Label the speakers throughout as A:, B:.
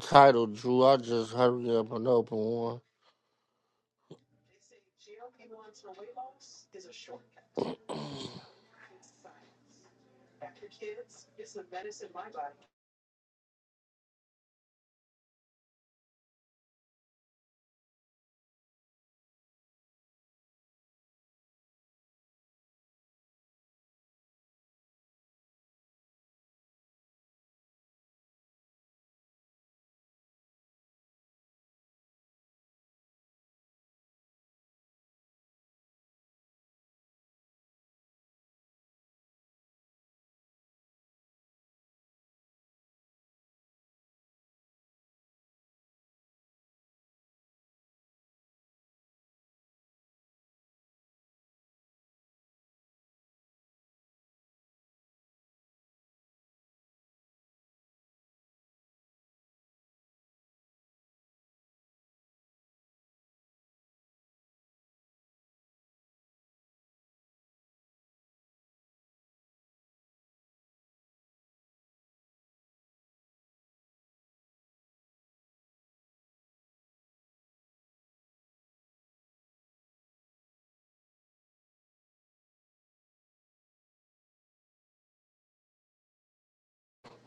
A: title, Drew. I just hurry up and open one.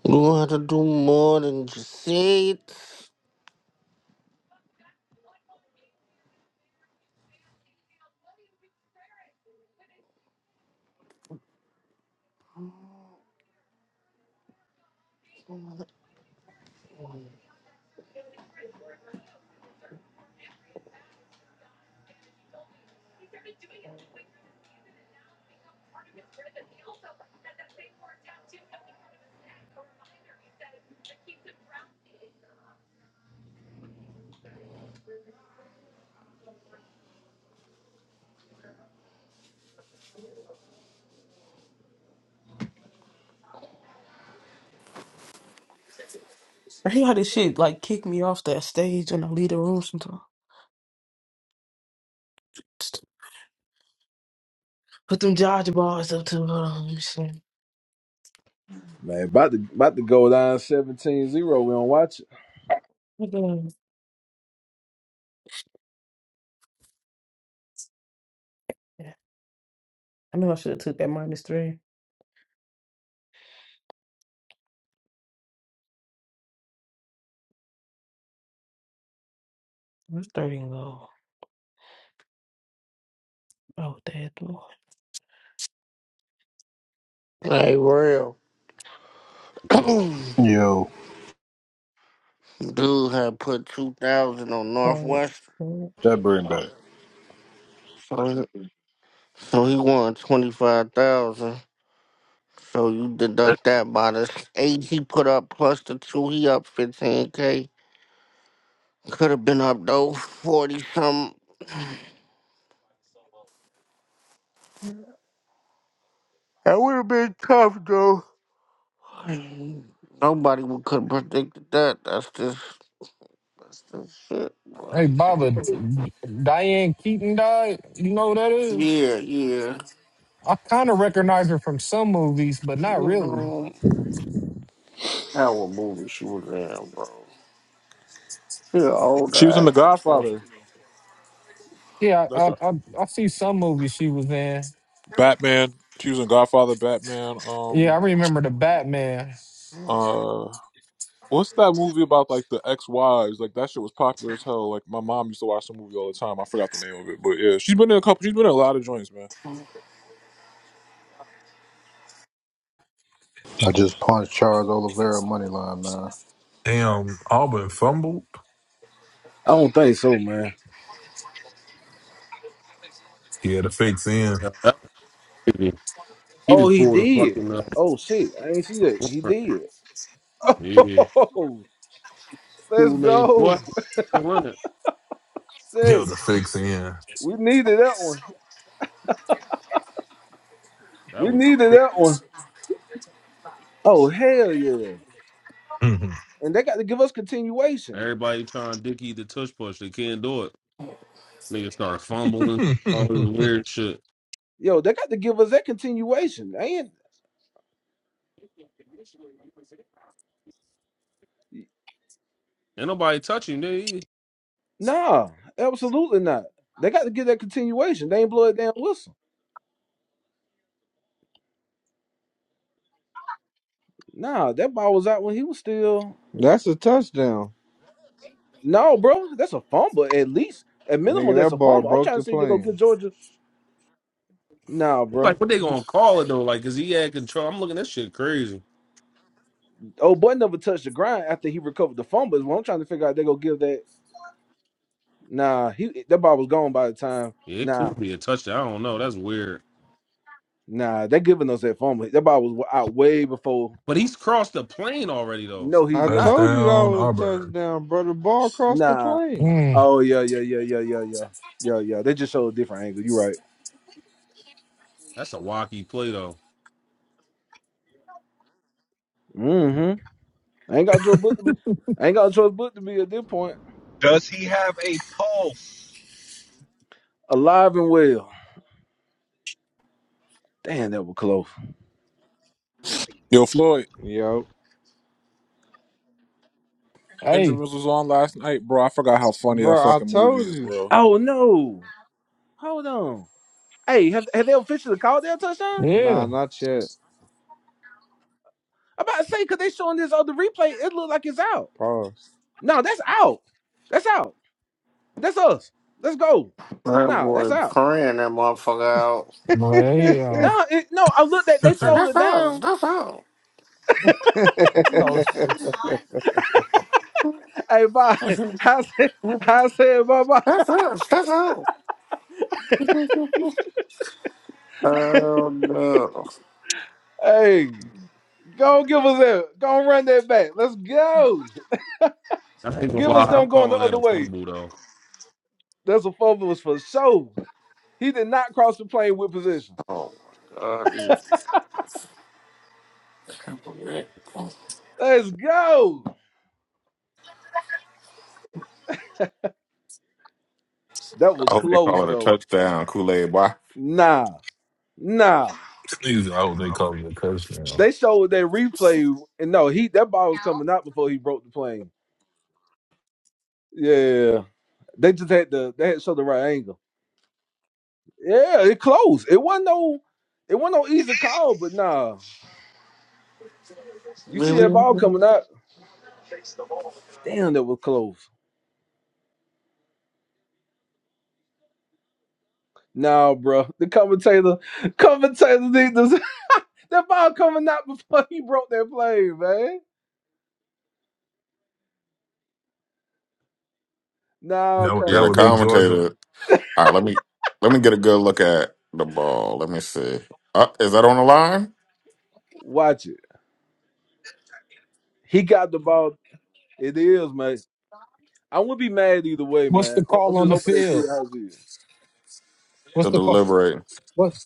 A: You don't have to do more than just say it.
B: I hate how this shit like kick me off that stage and I leave the room sometimes. Put them dodge bars up to me. shit.
C: Man, about to about to go down seventeen zero. We don't watch it.
B: What the- Yeah. I knew I should have took that minus three. Where's thirty go? Oh, dead
A: Like real.
B: boy.
A: Dude
D: Yo,
A: had put two thousand on
B: Sorry.
A: Northwest,
D: that bring back.
A: so so he won twenty five thousand. So you deduct that by the eight he put up plus the two he up fifteen k. Could have been up though forty something. That would have been tough though. Nobody could have predicted that. That's just that's just shit. bro.
E: Hey, Baba, D- Diane Keaton died. You know who that is?
A: Yeah, yeah.
E: I kind of recognize her from some movies, but
A: She
E: not
A: was
E: really.
A: on our movie she was in, bro. She an older
F: She was in The
A: actress. So
F: Godfather.
E: Yeah, I
F: That's
E: I,
F: right.
E: I, I see some movies she was in.
F: Batman. She was in Godfather, Batman.
E: Yeah,
F: Um,
E: I remember the Batman.
F: uh, what's that movie about like the ex-wives? Like that shit was popular as hell. Like my mom used to watch the movie all the time. I forgot the name of it, but yeah, she's been in a couple. She's been in a lot of joints, man.
D: I just punched Charles Oliveira money line, man.
G: Damn, Auburn fumbled.
C: I don't think so, man.
G: Yeah, the fake's in.
H: Yeah, that was crazy. He
C: Oh,
H: just
C: he
H: pulled a
C: did.
H: fucking uh,
C: Oh shit, I ain't see that. He
H: warrant.
C: did.
H: yeah,
C: Oh, let's
H: Kool Aid boy.
C: go.
H: Surrender.
G: Yo,
C: Shit,
G: the fake's in.
C: we needed that one.
H: That
C: We
H: was
C: needed that one. Oh hell yeah!
G: Mhm.
C: And they got to give us continuation.
H: everybody trying Dickie the touch push. They can't do it. Nigga started fumbling, all this weird shit.
C: Yo, they got to give us that continuation. They ain't
H: Ain't nobody touch him. They
C: nah, absolutely not. They got to give that continuation. They ain't blow it damn whistle. Nah, that ball was out when he was still.
I: That's a touchdown.
C: No, bro, that's a fumble. At least, at minimum,
I: Nigga,
C: that's a
I: that ball
C: fumble. I'm
I: broke
C: trying to
I: the
C: see if they go
I: plane.
C: get Georgia. Nah, bro.
H: like, what they gonna call it though? Like, cause he had control. I'm looking at that shit crazy.
C: Oh, boy never touched the ground after he recovered the fumble. Is what I'm trying to figure out. They go give that. Nah, he that ball was gone by the time.
H: Yeah, it
C: Nah,
H: could be a touchdown. I don't know. That's weird.
C: nah, they giving us that fumble. That ball was out way before.
H: But he's crossed the plane already though.
C: No, he's
I: I
C: not.
I: told you that
G: touchdown,
I: was a
G: Auburn.
I: touchdown, bro. The ball crossed the
C: Nah.
I: plane.
E: Mm.
C: Oh yeah, yeah, yeah, yeah, yeah, yeah, yeah, yeah. They just showed a different angle. You right.
H: That's a wacky play though.
C: Mm-hmm. I ain't got Joe Book to be. I ain't got Joe Book to be at this point.
J: Does he have a pulse?
C: Alive and well. Damn, that was close.
F: Yo, Floyd
I: Yo.
E: Hey,
F: Benjamins was on last night, bro. I forgot how funny
I: Bro,
F: that
I: I
F: fucking movie
I: told
F: is,
I: you.
F: bro.
C: Oh no. Hold on. Hey, have, have they officially called their touchdown?
I: Nah,
E: yeah,
I: not yet.
C: I'm about to say, because they showing this other replay, it look like it's out.
I: Pause.
C: No, that's out. That's out. That's us. Let's go.
A: that
C: No, that's
A: boy
C: out.
A: praying that motherfucker out.
E: boy. Hey, uh,
I: the
C: No, it, no, I looked at
G: Please,
C: they
A: He said,
C: sold
A: That's
C: it
A: us,
C: down.
A: that's us,
E: coach,
C: Hey, bye. I said, I said, bye bye.
A: that's us, that's us. oh no.
C: Hey, go give us that. Go run that back. Let's go.
H: I ain't gonna
C: Give
H: lie.
C: us
H: I'm
C: them going the
H: calling
C: other
H: that a
C: way.
H: fumble though.
C: That's a four was for sure. He did not cross the plane with position.
A: Oh my god, these I can't believe it.
C: Let's go. That was
K: I hope they call
C: close
K: it a
C: though.
K: touchdown, Kool Aid boy.
C: Nah, nah.
G: I hope they call it a touchdown.
C: They showed that replay, and no, he that ball was coming out before he broke the plane. Yeah, they just had the they had to show the right angle. Yeah, it closed. It wasn't no, it wasn't no easy call, but nah, you see that
A: Really?
C: ball coming out. Damn, that was close. Nah, bro, the commentator, commentator, need to- that ball coming out before he broke that plane, man. Nah,
G: That would,
K: Yeah,
G: that
K: the
G: would be
C: commentator,
G: Georgia.
K: commentator. All right, let me let me get a good look at the ball. Let me see. Uh, is that on the line?
C: watch it. He got the ball. It is, man. I wouldn't be mad either way,
E: what's
C: man.
E: the
C: I- I'm
E: call
C: just
E: on the
C: hoping they see it
E: field?
C: how it is.
E: What's
K: They're
E: the call?
K: deliberating.
E: What?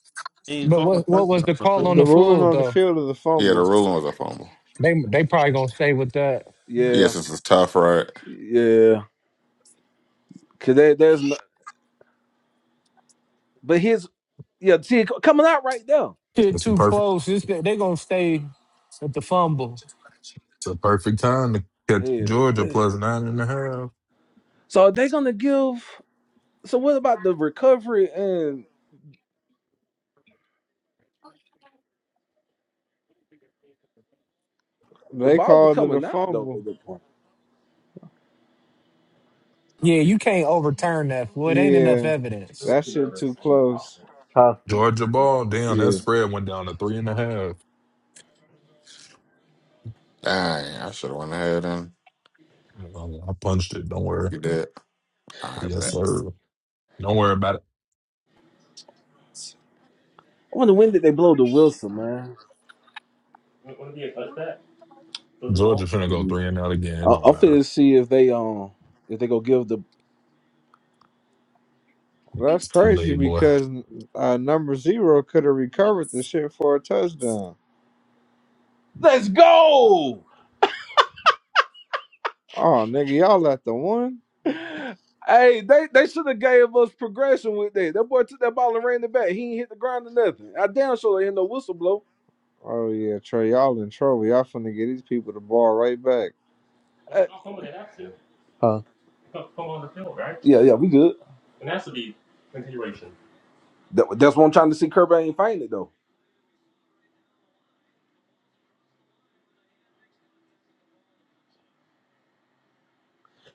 H: He ain't
E: But
H: called a
E: what? What was
H: touchdown.
E: the call on the
I: ruling
E: field
I: on the
E: though?
I: field is a
K: Yeah, the
I: fumble.
K: ruling was a fumble.
E: They they probably gonna stay with that.
C: Yeah,
K: Yes, this is tough, right?
C: yeah. Cause there, there's no, but his yeah. See, it co- coming out right there.
E: Shit,
G: That's the
E: too
G: perfect.
E: close. It's, they gonna stay at the fumble.
G: It's a perfect time to catch
C: Yeah,
G: Georgia
C: yeah.
G: plus nine and a half.
C: So are they gonna give? So what about the recovery and the
I: They
C: ball is
I: called it a
C: coming out though
I: fumble.
C: at that point?
E: Yeah, you can't overturn that. Well, it ain't enough
I: Yeah,
E: evidence.
I: that shit too close.
C: Huh?
G: Georgia ball. Damn, that
C: Yeah.
G: spread went down to three and a half.
K: Dang, I should have went ahead and
G: Uh, I punched it. Don't worry.
K: you did. I
G: Yes,
K: bet.
G: sir. Don't worry about it.
C: I wonder when did they blow the Wilson, man.
G: Georgia finna go
C: Mm.
G: three and out again. It
C: I-
G: don't
C: I'm
G: matter.
C: finna see if they um if they gonna give the
I: That's
G: It's too
I: crazy
G: late, boy.
I: because uh, number zero could have recovered the shit for a touchdown.
C: let's go.
I: Oh, nigga, y'all at the one?
C: Hey, they, they should have gave us progression with that. That boy took that ball and ran it back. He ain't hit the ground or nothing. I damn sure they ain't no whistle blow.
I: Oh yeah, Trey, y'all in trouble. Y'all finna get these people the ball right back.
C: Uh, Huh? yeah, yeah, we good. That, that's what I'm trying to see. Kirby ain't fainted though.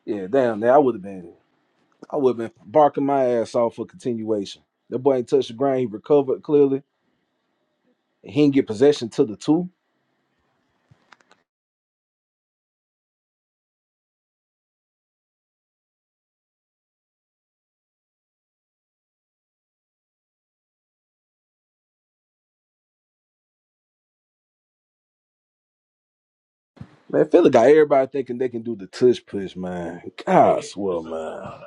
C: Yeah, damn. Now I would have been, I would have been barking my ass off for continuation. That boy ain't touched the ground. He recovered clearly. He didn't get possession to the two. Man, Philly got everybody thinking they can do the tush push, man. God, I swear, man.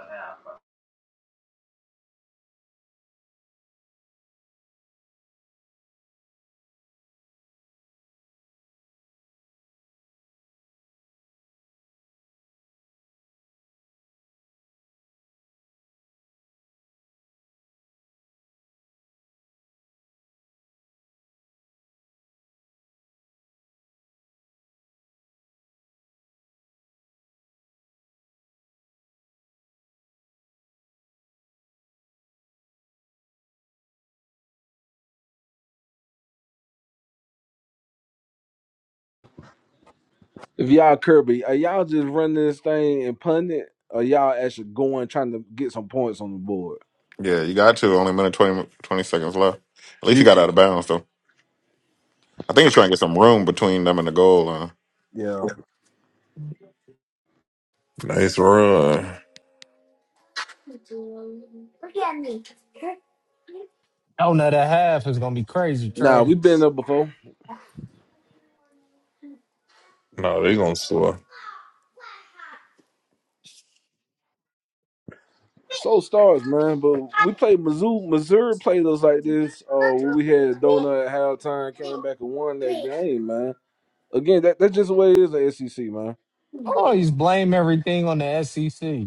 C: If y'all Kirby, are y'all just running this thing and punting it, or y'all actually going trying to get some points on the board?
K: Yeah, you got to. Only a minute 20 20 seconds left. At least you
C: You,
K: got out of bounds though. I think he's trying to get some room between them and the goal line.
C: yeah.
G: Nice run.
E: Oh no, that half is gonna be crazy,
C: Nah,
E: Trey.
C: we've been there before.
G: No, they gonna score.
C: So stars, man. But we played Mizzou. Missouri played us like this. Uh, when we had a donut at halftime, came back and won that game, man. Again, that, that's just the way it is at SEC, man.
E: I Always blame everything on the SEC.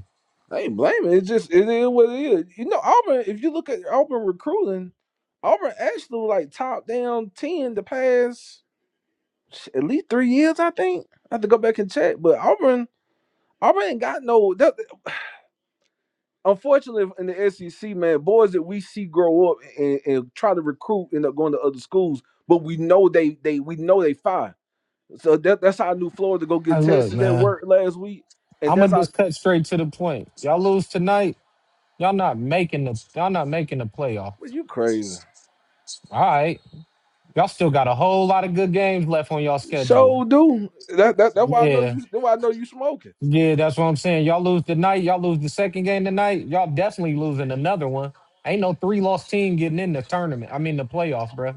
C: I ain't blaming. It's just it is what it is. You know, Auburn. If you look at Auburn recruiting, Auburn actually was, like top down ten the past. at least three years, I think. I have to go back and check. But Auburn, Auburn ain't got no. That, unfortunately, in the SEC, man, boys that we see grow up and, and try to recruit end up going to other schools, but we know they they we know they fine. So that, that's how I knew Florida go
E: I
C: get
E: look,
C: Texas at
E: man.
C: work last week, and
E: I'm
C: that's
E: gonna
C: how.
E: just cut straight to the point. Y'all lose tonight. Y'all not making the. Y'all not making the playoffs.
C: Well, you crazy?
E: All right. Y'all still got a whole lot of good games left on y'all schedule.
C: So do that, that. That's why I know
E: Yeah.
C: you. That's why I know you smoking.
E: Yeah, that's what I'm saying. Y'all lose tonight. Y'all lose the second game tonight. Y'all definitely losing another one. Ain't no three loss team getting in the tournament. I mean the playoffs, bro.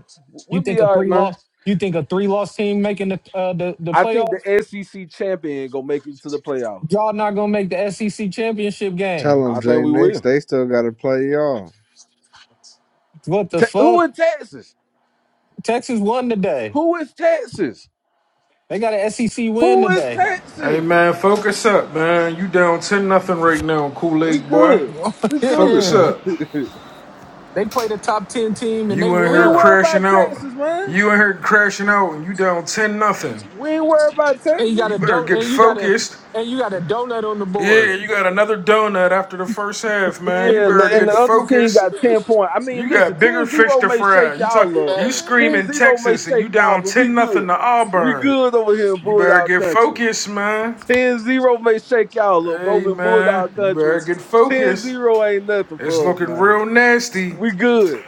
E: You
C: We'll be
E: think a
C: all right,
E: three
C: man.
E: loss? You think a three loss team making the uh, the the
C: I think
E: playoff?
C: the SEC champion gonna make it to the playoffs.
E: Y'all not gonna make the SEC championship
I: Tell
E: game.
C: I
I: them
C: think
I: Jay
C: we
I: Nix,
C: will.
I: they still gotta play y'all.
E: What the
C: Te- who
E: fuck?
C: in Texas?
E: Texas won today.
C: Who is Texas?
E: They got an SEC win
C: Who is
E: today.
L: Hey
C: Texas?
L: man, focus up, man. You down ten nothing right now, Kool
C: We
L: Aid boy.
C: good. We good.
L: Focus
E: yeah,
L: up.
E: they played a top ten team and they
L: You in
C: we
L: here
C: ain't
E: won.
C: worried
L: crashing
C: about
L: out.
C: Texas, man.
L: You in here crashing out, and you down ten nothing.
C: We ain't worried about
E: And you got
L: You
E: a
C: Texas.
L: better
E: do-
L: get
E: and you got a
L: focused.
E: and you got a donut on the
L: Yeah,
E: board.
L: you got another donut after the first half, man. You
C: Yeah, and
L: better
C: the, and
L: get
C: the other team
L: focused.
C: got 10 points. I mean,
L: You
C: listen,
L: got bigger
C: ten
L: fish
C: zero
L: to
C: may
L: fry.
C: shake
L: You talk.
C: y'all up.
L: You
E: Man.
C: 10
L: screaming
C: 0 may
L: Texas, and you
C: shake y'all,
L: down
C: but we
L: ten nothing
C: good.
L: to
C: We
L: Auburn.
C: good over here in
L: You better
C: Bulldog
L: get
C: Country.
L: focused, man.
C: Ten zero may shake y'all up, but
L: Hey
C: over in
L: man,
C: Bulldog
L: you better
C: Country,
L: get
C: ten
L: focused.
C: zero ain't nothing
L: It's
C: for us,
L: looking
C: man.
L: real nasty.
C: We good.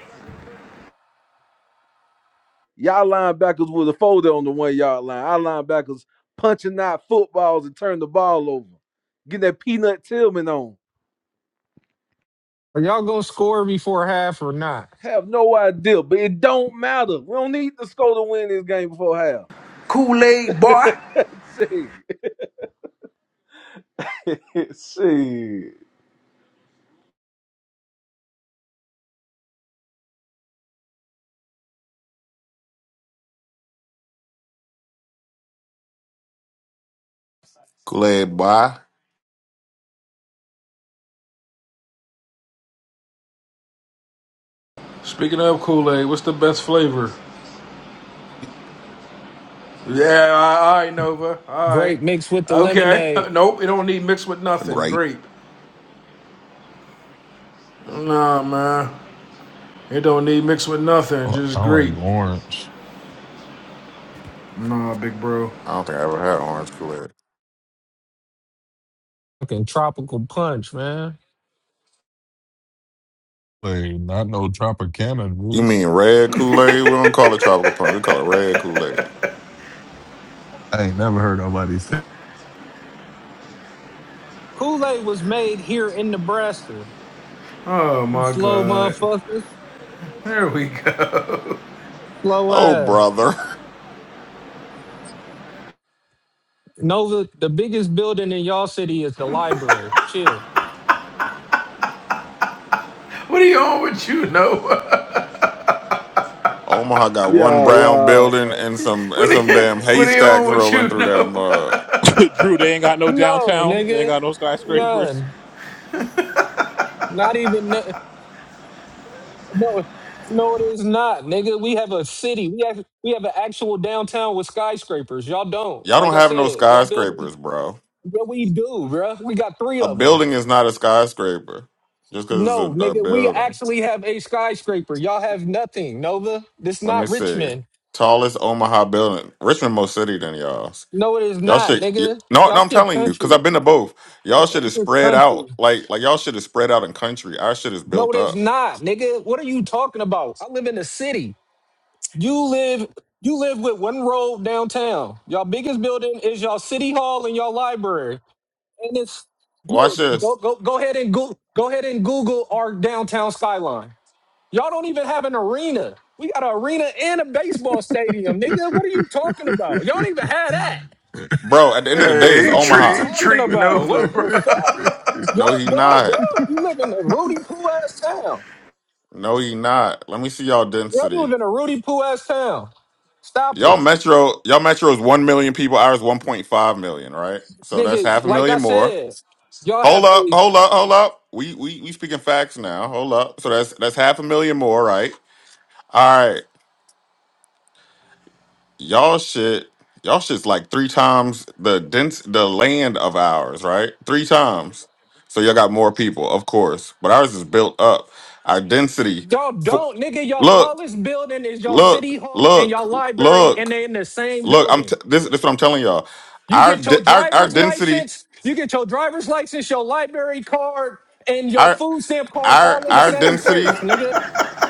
C: Y'all linebackers was a folder on the one yard line. Our linebackers punching out footballs and turn the ball over. Getting that peanut Tillman on.
E: Are y'all gonna score before half or not?
C: Have no idea, but it don't matter. We don't need the score to win this game before half.
L: Kool Aid boy.
C: See, see,
K: Kool Aid boy,
L: Speaking of Kool Aid, what's the best flavor? Yeah, all right, Nova. All right.
E: Grape mixed with the
L: Okay.
E: lemonade.
L: Nope, it don't need mixed with nothing.
K: great.
L: Grape. Nah, man. It don't need mixed with nothing.
G: I
L: Just
G: I
L: grape.
G: like orange.
L: Nah, big bro.
K: I don't think I ever had orange Kool Aid.
E: Fucking tropical punch, man.
G: Like not no Tropicana
K: You mean
G: juice.
K: red Kool Aid? We don't call it tropical punch. We call it red Kool Aid.
G: I ain't never heard nobody say.
E: Kool-Aid was made here in Nebraska.
L: Oh,
E: You
L: my
E: slow
L: God.
E: motherfuckers.
L: There we go.
E: Slow
K: Oh,
E: ass.
K: brother.
E: Nova, the biggest building in y'all city is the library. Chill.
L: What are you on with you, Nova?
K: Omaha got one
C: yeah,
K: brown
C: wow,
K: building
C: man.
K: and some and
L: What are
K: some
L: you,
K: damn
L: what are you
K: haystacks
L: on with
K: rolling
L: you,
K: through that
L: Nova?
K: mug.
F: Drew, they ain't got no
E: No,
F: downtown. They ain't
E: nigga.
F: got no skyscrapers.
E: None. Not even. No, no, it is not, nigga. We have a city. We have we have an actual downtown with skyscrapers. Y'all don't.
K: Y'all don't
E: Like I
K: have no
E: said, y'all build.
K: skyscrapers, bro.
E: Yeah, we do, bruh. We got three
K: A
E: of them.
K: building is not a skyscraper just because
E: No,
K: it's a, a
E: nigga, we
K: building.
E: actually have a skyscraper. Y'all have nothing, Nova. This
K: Let me
E: not
K: see.
E: Richmond.
K: Tallest Omaha building, Richmond more city than y'all's.
E: No, it is
K: Y'all
E: not,
K: should y-
E: nigga.
K: no,
E: Y'all
K: no. I'm
E: shit
K: telling you, because I've
E: country.
K: been to both. Y'all
E: Y'all
K: shit is
E: shit
K: spread
E: country.
K: out. Like like y'all shit is spread out in country. Our shit is
E: No,
K: built
E: it is
K: up.
E: not, nigga. What are you talking about? I live in the city. You live you live with one road downtown. Y'all biggest building is y'all city hall and y'all library. And it's yeah,
K: Watch this.
E: go go go ahead and go go ahead and Google our downtown skyline. Y'all don't even have an arena. We got an arena and a baseball stadium, nigga. What are you talking about? Y'all don't even have that.
K: Bro, at the end of the day, it's
L: Hey, he,
E: What are you
K: Omaha.
E: talking
L: treat
E: about?
L: Nova,
E: What
L: bro.
E: the fuck? Y'all
K: No, he
E: don't, bro.
K: not.
E: You live in a Rudy Poo ass town.
K: No, he not. Let me see y'all
E: Y'all live
K: density.
E: in a Rudy Poo ass town. Stop
K: Y'all
E: it.
K: metro, y'all metro is one million people. Ours one point five million, right? So that's
E: Nigga,
K: half a
E: like I
K: million more.
E: said, y'all
K: Hold
E: have
K: up,
E: a
K: hold up, hold up. We we we speaking facts now. Hold up. So that's that's half a million more, right? All right, y'all shit. Y'all shit's like three times the dense the land of ours, right? Three times. So y'all got more people, of course, but ours is built up. Our density.
E: y'all
K: fo-
E: don't, nigga. Y'all
K: Look.
E: tallest building is y'all
K: look,
E: city hall and y'all
K: look,
E: library, and
K: look,
E: they in the same
K: look. I'm
E: building.
K: t- this. This is what I'm telling y'all.
E: You
K: Our
E: get your
K: de- our our
E: driver's
K: density,
E: license, you get your driver's license, your library card, and your
K: our
E: food stamp card
K: our
E: all in the
K: our
E: same
K: density.
E: place, nigga.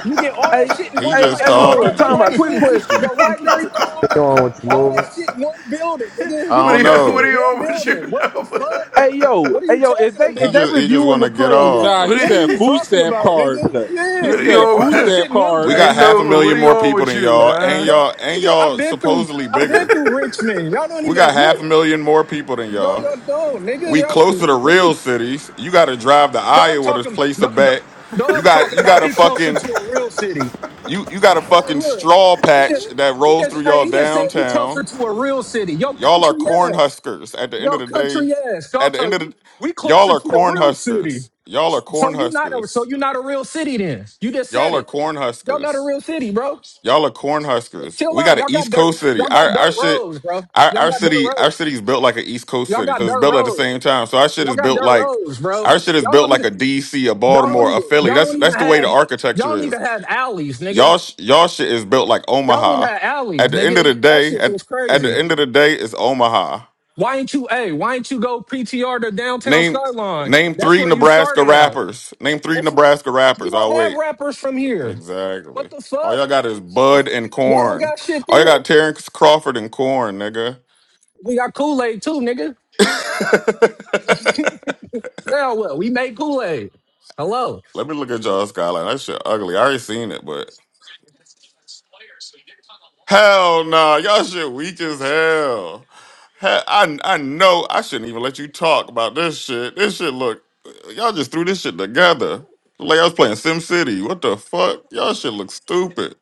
E: You get all that
C: Hey,
E: shit in
K: He
E: one
C: hey,
K: just
C: hey,
E: place. Your
C: hold on,
K: talking.
E: driver's
C: time out. Quick
E: license,
C: question.
E: your library card,
H: Going with the
E: all
H: Nova.
E: that shit in one building, nigga.
K: I
E: You
L: What
K: don't
L: are
E: get
L: you,
E: that shit
L: what
E: in
K: know.
L: are you
E: one
L: on with you,
E: building. What the
L: Nova?
E: fuck?
C: Hey, yo,
E: What are
C: hey,
E: you
C: yo, if
E: talking
C: they if
K: He
C: they
E: about?
K: just he just
C: reviewing
K: want
C: the
K: to get
C: play,
E: Nigga,
K: off.
F: Nah,
L: What
F: he
L: are
E: what are
F: said
L: you,
E: you
F: food
E: talking
F: stamp
E: about,
F: card.
E: nigga?
C: okay.
F: He
E: Yeah,
L: What are
E: you
L: you
F: said
E: get all
F: food
E: that
L: on?
F: stamp
E: shit in one
K: We
F: card.
L: hey
K: got
E: place.
K: half a
L: Nova, what
K: million
L: are you
K: more
L: on
K: people
L: with
K: than
L: you,
K: y'all,
E: What the
K: and
L: man?
E: fuck?
K: y'all and
E: Nigga, I've
K: y'all
E: been through
K: supposedly
E: I've been
K: bigger.
E: through Richmond. Y'all don't
K: We got
E: even look.
K: half a million more people than
E: No,
K: y'all.
E: y'all don't, nigga.
K: We
E: Y'all see
K: closer to
E: what
K: real
E: you-
K: cities. You got to drive to
E: dog
K: Iowa to
E: talking
K: place a
E: dog, dog
K: bet. You
E: dog
K: got
E: talking
K: you got
E: about
K: to
E: he closer
K: fucking
E: to a real city.
K: You you got a
E: Hey,
K: fucking
E: look,
K: straw
E: he
K: patch
E: just
K: that
E: he
K: rolls through
E: just hey,
K: y'all
E: he just said we closer
K: downtown.
E: to a real city. Yo
K: Y'all are
E: country
K: corn
E: ass.
K: huskers. At the end of
E: Yo
K: the day,
E: country ass.
K: at
E: Dog
K: the end
E: talk
K: of the
E: we we
K: y'all
E: closer
K: are
E: to a
K: corn
E: real city.
K: huskers. Y'all are
E: So
K: corn
E: you not a so
K: huskers.
E: you not a real city then. You just said
K: Y'all are
E: it.
K: corn
E: Y'all not a
K: huskers.
E: real city, bro.
K: Y'all are corn huskers.
E: Chill
K: We
E: out.
K: got an
E: Y'all got
K: East
E: dirt.
K: Coast city.
E: Y'all
K: Our
E: got
K: our
E: dirt
K: shit
E: roads, bro.
K: our,
E: Y'all
K: our
E: got dirt
K: city our
E: roads.
K: city's built like an East Coast
E: Y'all
K: city
E: got
K: because it's
E: dirt
K: built at the
E: roads.
K: same time. So our shit
E: Y'all
K: is
E: got
K: built
E: dirt
K: like
E: roads, bro.
K: our shit is
E: Y'all
K: built
E: don't
K: like
E: even.
K: a DC, a
E: Y'all don't
K: Baltimore, a
E: even.
K: Philly.
E: Y'all
K: That's
E: don't even
K: that's the way the
E: have. Y'all
K: architecture
E: don't
K: is.
E: even have alleys, nigga.
K: Y'all, sh- y'all shit is built like
E: Y'all don't even
K: Omaha.
E: have
K: At
E: alleys,
K: the end of the
E: nigga. That
K: day,
E: shit
K: at
E: was
K: at the
E: crazy.
K: end of the day, it's Omaha.
E: Why ain't you? Hey, why ain't you go PTR to downtown
K: Name
E: skyline?
K: name
E: That's
K: three
E: where you
K: Nebraska
E: started out.
K: rappers. Name three
E: That's,
K: Nebraska
E: we
K: rappers.
E: don't
K: I'll
E: have
K: wait.
E: rappers from here.
K: Exactly.
E: What the
K: All
E: fuck?
K: y'all got is Bud and
E: Y'all don't
K: Corn.
E: got shit
K: All y'all
E: there.
K: got Terrence Crawford and Corn, nigga.
E: We got Kool Aid too, nigga. Now what? We made Kool Aid. Hello,
K: Let me look at y'all skyline. That shit ugly. I already seen it, but Hell nah, y'all shit weak as hell. Hell, I I know I shouldn't even let you talk about this shit. This shit look, y'all just threw this shit together. Like I was playing Sim City. What the fuck? Y'all shit look stupid.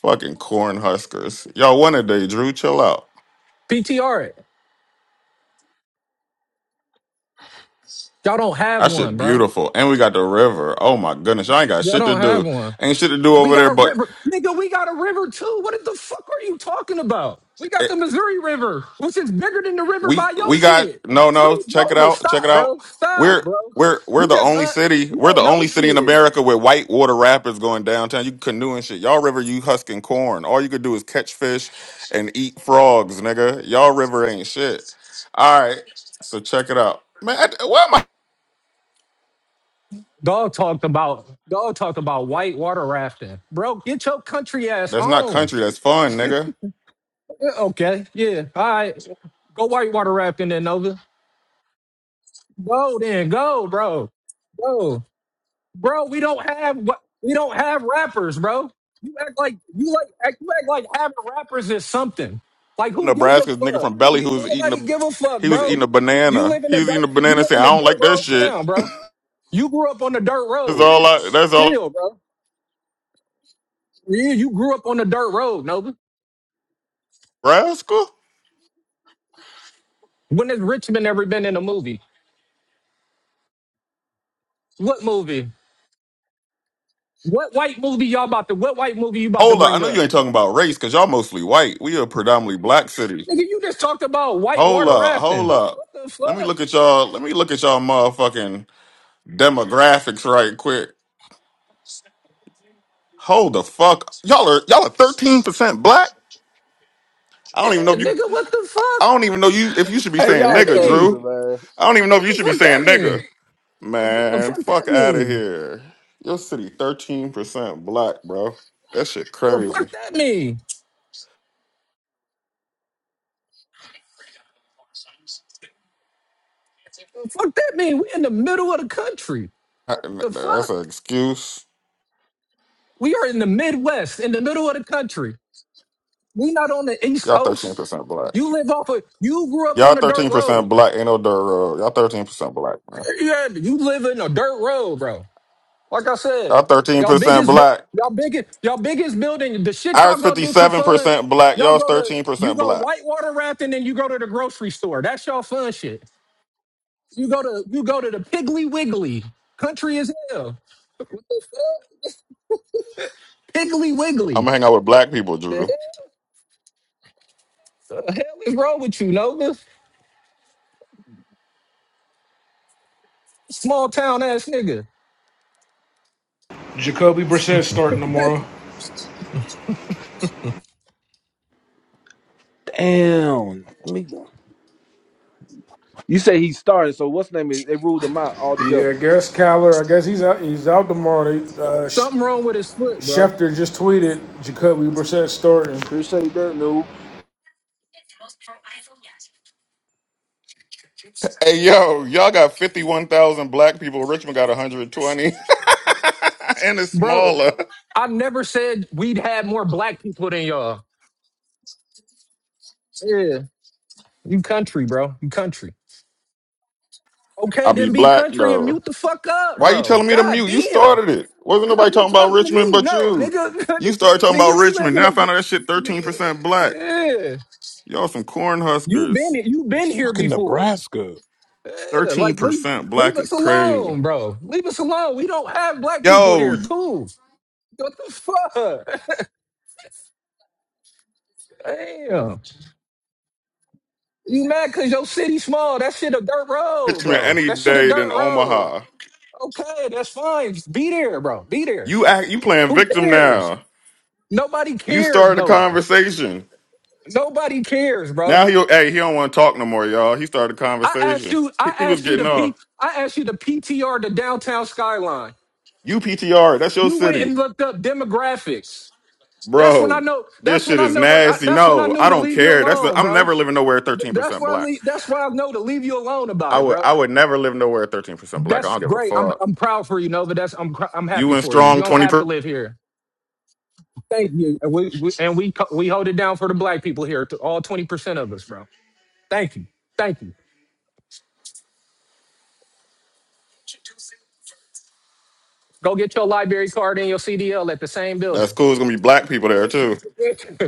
K: Fucking corn huskers. Y'all won a day, Drew. Chill out.
E: PTR it. Y'all don't have
K: That shit
E: one, bro.
K: beautiful. And we got the river. Oh my goodness. Y'all ain't got
E: Y'all
K: shit to
E: don't have
K: do.
E: one.
K: Ain't shit to do
E: We
K: over
E: got
K: there,
E: a
K: but
E: river, nigga. We got a river too. What the fuck are you talking about? We got
K: eh,
E: the Missouri River, which is bigger than the river
K: We
E: by your
K: we got
E: shit.
K: no
E: What
K: no.
E: is
K: Check it
E: Nova?
K: out. Check it
E: Stop,
K: out.
E: bro.
K: We're
E: Stop, bro.
K: we're we're
E: You
K: the
E: just
K: only
E: uh,
K: city.
E: you
K: We're the
E: don't know
K: only city in
E: shit.
K: America with white water rapids going downtown. You can canoe and shit. Y'all river, you husking corn. All you could do is catch fish and eat frogs, nigga. Y'all river ain't shit. All right. So check it out, man. I, why am I?
E: Dog talked about dog talked about white water rafting, bro. Get your country ass
K: That's not
E: on.
K: country. That's fun, nigga.
E: Yeah, Okay, yeah, all right. Go white water rafting then, Nova. Go then, go, bro. Go. Bro, we don't have we don't have rappers, bro. You act like you like act, you act like having rappers is something. Like who gives a
K: Nebraska's nigga
E: fuck?
K: from Belly who was eating
E: Nobody
K: a
E: give a fuck,
K: he was eating
E: bro.
K: a
E: You
K: banana.
E: live in
K: He
E: the
K: was eating a
E: dirt you
K: banana
E: live
K: saying,
E: in
K: "I
E: the
K: don't
E: dirt
K: like that
E: road
K: shit."
E: town, bro. You grew up on the dirt
K: That's
E: road.
K: all I. That's all.
E: Chill, bro. Yeah, you grew up on the dirt road, Nova.
K: Nebraska.
E: When has Richmond ever been in a movie? What movie? What white movie y'all about to what white movie you about to
K: Hold up. I
E: bring
K: know you
E: up?
K: ain't talking about race because y'all mostly white. We a predominantly black city.
E: Nigga, you just talked about white
K: Hold
E: water
K: up. Hold
E: rafting.
K: up.
E: What the
K: Let me
E: fuck?
K: look at y'all. Let me look at y'all motherfucking demographics right quick. Hold the fuck. Y'all are y'all are thirteen percent black. I don't even know
E: Yeah,
K: if you.
E: nigga, what the
K: I
E: fuck?
K: don't even know you if you should be
C: Hey,
E: Fuck
K: saying
E: that
C: y'all
K: nigga,
C: crazy,
E: mean?
K: Drew.
C: man.
K: I don't even know if
E: What
K: you
E: the
K: should be
E: fuck
K: saying
E: that
K: nigga.
E: mean? The
K: Man,
E: fuck
K: fuck
E: that
K: out of
E: mean?
K: here. Your city thirteen percent black, bro. That shit
E: The
K: crazy.
E: fuck that mean? The fuck that mean? We in the middle of the country. The
K: That's
E: fuck?
K: an excuse.
E: We are in the Midwest, in the middle of the country. We not on the East
K: Y'all thirteen
E: Coast.
K: percent black.
E: You live off of you grew up
K: Y'all
E: on a
K: thirteen
E: dirt
K: percent
E: road.
K: black. Ain't no dirt road. Y'all thirteen percent black, man.
E: Yeah, yeah, you live in a dirt road, bro. Like I
K: Y'all
E: said,
K: thirteen
E: y'all
K: percent
E: biggest, bu-
K: black.
E: y'all biggest, y'all biggest building. The shit y'all
K: Ours
E: go
K: fifty
E: do for
K: seven
E: fun.
K: percent black.
E: Y'all
K: Y'all's
E: go to
K: thirteen
E: you
K: percent
E: go
K: black.
E: whitewater rafting, and you go to the grocery store. That's y'all fun shit. You go to you go to the Piggly Wiggly. Country as hell. Piggly
K: I'm
E: Wiggly.
K: gonna hang out with black people,
E: The
K: Drew.
E: hell, the hell is wrong with you, Nova? Small town ass nigga.
L: Jacoby Brissett
G: what
L: starting tomorrow.
C: Damn. Let me You say he started, so what's name is they ruled him out
L: Yeah,
C: altogether.
L: I guess Kyler. I guess he's out. He's out tomorrow. They, uh,
E: Something wrong with his foot, bro.
L: Schefter just tweeted Jacoby Brissett starting.
C: Appreciate that news.
K: Hey yo, y'all got fifty one thousand black people. Richmond got one hundred twenty, and it's
E: Bro,
K: smaller.
E: I never said we'd have more black people than y'all. Yeah, you country, bro. You country. Okay,
K: I be
E: then be
K: black
E: country and
K: though.
E: mute the fuck up,
K: Why you
E: bro.
K: telling me to
E: God
K: mute? You
E: damn.
K: started it. Wasn't
E: Cause
K: nobody
E: you
K: talking about
E: talking to
K: Richmond
E: me.
K: but
E: No,
K: you.
E: nigga,
K: You started talking
E: nigga,
K: about
E: you live
K: Richmond. Then
E: in
K: I found out that shit thirteen
E: a
K: percent black.
E: yeah.
K: Y'all some corn
E: you been
K: huskers.
E: you been
F: It's
E: here
F: fucking
E: before.
F: Nebraska.
E: Yeah,
K: Thirteen
E: like leave
K: percent
E: leave
K: black
E: us
K: is crazy.
E: alone, bro. Leave us alone. We don't have black people
K: Yo,
E: here.
K: you
E: Cool. What the fuck? Damn. You mad cause your city small. That shit a dirt road,
K: Richmond
E: bro.
K: any
E: That shit a
K: day than
E: dirt road.
K: Omaha.
E: Okay, that's fine. Just be there, bro. Be there.
K: You act, you playing
E: Who
K: victim
E: cares?
K: now.
E: Nobody
K: You
E: cares,
K: started a
E: Nova.
K: conversation.
E: Nobody cares,
K: Now
E: bro.
K: he hey he don't want to talk no more, y'all. He started a
E: I asked
K: conversation.
E: you.
K: He,
E: I
K: he was
E: asked you
K: getting
E: to
K: off.
E: P. I asked you to PTR the downtown skyline.
K: UPTR, that's your
E: You went
K: city,
E: and looked up demographics. That's when I
K: bro.
E: know. That's
K: This
E: when
K: shit
E: I
K: is
E: know. I,
K: nasty.
E: that's when I
K: No,
E: knew
K: I
E: to
K: don't
E: leave you
K: care. That's the,
E: alone,
K: I'm
E: bro.
K: never living nowhere
E: That's
K: 13%
E: why. I
K: black.
E: leave, that's why I know to leave you alone about
K: I
E: it,
K: would
E: bro.
K: I would never live nowhere 13% black. I
E: That's
K: don't give a
E: great. I'm.
K: fuck.
E: I'm proud for you, Nova. That's. I'm. cr- I'm
K: You
E: happy
K: and
E: for you. You
K: strong
E: don't have to
K: 20%.
E: live here. Thank you. And we. we and we. co- We hold it down for the black people here. To all twenty percent of us, bro. Thank you. Thank you. Go get your library card and your CDL at the same building.
K: That's cool. It's gonna be black people there too.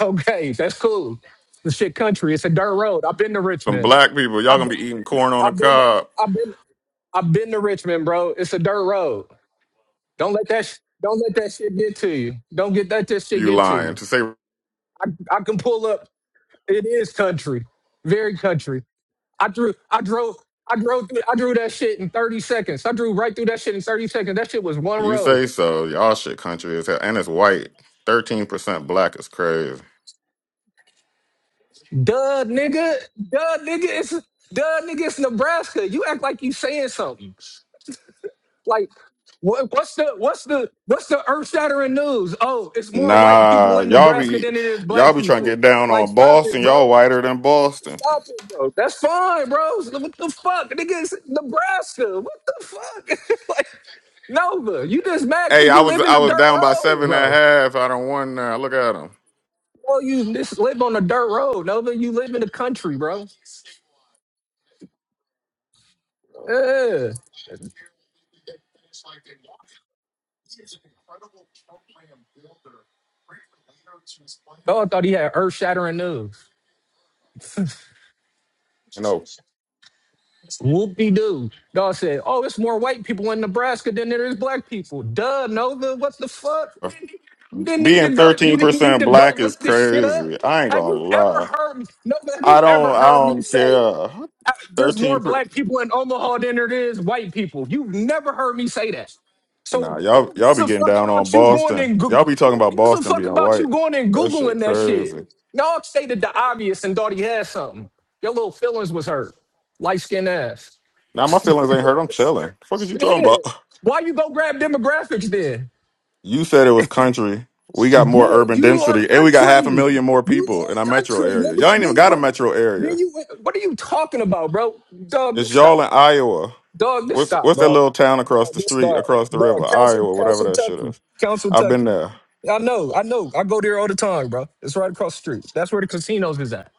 E: okay, that's cool. The shit country. It's a dirt road. I've been to
K: Some
E: Richmond.
K: black people. Y'all
E: I've
K: gonna
E: been,
K: be eating corn on the
E: I've been,
K: cob.
E: I've been, I've been to Richmond, bro. It's a dirt road. Don't let that, sh- don't let that shit get to you. Don't get that this shit
K: You
E: get to
K: lying
E: you.
K: to say
E: I, I can pull up. It is country, very country. I drew, I drove, I drove, through, I drew that shit in thirty seconds. I drew right through that shit in thirty seconds. That shit was one
K: You
E: road.
K: say so. Y'all shit country is hell. And it's white. 13% black is crazy.
E: Duh, nigga. Duh, nigga. It's duh, nigga. It's Nebraska. You act like you saying something. Like, what, what's the what's the what's the earth shattering news? Oh, it's more white people
K: Nah,
E: in
K: y'all
E: Nebraska
K: be
E: than it is
K: y'all
E: black
K: be trying to get
E: people.
K: down
E: Like,
K: on
E: stop it,
K: Boston.
E: bro.
K: Y'all whiter than Boston.
E: Stop it, bro. That's fine, bro. So, What the fuck, nigga? It's Nebraska. What the fuck? like, Nova, you just mad
K: Hey,
E: because
K: I
E: you
K: was
E: live in
K: I
E: the dirt
K: was down by
E: road,
K: seven and a
E: bro.
K: half. I don't won now. Look at them.
E: Oh, you just live on the dirt road, Nova. You live in the country, bro. Yeah. Dog thought he had earth shattering news.
K: You know,
E: Whoop de doo. Dog said, Oh, it's more white people in Nebraska than there is black people. Duh, Nova, what the fuck? You didn't need
K: being
E: to go.
K: thirteen
E: You didn't need
K: percent
E: to go
K: black is
E: look this shit up.
K: crazy. I ain't
E: Have
K: gonna
E: you ever
K: lie.
E: heard me? Nova, have
K: I
E: you ever
K: don't I
E: heard me
K: don't
E: say?
K: care.
E: I- there's more
K: Thirteen. Per-
E: black people in Omaha than there is white people. You've never heard me say that.
K: nah,
E: So
K: y'all
E: who
K: y'all
E: gives
K: be
E: a
K: getting
E: fuck
K: down on
E: about you going
K: Boston.
E: and Goo-
K: Y'all be talking
E: who
K: about
E: gives a
K: Boston
E: fuck
K: being
E: about
K: white.
E: you going and
K: That shit
E: googling that shit?
K: crazy.
E: Y'all stated the obvious and thought he had something. Your little feelings was hurt. Light skinned ass.
K: Now my feelings ain't hurt. I'm chilling. The fuck is you talking
E: Shit.
K: about?
E: Why you go grab demographics then?
K: You said it was country. We got more
E: Yeah,
K: urban
E: you are
K: density, and we got half
E: country.
K: a million more
E: You
K: people in our
E: are
K: metro
E: country.
K: area.
E: Then,
K: Y'all ain't even
E: then you
K: got a
E: went.
K: metro
E: Then
K: area.
E: you went. What are you talking about, bro? Dog,
K: It's
E: stop.
K: y'all in Iowa.
E: Dog, this
K: What's
E: stop,
K: what's that
E: bro.
K: little town across
E: Dog,
K: the
E: this
K: street,
E: stop.
K: across the river,
E: Dog, Council,
K: Iowa, whatever
E: Council
K: that shit
E: Tucky.
K: is.
E: Council
K: I've been
E: Tucky.
K: there.
E: I know, I know. I go there all the time, bro. It's right across the street. That's where the casinos is at.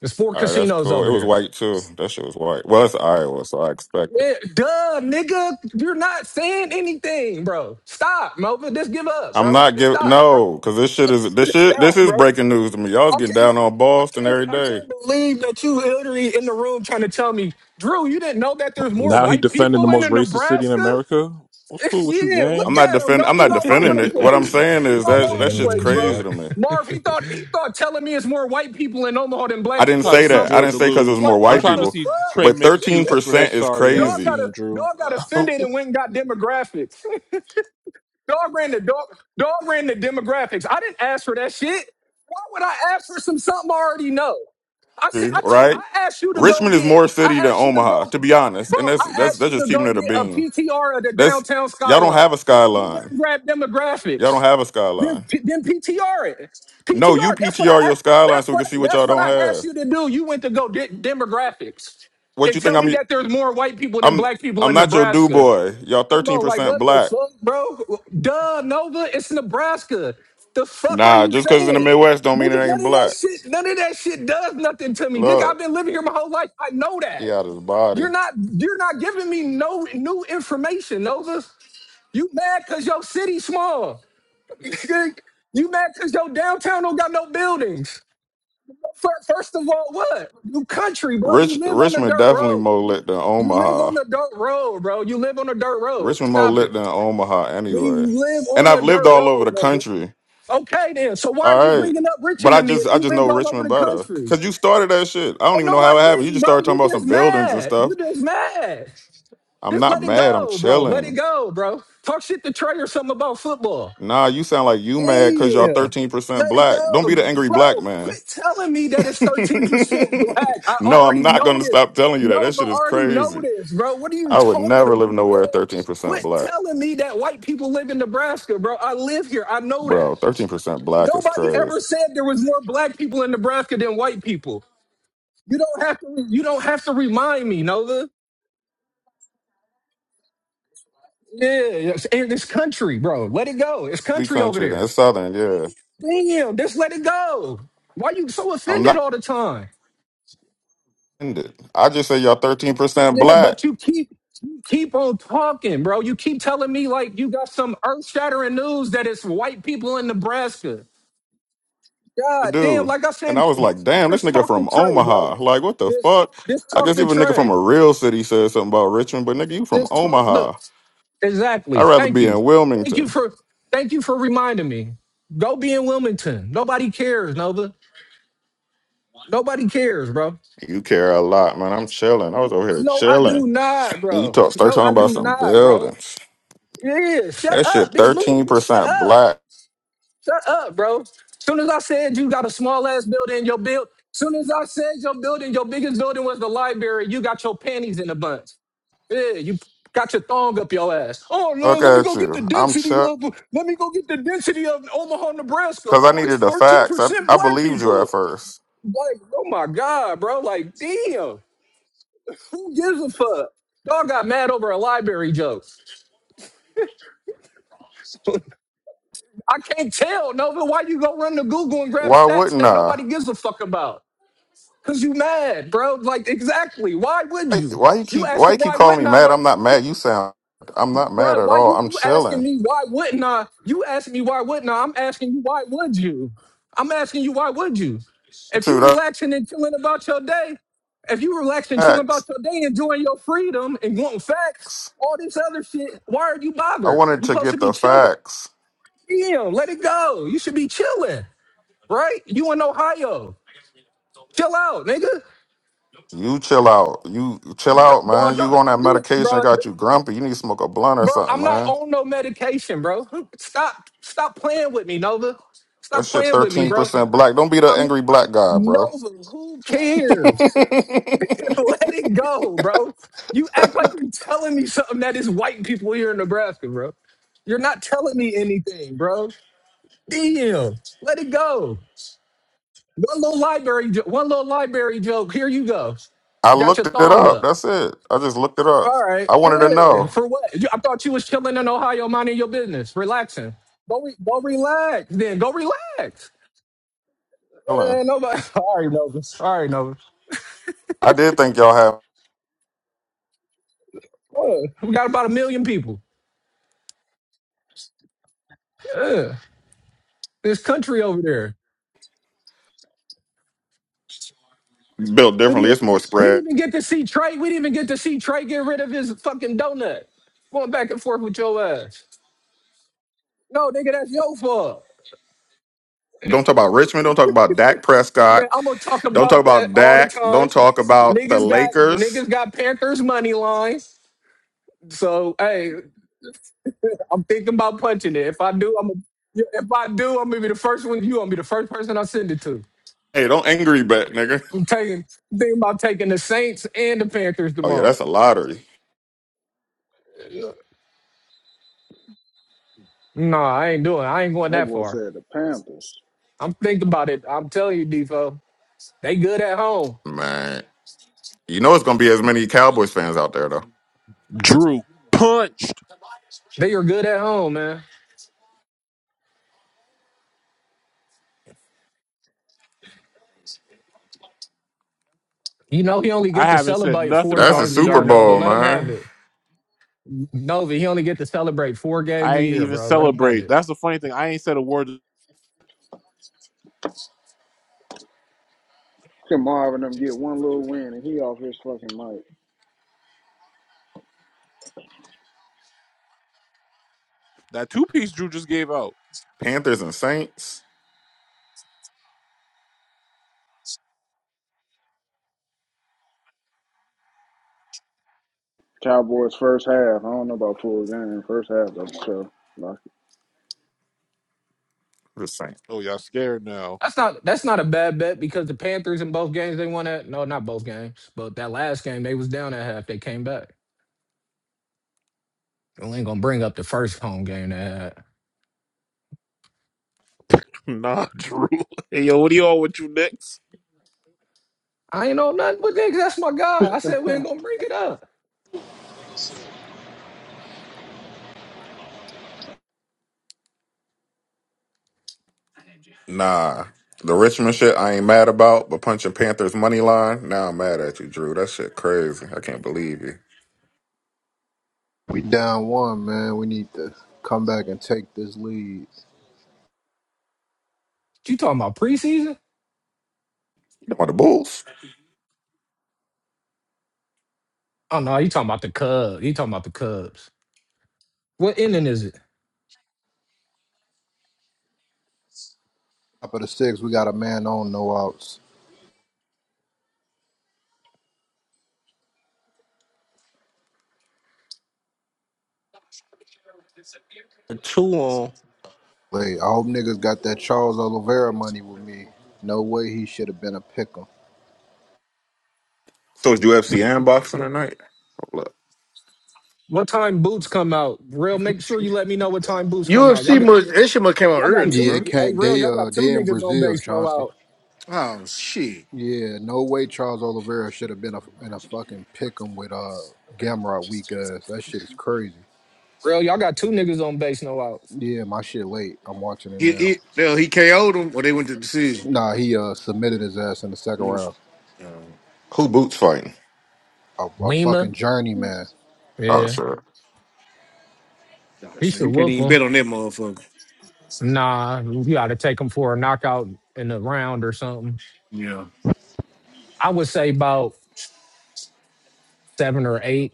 E: There's four
K: All right, that's
E: casinos
K: cool. It
E: over
K: was
E: there.
K: white too. That shit was white. Well, it's Iowa, so I expect it.
E: Yeah, duh, nigga. You're not saying anything, bro. Stop, Mova. Just give up,
K: I'm
E: bro.
K: not
E: Just
K: giving
E: stop, bro.
K: no, because this shit is this shit. This
E: stop,
K: is
E: bro.
K: breaking news to me. Y'all's
E: I
K: getting
E: can't be-
K: down on
E: I
K: Boston
E: can't
K: every
E: I
K: day.
E: can't believe that you literally in the room trying to tell me, Drew, you didn't know that there's more
F: Now he
E: white
F: defending the
E: people in the
F: most racist city in
E: Nebraska?
F: America. What's cool with you,
E: yeah,
K: I'm
E: look
F: gang?
K: not
E: at him,
K: defend.
E: dog.
K: I'm
E: He
K: not
E: all over
K: defending
E: the
K: it. What I'm
E: place.
K: saying
E: He
K: is
E: all
K: that
E: over
G: they
K: that
E: the
K: shit's
G: on
E: place,
G: with you?
E: bro.
K: crazy
G: Ock?
K: to me.
E: Marv, he thought he thought telling me it's more white people in Omaha than
K: I
E: black
F: I'm
K: didn't
E: people
F: trying
E: or
F: to
K: say
F: see
K: that. I didn't
F: Georgia
E: something.
K: say because it was
F: lose.
E: Like
K: more
F: I'm
K: white
E: what
F: trying to
E: the
K: people,
F: see Trey
E: fuck?
K: but
F: make
K: 13
F: excuses for
K: percent
F: his
K: is
F: sorry ass
E: Dog
K: crazy,
E: got
F: team,
E: a
F: Drew.
E: dog got offended and went and got demographics. Dog ran the dog dog ran the demographics. I didn't ask for that shit. Why would I ask for some something I already know? I said I told
K: right?
E: I asked you to go
K: Richmond is
E: get
K: more city
E: I
K: than
E: asked you to
K: Omaha,
E: go.
K: to be honest,
E: Bro,
K: and that's
E: I
K: that's
E: asked
K: that's
E: you
K: just
E: to
K: keeping
E: go
K: it a
E: get a
K: beam.
E: PTR of the
K: That's
E: downtown
K: y'all don't
E: skyline.
K: have a
E: You went
K: skyline.
E: and grabbed
K: Y'all don't
E: demographics.
K: have a
E: Then,
K: skyline.
E: then PTR it.
K: No, you
E: PTR. That's what I.
K: PTR your
E: a-
K: skyline
E: That's
K: so we
E: what.
K: can see what y'all
E: That's what
K: don't
E: I asked
K: have.
E: you to do. You went to go get demographics,
K: What
E: and
K: you
E: tell
K: think
E: me
K: I'm?
E: that there's more white people than
K: I'm
E: black people
K: I'm
E: in
K: not your do
E: Nebraska.
K: boy. Y'all
E: Come
K: 13
E: on, like
K: percent
E: what the
K: black.
E: fuck, bro? Duh, Nova. It's Nebraska. The fuck are
K: Nah,
E: you
K: just because it's in the
E: saying?
K: Midwest don't mean
E: Nigga,
K: it
E: none
K: ain't
E: of that
K: black.
E: shit, none of that shit does nothing to me. Nigga, I've
K: Look,
E: been living here my whole life. I know
K: he
E: that.
K: out his
E: You're
K: body.
E: not you're not giving me no new information, Nova. You mad cause your city small. you mad cause your downtown don't got no buildings. Fir- First of all, what? You country, bro. You
K: Rich
E: live on the
K: Richmond
E: dirt
K: definitely
E: road.
K: more lit than
E: You live
K: Omaha.
E: on the dirt road, bro. You live on the dirt road.
K: Richmond more
E: Stop
K: lit than
E: it.
K: Omaha
E: We
K: anyway.
E: live
K: And
E: on
K: I've
E: the
K: lived
E: dirt
K: all over
E: road,
K: the
E: Nova.
K: country.
E: Okay, then. So why are
K: All
E: you
K: right.
E: bringing up
K: But
E: Richmond
K: I
E: to me
K: just
E: if
K: I
E: you
K: just know
E: lived all over
K: Richmond
E: the
K: better.
E: country?
K: Cause you started that shit. I don't
E: Oh
K: even
E: no,
K: know
E: I
K: how it happened. You
E: didn't,
K: just
E: bro.
K: started talking
E: You
K: about
E: just
K: some buildings and
E: mad. You
K: stuff.
E: just mad.
K: I'm
E: Just
K: not
E: let it
K: mad, I'm
E: go, bro. Let it
K: chilling.
E: go, bro. Talk shit to Trey or something about football.
K: Nah, you sound like you mad cause y'all
E: Yeah,
K: 13%
E: Let it
K: black. Don't be
E: go.
K: the angry black
E: Bro,
K: man.
E: quit telling me that it's 13% black. I
K: no, I'm
E: already
K: not
E: know
K: gonna
E: this.
K: stop telling you that. That
E: Nova
K: shit is
E: already know
K: crazy.
E: this, bro. What are you
K: I would
E: talking
K: never live
E: about, man?
K: nowhere 13%
E: Quit
K: black.
E: telling me that white people live in Nebraska, bro. I live here. I know
K: Bro,
E: that.
K: 13% black is
E: Nobody
K: crazy.
E: ever said there was more black people in Nebraska than white people. You don't have to you don't have to remind me, Nova. Yeah, it's, and it's country, bro. Let it go. It's
K: be
E: country over
K: country that's
E: there.
K: southern, yeah.
E: Damn, just let it go. Why you so
K: I'm
E: offended
K: not
E: all the time?
K: offended. I just say y'all 13%
E: Yeah,
K: black.
E: but you keep you keep on talking, bro. You keep telling me like you got some earth shattering news that it's white people in Nebraska. God damn,
K: Dude.
E: like I
K: And
E: said,
K: I was like, damn, this
E: just
K: nigga
E: talk to
K: from
E: Trey,
K: Omaha.
E: bro.
K: Like, what the
E: Just
K: fuck?
E: just
K: I
E: talk
K: guess
E: to
K: even a nigga from
E: Trey.
K: a real city said something about Richmond, but nigga, you from
E: Just talk
K: Omaha.
E: look.
K: I'd
E: Exactly.
K: rather
E: Thank
K: be
E: you.
K: in
E: Thank you
K: Wilmington.
E: for thank you for reminding me. Go be in Wilmington. Nobody cares, Nova. Nobody cares, bro.
K: You care a lot, man. I'm chilling. I was over here
E: No, I
K: chilling.
E: do not,
K: And you
E: bro.
K: talk start
E: No,
K: talking
E: I
K: about
E: do
K: some
E: not, bro.
K: buildings.
E: Yeah, shut
K: That
E: up.
K: shit
E: This move, shut
K: 13%
E: up.
K: black.
E: Shut up, bro. Soon as I said you got a small ass building, your build. Soon as I said your building, your biggest building was the library. You got your panties in a bunch. Yeah, you got your thong up your ass. Oh no,
K: Look
E: let me
K: at
E: go get
K: you.
E: the
K: I'm
E: density
K: chill.
E: of. Let me go get the density of Omaha, Nebraska.
K: Cause I
E: Oh, it's
K: needed the
E: thirteen
K: facts. I,
E: percent
K: I
E: black
K: believed you at
E: people.
K: first.
E: Like, oh my god, bro. Like, damn. Who gives a fuck? Y'all got mad over a library joke. I can't tell, Nova, why you go run to Google and grab
K: Why
E: stats
K: wouldn't
E: that
K: I?
E: nobody gives a fuck about? Cause you mad, bro. Like exactly. Why would
K: Why,
E: you?
K: why you
E: You
K: keep Why
E: asking
K: you keep
E: why
K: calling me
E: wouldn't I?
K: mad?
E: But
K: I'm not mad. You sound I'm not mad
E: bro,
K: at
E: why
K: all.
E: you
K: I'm
E: you asking
K: chilling.
E: me why wouldn't I? You asking me why wouldn't I? I'm asking you why would you? I'm asking you why would you? If
K: Dude,
E: you
K: I-
E: relaxing and chilling about your day, if you relaxing, chilling about
K: facts.
E: your day, enjoying your freedom and wanting facts, all this other shit, why are you
K: I
E: bothered?
K: wanted
E: You
K: to
E: supposed to
K: get
E: be
K: the
E: chilling.
K: facts.
E: Damn, let it go. You should be chilling, right? You in Ohio. Chill out, nigga.
K: You chill out. You chill out,
E: Bro,
K: man. You
E: don't,
K: on that medication that
E: bro,
K: got you grumpy. You need to smoke a blunt or
E: bro,
K: something,
E: I'm not
K: man.
E: on no medication, bro. Stop, stop playing with me, Nova.
K: That
E: Stop
K: shit
E: playing with me,
K: thirteen
E: bro.
K: percent black. Don't be the
E: I'm
K: angry black guy, bro.
E: Nova. Who cares? Let it go, bro. You act like you're telling me something that is white people here in Nebraska, bro. You're not telling me anything, bro. Damn. Let it go. One little library, jo- one little library joke. Here you go.
K: I
E: Got your
K: looked it
E: thong
K: up.
E: up.
K: That's it. I just looked it up.
E: All right.
K: I wanted to
E: Yeah.
K: know.
E: For what? You- I thought you was chilling in Ohio, minding your business, relaxing. Go, re- go relax. Then go relax.
K: Chilling.
E: Eh, nobody. All right, Nova. All right, Nova.
K: I did think y'all have
E: What? We got about a million people. Yeah. This country over there.
K: built
E: We
K: differently.
E: didn't,
K: It's more
E: we didn't
K: spread.
E: even get to see Trey. We didn't even get to see Trey get rid of his fucking donut. Going back and forth with your ass. No, nigga, that's your fault.
K: Don't talk about Richmond. Don't talk about Dak Prescott.
E: Man, I'm gonna talk
K: Don't talk
E: about that
K: about
E: all the
K: Dak.
E: time.
K: Don't talk about the
E: Niggas got
K: Lakers.
E: niggas got Panthers money lines. So hey, I'm thinking about punching it. If I do, I'm a, if I do, I'm gonna be the first one. You gonna be the first person I send it to.
K: Hey, don't angry bet, nigga.
E: I'm taking thinking about taking the Saints and the Panthers
K: Oh yeah,
E: tomorrow.
K: that's a lottery,
E: No, I ain't doing. I ain't going
M: That
E: that
M: boy
E: far.
M: said the Panthers.
E: I'm thinking about it. I'm telling you, Defo. They good at home.
K: man. You know it's gonna be as many Cowboys fans out there though.
F: Drew punched.
E: They are good at home, man. You know he only
F: I
E: get to
F: haven't said
E: celebrate four
F: nothing
K: That's a
F: about
E: times
F: the
E: a
K: Super
E: year,
F: Giants
E: Nova.
K: Bowl,
E: Let him
F: game.
E: have
K: man.
E: it. Nova, he only get to celebrate four games
F: I
E: a
F: ain't
E: year,
F: even
E: bro. Let him have
F: celebrate.
E: it.
F: That's the funny thing. I ain't said a word.
M: Can Marvin them get one little win and he off his fucking mic.
F: That two piece Drew just gave out.
K: Panthers and Saints.
M: Cowboys first half. I don't know about full game. First half though. So like
K: The Saints.
F: Oh, y'all scared now?
E: That's not that's not a bad bet because the Panthers in both games they won at no, not both games, but that last game they was down at half. They came back. We ain't gonna bring up the first home game they had.
F: nah, Drew. Hey, yo, what do y'all with you next?
E: I ain't know nothing but that. 'cause That's my guy. I said we ain't gonna bring it up.
K: Nah, the Richmond shit I ain't mad about, but punching Panthers money line. Now I'm mad at you, Drew. That shit crazy. I can't believe you.
D: We down one, man. We need to come back and take this lead.
E: You talking about preseason?
K: You know the Bulls?
E: Oh no, you talking about the Cubs. You talking about the Cubs. What inning is it?
D: Top of the six, we got a man on, no outs.
A: Two on.
D: Wait, I hope niggas got that Charles Oliveira money with me. No way he should have been a pick'em.
K: So it's UFC and boxing tonight. Hold up.
E: What time boots come out? Real, make sure you let me know what time boots come out. Y'all
N: UFC
E: got
N: must that shit must came out
E: y'all got
N: early,
D: Yeah,
E: two
N: bro.
D: it
E: hey
D: can't
E: real,
D: they
E: y'all
D: uh
E: got two
D: they in
E: niggas on
D: Brazil,
E: base no
D: Chauncey.
E: out.
N: Oh shit.
D: Yeah, no way Charles Oliveira should have been a, in a fucking pick'em with uh Gamrot weak ass. That shit is crazy.
E: Real, y'all got two niggas on base no out.
D: Yeah, my shit late. I'm watching it
N: He
D: now.
N: he no, he KO'd him or they went to the decision.
D: Nah, he uh submitted his ass in the second
N: Mm.
D: round.
N: Oh,
K: Who boots fighting?
D: A, a
E: Lima,
D: fucking journeyman.
K: Oh
E: yeah.
K: sure.
E: He
N: so
E: should
N: you can't
E: whoop
N: even
E: him.
N: bet on that motherfucker.
E: Nah, you gotta take him for a knockout in the round or something.
N: Yeah.
E: I would say about seven or eight.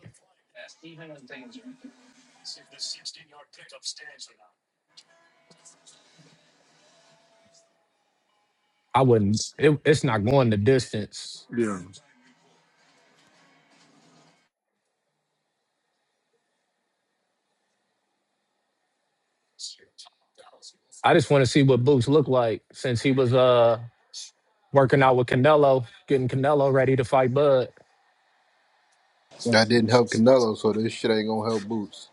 E: I wouldn't it, it's not going the distance.
N: Yeah.
E: I just want to see what Boots look like since he was uh working out with Canelo, getting Canelo ready to fight Bud.
D: That didn't help Canelo, so this shit ain't gonna help Boots.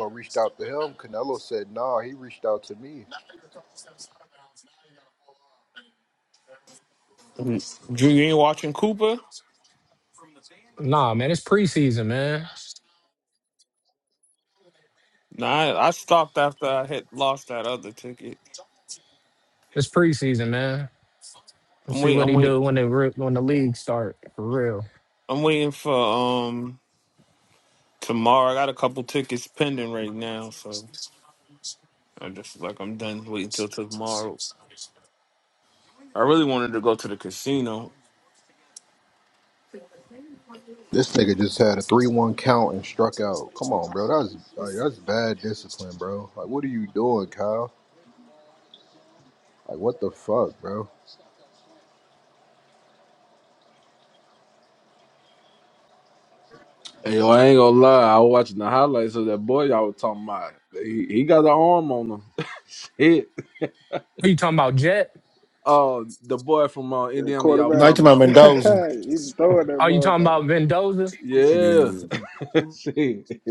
D: So I reached out to him. Canelo said, nah, he reached out to me.
O: Drew, you ain't watching Cooper?
E: Nah, man, it's preseason, man.
O: Nah, I, I stopped after I had lost that other ticket.
E: It's preseason, man.
O: I'm
E: Let's see
O: waiting.
E: what
O: I'm
E: he
O: waiting.
E: do when the re- when the league start for real.
O: I'm waiting for um tomorrow. I got a couple tickets pending right now, so I just like I'm done waiting till tomorrow. I really wanted to go to the casino.
D: This nigga just had a 3 1 count and struck out. Come on, bro. That's like, that's bad discipline, bro. Like, what are you doing, Kyle? Like, what the fuck, bro?
C: Hey, yo, I ain't gonna lie. I was watching the highlights of that boy y'all was talking about. He, he got an arm on him. Hit.
E: Who you talking about, Jet?
C: Uh, the boy from uh,
M: the
C: Indiana y'all was
N: Like
M: quarterback.
N: to
C: talking
N: my
C: about.
N: Mendoza.
M: he throwing that
E: Are you talking
M: motherfucker.
E: about Mendoza?
C: Yeah.
N: Yeah.
C: Shit.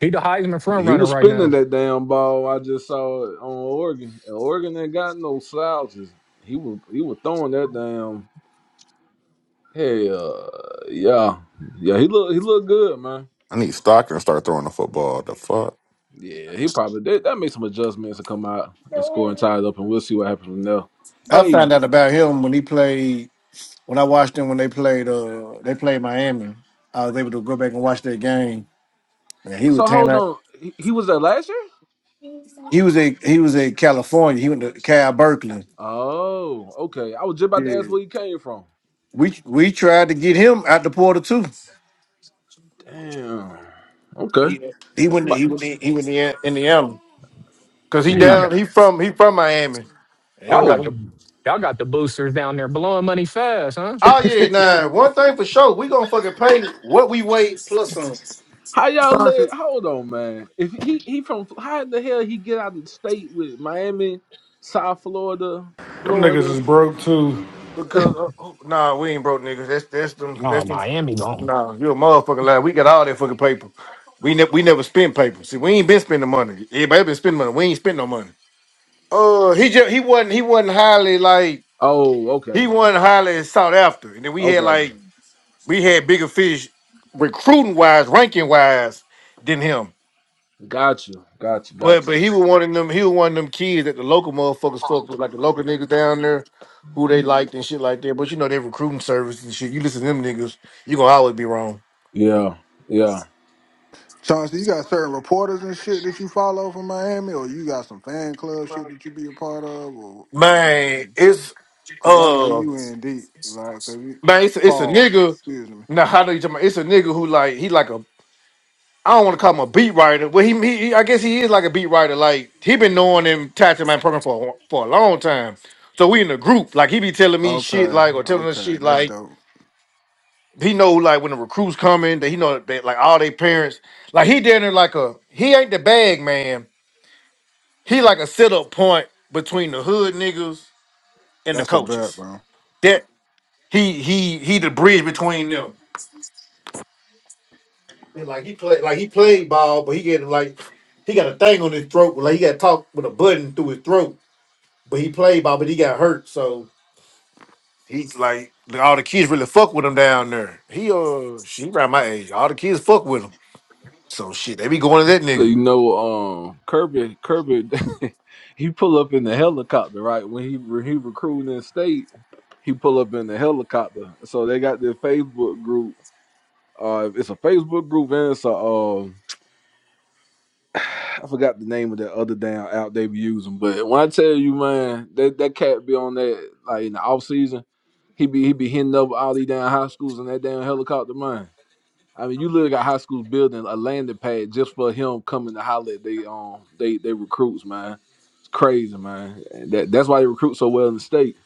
E: He the Heisman front
C: He
E: runner
C: was
E: right
C: spinning
E: now.
C: that damn ball. I just saw it on Oregon. And Oregon ain't got no slouches. He was he was throwing that damn. Hey, uh, yeah, yeah. He look he look good, man.
K: I need Stockton to start throwing the football. The fuck.
C: Yeah, he probably that, that makes some adjustments to come out and score and tie it up, and we'll see what happens from there.
N: I
C: Hey,
N: found out about him when he played. When I watched him when they played, uh, they played Miami. I was able to go back and watch that game. And he was
C: so hold
N: ten.
C: on, he, he was there last year.
N: He was a he was a California. He went to Cal Berkeley.
C: Oh, okay. I was just about to ask
N: Yeah.
C: where he came from.
N: We we tried to get him out the portal too.
C: Damn. Okay.
N: He he went to, he went to, he went to Indiana because he
E: Man,
C: Hmm.
E: y'all got
N: down he from he from Miami and he
E: y'all
N: was
E: got
C: Oh,
N: like,
E: the y'all got the boosters down there blowing money fast, huh?
N: oh yeah, nah. One thing for sure, we gonna fucking pay what we weigh plus some
C: how y'all
M: Chauncey,
C: let? Hold on, man. If he he from how the hell he get out of the state with Miami, South Florida,
L: Them niggas is
C: Florida?
L: broke too.
N: because uh, oh, nah, we ain't broke niggas. That's that's them
E: Oh,
N: that's them.
E: Miami gone
N: Nah, you a motherfucking lie. We got all that fucking paper. We never we never spend paper. See, we ain't been spending money. Everybody been spending money. We ain't spend no money. Uh, he just he wasn't he wasn't highly like
C: Oh,
N: he
C: okay,
N: wasn't highly sought after. And then we had
C: okay.
N: like we had bigger fish recruiting wise, ranking wise than him.
C: Got you, got you, got
N: But but he was one of them. He was one of them kids that the local motherfuckers fuck with, like the local niggas down there, who they liked and shit like that. But you know their recruiting service and shit. You listen to them niggas, you gonna always be wrong.
C: you. Yeah, yeah.
M: Chauncey, you got certain reporters and shit that you follow from Miami, or you got some fan club shit that you be a part of, or
N: Man,
M: because
N: it's
M: I know
N: uh
M: you in deep, like because
N: man, it's it's a
M: Paul.
N: nigga.
M: Excuse me.
N: Now how do you talking about? It's a nigga who like he like a I don't want to call him a beat writer. but he, he he- I guess he is like a beat writer. Like he been knowing him Tattoo Man program for a- for a long time. So we in a group. Like he be telling me shit
M: Okay,
N: like or telling us
M: okay,
N: shit
M: that's
N: like
M: dope.
N: he know like when the recruits coming that he know that they, like all they parents. Like he down there like a he ain't the bag man. He like a sit up point between the hood niggas and the
M: That's a bet,
N: coaches.
M: bro.
N: That he he he the bridge between them. And, like he play like he played ball, but he get like he got a thing on his throat. Like he got to talk with a button through his throat But he played ball, but he got hurt, so he's like all the kids really fuck with him down there. He uh she around my age. All the kids fuck with him. So shit, they be going to that
C: So,
N: nigga.
C: you know, um, Kirby, Kirby, he pull up in the helicopter, right? When he when he recruiting in state, he pull up in the helicopter. So they got their Facebook group. Uh, it's a Facebook group, and it's a um, I forgot the name of that other damn app they be using. But when I tell you, man, that that cat be on that like in the off season, he be he be hitting up all these damn high schools in that damn helicopter, man. I mean, you literally got high schools building a landing pad just for him coming to holler at they um they they recruits, man. It's crazy, man. And that that's why they recruit so well in the state.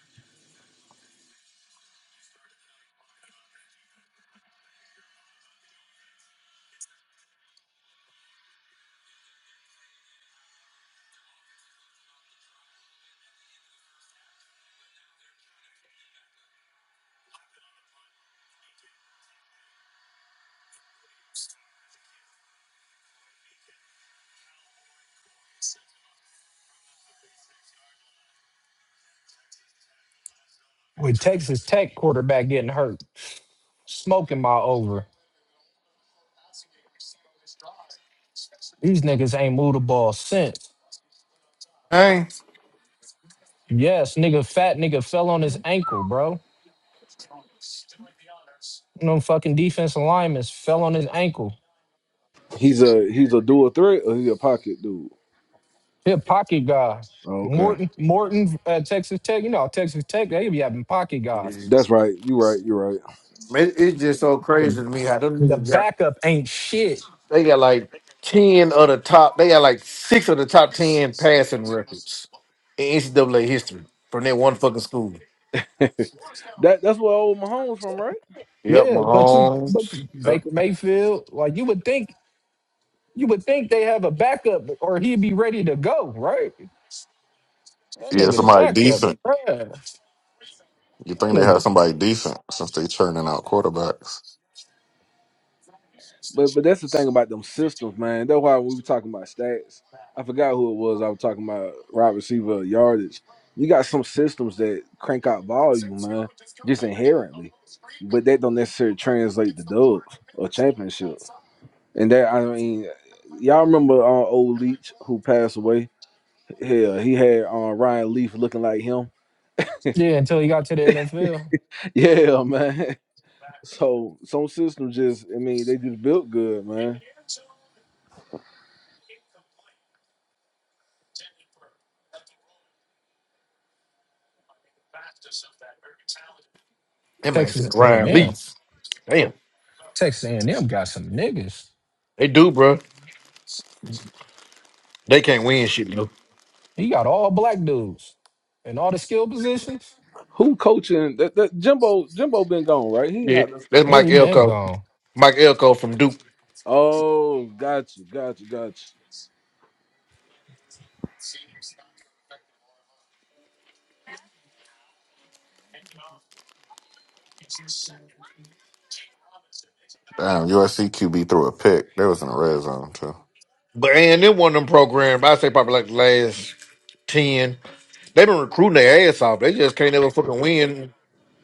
E: with Texas Tech quarterback getting hurt, smoking my over. These niggas ain't moved the ball since.
N: Hey.
E: Yes, nigga, fat nigga fell on his ankle, bro. No fucking defense alignments fell on his ankle.
C: He's a he's a dual threat or he's a pocket dude.
E: He a pocket guy.
C: Oh, okay,
E: Morton, Morton at Texas Tech. You know, Texas Tech, they be having pocket guys.
C: that's right. You right. You right.
N: it's just so
E: The
N: crazy to me how them
E: the
N: niggas got
E: backup ain't shit.
N: they got like ten of the top they got like six of the top ten passing records in NCAA history from that one fucking school.
C: That that's where old Mahomes from, right?
N: Yep,
E: Yeah, but you but
N: Mahomes.
E: you-
N: Yep.
E: Baker Mayfield, like you would think you would think they have a backup or he'd be ready to go, right? That
K: Yeah,
E: nigga the
K: somebody
E: backup.
K: decent.
E: bruh. That
K: You think they had
E: nigga.
K: somebody decent since they churning out quarterbacks?
C: But but that's the thing about them systems, man. That's why we were talking about stats. I forgot who it was. I was talking about wide receiver yardage. You got some systems that crank out volume, man, just inherently, but that don't necessarily translate to dubs or championships. And that I mean, y'all remember uh, old Leach who passed away? Hell, he had uh, Ryan Leaf looking like him.
E: Yeah, until he got to the NFL.
C: Yeah, man. So some systems just, I mean, they just built good, man.
N: That man
E: Texas
N: said Ryan
E: A&M.
N: Leaf. Damn.
E: Texas A&M got some niggas.
N: They do, bro. They can't win shit, though.
E: He got all black dudes in all the skill positions.
C: Who coaching? That, that Jimbo Jimbo been gone, right? He
N: Yeah.
C: not.
N: That's
E: Yeah,
N: Mike
E: he been
N: Elko.
E: gone.
N: Mike Elko from Duke.
C: Oh, got you, got you, got you.
K: Damn, USC QB threw a pick. They was in the red zone too.
N: But and then one of them programs, I say probably like the last ten. They've been recruiting their ass off. They just can't ever fucking win.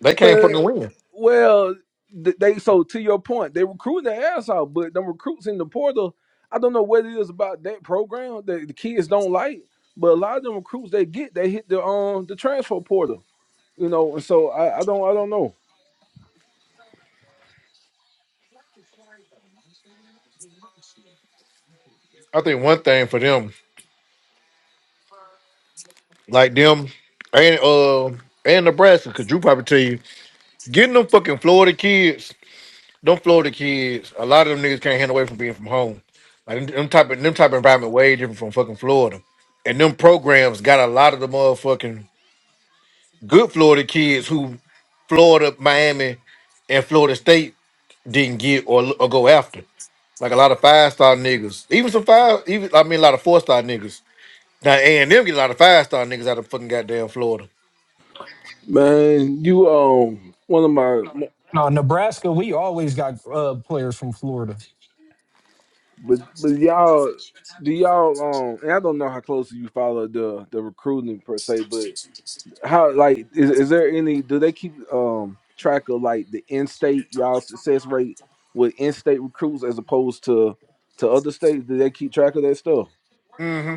N: They can't fucking
C: But
N: win.
C: Well, th- they so to your point, they recruit their ass out, but them recruits in the portal, I don't know what it is about that program that the kids don't like, but a lot of them recruits they get, they hit the um the transfer portal, you know, and so I, I don't I don't know.
N: I think one thing for them, like them and uh and Nebraska, cause Drew probably tell you, getting them fucking Florida kids, them Florida kids, a lot of them niggas can't handle away from being from home. Like them, them type of them type of environment way different from fucking Florida. And them programs got a lot of the motherfucking good Florida kids who Florida, Miami, and Florida State didn't get or, or go after. Like a lot of five star niggas, even some five, even I mean a lot of four star niggas. Now A and M get a lot of five star niggas out of fucking goddamn Florida.
C: Man, you um one of my
E: No, Nebraska, we always got uh, players from Florida.
C: But but y'all do y'all um and I don't know how closely you follow the the recruiting per se, but how like is, is there any do they keep um track of like the in state y'all success rate with in state recruits as opposed to to other states? Do they keep track of that stuff?
N: hmm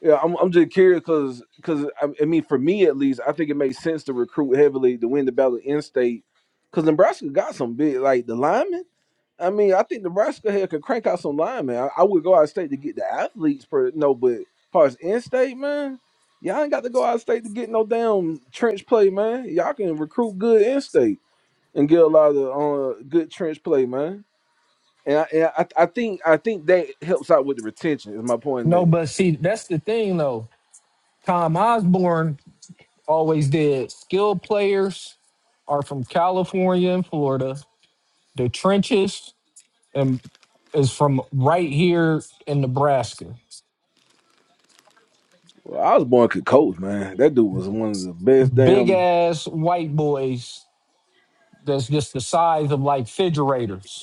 C: Yeah, I'm I'm just curious because because I, I mean for me at least I think it makes sense to recruit heavily to win the battle in state because Nebraska got some big like the linemen. I mean, I think Nebraska here could crank out some linemen. I, I would go out of state to get the athletes, per no, but as far as in state, man, y'all ain't got to go out of state to get no damn trench play, man. Y'all can recruit good in state and get a lot of uh, good trench play, man. And, I, and I, I think I think that helps out with the retention. Is my point in
E: No,
C: that
E: but see, that's the thing though. Tom Osborne always did. Skilled players are from California and Florida. The trenches and is from right here in Nebraska.
C: well, I was born could coach, man. That dude was one of the best
E: Big
C: damn.
E: ass white boys that's just the size of like refrigerators.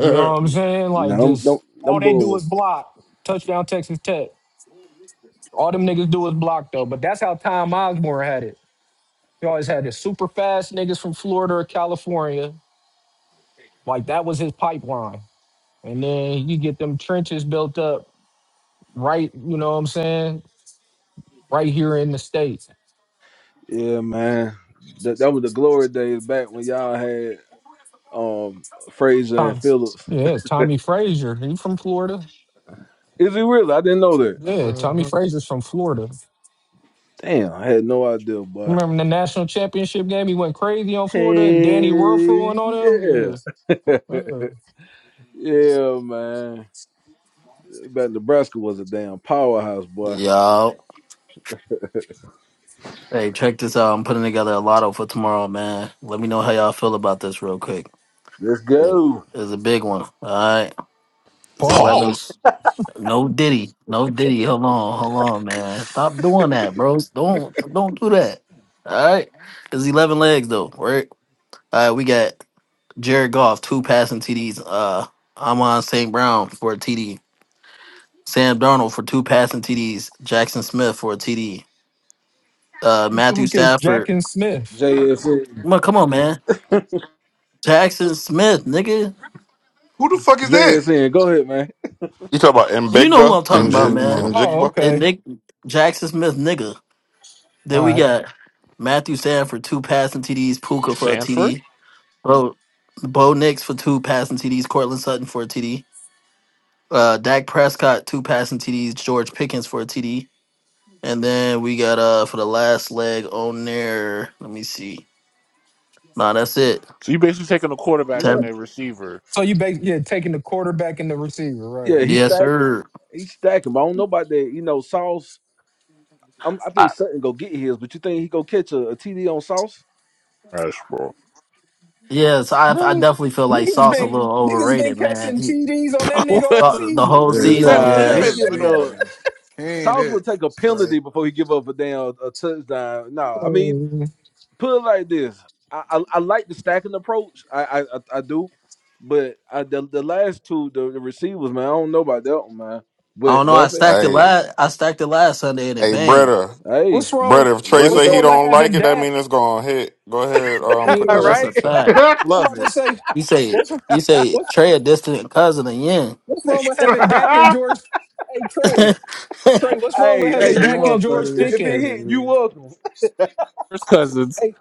E: You know what I'm saying?
C: No,
E: Like
C: them, them,
E: just
C: them
E: all they
C: boy,
E: do
C: were-
E: is block. Touchdown Texas Tech. All them niggas do is block though. But that's how Tom Osborne had it. He always had the super fast niggas from Florida or California. Like that was his pipeline. And then you get them trenches built up right, you know what I'm saying? Right here in the States.
C: yeah, man. That, that was the glory days back when y'all had. um Fraser and
E: Tom.
C: Phillips.
E: Yeah, Tommy Frazier. He from Florida.
C: Is he really? I didn't know that.
E: Yeah, Tommy Frazier's from Florida.
C: Damn, I had no idea, boy.
E: Remember the national championship game? He went crazy on Florida and Danny Werfel
C: Hey,
E: and all
C: yeah,
E: them. Yeah. yeah.
C: yeah, man. But Nebraska was a damn powerhouse, boy.
P: Yo, hey, check this out. I'm putting together a lotto for tomorrow, man. Let me know how y'all feel about this real quick.
C: Let's
P: It-
C: go,
P: It's a big one. All right. It's
E: Pause.
P: 11.
F: Pause.
P: No Diddy. No Diddy. Hold on. Hold on, man. Stop doing that, bros. Don't don't do that. All right. It's 11 legs, though, right? All right. We got Jared Goff, two passing TDs. Uh, Amon St. Brown for a TD. Sam Darnold for two passing TDs. Jackson Smith for a TD. Uh,
E: Who the
P: Matthew
E: fuck is Jack
P: Stafford.
E: and Smith?
C: JSN.
P: Come on, come on, man. Jackson Smith, nigga.
N: Who the fuck is that?
C: JSN, go ahead, man.
K: You talk about
P: You know who
K: Mbigga
P: I'm talking
Q: And
K: and
P: about,
K: and
P: man.
K: and
Q: Jigma.
E: Oh,
K: Jigba.
P: And
E: okay.
P: Nick Jackson Smith, nigga. Then
E: All
P: we
E: right.
P: got Matthew Sanford, two passing TDs, Puka for a
F: Sanford.
P: TD. Bo, Bo Nix for two passing TDs, Cortland Sutton for a TD. Uh, Dak Prescott, two passing TDs, George Pickens for a TD. And then we got uh for the last leg on there. Let me see. Nah, that's it.
F: So you basically taking the
C: I'm
F: quarterbacks
C: not-
F: and
P: Ten.
F: a receiver.
E: So you bas yeah taking the quarterback and the receiver, right?
C: yeah, he's
P: Yes,
E: Okay.
C: stacking.
P: sir.
C: He's stacking. But I don't know about that. You know, Sauce. I'm, I
P: I,
C: think Sutton go get his, but you think he go catch a, TD on Sauce?
F: That's bro.
P: yes, I I
E: Really?
P: definitely feel like
E: Niggas
P: Sauce a
E: been
P: little
E: niggas been
P: overrated,
E: catching
P: man.
E: TDs on that nigga all
P: the the
E: season.
P: whole
M: Yeah,
P: season.
F: Their
M: Sauce
C: Nah,
M: ain't
C: he
P: Yeah,
M: it
F: defense
M: to
F: been
C: giving
M: me,
C: up.
F: on.
M: man. He ain't
C: Sauce
M: it,
C: would take a
M: Trey.
C: penalty before he give up a damn a touchdown. No, I mean
E: Yeah.
C: put it like this. I I, I like the stacking approach. I I, I do, but I, the the last two the, the receivers man, I don't know about that one man.
P: I
C: But
P: don't know. I
C: but I say,
P: stacked it
K: Hey,
P: last. I stacked it last Sunday and it
K: hey,
P: banged.
K: brother,
C: hey,
E: What's wrong?
K: brother. If Trey
C: running
E: What's
K: say he
C: back,
E: wrong with
K: don't like
E: having
K: it, that mean
E: Dak?
K: it's gonna hit. Go ahead, um,
E: Yeah.
K: put
C: all
P: Wow,
K: that shit
P: that's
K: in
E: I'm
K: the
C: right.
P: a
K: chat.
P: fact.
F: Love
E: about
F: it.
E: to say
P: You say
E: what's
P: you say
E: what's
P: Trey a distant cousin of Yin.
E: what's wrong with having Dak and George? Hey Trey. Trey, what's wrong with
C: Hey
M: Yeah,
C: hey,
E: having
C: you
E: Dak
M: y'all
E: and
C: welcome.
E: George
M: funny as
C: If if it
M: shit
E: Pickens?
C: hit, you
M: in
C: welcome.
F: First cousins
E: Hey,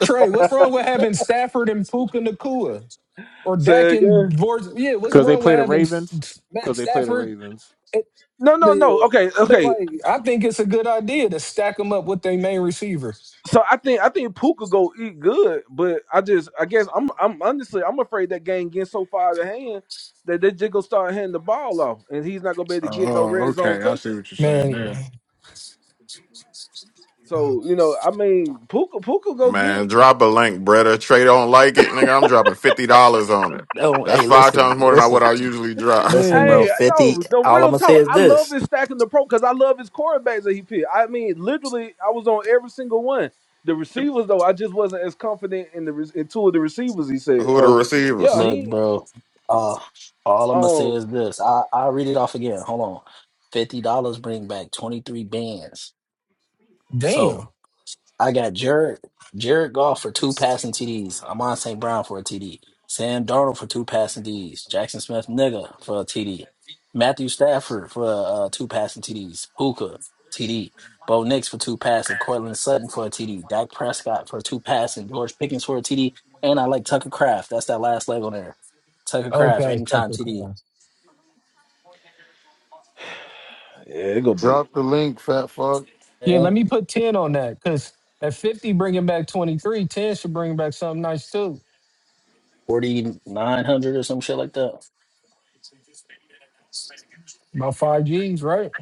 E: Trey, what's wrong with having Stafford and Puka Nakua? Or
C: Say
E: Dak
C: again.
E: and George? Yeah, what's
F: because they
E: wrong
F: play
E: with
F: the
E: having S-
F: Ravens
E: S-
F: because
E: Matt
F: they play the
E: Stafford?
F: Ravens.
E: It-
C: No no
E: yeah.
C: no. Okay
E: But,
C: okay.
E: like, I think it's a good idea to stack them up with their main receivers.
C: So I think I think Puka go eat good, but I just I guess I'm I'm honestly I'm afraid that game getting so far out of hand that they just gonna start handing the ball off, and he's not gonna be able
M: here.
C: to get no
M: oh,
C: red zone
M: okay. I see
C: touches.
M: what you're saying
E: Man.
M: there.
C: So you know I mean Puka Puka go
K: Man,
C: get
K: drop a link, brother. Trey don't like it, nigga. I'm dropping fifty dollars on it.
P: no,
K: That's
P: hey,
K: five
P: listen,
K: times more than I
P: listen,
K: what I usually drop.
P: listen,
E: Yeah.
P: bro.
C: hey
P: Fifty.
C: no no
P: All I'm
C: real
P: gonna say
C: talk
P: is
C: I love
P: this.
C: his stacking the pro because I love his quarterbacks that he picked. I mean literally I was on every single one. The receivers though I just wasn't as confident in the re- in two of the receivers he said.
K: Who are the
C: So yeah
K: receivers?
P: Look,
C: he
P: bro. Uh, all I'm gonna say
C: um
P: is this. I I read it off again. Hold on. Fifty dollars bring back twenty three bands. So.
E: Damn.
P: I got Jared Jared Goff for two passing TDs. Amon St. Brown for a TD. Sam Darnold for two passing TDs. Jackson Smith nigga for a TD. Matthew Stafford for uh, two passing TDs. Puka TD. Bo Nix for two passing. Cortland Sutton for a TD. Dak Prescott for two passing. George Pickens for a TD. And I like Tucker Craft. That's that last leg on there. Tucker Craft
E: Okay,
P: anytime
E: sucker
P: TD.
E: class.
C: yeah it gonna be.
Q: Drop the link, fat fuck.
E: Yeah,
P: Yeah,
E: let me put 10 on that because at 50, bringing back 23, ten should bring back something nice, too.
P: forty nine hundred or some shit like that.
E: About five G's, right?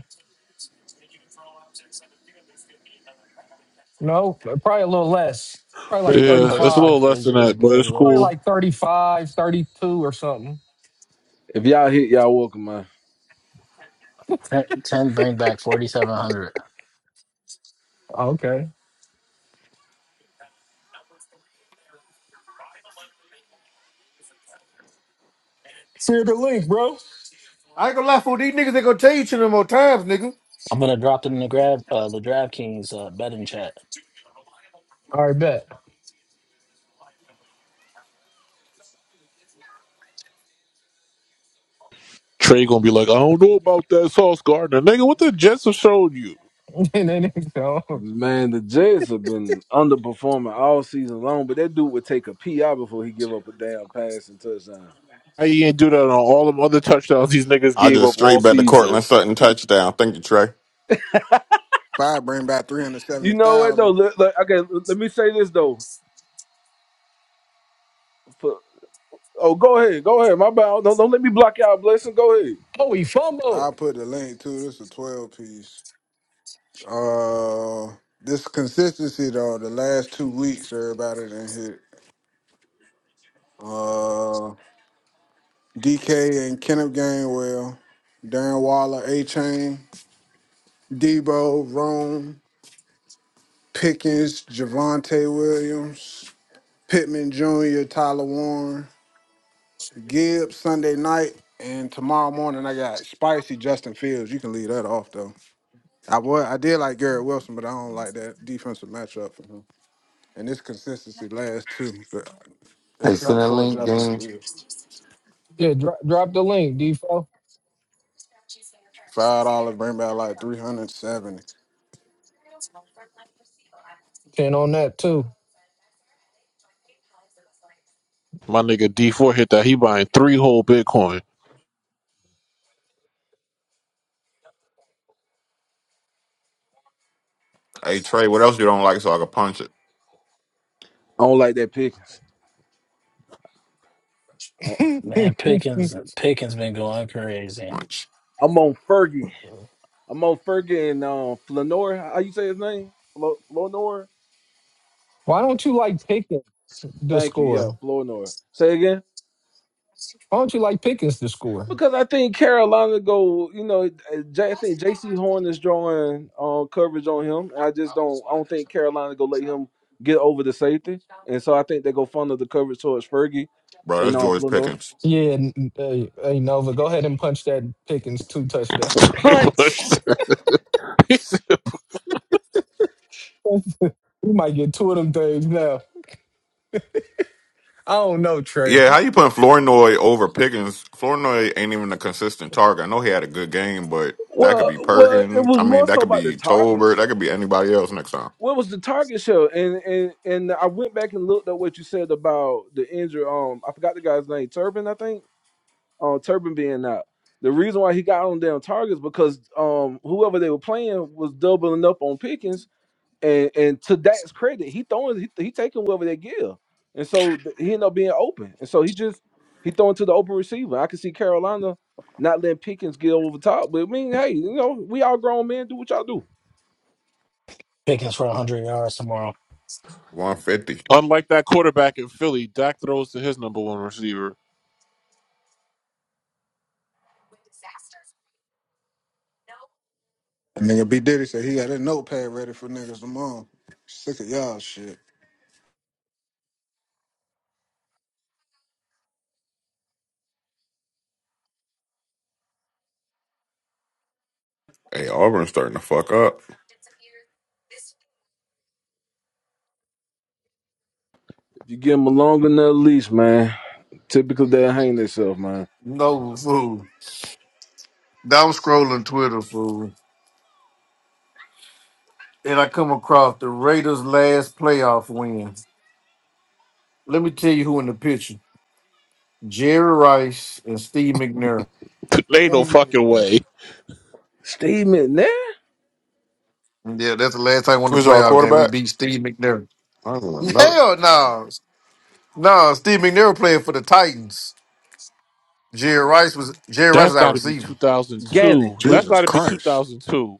E: No, probably a little less. Probably like
P: Bring back
F: Yeah,
P: close
F: that's
P: to
F: a
P: fuck.
E: 35.
F: little less
P: It's,
F: than
P: it's,
F: that, but it's
P: below
E: Probably
P: us.
F: cool.
E: like 35, 32 or something.
C: If y'all hit, y'all welcome, man.
P: Ten, bring back 4,700.
E: Oh, okay. Share the link, bro.
N: I ain't gonna lie, fool. These niggas they gonna tell you two no more times, nigga.
P: I'm going to drop it in the grab, uh, the DraftKings uh, betting chat.
E: All right, bet.
F: Trey gonna be like, I don't know about that Sauce Gardner, nigga. What the Jets have showed you?
E: and then he go,
C: Man, the Jets have been underperforming all season long, but that dude would take a PI before he give up a damn pass and touchdown.
F: How you ain't do that on all them other touchdowns these niggas
K: I
F: gave
K: just
F: up all
K: straight bet the
F: season?
K: Cortland Sutton touchdown. Thank you, Trey.
M: If I bring back
C: You know what though?
M: 370000
C: Look, look, okay, l- let me say this though. For, oh, go ahead, go ahead. My bad. Don't, don't let me block y'all blessing. Go ahead.
E: oh, he
M: I'll
E: fumbled.
M: put the link to this a 12 piece. Uh, This consistency, though, the last two weeks, everybody done hit. Uh, DK and Kenneth Gainwell, Darren Waller, A Chain, Debo, Rome, Pickens, Javante Williams. Pittman Jr., Tyler Warren, Gibbs Sunday night, and tomorrow morning I got spicy Justin Fields. You can leave that off though. I was I did like Garrett Wilson, but I don't like that defensive matchup for him. And this consistency lasts too, but
Q: Hey, send
M: except
Q: that
M: for
Q: link,
M: Justin
Q: gang.
M: Fields.
E: Yeah, dro- drop the link, Defo.
M: Five dollars bring back like three hundred seventy.
E: 10 on that, too.
F: My nigga D four hit that. He buying three whole Bitcoin.
K: Hey Trey, what else you don't like so I can punch it?
C: I don't like that Pickens. I-
P: Man, Pickens Pickens been going crazy.
K: Punch.
C: I'm on Fergie. I'm on Fergie and um, Flanor. How you say his name? Flo, Flanor?
E: Why don't you like Pickens to
C: Thank you. Yeah,
E: score?
C: Flournoy. Say again.
E: Why don't you like Pickens to score?
C: Because I think Carolina go, you know, uh, J- I think J.C. Horn is drawing uh, coverage on him. I just don't, I don't think Carolina go let him get over the safety, and so I think they go funnel the coverage towards Fergie
K: Bro,
C: and
K: that's
C: on
K: George
C: Flournoy.
K: Pickens.
E: Yeah, n- n- hey, hey Nova, go ahead and punch that Pickens two touchdowns.
C: Punch.
E: we might get two of them things now. I don't know, Trey.
K: Yeah, how you putting Flournoy over Pickens? Flournoy ain't even a consistent target. I know he had a good game, but that could
C: Well,
K: be
C: well, it
K: Perkin. I
C: was
K: mean,
C: more
K: that
C: so
K: could
C: about the
K: be
C: target.
K: Tolbert.
C: share.
K: That could be anybody else next time.
C: What was the target show? And and and I went back and looked at what you said about the injury. Um, I forgot the guy's name, Turbin, I think on Turpin being out. The reason why he got on damn targets because um whoever they were playing was doubling up on Pickens, and and to Dak's credit, he throwing he, he taking whoever they give, and so th- he ended up being open, and so he just he throwing to the open receiver. I can see Carolina not letting Pickens get over top, but I mean, hey, you know, we all grown men, do what y'all do.
P: Pickens for 100 yards tomorrow.
K: 150.
F: Unlike that quarterback in Philly, Dak throws to his number one receiver.
M: And nigga B Diddy said he got a notepad ready for niggas tomorrow. Sick of y'all shit.
K: Hey, Auburn's starting to fuck up.
C: If you give them a long enough leash, man, typically they'll hang themselves, man.
N: No, fool. Now I'm scrolling Twitter, fool. And I come across the Raiders' last playoff win. Let me tell you who in the picture. Jerry Rice and Steve McNair.
F: Ain't no fucking
C: Damn.
F: way.
C: Steve McNair,
N: Yeah, that's the last time we won the
K: Who's our
N: playoff game. We
K: quarterback?
N: beat Steve McNair.
K: I don't even know.
N: Hell no. No, Steve McNair was playing for the Titans. Jerry Rice was Jerry Rice
F: That's
N: was our
F: got to be
N: receiver.
F: 2002.
C: Gannon.
F: That's got
M: Jesus
F: to be
M: Christ.
F: 2002.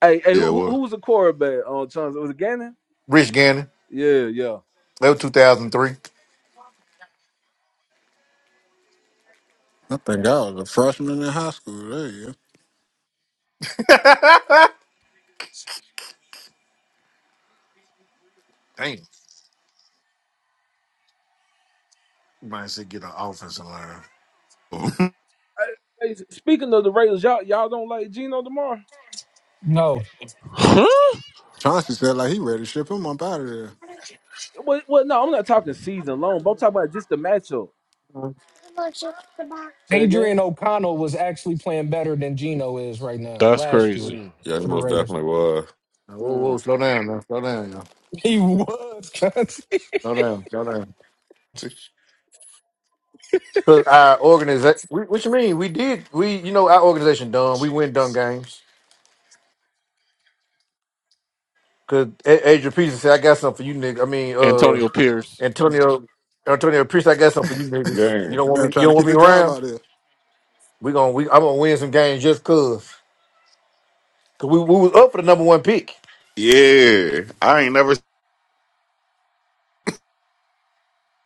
C: Hey, hey, who,
K: Yeah,
C: who
K: well,
C: was the quarterback on Chauncey? Was it Gannon?
N: Rich Gannon.
C: Yeah, yeah.
N: That was 2003.
M: I think I was a freshman in high school. There you go.
N: Damn. You might say get an offensive line.
C: Hey, hey, speaking of the Raiders, y'all y'all don't like Geno tomorrow?
E: No,
F: Huh?
M: Chauncey said like he ready to ship him up out of there.
C: Well, well, no, I'm not talking season long, but I'm talking about just the matchup.
N: Whoa,
C: Say again.
E: Adrian O'Connell was actually playing better than Geno is right now.
F: That's
E: Last year
F: crazy.
C: Mm,
K: yeah, he
E: for the
K: most
E: Raiders,
K: definitely was.
N: whoa,
C: mm.
N: slow down now. Slow down now.
E: he was.
N: Slow down. Slow down. Because our organization, what you mean? We did, we, you know, our organization done. We win done games. Because Adrian Peterson said, I got something for you, nigga. I mean, uh,
F: Antonio Pierce,
N: Antonio, Antonio, preach I got something for you niggas. You
K: Game.
N: don't want
M: Man,
N: me. You
M: trying to
N: don't want
M: keep
N: me
M: his job
N: around.
M: out there.
N: We gonna. We, I'm gonna win some games just cause. Cause we, we was up for the number one pick.
K: Yeah, I ain't never. If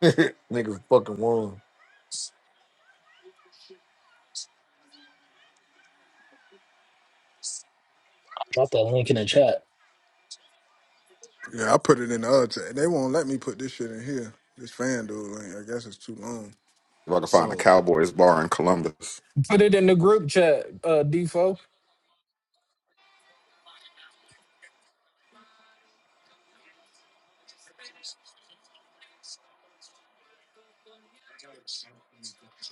N: niggas fucking won.
P: Drop that link in the chat.
M: Yeah, I put it in the other chat. They won't let me put this shit in here. This FanDuel link. I guess it's too long.
K: I can find a
M: Oh.
K: Cowboys bar in Columbus,
E: Put it in the group chat, uh, Defo.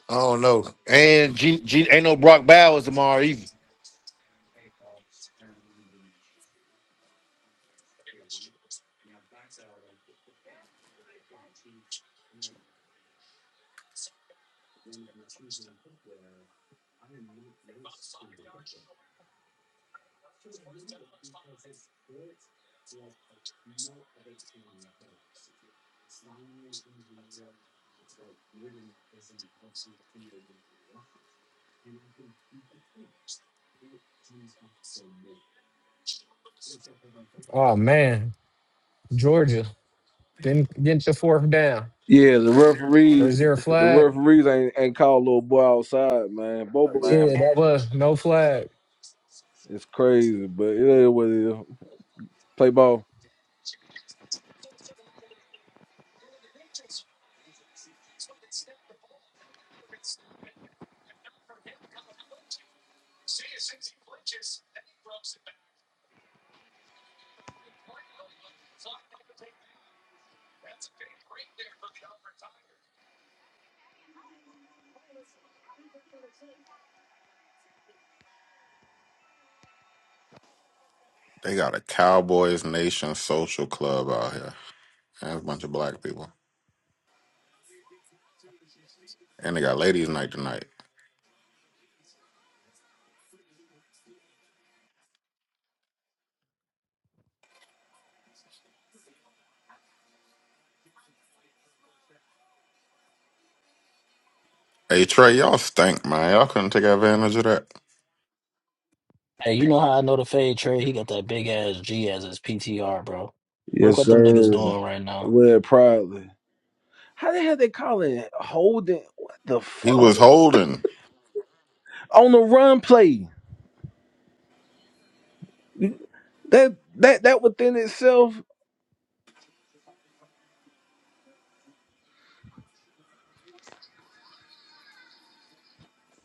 N: I don't know. And G, G, ain't no Brock Bowers tomorrow either.
E: Oh man, Georgia didn't get your fourth down,
C: Yeah, the
E: or is
C: referees,
E: there a
C: the
E: flag?
C: referees ain't ain't called little boy outside, man. Bobo
E: Yeah, that was no flag.
C: It's crazy, but it is what it is. Play ball.
K: they got a Cowboys Nation social club out here. And it's a bunch of black people, and they got ladies' night tonight. Hey Trey, y'all stink, man. Y'all couldn't take advantage of that.
P: Hey, you know how I know the fade trade? He got that big ass G as his PTR, bro. Look
C: Yes,
P: what them niggas
C: sir.
P: doing right now.
C: Wear it proudly. How the hell they calling it holding? What the
K: He
C: fuck
K: was holding
C: on the run play? That that that within itself.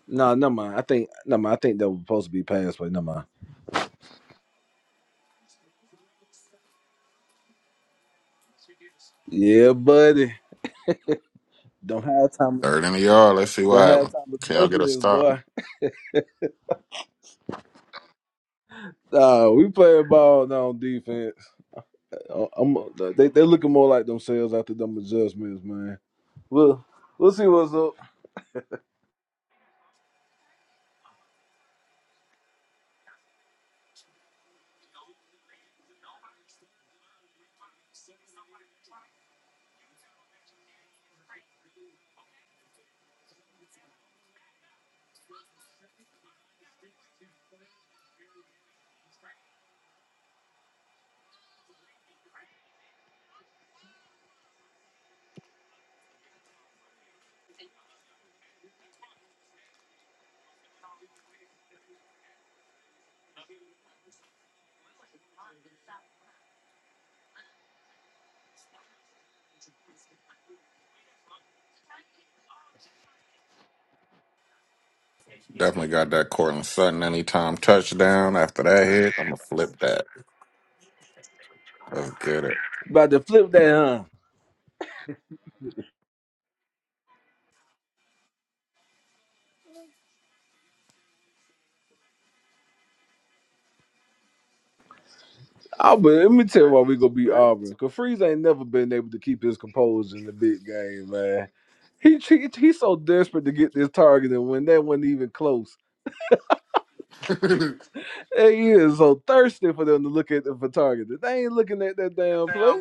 C: No, nah, never mind. I think no mind. I think that was supposed to be passed, but no mind. Yeah, buddy. Don't have time.
K: third in the yard. Let's see what
C: Don't have
K: happened.
C: time for
K: Can y'all get a
C: adjustments,
K: stop?
C: boy. Nah, we play ball now on defense. Uh, I'm, uh, they they looking more like themselves after them adjustments, man. Well, we'll see what's up.
K: Definitely got that Cortland Sutton anytime touchdown. After that hit, I'ma flip that. Let's get it.
C: About to flip that, huh? I but let me tell you why we gonna beat Auburn. Cause Freeze ain't never been able to keep his composure in the big game, man. He, he he's so desperate to get this target, and when that wasn't even close. Hey, he is so thirsty for them to look at the for target. They ain't looking at that damn play.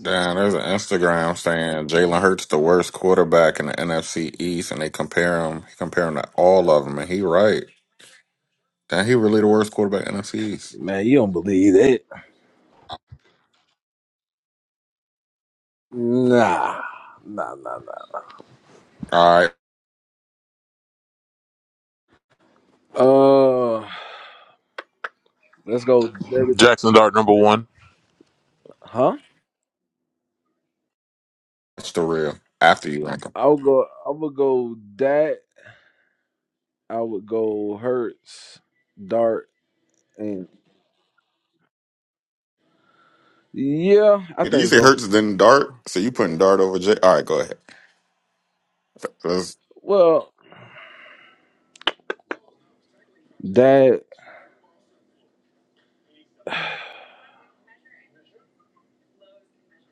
K: Damn, there's an Instagram saying Jalen Hurts the worst quarterback in the NFC East, and they compare him. He compare him to all of them, and he right. Damn, he really the worst quarterback in the NFC East.
C: Man, you don't believe that. Nah. Nah, nah, nah.
K: All right,
C: Uh let's go with David.
F: Jackson Dart, number one.
C: Huh?
K: that's the real. After you rank him,
C: I would go I would go that. I would go Hertz, Dart, and Yeah, I
K: Hey, did you
C: think
K: say
C: so.
K: Hurts then Dart? So you putting Dart over J? All right, go ahead. That's
C: Well, that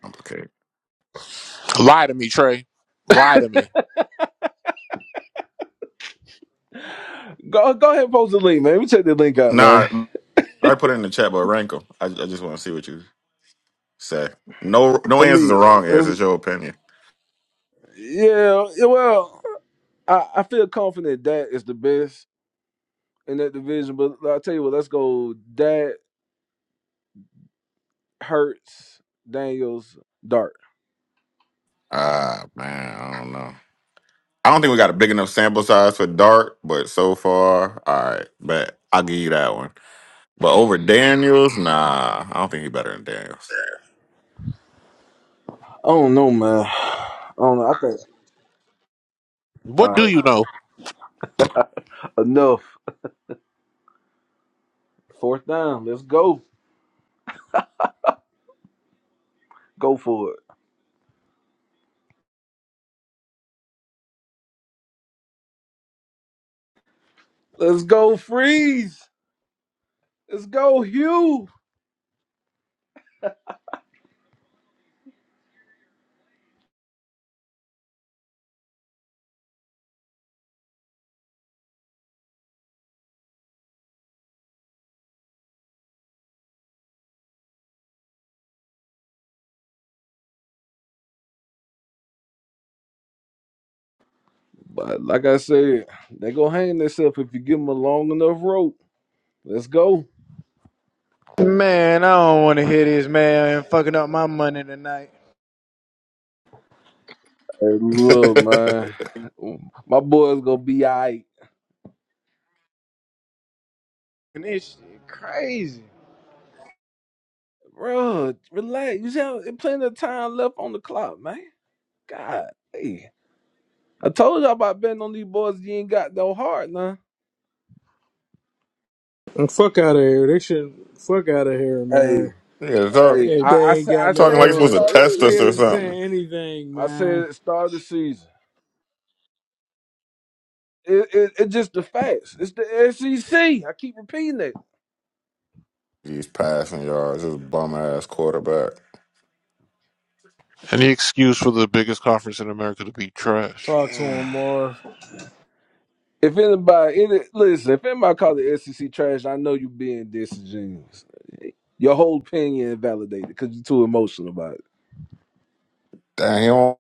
K: complicated.
F: Lie to me, Trey. Lie to me.
C: go go ahead and post the link, man. Let me check the link out,
K: Nah,
C: man.
K: I put it in the chat, but rank him. I, I just want to see what you say. No, no
C: Let
K: answers
C: me.
K: are wrong
C: uh, uh,
K: answers. It's Your opinion.
C: yeah, yeah, well, I, I feel confident that is the best in that division. But I'll tell you what, let's go. That hurts Daniels Dart.
K: Ah, man, I don't know. I don't think we got a big enough sample size for Dart, but so far, all right. But I'll give you that one. But over Daniels, nah, I don't think he better than Daniels.
C: I don't know, man. I don't know. I think all
F: What do
C: right,
F: you know?
C: enough. Fourth down. Let's go. Go for it. Let's go, freeze. Let's go, Hugh. But like I said, they go hang themselves if you give them a long enough rope. Let's go.
R: Man, I don't want to hear this man I'm fucking up my money tonight.
C: Hey, look, man, my boy's gonna be all right.
R: And this shit crazy.
C: Bro, relax. You have plenty of time left on the clock, man. God, hey. I told y'all about betting on these boys. You ain't got no heart, nah.
L: And fuck out of here. They should fuck out of here, man.
C: Hey,
K: yeah, talk,
C: hey.
L: Yeah,
C: I, I,
L: they ain't
C: sa- I
L: got no
K: talking like
C: said
K: he's
C: the
K: supposed
L: heart.
K: to
C: start of the
K: test
L: These
K: us
C: season.
K: or
L: niggas
K: something.
L: saying anything,
C: I
L: man.
C: said the start of the season. It, it, it's just the facts. It's the SEC. I keep repeating
K: He's passing yards. This bum ass quarterback.
F: Any excuse for the biggest conference in America to be trash?
L: Talk to
C: it.
L: him more.
C: If anybody, any, listen, if anybody call the SEC trash, I know you being disingenuous. Your whole opinion invalidated because you're too emotional about it.
K: Damn, he don't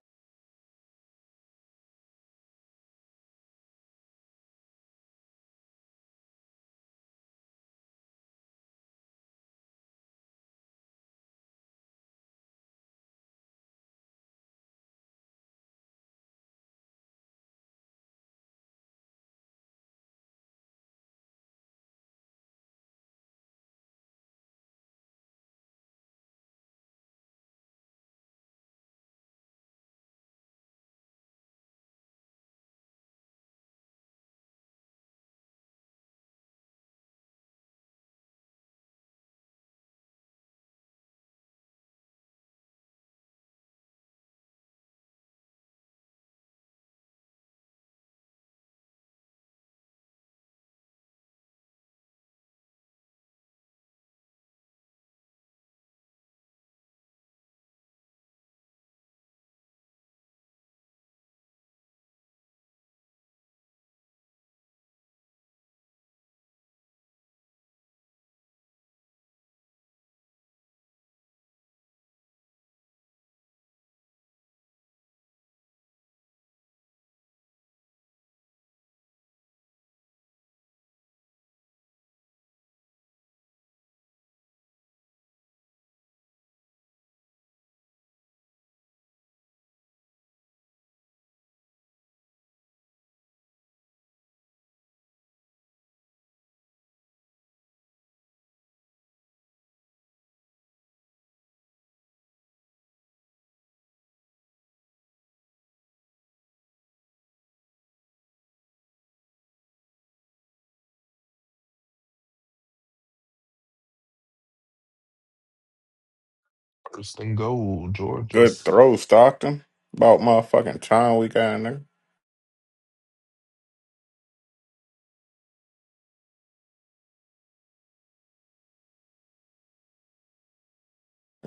G: First and goal, Georgia.
K: good throw, Stockton. About motherfucking time we got in there.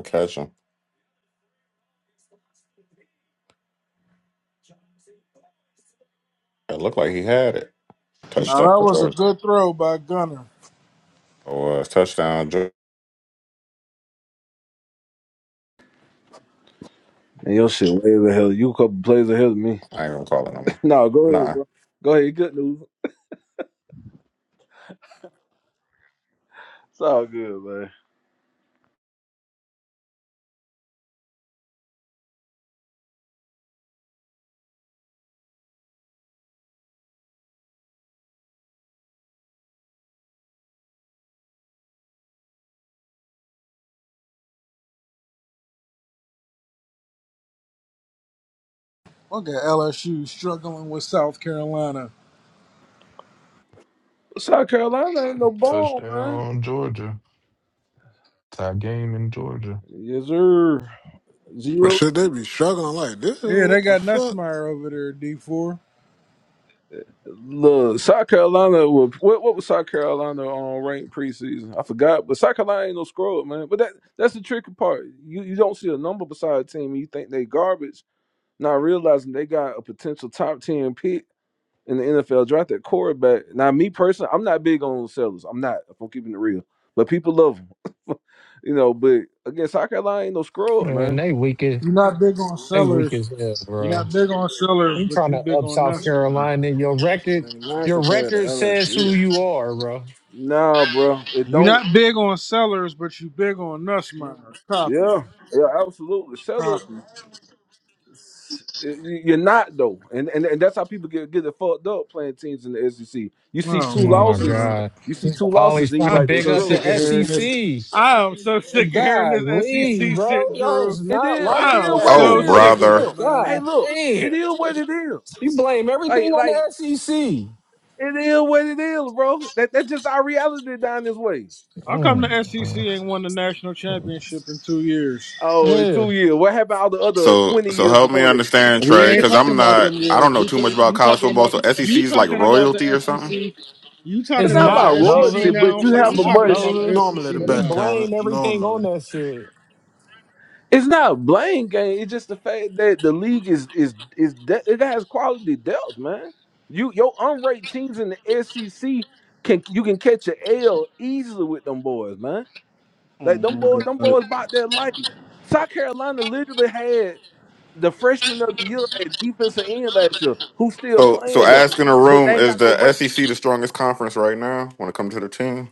K: Catch him. It looked like he had it.
L: Now
K: Touchdown,
L: that was a
K: George.
L: good throw by Gunner.
K: Oh, uh, touchdown, George.
C: And your shit way the hell. You a couple plays ahead of me.
K: I ain't gonna call it no more.
C: no, go ahead,
K: Nah.
C: bro. Go ahead. Good news. It's all good, man.
L: Look at LSU struggling with South Carolina.
C: South Carolina ain't no bone, man.
G: Touchdown, Georgia. Tie game in Georgia.
C: Yes, sir.
M: But
C: Zero.
M: should they be struggling like this?
L: Yeah, they
M: What the
L: got
M: fuck?
L: Nussmeyer over there, D four.
C: Look, South Carolina. wa- What what was South Carolina on ranked preseason? I forgot, but South Carolina ain't no scrub, man. But that that's the tricky part. You you don't see a number beside a team, and you think they garbage Not realizing they got a potential top ten pick in the NFL draft at quarterback. Now, me personally, I'm not big on sellers. I'm not. If I'm keeping it real, but people love them, you know. But again, South Carolina ain't no screw up,
E: Man,
C: man.
E: they weak as
L: You're not big on
E: they weak
L: sellers.
E: as hell,
L: You're
E: bro.
L: not big on sellers,
E: I'm
L: but
E: trying
L: you
E: to
L: big
E: up
L: on
E: South
L: Nussmeyer.
E: Carolina. Your
M: I
E: record,
M: mean, Mine
E: your
M: compared to
E: record says who
M: LSU.
E: you are, bro.
C: Nah, bro, it
L: You're
C: don't.
L: not big on sellers, but you big on Nussmeyer. Copy.
C: Yeah, yeah, absolutely. Sellers,
L: Copy.
C: s- y- you're not though, and and, and that's how people get get it fucked up playing teams in the SEC. You see
L: Oh
E: Oh
C: two
L: my
E: my
C: losses,
L: god.
E: God.
C: you see two losses,
E: Always
C: and you
E: trying
L: I'm
E: to
C: like they
E: big
L: so
E: up
L: sick
E: the
C: screwed.
L: of hearing this.
E: SEC.
L: I am so sick of hearing
E: God,
L: this
E: Lee,
L: SEC shit,
E: bro. Y'all is
L: Drew.
C: It
E: not
C: is.
K: Uh,
C: It
E: like
L: I am
C: is what
E: that.
C: it
K: Oh,
L: so
C: is.
L: sick of
K: brother.
L: it,
C: Look,
E: God
C: hey,
L: man.
C: look.
E: damn.
C: It is what it is.
E: You blame
C: Like,
E: everything on
C: like
E: the SEC.
C: it is what it is, bro. That that's just our reality down this way.
L: How come the SEC
E: Mm,
L: ain't won the national
E: mm.
L: championship in two years?
C: Oh, in
E: Yeah.
C: two years. What happened all the other
K: So
C: twenty
K: so
C: years
K: help me
C: before that?
K: understand,
L: We
K: Trey,
L: ain't
K: because I'm
L: talking about
K: not
L: them
K: I
L: years.
K: don't know
L: We
K: too much
L: ta-
K: about
L: you
K: college
L: talking
K: football.
L: about
K: So SEC
L: you
K: is like
L: talking about
K: royalty
L: the
K: or something.
L: SEC. You
C: It's
E: It's
L: talking
C: not
L: about
C: about
E: not,
L: the SEC
C: royalty,
E: Nova.
C: but
L: now.
C: you
L: So
E: It's
C: have
L: I'm
C: a
E: not,
L: talking
C: much.
L: about
E: Nova.
L: the
M: Normally
L: SEC
M: the
E: But he
M: best
L: now.
M: talent.
E: blame everything on
M: Normally.
E: that shit.
C: It's not blame game. It's just the fact that the league is is is de- it has quality depth, man. You your unranked teams in the SEC can you can catch an L easily with them boys, man.
L: Oh
C: Like
L: my
C: them boys, them
L: god.
C: boys bought their life. South Carolina literally had the freshman of the year at defensive end last year, who's still
K: So so
C: playing though,
K: asking a
C: but they
K: room
C: ain't
K: is
C: got no
K: the
C: ranks.
K: SEC the strongest conference right now when it comes to the team.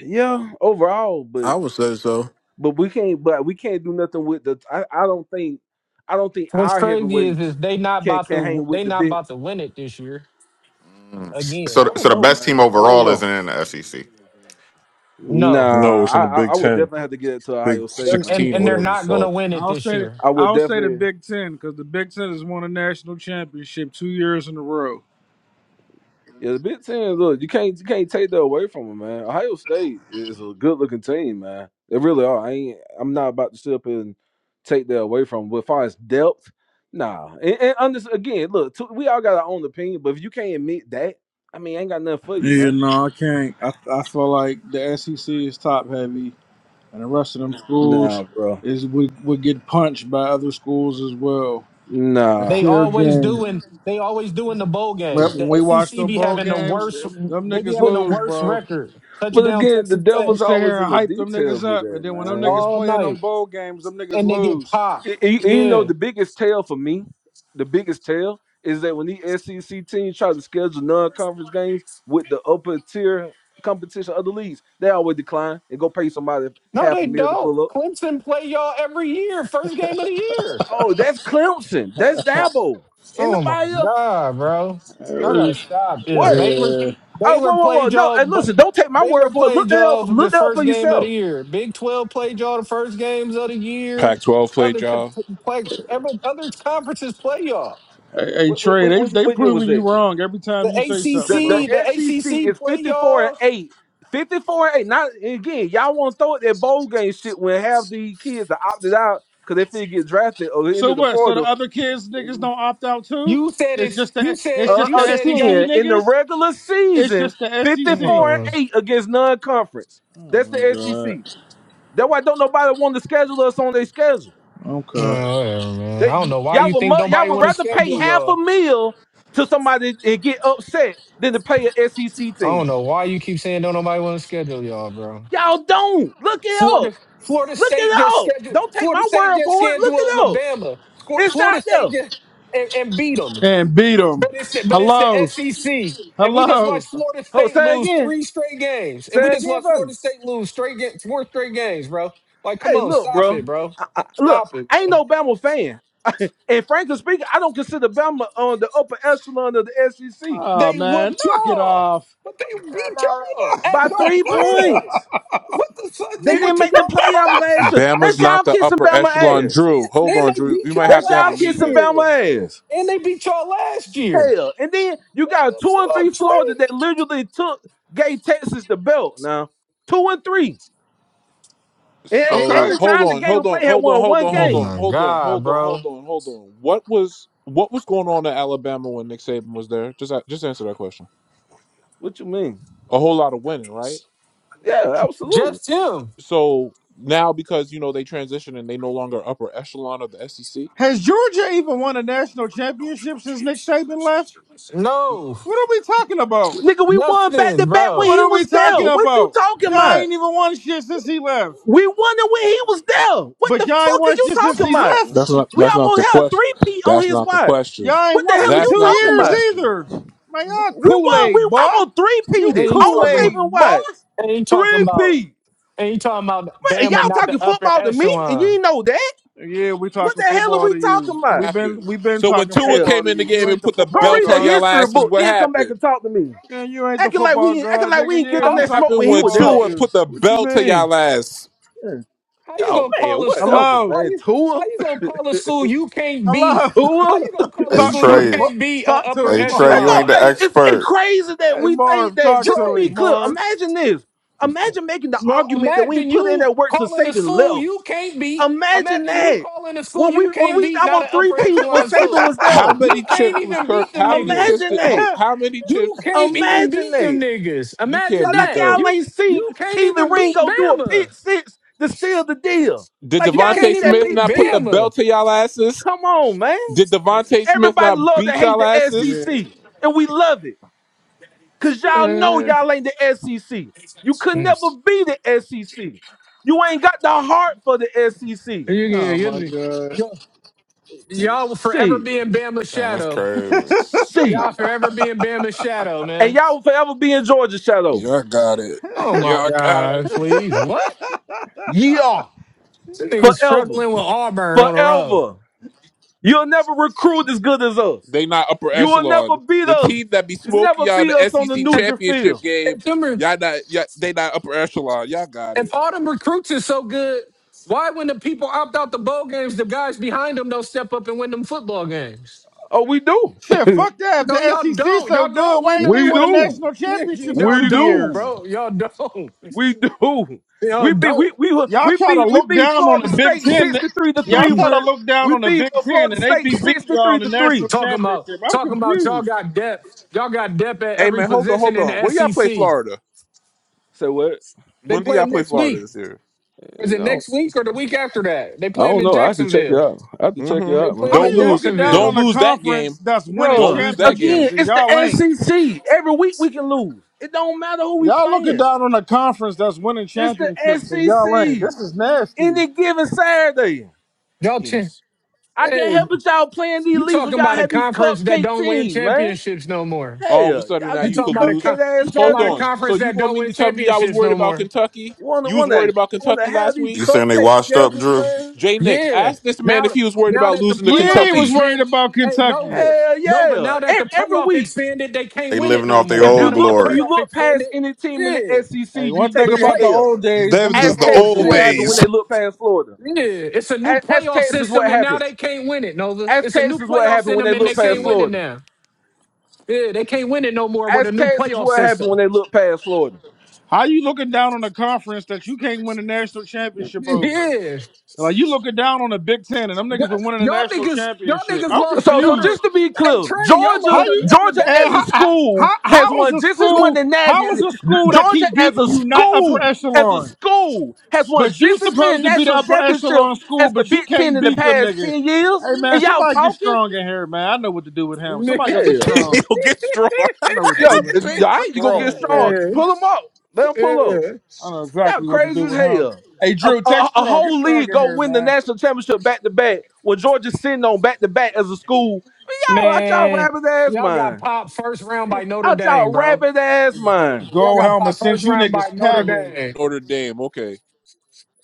C: Yeah, overall, but
M: I would say so.
C: but we can't, but we can't do nothing with the. I, I don't think, I don't think
E: What's
C: our
E: crazy is is
C: heavyweights
E: they not
C: can
E: about
C: can hang
E: to
C: with
E: they
C: the
E: not
C: big.
E: about to win it this year
K: Mm.
E: again.
K: So
C: I
K: th-
C: don't
K: so the
C: know,
K: best
C: man.
K: team
C: I don't
K: overall
C: know.
K: isn't in the SEC.
E: No,
F: No,
C: Nah,
F: it's
C: I
F: in the
C: I,
F: Big
C: I would
F: Ten,
C: definitely have to get it to
F: Big
C: Ohio State,
E: and
C: man.
E: and,
F: 16, or
E: and they're
F: whatever the
E: not gonna
F: fuck.
E: win it
L: I'll
E: this
L: say
E: year.
C: I would
L: I'll say the
C: definitely.
L: Big Ten because the Big Ten has won a national championship two years in a row.
C: Yeah, the Big Ten, look, you can't you can't take that away from them, man. Ohio State is a good looking team, man. They really are. I ain't I'm not about to sit up and take that away from them. But as far as depth, nah. And, and under, again, look, t- we all got our own opinion, but if you can't admit that, I mean, ain't got nothing for you,
L: Yeah,
C: man.
L: no, I can't. I, I feel like the SEC is top heavy, and the rest of them schools
C: Nah, bro.
L: is would, would get punched by other schools as well. It's
E: They
C: Nah.
L: fair
E: always
L: game.
E: doing they always doing the bowl
L: When
E: games. The
L: when we watch
E: SEC
L: them
E: be
L: bowl
E: having the
L: games,
E: worst.
L: them
E: They be
L: niggas
E: having
C: But
E: the
L: lose,
E: worst
L: bro.
E: record.
C: but
E: Touchdown
C: again, the
E: Texas Tech
L: You
C: devil's
L: sit
C: always
L: here and
C: in the
L: hype them
C: details
L: niggas
C: with
L: up,
C: that,
L: and then when them
C: man.
L: niggas
E: all
L: playing them
E: night,
L: bowl games, them niggas
E: and they get
L: lose.
C: Y-
E: popped.
C: you know
E: Yeah,
C: the biggest tell for me, the biggest tell is that when these SEC teams try to schedule non-conference games with the upper tier competition of the leagues, they always decline and go pay somebody
E: no,
C: half a
E: they
C: meal to
E: don't.
C: pull up.
E: Clemson play y'all every year, first game of the year.
C: Oh, that's Clemson. That's Dabo. In the
E: Oh my
C: bio,
E: god, bro! I gotta
L: Hey,
E: stop this.
C: what?
E: Baylor,
L: hey,
C: Oh,
E: Baylor
C: whoa, whoa, whoa!
E: played
C: No,
E: y'all,
C: and
E: but
C: listen, don't take my word
E: Baylor
C: for it. Look
E: played
C: that up.
E: y'all for the
C: Look that up for
E: first game of the
C: yourself.
E: year. Big Twelve played y'all the first games of the year.
F: Pac 12 played
E: Other co-
F: y'all.
E: play, every, other conferences play y'all.
L: hey, hey,
C: What, what,
L: Trey,
C: what,
L: they
C: what,
L: they
C: what year was
L: proving
C: that?
L: you wrong every
E: The
L: time you say something,
C: The the
L: bro.
E: ACC, the
C: SEC
E: ACC
C: is
E: play
C: 54 and
E: y'all.
C: 8. 54 and 8. Not again, y'all want to throw at that bowl game shit when half the kids are opted out because they feel get drafted or into
L: So
C: the
L: what? So the
C: portal.
L: other kids niggas don't opt out too?
E: You said
L: It's
E: it's.
L: just
E: You
L: the it's
E: said
C: Uh,
L: just
E: you
L: the
E: said it
L: SEC
E: got.
C: again, in the
L: niggas.
C: regular
L: It's
C: season,
L: just the SEC.
C: 54 and
E: Uh, uh,
C: 8 against non conference.
L: Oh
C: That's
L: my
C: the SEC.
L: god.
C: That's why don't nobody want to schedule us on their schedule.
L: Okay.
E: whatever, man. I don't
C: They,
E: know why
C: y'all
E: you
C: would
E: think
C: mu- y'all
E: nobody
C: would
E: want to
C: rather pay
E: schedule
C: half a
E: y'all.
C: meal to somebody and get upset than to pay an SEC
E: I don't
C: team.
E: know why you keep saying don't nobody want to schedule y'all, bro.
C: Y'all don't look it up.
E: Florida Florida
C: Look
E: State
C: it
E: just
C: up.
E: scheduled
C: Don't take
E: Florida
C: my
E: State
C: word
E: just
C: for it. Look
E: scheduled
C: it up.
E: Alabama. Sco-
C: It's out
E: Florida State just
C: there.
E: and, and beat them.
L: And beat them.
E: But it's the, but it's
L: Hello.
E: the SEC, and we just
L: Hello.
E: watched
C: Uh,
E: Florida
C: Oh,
E: State
C: say
E: lose
C: again.
E: three straight games, and we
C: Say
E: just
C: again
E: watched
C: for me.
E: Florida State lose straight ga- four straight games, bro. Like, come
C: Hey,
E: on,
C: look,
E: stop
C: bro.
E: it, bro.
C: I, I, look,
E: Stop it,
C: I ain't
E: man.
C: no Bama fan. and frankly speaking, I don't consider Bama on the upper echelon of the SEC
L: Oh
E: They
L: man,
E: whooped
L: knock it
E: y'all,
L: off.
E: but they beat y'all at
C: by
E: y'all
C: three
E: crib.
C: points.
E: What the fuck? They
C: They
E: went
C: didn't
E: to
C: make the
E: y'all
C: playoffs
E: house.
C: last year. That's
F: Bama's
C: y'all
F: not the
C: kissing
F: upper
C: Bama
E: And,
F: echelon.
C: ass.
F: Drew,
E: and,
F: hold
E: and
F: on,
E: they
F: Drew. We
E: beat
F: might
E: y'all
F: have
C: That's
F: to have
C: y'all
F: a
E: last
C: kissing
F: meeting.
E: year.
C: Bama ass.
E: And they beat y'all last year.
C: Hell, and then you
E: What
C: got
E: the
C: two and three
E: fuck,
C: Florida that
E: Trey?
C: literally took gave Texas the belt. Now two and three. A- At
F: So
C: the
L: Okay.
F: hold
C: time, the
F: on,
C: game
F: hold
C: we played
F: on,
C: had
F: hold on,
C: won
F: hold
C: one
F: on,
E: Oh
F: hold
C: game.
F: on,
E: my
F: hold on,
E: God,
F: hold on,
E: bro.
F: hold on, hold on. What was what was going on in Alabama when Nick Saban was there? Just just answer that question.
C: What you mean?
F: A whole lot of winning, right?
C: Yeah, absolutely.
E: Just him.
F: So now because you know they transition and they no longer upper echelon of the SEC.
L: Has Georgia even won a national championship since Nick Saban left?
E: No,
L: What are we talking about?
C: Nigga, we won back
E: nothing,
C: to back when
E: bro.
L: What
C: he
L: are we
C: was there.
L: talking
C: What you
L: about?
C: talking
L: Y'all
C: about?
L: ain't even won shit since he left.
C: We won it when he was there. What
L: But
C: the
L: y'all ain't
C: fuck are
L: won
C: you
L: shit since
C: talking
L: he
C: about?
L: left.
F: That's not
C: We
F: that's not the
C: almost had a
F: question.
C: three P on
F: That's
C: his
F: not the
C: watch.
F: question.
L: Y'all ain't
C: What the
L: won
C: hell
L: it
C: are
L: in
C: you
F: That's
L: two
F: not the
C: talking
L: years
C: about?
F: question.
L: either. Man,
C: W-
L: y'all
C: We won.
L: Kool-Aid,
C: We
L: boy.
C: almost three
L: You
C: peated
E: Ain't
C: on
E: talking. about-
L: Kool-Aid,
C: Saban
L: boy.
C: watch.
E: Ain't talking
C: Three
E: about.
C: P.
E: Ain't talking about Bama,
C: Y'all
E: not
C: talking
E: the upper
C: football to me, and you
E: echelon.
C: ain't know that.
L: Yeah, we
C: What
L: talking
C: the hell are
L: football
C: we
L: to
C: talking
L: you.
C: about?
L: We've been
F: Happened.
L: we've been
F: So when
L: talking
F: Tua
C: Hell,
L: football
F: came
L: to
F: in the
L: you.
F: game
L: You
F: and
L: ain't the
F: put the
C: go
L: football
F: belt
C: read a
F: on
L: god.
F: y'all
C: history
F: asses,
C: book,
F: what
C: then come back and
F: happened?
C: talk to me.
L: Man, you ain't the
C: acting like
L: football
C: we acting
L: god,
C: like we
L: nigga.
C: didn't give
L: Yeah,
C: them
L: we
C: that
E: How?
L: talking
C: smoke
F: Happened
C: when he
F: when
C: was
L: football to
C: there.
F: Tua
E: They,
L: you.
F: put the
L: What you
F: belt to
L: mean?
F: y'all ass.
C: Yeah.
E: How you
C: Oh
E: gonna
C: man,
E: call a school?
C: whatever,
L: Hello.
E: How
C: man.
E: you how
C: Tua,
E: you gonna call a school you can't beat?
L: Hello.
E: How
C: Tua.
E: you gonna call a
K: Hey
L: Talk
E: school
L: to
E: you
L: him.
K: Trey,
L: Mar-
E: can't beat an
L: Talk to
E: upper
K: hey
L: him, Marv.
C: I
K: Trey, you
C: know
K: ain't
E: echelon?
K: the
C: I- it's it's
K: expert.
C: crazy that
L: Hey,
C: we think
L: Marv,
C: that.
L: talk
C: Just to
L: to
C: be
L: him,
E: Trey,
C: clear,
L: Marv.
C: imagine this. Imagine making the
E: no.
C: argument that we ain't
E: Imagine
C: put in
E: you
C: that work to
E: calling a
C: Saban
E: school
C: left.
E: you can't beat.
C: Imagine
E: Imagine you
C: that
E: calling a school
C: when we
E: you
C: when
E: can't
C: we
E: beat, not an
C: almost three
E: upper
C: P when
E: echelon
C: Saban
E: school.
C: was
F: How
C: there.
E: You
F: many
E: can't
F: chips was
E: even
F: Kirk?
E: beat them
F: How many chips
E: niggas.
C: Imagine
F: did?
C: that.
F: How many
E: You
F: chips?
E: can't even
C: Imagine
E: beat
C: that.
E: them niggas.
F: You can't
E: Imagine
C: Like
F: beat
C: like
E: that.
F: them.
C: y'all
E: You
C: ain't see
E: you can't
C: Keely
E: even beat
C: Ringo do a
E: Bama.
C: pick six to seal the deal.
F: Did
C: Like
E: You
C: y'all ain't
E: can't
C: see
F: Devonte
E: even
C: that
F: Smith
C: pick
E: beat
F: not put
C: six.
F: the
E: Bama.
F: belt to y'all asses?
C: Come on, man.
F: Did Devonte Smith
C: Everybody
F: not
C: love to
F: beat
C: hate
F: y'all
C: the
F: asses?
L: Yeah.
C: SEC, and we love it because y'all know y'all ain't the SEC. You could never
E: Mm.
C: be the SEC. You ain't got the heart for the SEC.
E: You, you,
L: Oh my
E: you,
L: God.
E: you- y'all will forever
C: Shit,
E: be in Bama's
K: Damn, that's
E: shadow.
K: crazy.
C: shit,
E: Y'all forever be in Bama's shadow,
C: and
E: man.
C: y'all will forever be in Georgia shadow.
F: Yeah, I got it.
E: Oh
F: Yeah,
E: my
F: I got it.
E: God, please. What?
C: Yeah,
E: This nigga's
C: forever,
E: struggling with Auburn on the road.
C: forever. You'll never recruit as good as us.
F: They not upper
C: You will never
F: echelon.
C: beat
F: The
C: us.
F: team that be
C: You
F: smoking
C: never
F: y'all in
C: beat
F: the
C: us on the
F: SEC
E: If,
C: neutral
F: championship
C: field.
E: if,
F: game,
E: them, re-
F: y'all not. you they not upper echelon. Y'all got it.
E: if all them recruits is so good, why when the people opt out the bowl games, the guys behind them don't step up and win them football games?
C: Oh, we do.
L: Shit, fuck that.
E: No,
L: If
E: y'all
L: the SEC
E: don't.
L: so
E: Y'all
L: good,
E: don't
L: why
E: win
L: ain't they
E: them.
C: We
L: won a
C: do.
L: national championship in
E: y'all
C: We
L: two
E: don't,
L: years?
C: do.
E: bro. Y'all don't.
C: We do.
E: You know,
C: We beat
E: don't
C: we we
L: Y'all
C: we
L: try to
C: beat we
L: look
C: beat
L: down on
C: Florida
L: the Big
C: State
L: Ten.
C: sixty three to
L: Y'all
C: three
L: try to
C: with
L: look
C: we
L: down on the
C: beat
L: Big
C: uh,
L: Ten,
C: Florida
L: and they
C: State
L: be beating
C: sixty
L: y'all
C: three
L: in the
C: to
L: national
C: three.
E: talking about
L: championship. I'm
E: talking about y'all
L: confused.
E: got depth. Y'all got depth at
F: Hey
E: every
F: man, hold on,
E: position
F: hold
E: in
F: on.
E: the
F: Where y'all play
E: SEC.
F: Florida?
C: So what?
E: They
F: When do
E: play
F: y'all
E: them
F: play
E: next
F: Florida
E: week.
F: this year?
E: Is it
C: No,
E: next week or the week after that? They
C: I
E: play them
C: don't
E: in
C: know. I have to check it
E: Jacksonville.
C: out. I have to check it
F: hmm
E: They
C: out,
E: play
L: How
C: man.
E: them
F: Don't
E: in
L: you
F: lose.
L: looking down
F: Don't
L: on
E: Jacksonville.
L: a
F: lose that
L: conference
F: game.
L: that's winning
F: Don't
C: Bruh,
F: lose that game.
C: again,
L: championships and
C: it's the
L: y'all ain't?
C: SEC. Every week we can lose. It don't matter who we
L: Y'all looking
C: playing.
L: down on a conference that's winning
C: It's the
L: championships and y'all ain't.
C: SEC.
L: This is nasty.
C: Any given Saturday.
E: Y'all, ch-
F: Teams.
C: I can't
E: hey,
C: help it y'all playing these
E: you
C: leagues when
E: talking
C: y'all
E: about a
C: have these
E: conference that
C: cupcake
E: don't win
C: teams, man.
E: championships no more?
C: Hell,
F: All of a sudden
C: y'all
F: now
C: got
E: You
F: you
C: these
E: talking
F: could
E: about a
F: lose.
C: cupcake
E: con-
C: ass
E: you talking
F: Hold
E: about a
C: schedules.
F: on. So
E: conference
F: you
E: that
F: gonna
E: don't
F: mean
E: win
F: to tell me y'all was
E: championships
F: worried
E: no
F: about
E: more?
F: Kentucky?
C: Wanna
F: You was worried
C: wanna
F: about
C: wanna
F: Kentucky
C: have
F: last
C: these
K: You
F: week?
K: saying they
C: cupcake
K: washed up,
C: schedules,
K: Drew?
C: man?
F: Jay Nix,
E: Yeah.
F: ask this man
E: Now
F: if he was worried
E: now
F: about
E: that the
F: losing to
L: Yeah, he
E: playoff
L: was
F: Kentucky.
L: worried
E: expand
L: about
E: hey
L: Kentucky.
E: Nova.
C: Hell
E: Nova,
C: yeah!
E: now that the
C: Every, every
E: playoff
C: week,
E: expanded, they can't
K: They
E: win it
K: living
E: no
K: off their
E: more.
C: if
E: Now
K: old
C: you
E: that the
C: look if
K: glory.
C: you
E: playoff
C: look
E: expanded,
C: past any team in the
E: yeah.
C: SEC,
L: Hey,
C: you
L: one thing
C: taking
E: But
C: that
L: about the
E: play
C: L.
L: old days, them
F: Them's
L: is
F: is
L: the
C: Ask
F: the
L: old
C: Texas
F: old
C: what
L: days.
E: yeah.
C: happened when
F: days.
C: they looked past Florida.
E: Yeah. It's a new
C: Ask, ask
E: playoff
C: Texas what
E: system and now
C: happened.
E: they can't win it, Nova.
C: Ask
E: It's a new
C: Texas what
E: playoff
C: happened when
E: system
C: they
K: I
E: and they
C: looked past
E: can't
K: see.
E: win it
C: Florida.
E: now. Yeah, they can't win it no more with a
C: Ask
E: new
C: Texas
E: playoff
C: what happened when
E: system.
C: they looked past Florida.
L: How you looking down on a conference that you can't win a national championship over?
E: Yeah.
L: Like you looking down on the Big Ten and them niggas
E: Y-
L: been winning the
E: Y'all
L: national
E: niggas, y'all
L: championship.
E: niggas
L: I'm
E: lost to
C: So, so
L: confused.
E: Notre
C: just to be
E: Hey
C: clear,
E: Train, y'all lost
L: How
C: Georgia,
E: to
L: you
E: Notre
C: Georgia as
L: and how
C: a
L: how,
C: school
L: how
C: has
L: how is
C: won
L: a
C: just as much
L: school
C: than that.
L: how is a school that
C: Georgia
L: keep
C: as
L: beating
C: a
L: you not upper
C: school, as a
L: echelon?
C: school, has won
L: But you
C: just as many
L: supposed to be the
C: national
L: upper
C: championships
L: echelon school,
C: as the
L: but you
C: Big Ten
L: can't
C: in the
L: beat them
C: past
L: niggas.
C: ten years.
L: Hey
C: And
L: man,
C: y'all
L: somebody get
C: talking?
L: strong in here, man. I know what to do with
E: Dame.
L: him. Somebody go get
C: Hell,
L: strong.
F: Yo, get strong.
L: I know what to
C: yo,
L: do with
C: g-
L: him.
F: Big
C: all right,
L: Look
C: you
L: at
C: gonna get
F: strong.
L: Strong, bro.
C: strong?
E: Yeah,
C: Pull them up. Let them pull up.
E: yeah.
L: I know
C: Y'all
L: exactly what to
C: crazy
L: do
C: as
L: with him.
C: hell.
L: Hey,
C: A,
L: Drew,
C: a,
L: text
C: a
L: Strong. Get
C: whole league
L: Strong in
C: go
L: here,
C: win the
L: man.
C: national championship back to back when Georgia's sitting on back to back as a school. Yo, I y'all
E: Man,
C: rabbit ass
E: y'all
C: mind.
E: got popped first round by Notre
C: out
E: Dame,
C: y'all
E: bro.
C: rabid ass mind.
E: Y'all
L: Gold
E: got
L: helmet
E: popped
L: sent
E: first
L: you
E: round by
L: niggas
E: Notre
L: packing.
E: Dame.
F: Notre Dame, okay.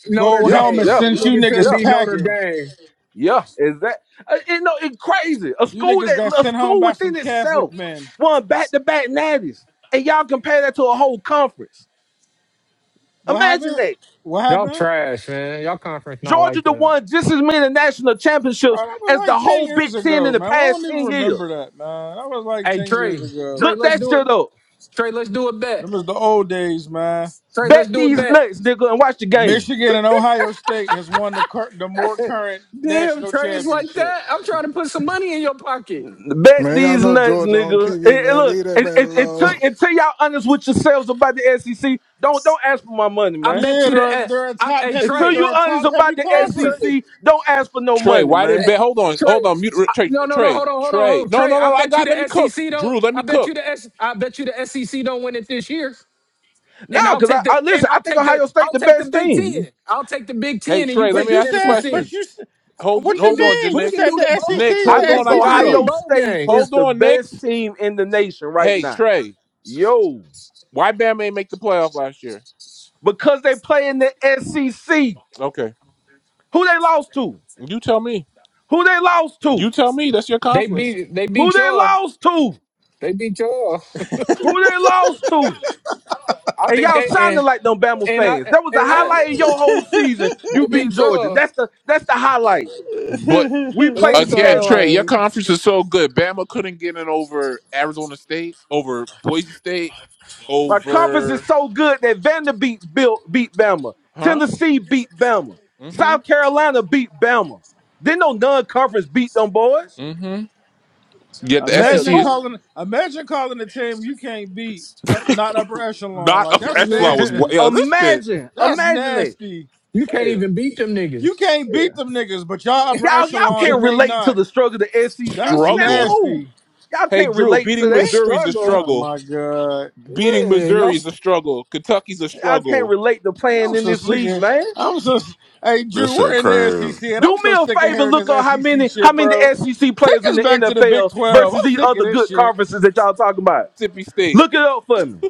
E: Notre
L: Gold
C: Yeah,
L: helmet
E: Dame.
C: yeah,
L: sent you
E: Niggas couldn't
C: yeah,
L: niggas
E: beat Notre
L: packing.
E: Dame.
C: yeah. Is that uh, you know it's crazy? A
L: You
C: school
L: niggas got
C: that a
L: sent home
C: school
L: by some
C: within
L: Catholic
C: itself
L: men.
C: won back to back natties, and y'all compare that to a whole conference.
L: What
C: Imagine
L: happened?
C: that.
L: What
E: Y'all
L: happened?
E: trash, man. Y'all conference not
C: Georgia
E: like
C: the
E: that.
C: won just as many national championships
L: Bro, that
C: as
L: was
C: the
L: like 10
C: whole Big
L: years
C: Ten in
L: ago,
C: the
L: man. I
C: past
L: don't even
C: ten years.
L: remember that, man. That was like
E: Hey,
L: 10 years
E: Trey.
L: ago.
E: Trey,
C: Look
E: let's
C: that
E: do
C: shit
E: it.
C: up.
E: Trey, let's do a
L: Them
E: bet.
L: was the old days, man.
E: Trey, let's
C: Bet
E: do a
C: these
E: bet.
C: nuts, nigga, and watch the game.
L: Michigan and Ohio State has won the, cur- the more current
E: Damn,
L: national
E: Trey, it's like
L: championship.
E: that. I'm trying to put some money in your pocket.
C: Bet
M: Man, y'all
C: these
M: know
C: nuts,
M: Georgia on
C: nigga. And,
M: TV,
C: and
M: man.
C: look,
M: Leave that
C: and-
M: man
C: and- until
M: alone.
C: until y'all honest with yourselves about the SEC, don't don't ask for my money,
E: I
C: man.
E: bet
L: Yeah,
E: you
L: they're
E: the.
L: a-
E: eh,
L: they're a
E: I,
L: top
E: hey,
L: heavy
C: Until
E: Trey.
C: you
L: they're a
C: honest
L: top
C: about
L: heavy
C: the
E: Hey, Trey.
L: conference.
C: SEC, don't ask for no
F: Trey,
C: money,
F: why didn't
C: man.
F: bet? Hold on, hold
E: Trey,
F: on. Mute
E: I-
F: Trey.
E: no, no, no,
F: Trey.
E: hold on, hold on, hold
F: Trey.
E: on.
F: No,
E: Trey,
F: no,
E: I
F: no. I
E: bet you
F: got. Let
E: the
F: me cook.
E: SEC
F: Drew,
E: don't.
F: let
E: I
F: me
E: bet you
F: cook.
E: the S. I bet you the SEC don't win it this year.
C: No,
E: And I'll
C: because
E: take
C: I,
E: the
C: I listen.
E: and
C: I
E: I'll
C: think
E: take the
C: Ohio State
E: I'll
C: the
E: take the
C: best
E: Big
C: team.
E: Ten. I'll take the Big
F: Hey
E: Ten, and you
F: Trey, let
L: But
E: take
F: me
L: you
F: ask
E: the
F: you a
L: said
E: SEC.
L: but
F: question.
L: you s-
F: Hold
E: We
L: what you
E: can
F: hold
E: do
F: on, J
L: mean?
E: we
L: You
E: can
F: Nix.
L: said
E: do
L: the
E: the bowl.
L: SEC
F: Nix,
L: is
E: We
C: I
L: the
F: hold
E: can
F: on,
C: think
F: I
E: we can
F: got
E: do the
C: Ohio
F: him.
L: SEC.
E: bowl
C: State is
F: Hold
E: games.
C: the
F: on,
C: best
F: Nix.
C: team in the nation right
F: Hey
C: now.
F: Trey,
C: Yo,
F: why Bama ain't make the playoff last year?
C: because they play in the SEC.
F: Okay,
C: Who they lost to?
F: you tell me.
C: Who they lost to?
F: You tell me. That's your
E: They
F: conference.
E: beat they
C: Who
E: beat
C: they
E: y'all.
C: lost to?
E: They beat y'all.
C: Who they lost to?
E: I
C: And
E: think
C: y'all
E: they
C: sounding
E: and
C: like them Bama
E: and
C: fans.
E: I
C: That was the
E: and I
C: highlight of your whole season. You
E: they
C: beat
E: beat
C: Georgia.
E: y'all.
C: That's the that's the highlight.
F: But
C: We
E: And
C: played
E: they
C: the
F: again, Trey,
C: schedule.
F: your
E: thought
F: conference is so good. Bama couldn't get in over Arizona State, over Boise State,
C: My conference is
F: over
C: so good that Vanderbilt built, beat Bama.
F: huh?
C: Tennessee beat Bama.
F: Mm-hmm.
C: South Carolina beat Bama. Then no non-conference beat them boys.
F: Mm-hmm. Yet the
C: Hell,
F: SEC
L: Imagine
F: is
C: go
L: calling imagine calling a team you can't beat uh, not upper echelon
F: not
L: like
E: like
F: upper
L: that's
F: echelon was wa-
L: nasty.
F: yo. This shit
C: imagine,
L: That's
C: imagine that.
L: nasty.
E: you can't
C: Hell,
E: even beat them
L: You
E: niggas.
L: can't beat
C: yeah.
L: them niggas, but y'all upper
C: Y'all, y'all
L: echelon
C: can't
L: and they
C: relate to
L: not.
C: the struggle of the SEC,
L: That's
C: and that's
F: struggle.
C: cool.
L: nasty.
C: Y'all
F: Hey
C: can't
F: Drew,
C: relate to
F: beating
C: that.
F: Missouri's a
E: Struggle.
L: Oh
F: struggle.
L: my god.
F: Beating
E: Yeah, y'all.
F: Missouri's
E: s-
F: a struggle. Kentucky's a
C: Y'all can't
F: struggle.
C: relate to playing
L: I'm
C: in
L: so
C: this
L: sick
C: league,
L: of.
C: man.
L: I'm so. Hey
K: This
L: Drew,
K: shit
L: we're in the
K: crazy.
L: SEC, and I'm
C: Do me
L: so
C: a
L: sick of
C: favor,
L: hearing
C: look up
L: this
C: how
L: SEC
C: many how
L: shit,
C: many
L: bro.
C: SEC
L: Take
C: players in
L: us
C: the
L: back to the Big
C: NFL
L: Twelve.
C: versus
L: I'm
C: these
L: sick of
C: other
L: this
C: good
L: shit.
C: conferences that y'all talking about.
F: Mississippi State,
C: Look it up for me.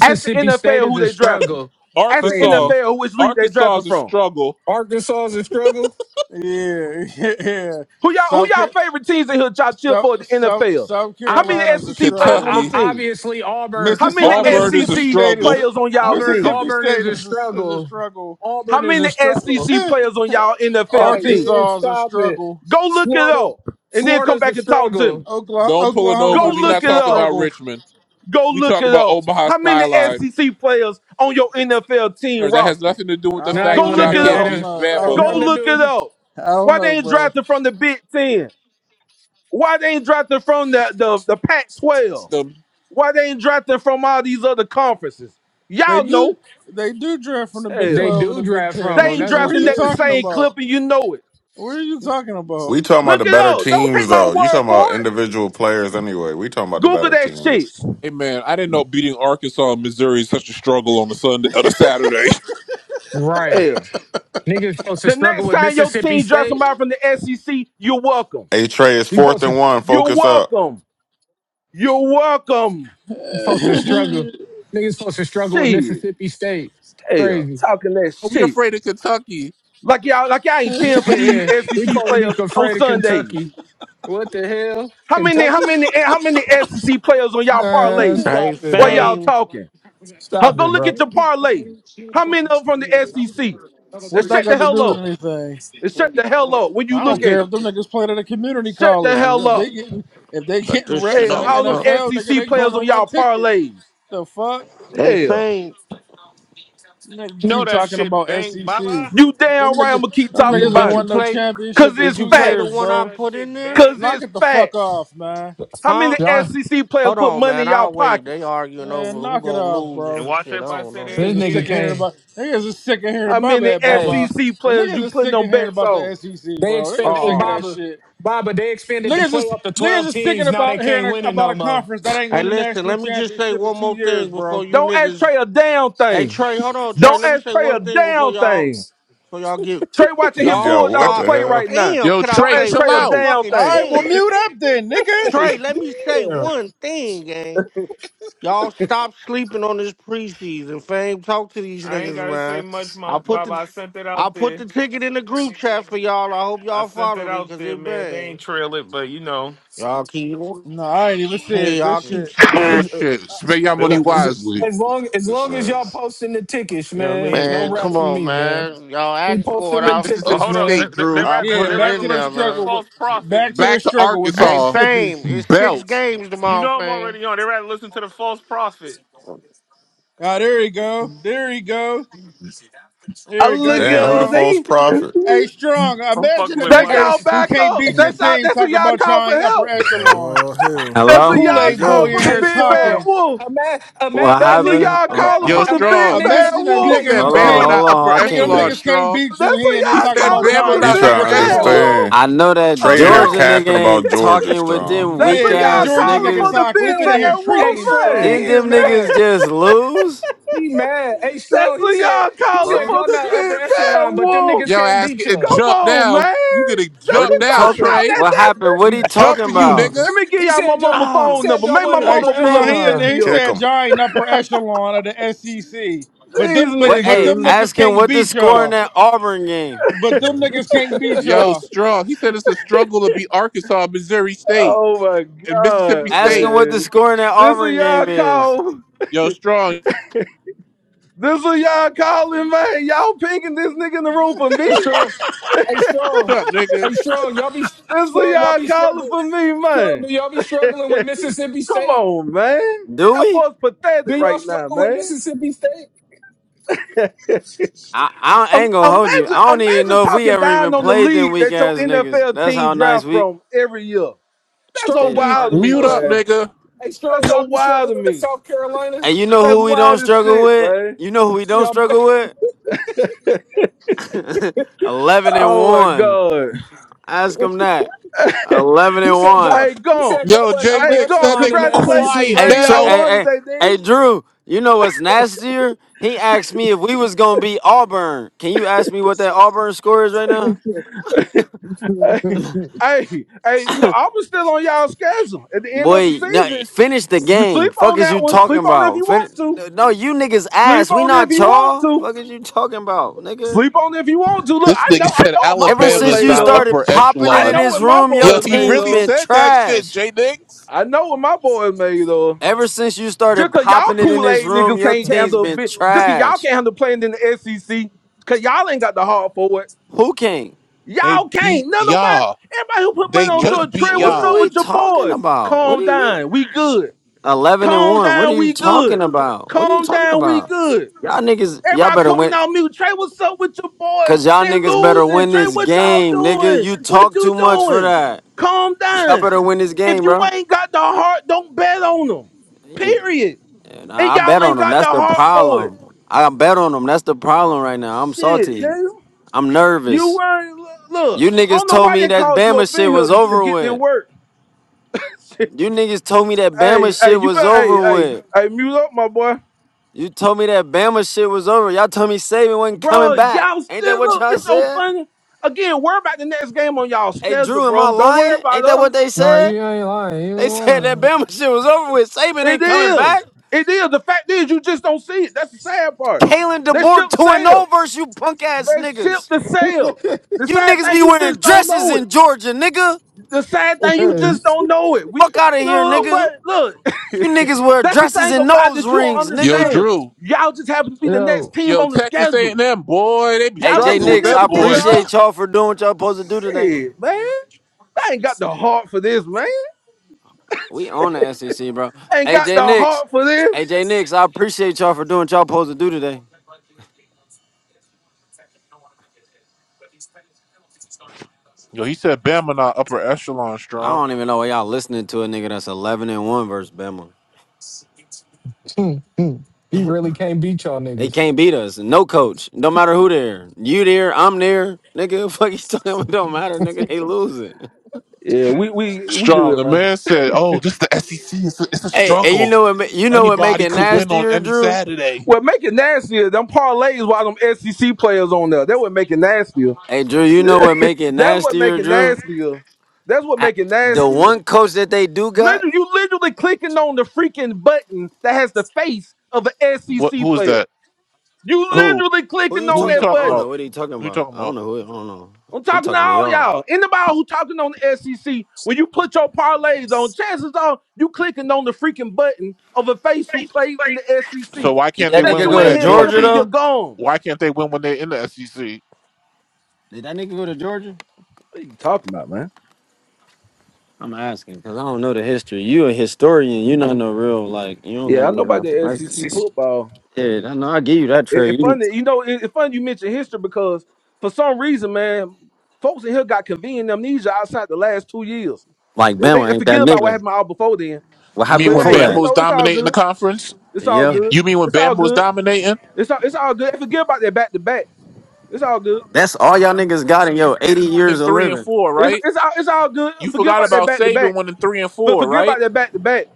C: Ask the NFL
E: State is
C: who
E: a
C: they drafted.
E: struggle.
C: Ask the
F: Arkansas,
E: Crazy.
C: NFL who which league they
F: Arkansas
C: drafted
F: is a
C: from.
F: struggle.
E: Arkansas is a struggle.
L: Yeah, yeah.
C: Who y'all who
L: South
C: y'all
L: Car-
C: favorite teams in here that y'all cheer
L: South
C: for at the
L: South
C: NFL?
L: South
C: How
E: I,
C: many
L: Carolina's a
C: SEC players on
L: struggle.
E: I, I
C: them
F: Kentucky,
C: teams?
E: obviously Auburn.
C: How many
L: Mississippi
F: Auburn
E: Obvious
F: is a
L: Mississippi
C: SEC
L: State is a,
F: struggle.
C: players on y'all
E: Auburn.
C: teams?
L: Mississippi
E: Auburn is
L: State
E: a
L: is a, is a
E: struggle.
L: struggle.
C: How
E: Auburn is
C: many
E: a struggle.
C: SEC players on y'all
E: All
C: NFL
E: right,
C: teams?
E: man,
L: Arkansas is a
E: stop it.
L: struggle.
C: Go look it
E: Florida.
C: up and then come
E: Florida's
C: back
E: a
C: and talk to me.
E: struggle.
L: Oklahoma,
F: Don't pull it
C: Go
L: Oklahoma
F: over.
L: is
F: We
C: look
F: not
L: such
C: it
L: a
F: talking
C: up.
F: about
L: struggle.
F: Richmond.
C: Go
F: We
C: look
F: talking
C: it
F: about
C: up.
F: Omaha
C: How many
F: skyline.
C: SEC players on your NFL team
F: Or That has
C: roster?
F: nothing to do with
L: I
F: the
L: don't.
E: Now
F: fact
E: you
C: Go
F: that
L: I,
E: want to
C: look
F: y'all
C: it
L: yeah,
E: do
L: I
F: can't
C: up.
L: don't
E: any?
F: beat
L: know. I
E: Yeah,
L: don't
F: Bama.
C: Go
E: nothing to
L: know.
C: look it
E: do.
C: up.
L: I don't
C: Why
L: know,
C: they ain't
L: bro.
C: drafted from the Big Ten? Why they ain't drafted from the, the, the Pac 12?
F: The
C: Why they ain't drafted from all these other conferences?
L: They
C: Y'all
L: do
C: know.
L: they do draft from the Big
E: They
L: Twelve
C: Hell,
L: and
E: do
L: the Big
E: draft
L: Ten.
C: they
E: from
L: What
E: them.
L: you
C: ain't
E: That's what's
L: what are
C: drafting
L: you
C: that the
L: talking
E: crazy.
C: same clip
L: about?
C: and you know it.
L: What are you talking about?
K: We talking about
C: Look
K: the
C: it
K: better
C: up. Don't take
K: teams
C: my
K: though. You
C: word
K: talking
C: for
K: about
C: it.
K: individual players anyway. We talking about the
C: Google
K: better
C: that shit.
K: teams.
F: hey man, I didn't know beating Arkansas and Missouri is such a struggle on the Sunday on a Saturday.
E: Right.
C: Hell,
E: Niggas supposed to
C: the
E: struggle
C: next
E: with
C: time your
E: Mississippi
C: team drafts
E: State.
C: somebody from the SEC, you're welcome.
K: A Trey is
E: You
K: fourth
E: supposed to
K: and one.
C: You're
K: Focus up.
C: welcome. You're welcome.
E: supposed to struggle. Niggas supposed to struggle with
C: Shit.
E: Mississippi State.
C: Hell,
E: Crazy.
C: talking that
F: we
C: shit.
F: afraid of Kentucky?
C: Like y'all, like y'all ain't cheering for these
E: yeah. We
C: SEC
E: supposed to be
C: players on
E: afraid of
C: Sundays.
E: Kentucky. What the hell?
C: How many, how
E: Kentucky?
C: many, how many SEC players on y'all
E: Uh
C: parlays?
A: Hey
E: stop it,
C: While y'all
E: bro.
A: fame.
C: talking, huh?
E: Stop
C: Go
E: it,
C: look
E: bro.
C: at your parlay. How many of them from the SEC? Now
L: What that
C: shut the
L: got to
C: hell
L: do with
C: up.
L: anything?
C: And shut the hell up when you
L: I
C: look
L: don't
C: at
L: care
C: it.
L: if them niggas played at a community
C: Shut the
L: college.
C: hell
L: If they
C: up.
L: getting if they
A: Cut
L: getting
A: this shit
L: reps in
C: Hell,
L: the
A: off.
C: all them
A: No.
L: NFL, nigga,
C: SEC
L: they going
C: players on
L: on my
C: y'all
L: ticket.
C: parlays.
L: The fuck?
A: Hey
C: Hell,
A: fame.
L: Nigga
O: You know
L: keep
O: that
L: talking
O: shit
L: about
O: bang,
L: SEC.
O: Baba.
C: you
L: Them
C: damn right. I'ma
L: niggas
C: keep
L: them
A: You
C: talking
L: niggas ain't
A: did
C: about it,
A: you
L: won no
A: play
C: cause
L: championship in
A: did
C: it's
A: you
L: two
A: play the
L: years,
O: You
C: facts.
A: one
O: know
A: I
L: bro.
O: that
A: put in
O: shit
A: there?
C: Cause
O: bang.
L: Knock
C: it's
L: it the fuck
C: facts.
L: off, man.
C: How many
A: Huh?
E: Y'all,
C: SEC players
A: Hold
C: put
A: on,
C: money
A: man.
C: in y'all
A: I'll wait. They
C: pockets?
A: arguing over
L: Man,
A: who
L: knock it
A: gonna
L: off,
A: lose or
O: And
L: bro.
A: some
O: watch
A: shit. I
O: if I
A: don't
O: said they
A: know.
E: this
L: Niggas
O: ain't
L: are
O: get
E: nigga
L: sick of
O: it.
L: hearing
E: came.
L: about niggas are sick of hearing
C: How
L: about
C: many
L: bad
E: Hey,
L: Baba.
C: SEC
L: But
C: players you
L: niggas are
C: putting
L: sick
C: them
L: of hearing
C: bets
L: about the
C: on?
L: SEC,
E: they
L: bro. Niggas
E: expand
L: are
E: hey
L: sick of
A: Oh,
L: that
E: Baba.
L: shit.
E: Baba, they expanded the
L: Niggas is
E: playoff to
L: niggas
E: twelve
L: is sick of
E: teams. Now they
L: about hearing
E: can't win
L: a-
E: it
L: about
E: no
L: a
E: more.
L: conference that ain't
A: hey,
L: win the
A: listen.
L: national
A: Let me just say
L: championship in
A: one
L: two
A: more
L: years,
A: thing before
L: bro.
A: you
C: Don't ask
A: niggas.
C: Trey a damn
A: Hey,
C: thing.
A: Trey, hold on, Trey.
C: Don't
A: Let me
C: ask
A: say
C: Trey
A: one
C: a
A: thing before
C: damn
A: y'all.
C: thing.
A: Before y'all get
C: Trey watching his
A: y'all
K: Yo, what
C: Bulldogs
A: stop.
K: the
C: play
K: hell?
C: right now.
A: Damn,
F: Yo,
A: could I
C: Don't
F: Trey,
A: say
C: ask
F: chill
C: Trey a
A: one
F: out.
C: damn
A: fucking
L: All
C: thing.
L: right, well
A: thing?
L: mute up then, nigga.
A: Trey, let me say
E: Damn.
A: one thing, gang. Y'all stop sleeping on this preseason. Fame, talk to these
O: I ain't
A: niggas,
O: gotta say
A: man.
O: much,
A: I
O: Mom,
A: put
O: Baba.
A: the
O: I sent it
A: I
O: out
A: put the
O: there.
A: ticket in the group chat for y'all. I hope
O: I
A: y'all
O: sent it
A: followed it,
O: out
A: cause
O: there,
A: it
O: man. They ain't
A: bang.
O: trail it, but you know,
A: Y'all keep,
L: No, I ain't even see
A: hey,
L: it. Good
A: y'all keep,
L: shit.
F: Good shit. Spend your
O: they
F: money
E: Look, As
O: want.
F: wisely.
E: as long as
K: This
E: long as
K: shit.
E: y'all posting the tickets,
O: You know what I
E: man. No
O: mean?
A: man.
E: rap
A: Come
E: from
A: on,
E: me, man.
A: man. Y'all
E: Keep
A: asked for it.
E: posting
O: They,
E: them
A: I'll,
O: oh,
E: tickets,
F: Mississippi
O: hold up. They,
E: man.
F: State,
O: they, they,
F: Drew.
A: I'll
O: rather,
A: put
L: Yeah,
O: they
A: it
L: back
O: rather
A: in
L: to the
A: there,
O: listen to the
L: struggle
A: man.
L: with
O: false prophet.
L: back to the
F: Back to
L: struggle with
A: Hey,
F: Arkansas.
L: Mississippi.
A: fame. It's six
F: Belt.
A: games
O: You
A: tomorrow,
O: know I'm
A: fame.
O: already on. They rather listen to the false prophet.
L: Ah, there he go. There he go.
C: I
L: There he
C: look
L: go,
K: Damn, who
C: at
K: the
C: him,
L: strong.
K: false
C: they,
K: prophet?
L: Hey, strong.
O: I'm
L: Imagine
O: fucking
L: a
O: with
C: that's
O: Mike.
E: Hey,
L: nigga
C: y'all
E: s-
L: who
C: back
L: can't
C: up.
L: beat your
C: That's y'all,
L: team
C: that's who
L: talking
C: y'all
L: about
C: call
L: y'all
C: for
L: ain't upper
C: help.
L: echelon.
M: Oh, hell.
L: This
C: That's who
S: Hello?
L: Kool
M: Here
C: y'all
M: we
L: Aid
C: call
L: boy
M: go.
L: in
C: for the
E: hey,
L: here
C: big bad
E: strong.
L: talking.
C: wolf.
E: Imagine,
S: What
E: imagine the
C: That's who
E: nigga.
S: happened?
C: y'all
S: Oh,
C: calling
E: Imagine,
F: Yo,
S: oh,
C: for the big
E: imagine
F: Strong.
E: niggas.
C: bad
L: Imagine a
F: He
C: wolf.
E: Hey,
L: nigga
F: said
L: whose
S: hold on,
E: strong.
F: Bama
L: team,
F: not
S: hold
F: upper
S: on. I
L: nigga,
S: can't
L: them
S: hear.
F: echelon,
L: niggas
S: sh-
L: can't
F: Strong.
L: beat you
C: That's who
L: here, and they're
F: He
C: y'all
L: talking
F: said
L: about
C: calling for
L: y'all
F: Bama
C: the
L: ain't
K: He
F: not
L: upper
C: big
K: trying
F: upper
K: to
C: bad
L: echelon.
F: echelon.
C: wolf.
K: understand.
S: I know that
C: A
K: Trey in
C: goat?
K: here
S: Georgia
E: No,
S: nigga
K: capping about
S: ain't
K: Georgia
S: talking with
K: strong.
S: them
C: That's
S: weak
L: Yeah,
C: what
L: nigga,
C: y'all
S: ass
L: Georgia
C: calling
L: nigga
C: for
S: niggas.
C: the
L: talking. we
C: big
L: have been in here
C: bad
E: yeah. Hey,
C: wolf
L: treating him
E: strong. He
C: man.
L: strong.
S: Didn't
E: here,
S: them niggas
E: mad.
S: just lose?
E: He mad. Hey,
C: That's
E: strong.
C: what
E: He said.
C: y'all
E: He
C: calling
E: said
S: Hello?
C: for
E: y'all
C: the
E: not upper
C: big bad
E: echelon, but them
C: wolf.
E: niggas
F: Yo,
E: can't
F: ass
E: beat
F: getting
E: y'all.
C: Come
F: jumped
C: on,
F: now.
C: man.
F: You getting
C: That's
S: What
F: jumped
S: he
C: what
F: now,
C: y'all
S: talking?
C: y'all
F: Trey.
C: that
S: What happened?
C: desperate.
S: What
F: We
S: he talking
F: jumping you,
S: about?
C: Let
F: nigga.
C: me give
E: He
C: y'all my
E: said y'all.
C: mama
E: He
A: oh
C: phone
E: said
C: number.
E: y'all
C: Make my
E: wasn't
A: shit.
L: Hey,
E: upper
C: mama pull
L: strong.
C: up and
L: He in
E: echelon.
C: set
L: there.
C: me
L: He
C: up.
K: Kick
L: said
K: him.
L: y'all ain't upper echelon of the SEC, but
C: These
L: them, but
S: What?
L: but
S: Hey,
L: them
C: niggas.
L: niggas
S: ask him
L: can't
S: what the
L: beat
S: score in
L: y'all.
S: that Auburn game.
L: But them niggas can't beat
F: Yo,
L: y'all.
F: Strong. He said it's a struggle to beat Arkansas, Missouri State,
C: Oh my
F: and
C: god,
F: Mississippi
S: Ask him
F: State.
S: what the
C: man.
S: score in that
C: This what
S: Auburn game
C: y'all
S: is.
C: call
F: Yo, Strong.
C: this what y'all calling, man. Y'all picking this nigga in the room for
E: Hey
C: me.
E: strong, hey strong,
F: Mute up, nigga.
E: hey strong. Y'all be
C: This what
E: strong. Y'all
C: y'all
E: be
C: calling
E: struggling.
C: for me,
E: Strong.
C: man.
E: Do y'all be struggling with Mississippi
C: Come
E: State?
C: on, man.
S: Do
C: Y'all
S: we?
C: boys pathetic
E: Do y'all
C: right now,
E: struggle with
C: man.
E: Mississippi State?
S: I, I, don't- I
C: Um,
S: ain't gonna hold you.
C: imagine,
S: I don't even
C: imagine
S: know if we
C: talking
S: ever
C: down
S: even
C: on the
S: played them
C: lead
S: weak
C: that your
S: ass niggas.
C: NFL
S: That's
C: team
S: how nice
C: draft
S: we
C: from every year. That's so
E: Strong.
S: stayed
E: Do
S: in
E: you?
C: wild to me,
F: Mute
E: Hey
S: Arkansas.
F: up,
E: strong.
C: man.
F: nigga.
E: Hey strong.
C: That's so
E: Y'all be
C: wild
E: struggling
C: to
E: with
C: me.
E: South Carolina?
S: And you know
C: That's
S: who we don't
C: wild as
S: struggle
C: shit,
S: with?
C: man.
S: You know who we don't
E: Y'all.
S: struggle with? 11 and
C: Oh my
S: 1.
C: god.
S: Ask them that. 11
E: He
S: and
E: said y'all.
S: 1.
C: Hey,
E: He
C: gone.
E: said y'all
F: Yo,
E: wasn't
F: Jay
E: upper
C: Hey,
F: Nix,
C: gone.
F: that
E: echelon in
F: nigga
E: the
C: Congratulations,
E: SEC.
F: quiet
S: Hey,
C: man.
S: Tr-
C: Y'all
F: now.
S: hey,
C: won
S: hey,
C: today,
S: hey, Drew, you know what's nastier? He asked me if we was going to be Auburn. Can you ask me what that Auburn score is right now?
E: Yeah.
C: nigga. Hey, hey, hey, you know, I was still on y'all schedule at the end of the
S: Boy, no,
C: season.
S: finish the
C: You
S: game.
C: sleep
S: Fuck
C: on
S: is
C: that
S: you
C: one.
S: talking
C: Sleep on it if
S: about?
C: you
S: Fin-
C: want to.
S: no, you niggas
C: Sleep
S: ass. We
C: on it if
S: not
C: you want
S: y'all.
C: to.
S: Fuck is you talking about, nigga?
C: Sleep on it if you want to. Look,
F: This
C: I
F: nigga
C: know, I
F: said
C: know what my
S: Ever
C: boy is
F: Alabama
S: since
F: is
S: you
C: made
F: not
C: of.
S: started
F: upper
S: popping it
C: I
F: echelon.
S: in
C: know
S: this
C: what my
S: room, your
C: boy
F: Yo,
C: is
F: he
C: made
S: team's
F: really
C: of.
S: been
F: said that shit,
S: trash.
F: Jay Nix.
C: I know what my boy is made of.
S: Ever since you
C: Just
S: started
C: cause y'all
S: popping it in this
C: Kool-Aid
S: room,
C: niggas
S: your
C: can't
S: team's
C: handle a
S: been
C: bit. Just cause y'all
S: trash.
C: can't handle playing in the SEC. Cause y'all ain't got the heart for it.
S: Who king?
F: They
C: Y'all can't.
F: beat
C: None nobody.
F: y'all.
C: Everybody who put money
F: They
C: on
S: What?
F: just
C: George Trey,
F: beat
S: What
C: what's
S: are
C: up
F: y'all.
S: we
C: with your
S: talking
C: boys?
S: about? What
C: Calm
S: do you mean?
C: down. We good.
S: Eleven and
C: Calm
S: one. What are
C: down.
S: you
C: We
S: talking
C: good.
S: about? What are you
C: Calm
S: talking
C: down. We
S: about?
C: good.
S: Y'all niggas, y'all
C: Everybody
S: better
C: coming
S: win,
C: on mute. Trey, what's up with your boys?
S: cause y'all
C: They
S: niggas better
C: losing.
S: win
C: Trey,
S: this
C: what y'all
S: game, nigga.
C: doing?
S: You
C: What
S: talk
C: you
S: too much for
C: doing?
S: that.
C: Calm
S: Y'all
C: down.
S: better win this
C: If
S: game,
C: you
S: bro.
C: ain't got the heart, don't bet on them.
S: If-
C: Period. And
S: nah, I
C: y'all
S: bet on
C: ain't
S: them.
C: got the
S: That's the
C: heart for it.
S: problem. I bet on them. That's the problem right now. I'm
C: Shit,
S: salty.
C: nigga.
S: I'm
C: You
S: nervous.
C: weren't look, look.
S: You
C: I
S: niggas
C: don't know
S: told
C: why
S: me
C: they
S: that
C: called you
S: Bama
C: up
S: shit
C: in here
S: was
C: to, to
S: over
C: get their
S: with.
C: work. Shit.
S: You niggas told me that
C: Hey,
S: Bama
C: hey,
S: shit
C: you
S: was
C: better
S: over
C: hey, hey, you-
S: with.
C: hey, mute up, my boy.
S: You told me that Bama shit was over. Y'all told me Saban wasn't coming
C: Bro,
S: back.
C: y'all
S: Ain't that
C: still
S: what
C: look,
S: y'all
C: it's so
S: said?
C: funny. Again, worry about the next game on y'all
S: Hey
C: schedule,
S: Drew, am I
C: bro. Don't worry
S: lying?
C: about
S: Ain't that what
C: us.
S: they
E: Nah,
S: said?
E: you ain't lying.
S: They said that
E: You
S: Bama shit was over with. Saban
C: It
S: ain't coming back.
C: is. It is. The fact is, you just don't see it. That's the sad part.
S: Kalen
C: The
S: DeBoer
C: ship
S: 2 and 0
C: sailed.
S: versus you punk ass
C: The ship
S: niggas.
C: the sailed. The
S: You
C: sad
S: niggas
C: thing,
S: be
C: you
S: wearing
C: just don't
S: dresses
C: know it.
S: in Georgia, nigga.
C: The sad thing,
E: ain't
C: you
E: lying.
C: just don't know it. We
S: Fuck out of here,
C: look, bro,
S: nigga.
C: look.
S: You niggas wear
C: That's the
S: dresses
C: thing
S: and
C: about
S: nose
C: that you don't
S: rings,
F: Yo,
S: nigga.
C: understand.
F: Drew.
C: Y'all just happen to be the next
E: Yo,
C: team
F: Yo,
C: on the
F: Texas
C: schedule.
F: A&M, boy, they be
S: Hey
C: Y'all
S: Jay
C: ain't
F: struggling with
S: Nix, I
F: them
C: significant to
F: boys.
C: us.
S: appreciate y'all for doing what y'all supposed to do today.
C: Shit, man. I ain't got the heart for this, man.
S: We on the SEC, bro.
C: I ain't got
S: AJ
C: the
S: Nix,
C: heart for this.
S: AJ Nix, I appreciate y'all for doing what y'all supposed to do today.
F: Yo, he said Bama not upper echelon
S: I
F: strong.
S: don't even know why y'all listening to a nigga that's eleven and one versus Bama.
E: he really can't beat y'all
S: They
E: niggas.
S: can't beat us. No coach. No matter who there. You there. I'm there. Nigga, fuck you talking about? It don't matter. Nigga, they losing.
C: Yeah, we we we
F: Strong.
C: good,
F: The
C: man.
F: man said, oh, this the SEC. It's a, it's a
S: Hey, and you
F: struggle.
S: know what? ma- You know what make
F: Anybody
S: it
F: could win on
S: nastier,
F: any
S: Drew?
F: Saturday.
C: What make it nastier, them parlays while them SEC players on there. That what make it nastier.
S: Hey, Drew, you know what make it
C: That's what make
S: nastier,
C: it
S: Drew?
C: nastier. That's what
S: I,
C: make it
S: the
C: nastier.
S: one coach that they do got.
C: Literally, you literally clicking on the freaking button that has the face of an
F: What?
C: SEC
F: Who is
C: player.
F: that?
C: You
F: Who?
C: literally
S: Who
C: clicking
S: you
F: Who
C: on
F: are you
S: talking?
C: that
S: I
F: talking
S: don't
C: button.
S: know
F: about?
S: what he talking
F: Who you
S: about.
F: talking
S: I
F: about?
S: don't know who. I don't know.
C: I'm
S: He
C: talking to
S: talking to
C: all
S: y'all.
C: y'all. Anybody who talking on the SEC, when you put your parlays on, chances are you clicking on the freaking button of a face who plays in the SEC.
F: So why
S: Did
F: can't they
S: that
C: That
F: win
S: nigga
F: when
C: you
S: go
C: in
F: they're
S: to
F: at
C: here
S: Georgia
C: bumping
F: Georgia?
C: your
S: though?
F: Why
C: gums.
F: can't they win when they're in the SEC?
S: Did that nigga go to Georgia?
C: What are you talking about, man?
S: I'm asking because I don't know the history. You a historian. You not no real like. You don't got
C: Yeah, I
S: no
C: know
S: real
C: about the
S: information.
C: SEC football.
S: Yeah, I know. I give you that
C: It, it
S: trade. You
C: funny, you know, it, it funny you mention history because for some reason, man, folks in here got convenient amnesia outside the last two years.
S: like
C: They,
S: Bama
C: they
S: ain't that
C: forget about what
S: nigga.
C: happened all before then.
S: What
F: You
S: happened
F: mean
C: But
F: when
C: hey,
S: before
C: but
F: Bama
C: you
S: that?
F: was
C: know, it's all
F: dominating the
C: good.
F: conference?
C: It's all
S: Yeah,
C: good.
F: You mean when
C: It's all
F: Bama was
C: good.
F: dominating
C: It's all it's all good. Forget about that back to back. It's all good.
S: that's all y'all niggas got in yo 80
F: in
S: years of
F: three and
S: living.
F: four,
C: It's
F: right?
C: it's all it's all good.
F: You
C: Forget
F: forgot
C: about that
F: about
C: back to
F: Saban
C: back.
F: winning three and
C: But
F: four,
C: forget about
F: right?
C: that back to back.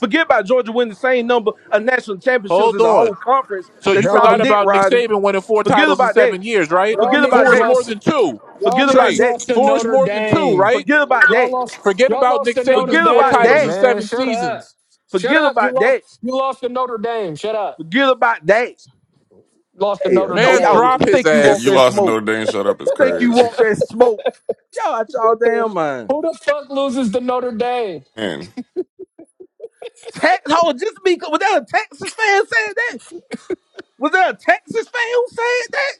C: Forget about Georgia winning the same number of national championships
F: Hold
C: as a whole
F: on.
C: conference
F: So you
C: that
E: Y'all
C: y'all
F: forgot
E: we
C: dick
F: about Nick
C: riding.
F: Saban winning four
C: Forget
F: titles in
C: about that.
F: seven years, right?
E: y'all
C: Forget about
F: Four
E: niggas
F: is
C: that.
F: more
E: lost.
F: than two.
E: Y'all
C: Forget about
E: niggas
F: Trey,
C: that.
E: lost to
F: four is
E: Notre
F: more than two,
E: Dame.
F: right?
C: Forget about
E: Y'all
C: that.
E: lost.
F: Forget
E: Y'all
F: about
E: lost
F: Nick
E: to Notre
F: Saban's
C: Forget
F: four
C: about
E: Dame,
F: titles
C: that.
F: in
E: man.
F: seven
E: Shut up.
F: seasons.
E: Shut
C: Forget
E: up. You
C: about
E: lost.
C: that.
E: You lost to Notre Dame. Shut up.
C: Forget about that.
E: Lost to
C: Hell,
E: Notre
C: yo,
F: Man,
E: Dame.
C: y'all
F: drop
E: nigga.
F: his
C: think you want
K: you
F: ass.
C: that
K: lost to
C: smoke?
K: Notre Dame. Shut up. It's
C: Think you
K: crazy.
C: want that smoke? Y'all out y'all
E: What
C: damn
E: the?
C: mind.
E: Who the fuck loses to Notre Dame?
K: Man,
C: Tax hold just be was that a Texas fan saying that? Was that a Texas fan who said that?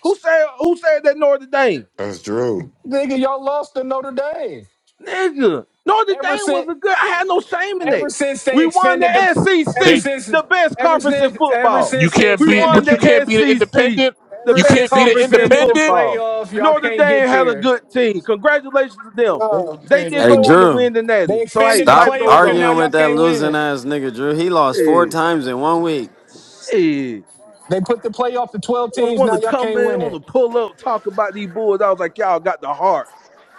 C: Who said who said that Notre Dame?
K: that's Drew.
E: Nigga, y'all lost to Notre Dame.
C: Nigga, Notre
E: Ever
C: Dame was
E: since,
C: a good. I had no shame in
E: ever
C: it.
E: since they
C: We won
E: expanded the,
C: the
F: They.
E: ever
C: SEC,
E: since,
C: the best
E: ever
C: conference in
E: since, ever
C: football.
F: You
E: since they
F: can't
C: We
F: be,
C: won
F: but
E: expanded
C: the
F: you
E: the,
F: can't be the
C: SEC,
F: independent.
C: the
E: ever
F: You
C: best
E: since
F: can't be
E: they
F: the
C: conference in
E: expanded the
F: independent.
C: football.
E: playoff, y'all
C: Notre
E: can't
C: Dame
E: get
C: had a
E: there.
C: good team. Congratulations to them.
E: No.
C: They didn't
S: Hey
C: go on to
S: Drew,
C: win the Natty.
E: they
C: So hey,
E: expanded the
S: stop
C: life goes
E: playoff and
C: on.
E: now
S: arguing with
E: y'all
S: that
E: can't
S: losing
E: win.
S: ass nigga Drew. He lost four
E: Yeah.
C: Yeah.
S: times in one week.
C: Shit.
E: They put the playoff to 12
C: Want,
E: teams.
C: want
E: Now
C: to
E: y'all
C: come
E: can't
C: in,
E: win
C: want to
E: it.
C: pull up, talk about these boys. I was like, y'all got the heart.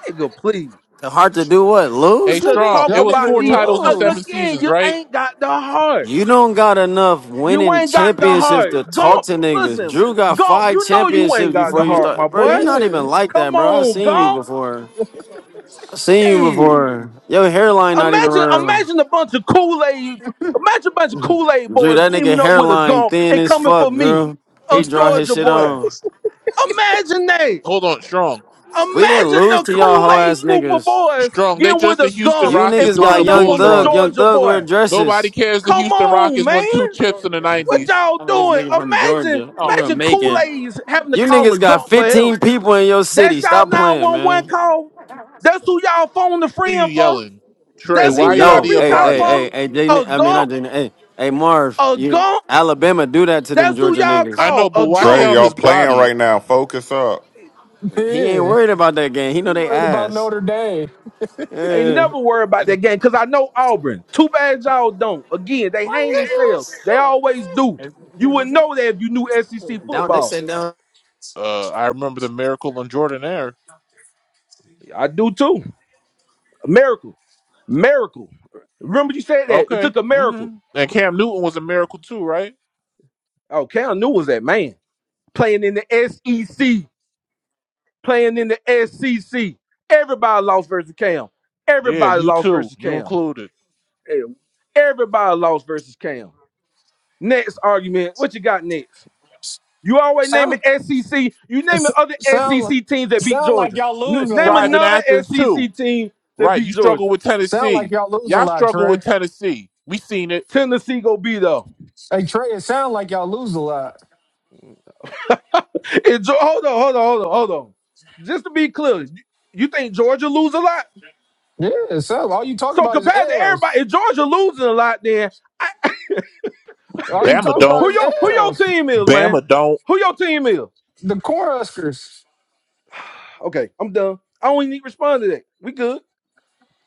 C: Nigga, please.
S: Hard to do what?
F: Hey,
S: Lose,
C: The
S: nigga?
F: strong.
C: talk
F: It
E: Y'all
F: was
C: about
F: four
C: these
F: titles in
E: niggas
C: a-
F: seven
E: lose.
C: again,
F: seasons,
C: you
F: right?
C: ain't got the heart.
S: You don't got enough
C: You
S: winning
C: ain't got the
S: championships
C: heart.
S: to talk
C: Gump,
S: to niggas.
C: listen,
S: Drew got
C: Gump,
S: five
C: you know you ain't
S: championships
C: got the
S: before you
C: heart, my
S: start. Bro,
C: boy.
S: you not even
E: Yeah.
S: like that,
C: Come
S: bro. I
C: on,
S: seen you
C: Gump.
S: before. I seen you
C: Shit.
S: before. Your hairline not even
C: Imagine,
S: real.
C: imagine a bunch of Kool-Aid, imagine a bunch of Kool-Aid
S: Drew,
C: boys
S: that nigga
C: teaming up with a
S: hairline
C: Gump
S: thin
C: and
S: as
C: coming
S: fuck,
C: for me,
S: Drew.
C: a
S: He draw his
C: Georgia
S: shit
C: boy.
S: on.
C: Imagine that.
F: Hold on, strong,
S: We didn't
C: Imagine
S: lose
C: the
S: to y'all hoe
C: Kool-Aid
S: ass
C: group of
S: niggas.
C: boys
F: strong. They
C: getting with
F: just the
C: a
F: Houston
C: Gump
S: You
F: Rockets
C: and
S: niggas
F: during
S: got
F: the
C: pulling up
S: young
C: on
F: Bulls
C: the
S: thug.
F: run.
S: Young
C: Georgia
S: thug wear
C: boy.
F: Nobody
S: dresses.
F: cares. The
C: Come
F: Houston
C: on,
F: Rockets won
C: man.
F: two chips in the
C: What
F: nineties.
C: y'all
S: I'm a this
C: doing?
S: nigga from
C: Imagine,
S: Georgia. I'm from
C: imagine
S: Macon.
C: Kool-Aid's having to
S: You
C: call a
S: niggas got
C: gunk for
S: 15
C: help.
S: people in your
C: That's
S: city.
C: y'all
S: Stop playing,
C: 911
S: man.
C: call. That's who y'all phone the
F: Why are you
C: friend for.
F: yelling, Trey?
S: Cause
C: That's
S: he
C: who
F: Why you out
C: y'all
F: of
S: knows.
F: your
C: reach
S: Hey,
C: out
S: hey,
F: body?
C: for.
S: hey, hey, Jay,
C: A
S: I mean not
C: gunk,
S: J. Hey, hey, Marv,
C: a
S: you
C: gunk.
S: Alabama do that to them
C: That's who
S: Georgia
C: y'all
F: I
S: niggas.
C: call,
F: know,
C: a
F: but why he
K: Trey,
C: gunk.
F: out
K: y'all
F: his
K: playing right
F: body?
K: now. Focus up.
S: He ain't
E: Yeah.
S: worried about that game. He know
E: You
S: they
E: worried about
S: ass.
E: Notre Dame.
C: Ain't
S: Yeah.
C: never worry about that game because I know Auburn. Too bad y'all don't. Again, they hang themselves. They always do. You would know that if you knew SEC
S: Down they
C: football.
S: said down.
F: Uh, I remember the miracle on Jordan Air.
C: I do too. A miracle. Miracle. Remember you said that. It
F: Okay,
C: took a miracle.
F: hmm and Cam Newton was a miracle too, right?
C: Oh, Cal New was that man playing in the SEC, playing in the SEC. Everybody lost versus Cam.
F: Yeah,
C: Everybody
F: you
C: lost
F: too,
C: versus
F: you
C: Cam.
F: included.
C: Yeah. Everybody lost versus Cam. Next argument. What you got next? You always name
E: Sound
C: it SEC. You name
E: it's,
C: it other
E: sound
C: SEC teams that beat
E: sound like
C: Georgia.
E: y'all
C: N-
E: lose a
C: name a
E: lot.
F: Driving Athens too.
C: non-SEC team that
F: Right.
C: beat
F: You
C: Georgia.
F: struggle with
E: Sound like
F: Tennessee.
E: y'all lose a
F: Y'all
E: lot,
F: struggle with
E: Trey.
F: Tennessee. We seen it.
C: Tennessee go beat them.
E: Hey Trey, it sound like y'all lose a lot.
C: And Geo- Hold on, hold on, hold on, hold on. Just to be clear, you you think Georgia lose a lot?
E: Yeah, it sound all you talk
C: So
E: about is
C: compared to everybody,
E: L's.
C: if Georgia losing a lot, then I,
E: All you
F: Bama
E: talk about
F: don't.
C: who
E: is
C: your who your
E: L's.
C: team is, man?
F: Bama don't.
C: Who your team is?
E: The Cornhuskers.
C: Okay, I'm done. I don't even need to respond to that. We good.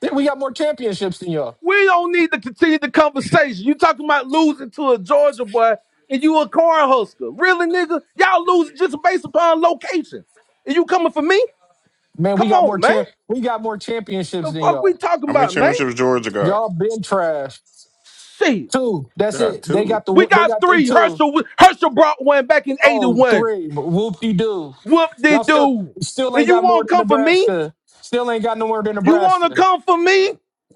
E: Yeah, we got more championships than y'all.
C: We don't need to continue the conversation. You talking about losing to a Georgia boy and you a cornhusker. Really, nigga? Y'all losing just based upon location. And you coming for me?
E: Man, we
C: Come
E: got
C: on,
E: more
C: man.
E: champ we got more championships
C: The
E: than
C: fuck we
E: y'all.
C: talking
K: How many
C: about, man?
K: championships Georgia got?
E: Y'all been trash.
C: Shit.
E: Two.
K: They
E: That's
K: got
E: it. They
K: two.
E: got the
C: We
E: they
C: got
E: got they
C: three.
E: two.
C: Herschel Herschel brought one back in
E: Oh,
C: 81.
E: three. Whoop de doo.
C: Whoop de
E: Y'all still
C: doo.
E: still
C: And
E: ain't
C: you
E: got more
C: won't
E: than
C: come for me?
E: Nebraska. Still ain't got no more than
C: You want to
E: Nebraska.
C: come for me?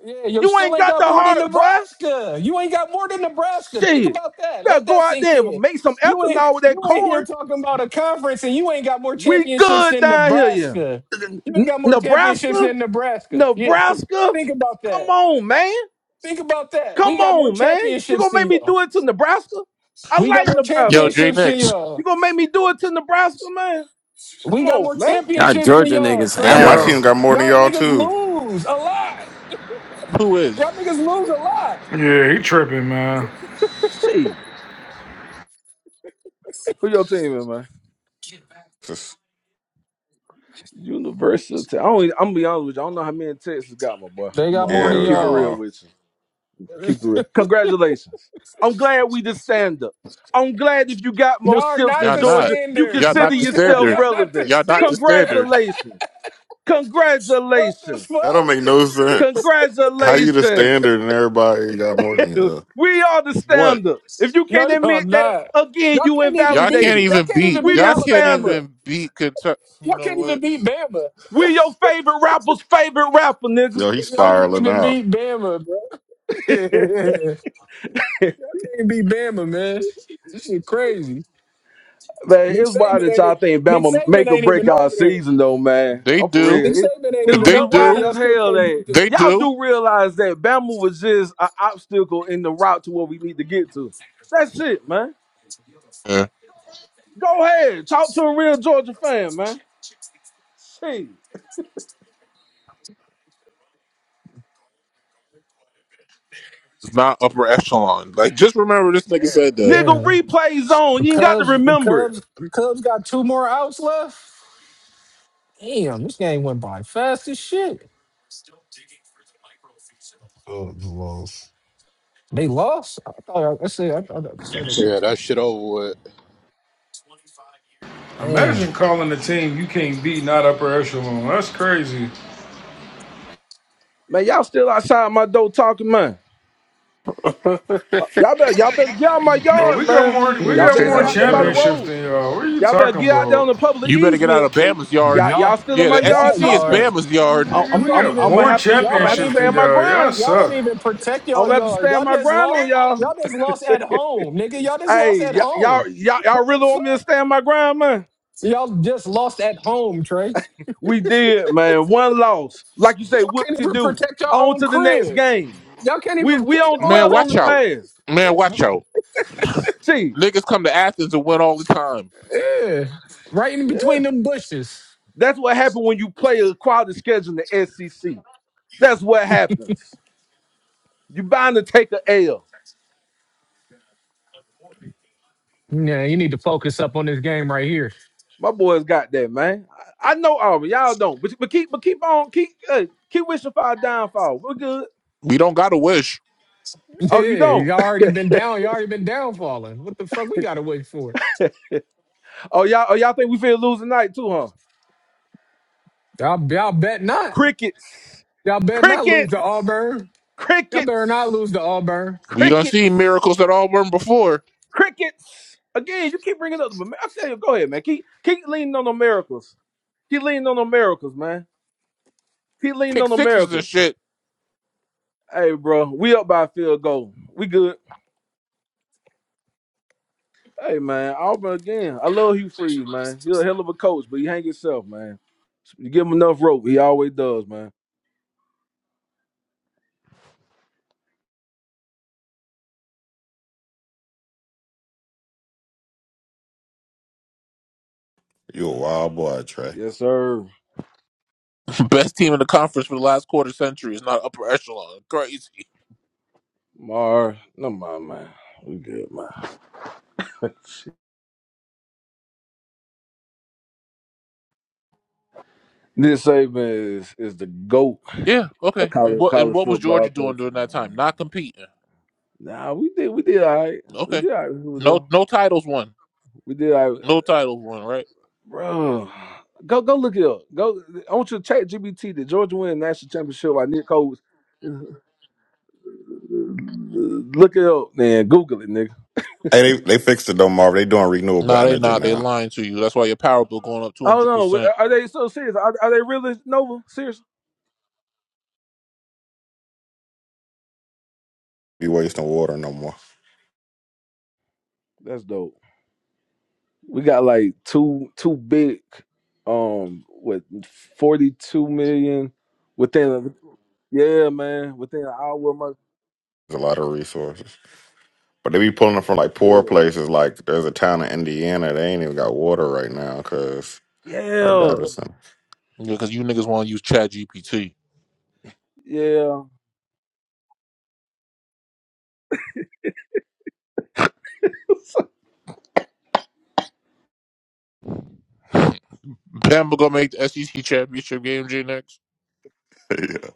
E: Yeah, yo,
C: You
E: still
C: ain't
E: ain't
C: got
E: got
C: the
E: more than
C: heart, boy.
E: Nebraska. You ain't got more than Nebraska.
C: Shit.
E: Think
C: You
E: about that. Let
C: better go
E: that
C: out
E: sink
C: there and
E: in.
C: make some
E: You ain't
C: ethanol with that
E: you ain't
C: corn.
E: here talking about a conference and you ain't got more
C: We
E: championships
C: good
E: than
C: down here, yeah.
E: Nebraska. You ain't
C: N-
E: got more championships
C: Nebraska?
E: than Nebraska. Yeah, th-
C: Nebraska?
E: think about
C: Come
E: that.
C: on, man.
E: Think about that. We
C: Come
E: got more
C: on, man. You
E: championships
C: gonna
E: than
C: make me
E: y'all.
C: do it to Nebraska? I
E: We got
C: like
E: more
F: Yo,
C: Nebraska.
F: J
E: championships than
F: Nix,
C: You
E: y'all.
C: gonna make me do it to Nebraska, man?
E: We
C: Come
E: got
C: on,
E: more
C: man.
S: Y'all
E: championships than
S: Georgia
E: y'all,
S: niggas
K: Damn,
E: Trey.
K: my
L: Yo,
K: team
S: ass.
K: got more than
E: Y'all
K: y'all
E: niggas
K: too.
E: lose a lot.
F: who
E: Y'all
F: is?
E: niggas lose a lot.
L: yeah, he tripping, man.
C: Shit. Who your team is, man? University. I don't, e, I'm gonna be honest with you. I don't know how many Texas got my boy. I'm gonna
E: They
C: I'm
E: got
C: I'm
E: more than
C: gonna
K: Yeah, we
C: keep it
K: got
E: y'all.
C: real
K: more.
C: with you. Keep it real. Congratulations. I'm glad we did stand up. I'm glad if you got more
E: Y'all are
C: ships
E: not
C: in
F: Y'all
E: the
F: not.
C: Georgia, you
F: Y'all
E: standard.
C: consider
F: not the
C: yourself
E: Y'all
F: standard.
E: not the
C: relevant.
F: Y'all not the
E: standard.
F: standard.
C: Congratulations.
E: What the
C: Congratulations.
K: That don't
E: fuck?
K: make no sense. How you the
C: Congratulations.
K: standard and everybody got more than you? Uh,
C: we are the
F: What?
C: stand up. If you can't
E: No, y'all
C: admit that,
E: not.
C: again,
E: Y'all
C: you
E: can't even
F: Y'all can't
E: beat.
C: invalidated.
E: Y'all
F: even
E: can't
F: beat.
E: even
C: We
E: beat
C: the
F: Y'all can't
C: stand
E: Alabama.
C: up.
F: even beat Kentucky.
E: Y'all
F: You know
E: can't even
F: what?
E: beat Bama.
C: We your favorite rapper's favorite rapper,
K: yo, he's
E: Y'all can't
K: spiraling
E: even
K: out.
E: beat Bama, bro.
C: nigga.
E: y'all can't beat Bama, man. This shit crazy.
C: Man,
E: Nick
C: it's wild
E: Saban
C: that
E: ain't
C: y'all
E: e-
C: think
E: Nick
C: Bama
E: Saban
C: make or
E: ain't
C: break
E: even
C: our
E: over there.
C: season though, man.
F: They
C: I'm for
E: Nick
F: do.
C: real. It-
E: Saban ain't
C: it's,
E: even
F: They
E: over
C: it's
E: there.
C: wild
F: do.
E: Y'all
C: as
E: still
C: hell
E: can't
C: that
E: beat
F: They
E: them.
C: y'all
F: do.
C: do realize that Bama was just an obstacle in the route to where we need to get to. That's it, man.
F: Yeah.
C: Go ahead. Talk to a real Georgia fan, man. See.
F: It's not upper echelon. Like, just remember this nigga said that.
C: Nigga,
E: Yeah.
C: replay zone.
E: The
C: You ain't got to
E: Cubs, the
C: remember it.
E: Cubs, the Cubs got two more outs left. Damn, this game went by fast as shit.
G: Oh, it's lost.
E: They lost. I thought I, I said I thought I said it.
D: Yeah, that shit over with.
E: Damn.
L: Imagine calling a team you can't beat not upper echelon. That's crazy.
C: Man, y'all still outside my door talking, man. Y'all better y'all better get out my
L: Bro, we
C: yard,
L: got
C: man.
L: more we
A: You
C: Y'all
L: got
C: better
A: said
L: more
A: I
C: get out
A: was
C: there by the
A: ready.
L: championships
C: road.
L: than y'all. What are you
C: Y'all better
L: talking
C: get out there
L: about?
C: on the public
F: You better get out
C: easement,
F: of
C: cause
F: Bama's
C: y'all
F: yard.
C: y'all
E: Y'all
C: still in
F: Yeah,
C: my
F: the
E: y'all
C: yard
F: SEC is
C: talking.
E: yard.
F: Bama's yard.
C: I'm
L: Nigga,
C: I'm
E: You
L: we
E: don't
C: I'm,
L: got
C: I'm
E: even
C: gonna
L: more
C: have to
E: y'all
C: I'm gonna have
E: don't
C: to
L: championships
C: stand
L: than
E: even
C: my
L: y'all. Y'all
C: grind.
E: y'all don't
L: suck.
E: even protect
C: I'm
E: y'all
C: gonna have to
E: yard.
C: stand
E: Y'all
C: my
E: just
C: grind
E: lost
C: on y'all.
E: y'all just lost
C: Shit.
E: at home, nigga. Y'all just lost
C: hey,
E: at
C: y-
E: home.
C: y'all y'all y'all
E: What the
C: really
E: fuck?
C: want me to stand my grind, man?
E: So y'all just lost at home, Trace.
C: We did, man. One loss, like you say,
E: Y'all
C: whoop
E: can't
C: to
E: even
C: do.
E: protect your
C: On
E: own
C: to the next
E: crib.
C: game.
E: Y'all can't
C: We
E: even
C: we
E: protect
C: don't
E: your own
F: Man,
C: dwell on
F: watch
C: the
F: out.
E: crib.
C: past.
F: Man, watch out.
C: See,
F: Niggas come to Athens and win all the time.
E: Yeah. Right in between them bushes.
C: that's what happened when you play a quality schedule in the SEC. That's what happens. You bound to take a L.
E: Yeah, you need to focus up on this game right here.
C: My boys got that, man. I, I know Auburn. Y'all don't. But, but keep but keep on keep hey, keep wishing for our downfall. We're good.
F: We don't got to wish.
C: Oh, you
E: Yeah,
C: don't.
E: you already been down. You already been down falling. What the fuck we gotta wait for?
C: Oh, y'all oh y'all think we feel losing night too, huh?
E: Y'all, y'all bet not.
C: Crickets.
E: Y'all better not lose
C: Crickets.
E: to Auburn. Y'all better not
C: Crickets.
E: lose to Auburn.
F: We done
C: Crickets.
F: seen miracles that all were not before.
C: Crickets. Again, you keep bringing up the I tell you, go ahead, man. Keep keep leaning on the miracles. Keep leaning on the miracles, man. Keep leaning
F: Kick
C: on the
F: sixes and
C: miracles.
F: shit.
C: Hey, bro, we up by a field goal. We good. Hey man, Auburn again. I love Hugh Freeze, man. He's a hell of a coach, but he hang himself, man. You give him enough rope, he always does, man.
K: You a wild boy, Trey.
C: Yes, sir.
F: Best team in the conference for the last quarter century is not upper echelon. Crazy.
C: Mar, no mind, man. We good, man. Nick Saban is is the goat.
F: Yeah,
C: A
F: okay. And
C: college,
F: what and
C: college
F: what was
C: football
F: Georgia doing
C: coaching,
F: during that time?
C: man.
F: Not competing.
C: Nah, we did we did all right. We
F: Okay.
C: did all right with Hugh,
F: No
C: though.
F: no titles won.
C: We did all right.
F: No titles won, right?
C: Bro. Go go look it up. Go I want you to check GBT, Did Georgia win a national championship by Nick Coles. Look it up, man. Google it, nigga.
K: Hey, they, they fixed it though, Marv. They doing renewable
F: Nah, they
K: energy
F: not. They
K: now.
F: lying to you. That's why your power bill going up two
C: I do Oh
F: hundred
C: no,
F: percent.
C: are they so serious? Are, are they really Nova? Serious?
K: Be wasting water no more.
C: That's dope. We got like two two big, um, what forty two million within. a- Yeah, man, within an hour. My,
K: There's a lot of resources. But they be pulling it from like poor
C: yeah,
K: places. Like there's a town in Indiana. They ain't even got water right now because our
C: yeah,
K: data
C: Yes.
K: center.
F: Because you niggas want to use Chat GPT.
C: yeah.
F: Bama gonna make the SEC championship game, J next.
K: yeah.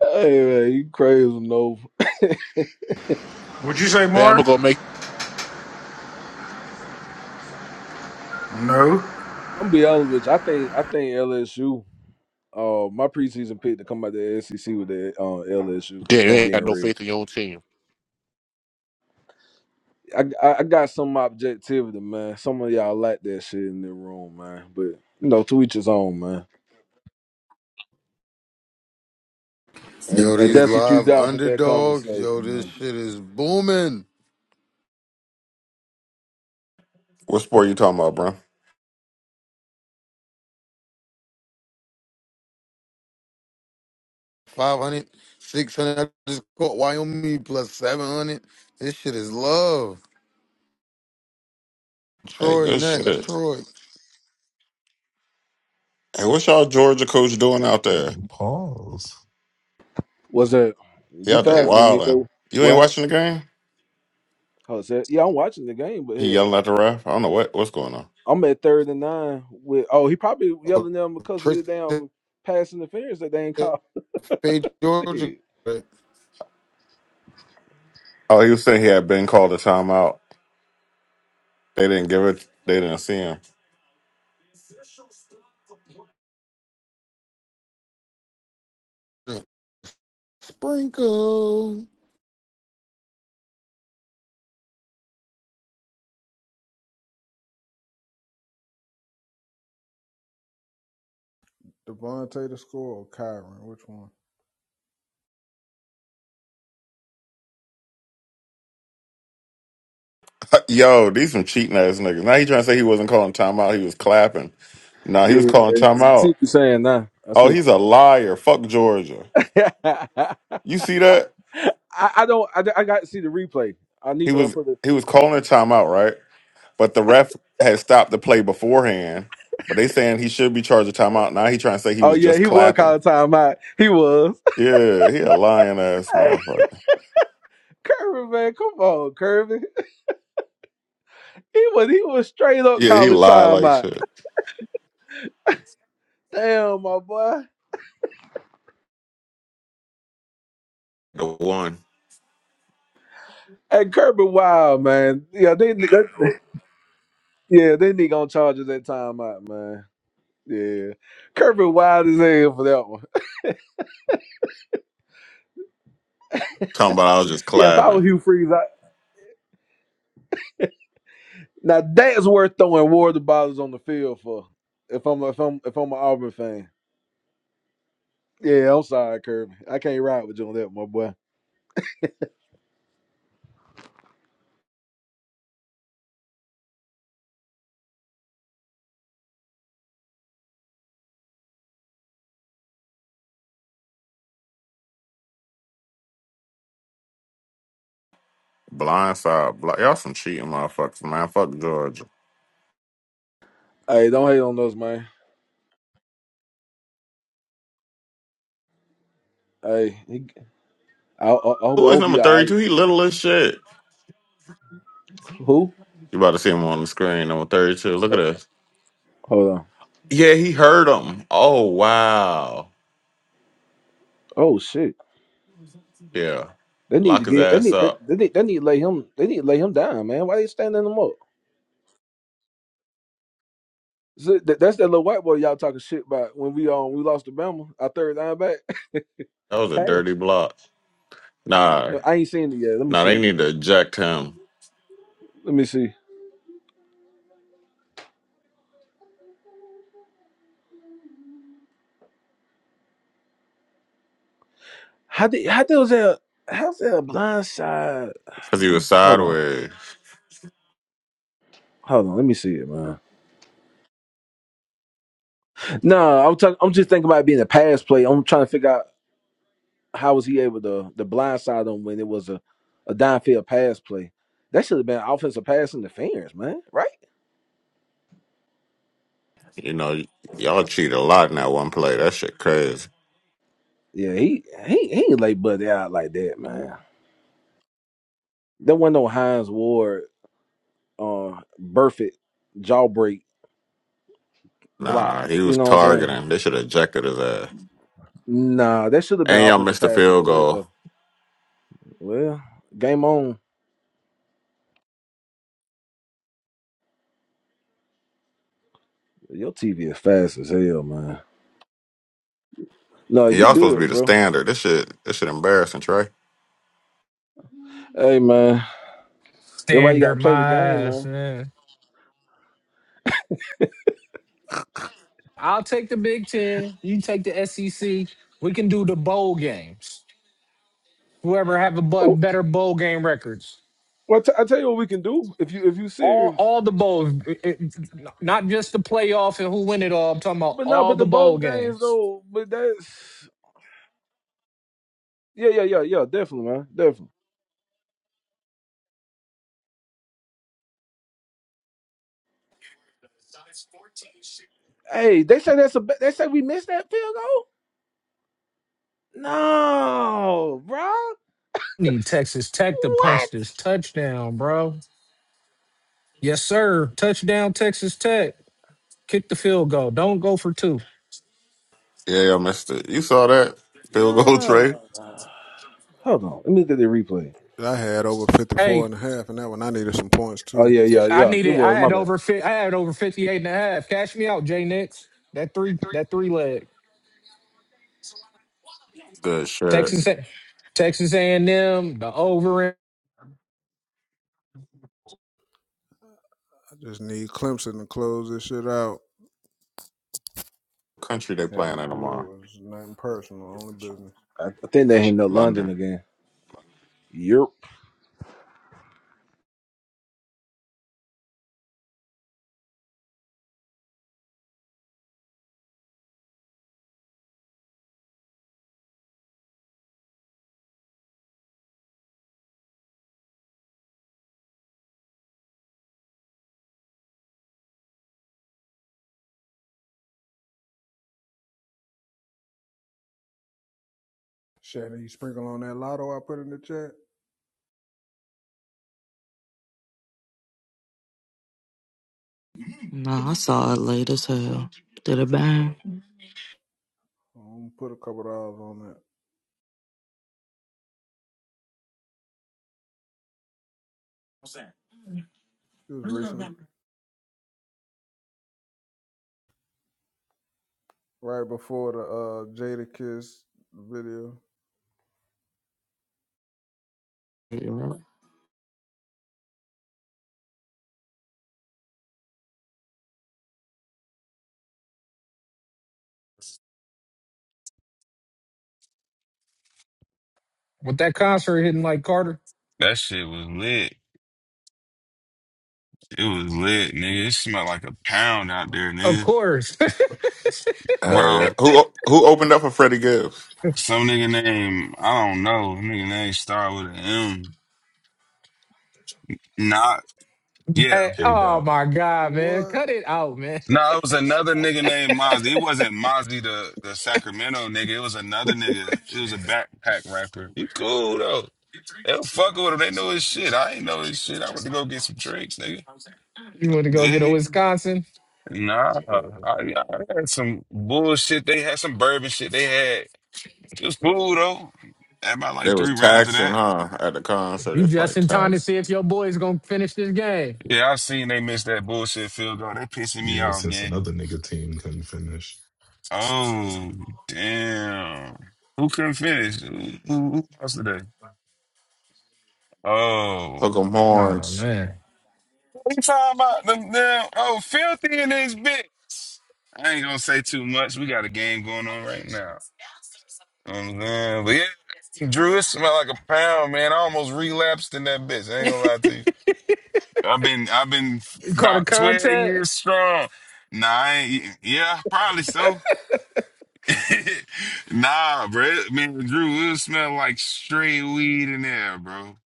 C: Hey man, you crazy Nova?
L: Would you say
F: Bama
L: more?
F: gonna make.
L: No.
C: I'm gonna be honest with you. I think I think LSU. Uh, my preseason pick to come out the SEC with the uh, LSU.
F: Damn, you
C: to
F: ain't
C: be
F: got
C: in
F: no
C: real.
F: faith in your own team.
C: I, I I got some objectivity, man. Some of y'all like that shit in the room, man. But you know, to each his own, man. And
Q: Yo,
C: and
Q: these
C: that's what you
Q: live
C: got from that
Q: underdogs.
C: conversation,
Q: Yo, this
C: man.
Q: shit is booming.
K: What sport you talking about, bro?
Q: 500, 600. I just caught Wyoming plus 700. This shit is love.
K: Hey,
Q: Troy
K: good
Q: next.
K: shit.
Q: Troy.
K: Hey, what's y'all Georgia coach doing out there?
G: Pause.
C: What's that?
K: He
C: You
K: out there
C: faster than me,
K: wilding.
C: though.
K: You ain't
C: what? hap-
K: watching the game?
C: Oh, said, yeah, I'm watching the game, but
K: He
C: hell,
K: yelling at the ref. I don't know what what's going on.
C: I'm at third and nine with. Oh, he probably
Q: Oh,
C: yelling at them because of
Q: Tracy
C: the damn pass interference that they ain't called.
Q: Fade Georgia.
C: Shit.
K: Oh, he was saying he had been called a timeout. They didn't give it. They didn't see him.
Q: Sprinkle.
M: Devontae to score or Kyron? Which one?
K: Yo, these some cheating ass niggas. Now he trying to say he wasn't calling timeout. He was clapping. Nah, he was
C: Yeah,
K: calling
C: I see
K: timeout.
C: what you're saying now. I
K: Oh,
C: see.
K: he's
C: What
K: a liar. Fuck Georgia.
C: you
K: You see that?
C: I, I don't. I, I got to see the replay. I need
K: He
C: for them to
K: was
C: put it.
K: he was calling a timeout, right? But the ref had stopped the play beforehand. But they saying he should be charged a timeout. Now he trying to say he
C: Oh
K: was
C: yeah,
K: just
C: he was
K: clapping.
C: calling time out. He was.
K: Yeah, he a lying ass
C: Hey,
K: motherfucker.
C: Kirby, man, come on, Kirby. He was he was straight up
K: Yeah, he
C: calling
K: lied
C: time
K: like
C: out.
K: shit.
C: Damn, my boy.
K: The one.
C: Hey, Kirby, wow, man. Yeah, they, they yeah they need gonna charge us that time out, man. Yeah, Kirby wild as hell for that one.
K: Talking about I was just
C: Yeah, if I was
K: clapping.
C: Hugh Freeze, I, now that's worth throwing water bottles on the field for. If I'm if I'm if I'm an Auburn fan, yeah, I'm sorry, Kirby. I can't ride with you on that, my boy.
K: Blindside. Bl- Y'all some cheating motherfuckers, man. Fuck Georgia.
C: Hey, don't hate on us, man. Hey, he, I, I, I hope
K: Who is
C: I'll be
K: number
C: all right.
K: 32? He little as shit.
C: Who?
K: You about to see him on the screen, number 32. Look at
C: Oh,
K: this.
C: hold on.
K: Yeah, he heard him. Oh, wow.
C: Oh shit.
K: Yeah.
C: They need to
K: Lock his
C: get. They
K: ass
C: need. They,
K: up.
C: they need. They need to lay him. They need to lay him down, man. Why they standing him up? So that, that's that little white boy y'all talking shit about when we um we lost to Bama, our third down back.
K: That was a
C: Cash.
K: dirty block. Nah.
C: I ain't seen it yet. Let me
K: Nah,
C: see
K: they
C: it.
K: need to eject him
C: Let me see. How did how did was that? How's that a blind side?
K: because he was
C: Hold on.
K: sideways.
C: Hold on. Let me see it, man. No, I'm talking. I'm just thinking about it being a pass play. I'm trying to figure out. how was he able to the blindside him when it was a, a downfield pass play? That should have been offensive pass interference, man. Right?
K: You know, y- y'all cheat a lot in that one play. That shit crazy.
C: Yeah, he he he ain't lay Buddy out like that, man. There wasn't no Hines Ward uh Burfitt jawbreak block.
K: Nah, he
C: You
K: was
C: know what I'm saying?
K: targeting. They should have ejected his ass.
C: Nah, that should have been
K: And y'all
C: offensive
K: missed the
C: pass
K: field
C: interference
K: goal.
C: though. Well, game on. Your TV is fast as hell, man. No,
K: And
C: you
K: y'all supposed to be
C: good,
K: the
C: bro.
K: standard. This shit, this shit embarrassing, Trey.
C: Hey man. That's why you
E: Standard
C: gotta play the
E: my
C: game,
E: ass,
C: man.
E: man. I'll take the Big Ten. You take the SEC. We can do the bowl games. whoever have a bu-
C: Oh,
E: better bowl game records.
C: Well, I t- I tell you what we can do if you if you
E: All
C: serious.
E: all the bowls, it- it- not just the playoff and who win it all. I'm talking about
C: But no,
E: all
C: but
E: the
C: the bowl
E: bowl
C: games
E: games.
C: though, but that's yeah, yeah, yeah, yeah, definitely, man, definitely. Hey, they say that's a ba- they say we missed that field goal. No, bro,
E: Need Texas Tech to
C: what?
E: punch this touchdown, bro. Yes, sir. Touchdown, Texas Tech. Kick the field goal. Don't go for two.
K: Yeah, I missed it. You saw that field goal, Trey.
C: No. Hold on, let me look at the replay.
M: I had over 54
E: Hey,
M: and a half, and that one I needed some points
C: Oh
M: too.
C: yeah,
E: c-
C: yeah,
E: I
C: yeah. It
E: needed.
C: was
E: I
C: my
E: had
C: bad.
E: over. fi- I had over 58 and a half. Cash me out, Jay Nix. That three. That three leg.
K: Good shit.
E: Texas. A- Texas A&M. The over in-
M: I just need Clemson to close this shit out.
K: Country they
M: Had the
K: playing in tomorrow?
M: Brewers, nothing personal, only business.
C: I, I think they hit up London
K: London.
C: again. Yep.
M: Shannon, you sprinkle on that lotto I put in the chat?
T: Nah, I saw it late as hell. Did it bang?
M: I'm gonna put a couple dollars on that. It was recently, right before the uh, Jada Kiss video.
E: with that concert hitting like Carter.
U: That shit was lit. It was lit, nigga. It smelled like a pound out there,
E: Of
U: nigga.
E: course.
K: Hell yeah.
U: Bro,
K: Who who opened up for Freddie Gibbs?
U: some nigga name, I don't know. Nigga name start with an M. Not, yeah.
E: Hey,
G: K
E: oh
G: dot.
E: my God, man.
M: What?
E: Cut it out, man.
U: No, it was another nigga named Mozzie. It wasn't Mozzie the, the Sacramento nigga. It was another nigga. It was a backpack rapper. He cool, though. They don't fuck with him. They know his shit. I ain't know his shit. I went to go get some drinks, nigga.
E: You want to go get a
U: They,
E: Wisconsin?
U: nah, I, I had some bullshit. They had some bourbon shit. They had. It was cool though. Had about
K: They
U: like
K: was
U: three rounds of
K: taxing,
U: that.
K: huh? At the concert,
E: You
K: it's probably
E: just in time to
K: tax.
E: see if your boy is going to finish this game.
U: Yeah, I seen they missed that bullshit field goal. That pissing me
G: Yeah,
U: off,
G: since
U: gang.
G: another nigga team couldn't finish.
U: Oh damn! Who couldn't finish? Who, who, who lost today? Oh,
K: Hook 'em
E: Oh,
K: horns.
E: man.
U: what you talking about them? Them oh, filthy in this bitch. I ain't gonna say too much. We got a game going on right now. You know what I'm saying? But yeah, Drew, it smelled like a pound, man. I almost relapsed in that bitch. I ain't gonna lie to you. I've been I've been
E: You caught a
U: about twelve
E: contact?
U: years strong. Nah, I ain't- yeah, yeah, probably so. nah, bro, man, Drew, it smell like straight weed in there, bro.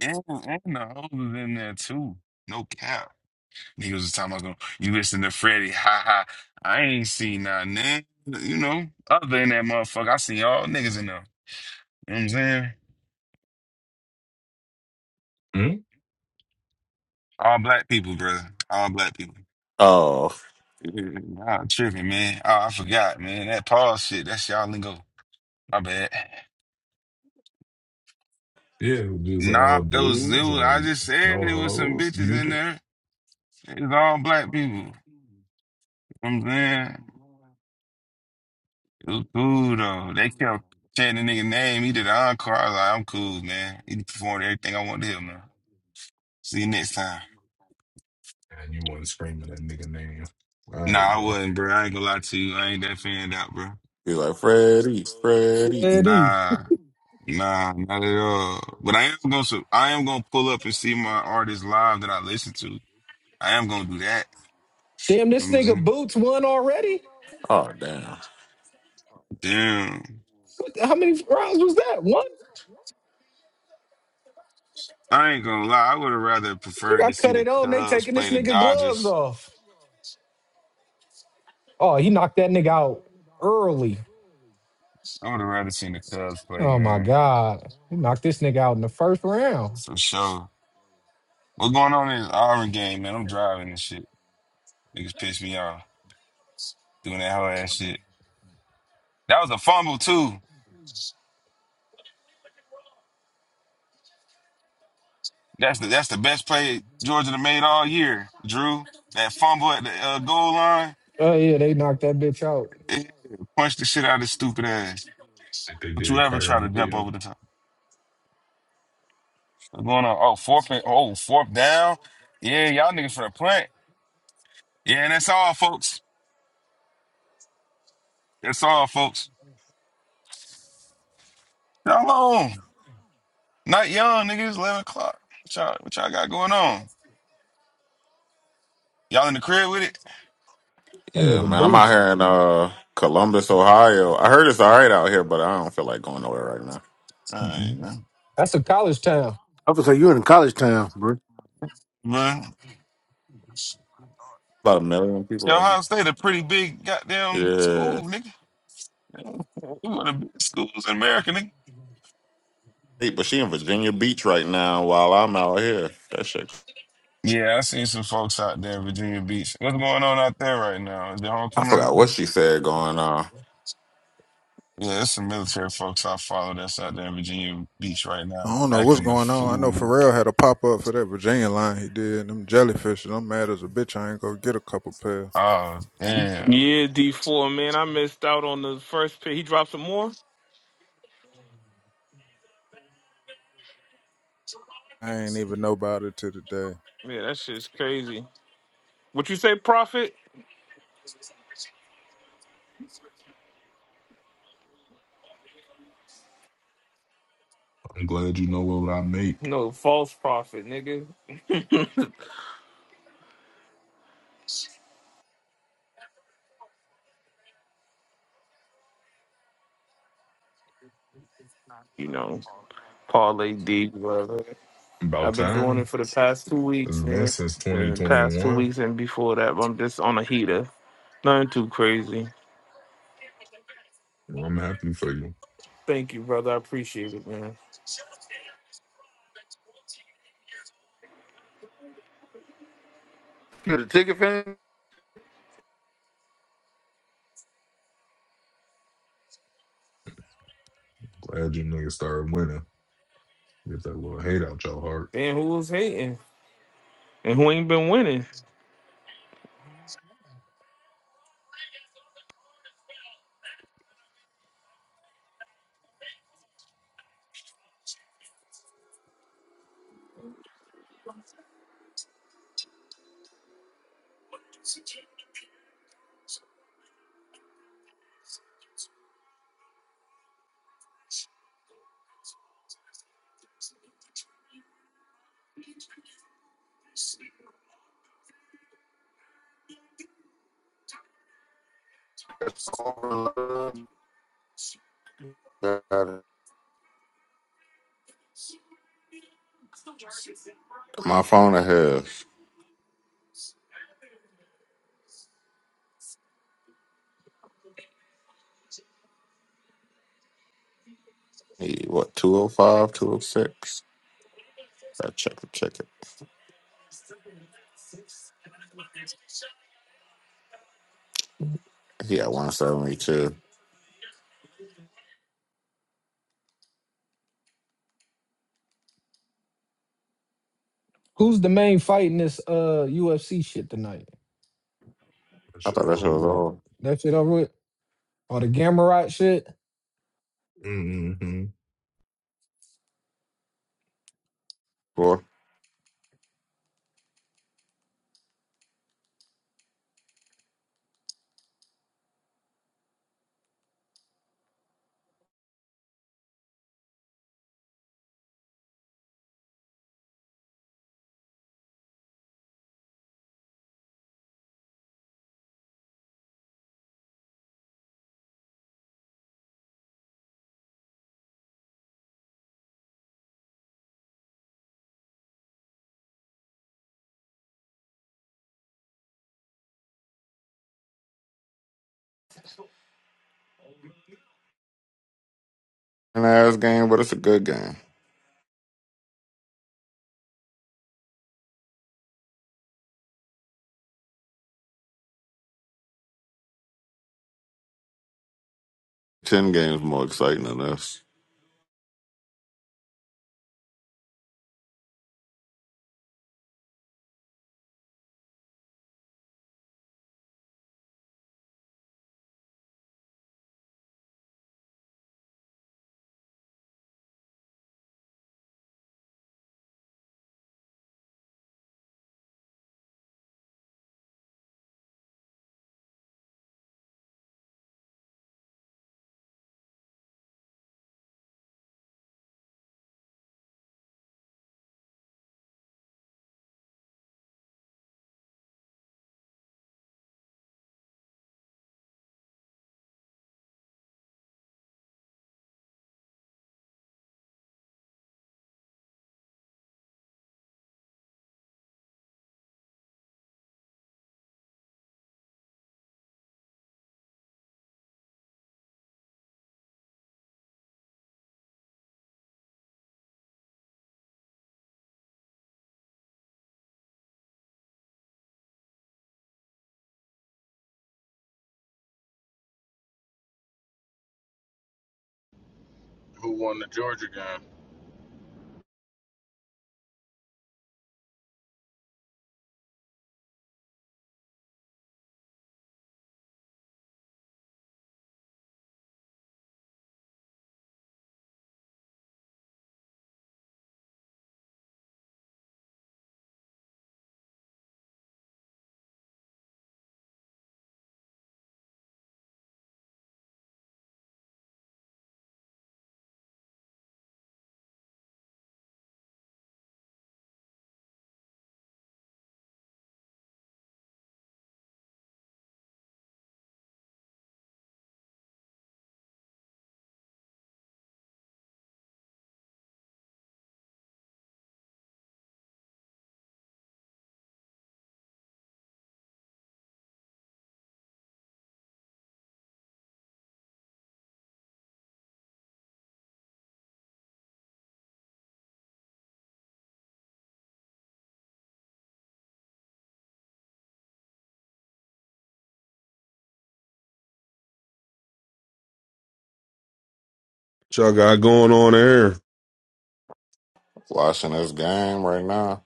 U: And, and the hoes was in there too. No cap. Niggas was talking about going, you listen to Freddie, ha ha. I ain't seen nothing, then. You know, other than that motherfucker, I seen all niggas in there. You know what I'm saying?
G: Hmm?
U: All black people, brother. All black people.
K: Oh,
U: Nah, I'm tripping, man. Oh, I forgot, man. That Paul shit, that's y'all lingo. My bad.
G: Yeah, it was
U: Nah,
G: all
U: it was, it
G: dudes,
U: was, I
G: like
U: just said
G: no
U: it was some
G: hoes.
U: bitches
G: You
U: in
G: do.
U: there. It was all black
G: All
U: people.
G: good things
U: You know what I'm saying?
G: from going
U: It was cool, though. They
G: through them.
U: kept
G: It's so
U: chanting the nigga name. He did an
G: funny,
U: encore.
G: and
U: I was like, I'm
G: That's why I
U: cool,
G: was out
U: man.
G: there,
U: He
G: man.
U: performed everything
G: It's
U: I
G: like,
U: wanted him,
G: it's
U: man.
G: not good.
U: See you next time.
G: You know, it's And you want to scream at that nigga name. All
U: Nah,
G: right,
U: I
G: bro.
U: wasn't, bro. I ain't gonna lie
G: they're
U: to you. I ain't that fanned out, bro.
K: he's like
G: like,
K: Freddie,
G: "Brody,
K: Freddie.
G: Brody,
E: Daddy.
U: Nah,
G: Brody."
U: nah, not at
G: Nah, no,
U: all. But I
G: uh,
U: am gonna,
G: but
U: su- I
G: you
U: am
G: know,
U: gonna
G: 'cause
U: pull
G: I'm
U: up and
G: gonna
U: see my
G: pull up and see
U: artists
G: my
U: live that I
G: artist live
U: listen
G: and
U: to. I am gonna do that.
E: Damn,
U: You know
E: this
U: what I'm
E: nigga
U: saying?
E: Boots won already?
K: Oh damn.
U: Damn.
E: What the- How many rounds was that? One?
U: I ain't gonna lie. I would have rather
E: They
U: preferred to
E: got
U: see
E: cut
U: the
E: it on. They
U: Cubs
E: taking
U: play
E: this
U: the
E: nigga gloves
U: Dodgers.
E: off. Oh, he knocked that nigga out early.
U: I would have rather seen the Cubs play,
E: Oh, my
U: man.
E: God. He knocked this nigga out in the first round.
U: For sure. What's going on in this Auburn game, man? I'm driving and shit. Niggas piss me off doing that whole ass shit. That was a fumble too. That's the that's the best play Georgia done made all year. Drew, that fumble at the uh, goal line,
E: Oh, yeah, they knocked that bitch out.
U: it punched the shit out of his stupid ass.
G: I Like they
U: Don't you
G: did
U: ever try
G: Kyron
U: to jump over
G: Williams.
U: the top. What's going on? Oh, fourth and oh, fourth down. Yeah, y'all niggas for the punt. Yeah, and that's all, folks. That's all, folks. Y'all long? Not young, niggas. Eleven o'clock. What y'all, what y'all got going on? Y'all in the crib with it?
E: That
K: Yeah,
E: nigga
K: man. I'm out
E: Boots.
K: here in uh Columbus, Ohio. I heard it's all right out here, but I don't feel like going nowhere right now.
U: All right, man.
E: That's a college town.
N: I was say you're in college town, bro.
U: But
K: About a million people
U: yeah,
K: out
U: Ohio State a pretty big goddamn
K: here.
U: school, nigga. We one of the big schools in America, nigga.
K: Hey, but she in Virginia Beach right now while I'm out here. That shit.
U: Yeah, I seen some folks out there in Virginia Beach. What's going on out there right now? Is there
K: I
U: homecoming? or
K: forgot
U: something?
K: what she said going on.
U: Yeah, there's some military folks I follow that's out there in Virginia Beach right
M: I
U: now,
M: don't know what's
U: acting the
M: going on. I know
U: fool.
M: Pharrell had a pop up for that Virginia line he did. Them jellyfish, and I'm mad as a bitch. I ain't gonna get a couple pairs.
U: Oh, damn.
O: Yeah, D4, man. I missed out on the first pick. He dropped some more?
M: I ain't even know about it till today.
O: Yeah, that shit's crazy. What you say, prophet?
G: I'm glad you know what I make.
O: No false prophet, nigga. You know, parlay D. Brother.
G: About
O: I've been doing it
G: time.
O: for the past two
G: It's
O: weeks,
G: been
O: man.
G: since
O: Been the past two
G: 2021.
O: weeks and before that, I'm just on a heater. Nothing too crazy.
G: I'm happy for you.
O: Thank you, brother. I appreciate it, man.
Q: You got a ticket, fan?
G: Glad you niggas started winning. Get that little hate out your heart.
O: Damn, who was hating and who ain't been winning?
Q: That's all.
K: My phone ahead. Hey, what, two o five two o six? I check the ticket. He at 172.
E: Who's the main fight in this uh UFC shit tonight?
G: That
K: I
G: shit
K: thought that shit
G: over
K: was
G: with.
K: all.
E: That shit over with? Or the Gamarot shit?
G: Mm-hmm.
K: Boy, an ass game, but it's a good game. 10 games more exciting than this.
J: Who won the Georgia game?
H: What y'all got going on there?
K: Watching this game right now.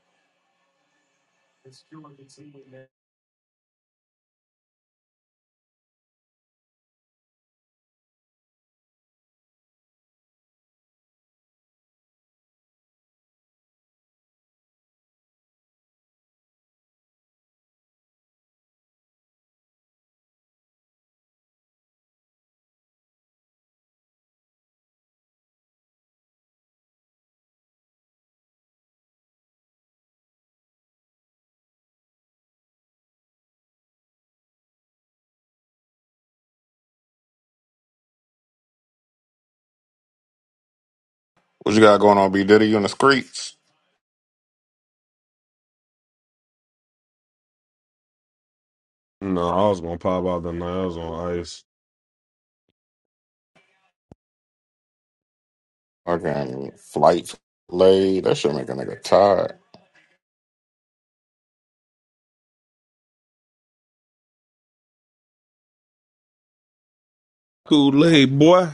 K: What you got going on, B Diddy? You in the streets?
H: No, I was gonna pop out the night. I was on ice.
K: Okay, flight late. That should make a nigga tired.
H: Kool Aid boy.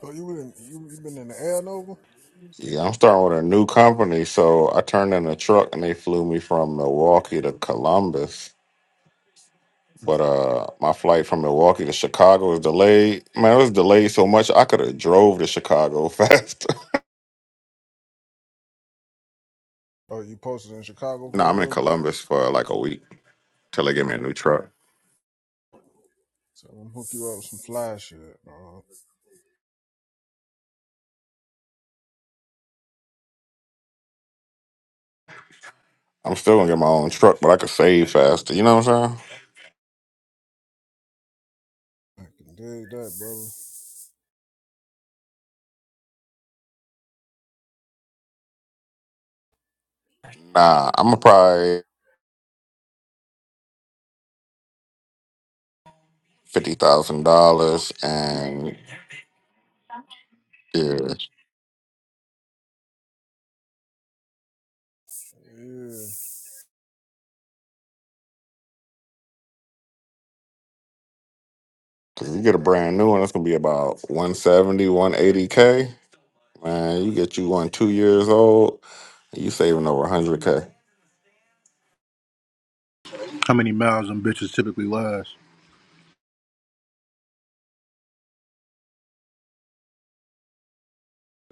M: Oh, you been you, you been in the air Nova?
K: Yeah, I'm starting with a new company, so I turned in a truck and they flew me from Milwaukee to Columbus. But uh my flight from Milwaukee to Chicago was delayed. Man, it was delayed so much I could have drove to Chicago faster.
M: Oh, you posted in Chicago
K: no,
M: for a
K: I'm in
M: little bit.
K: Columbus for like a week till they get me a new truck.
M: So I'm gonna hook you up with some fly shit. dawg.
K: I'm still gonna get my own truck, but I could save faster. You know what I'm saying?
M: I can dig that, brother.
K: Nah, I'm gonna probably fifty thousand dollars and yeah. 'cause you get a brand new one, It's gonna be about one seventy, one eighty K. Man, you get you one two years old, you saving over hundred k.
D: How many miles them bitches typically last?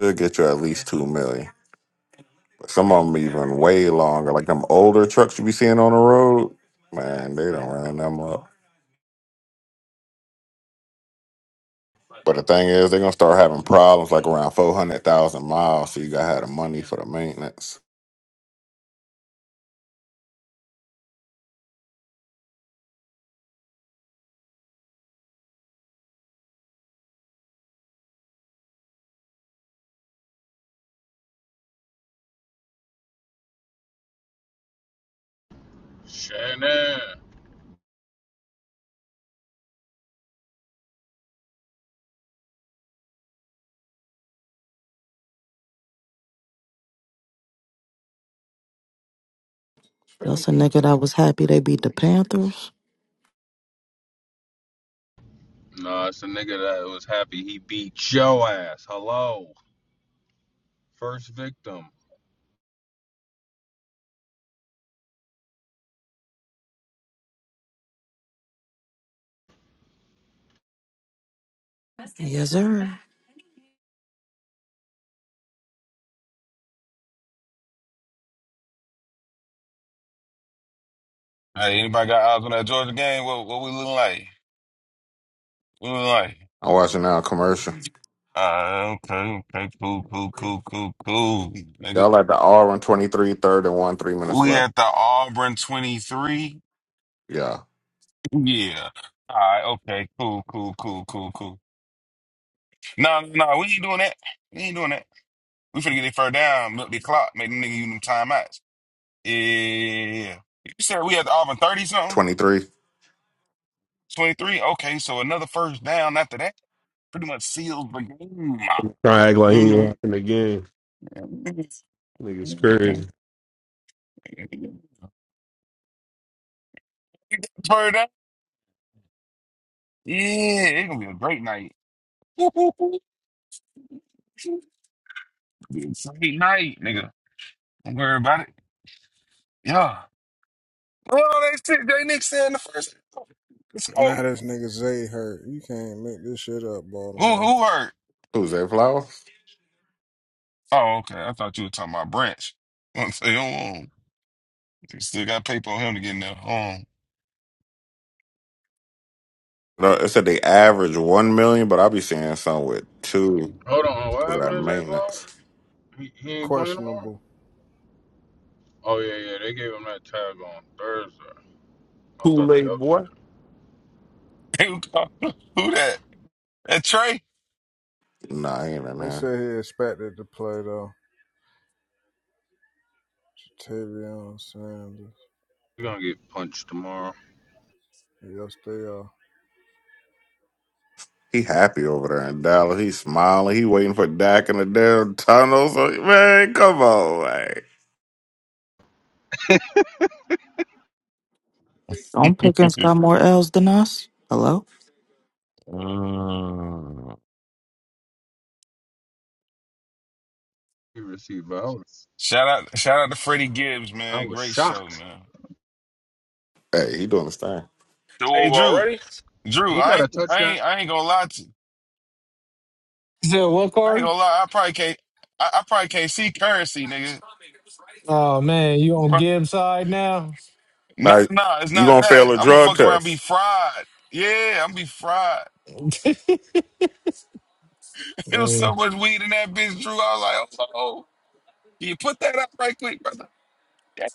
K: It'll get you at least two million. But some of them even way longer. Like them older trucks you be seeing on the road, man, they don't run them up. But the thing is, they're gonna start having problems like around four hundred thousand miles. So you gotta have the money for the maintenance.
J: Shannon.
T: That's a nigga that was happy they beat the Panthers.
J: No, it's a nigga that was happy he beat yo ass. Hello. First victim.
T: Yes, sir.
U: Hey, anybody got eyes on that Georgia game? What what we looking like? What We looking like?
K: I'm watching now a commercial.
U: Uh, okay, okay, cool, cool, cool, cool, cool,
K: Y'all
U: nigga.
K: like the R on one twenty three third and one three minutes
U: We
K: left.
U: at the Auburn 23?
K: Yeah,
U: Yeah. All right, okay, cool, cool, cool, cool, cool. No, no, no, we ain't doing that. We ain't doing that. We finna get their first down, milk the clock, make them nigga use them timeouts. Yeah, yeah, yeah. yeah. You said we at the Auburn 30 something?
K: twenty three.
U: 23. Okay, so another first down after that pretty much seals the game.
H: Try to act like he ain't
U: Mhm.
H: watching the game. Niggas
U: Okay.
H: crazy.
U: Turn it up. Yeah, it's gonna be a great night. Whoop, whoop, whoop. Be a Great night, nigga. Don't worry about it. Yeah. Oh, they said they Nick said in the first. Let's
M: Yeah. Now
U: go.
M: this nigga Zay hurt. You can't make this shit up,
U: Who
M: Baltimore.
U: who hurt?
K: Who's that? Flowers?
U: Oh, okay. I thought you were talking about Branch. I'm saying, oh, oh. You still got paper on him to get in there.
K: No, it said they average one million, but I be seeing some with two.
J: Hold on. What
K: because of
J: happened
K: that
J: to Zay Flowers?
K: maintenance.
J: He, he ain't playing tomorrow?
M: Questionable.
J: Oh, yeah, yeah. They gave him that tag on Thursday. I thought
H: Kool
J: they
H: Aid
J: updated
H: boy.
J: it.
U: Oh, who that? That Trey?
K: Nah, he ain't in
M: They
K: here.
M: say he expected to play though. Tavion Sanders.
J: He's going to get punched tomorrow.
M: Yes, they are.
K: He happy over there in Dallas. He smiling. He waiting for Dak in the damn tunnels. Like, Man, come on, man.
T: Don't Pickens got more L's than us. Hello?
U: Mm.
J: He received violence.
U: Shout out, shout out to Freddie Gibbs,
J: I
U: man.
J: was
U: Great show,
J: shocked.
U: man.
K: Hey, he doing his thing.
H: Do
U: Hey,
H: over
U: Drew,
H: already?
U: Drew,
J: He
U: I
J: got
U: ain't,
J: a
U: I
J: touchdown.
U: ain't, I ain't gonna lie to you.
E: You said what
U: I ain't
E: card?
U: gonna lie. I probably can't, I, I probably can't see currency, nigga.
E: Oh man, you on
U: Bro,
E: Gibbs side now?
U: Nah,
K: Like,
U: nah, it's
K: you
U: not
K: gonna
U: that.
K: fail a
U: I'm gonna
K: drug
U: fuck around, and be
K: test.
U: fried. Yeah, I'm be fried. It was
E: Yeah.
U: so much weed in that bitch, Drew. I was like, oh, oh, oh." can you put that up right quick, brother? Yeah,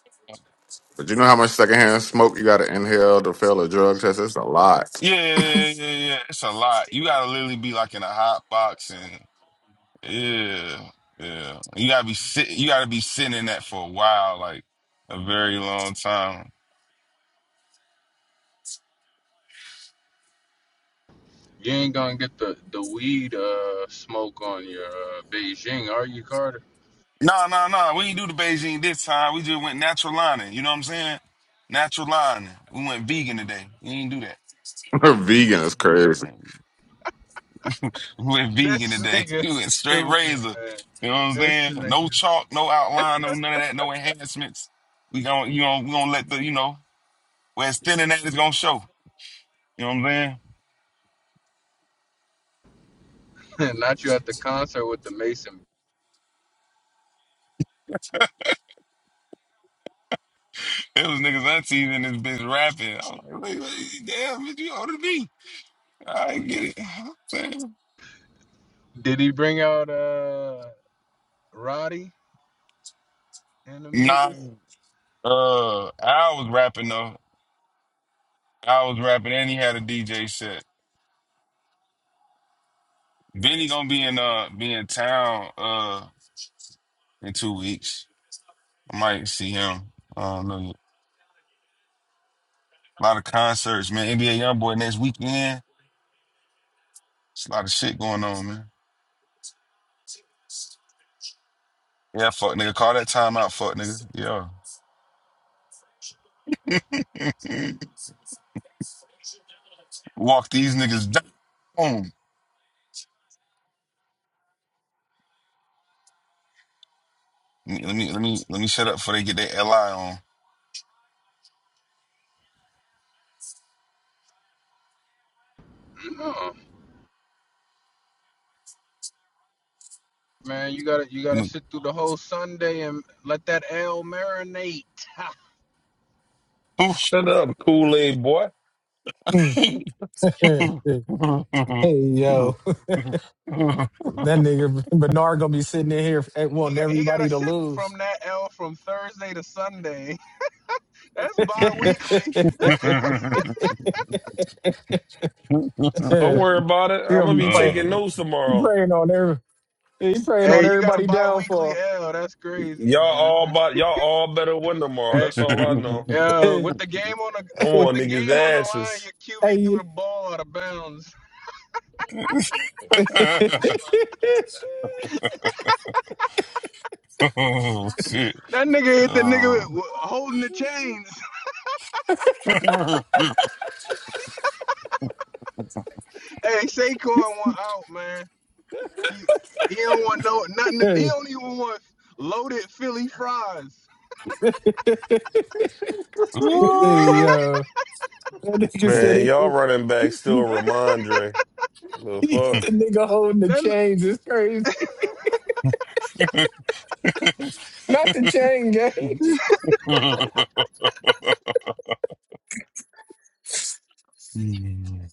K: But you know how much secondhand smoke you gotta inhale to fail a drug test? It's a lot.
U: yeah, yeah, yeah. yeah. yeah. It's a lot. You gotta literally be like in a hot box and. Yeah, yeah. You gotta be sit. You gotta be sitting in that for a while, like a very long time.
J: You ain't going to get the, the weed uh, smoke on your uh, Beijing, are you, Carter?
U: No, no, no. We didn't do the Beijing this time. We just went natural lining. You know what I'm saying? Natural lining. We went vegan today. We didn't do
K: Vegan is crazy.
U: that. We went vegan
J: This
U: today.
J: nigga
U: We went
J: is
U: straight
J: stupid,
U: razor.
J: man.
U: You know what I'm
J: This
U: saying? No
J: nigga's
U: chalk, no outline, no none of that, no enhancements. We gonna, you know, we gonna let the, you know, where it's thin and that is gonna show. You know what I'm saying?
J: not you at the concert with the Mason.
U: It was niggas aunties in this bitch rapping. I was like, wait, wait, damn, bitch, you older than me. I get it. I'm saying.
J: Did he bring out uh Roddy and them
U: Nah,
J: niggas?
U: uh, I was rapping though. I was rapping, and he had a DJ set. Benny gonna be in uh be in town uh in two weeks. I might see him. I don't know. yet. A lot of concerts, man. NBA YoungBoy next weekend. It's a lot of shit going on, man. Yeah, fuck nigga. Call that time out, fuck nigga. Yeah. Walk these niggas down. Let me let me let me let me shut up before they get their LI on.
J: No. Man, you gotta you gotta
U: Mm.
J: sit through the whole Sunday and let that L marinate.
H: Shut up, Kool Aid boy.
E: hey yo, that nigga Bernard gonna be sitting in here f-
J: he
E: wanting
J: got he gotta
E: everybody to
J: sit
E: lose.
J: from that L from Thursday to Sunday. That's
E: he
J: bi weekly.
U: Uh.
H: Don't worry
E: gonna
H: about it. I'm gonna
E: be
H: be
E: praying.
H: taking notes
E: He
H: tomorrow.
E: praying on every. He praying on
J: Hey, you got a
E: everybody
J: bi weekly
E: downfall.
J: L. That's crazy,
H: Y'all
J: man.
H: all about y'all all better win tomorrow.
J: Hey.
H: That's all I know.
J: Uh,
E: hey.
J: with the game on the
H: I'm
J: with
H: on
J: the
H: niggas
J: game on the line,
H: asses.
J: your QB threw the ball out of bounds.
U: oh shit.
J: That nigga hit the nigga
U: Oh.
J: with, with- holding the chains. hey, Saquon went out, man. He he don't want no nothing. to- He
E: hey.
J: don't even want loaded Philly fries.
E: Hey, yo, that nigga said
H: Man,
E: he,
H: y'all running
E: he,
H: back still
E: he
H: Ramondre. The
E: hit
H: fuck?
E: the nigga holding the
J: Then
E: chains. It's crazy. Not the
U: Ooh.
E: chain gang.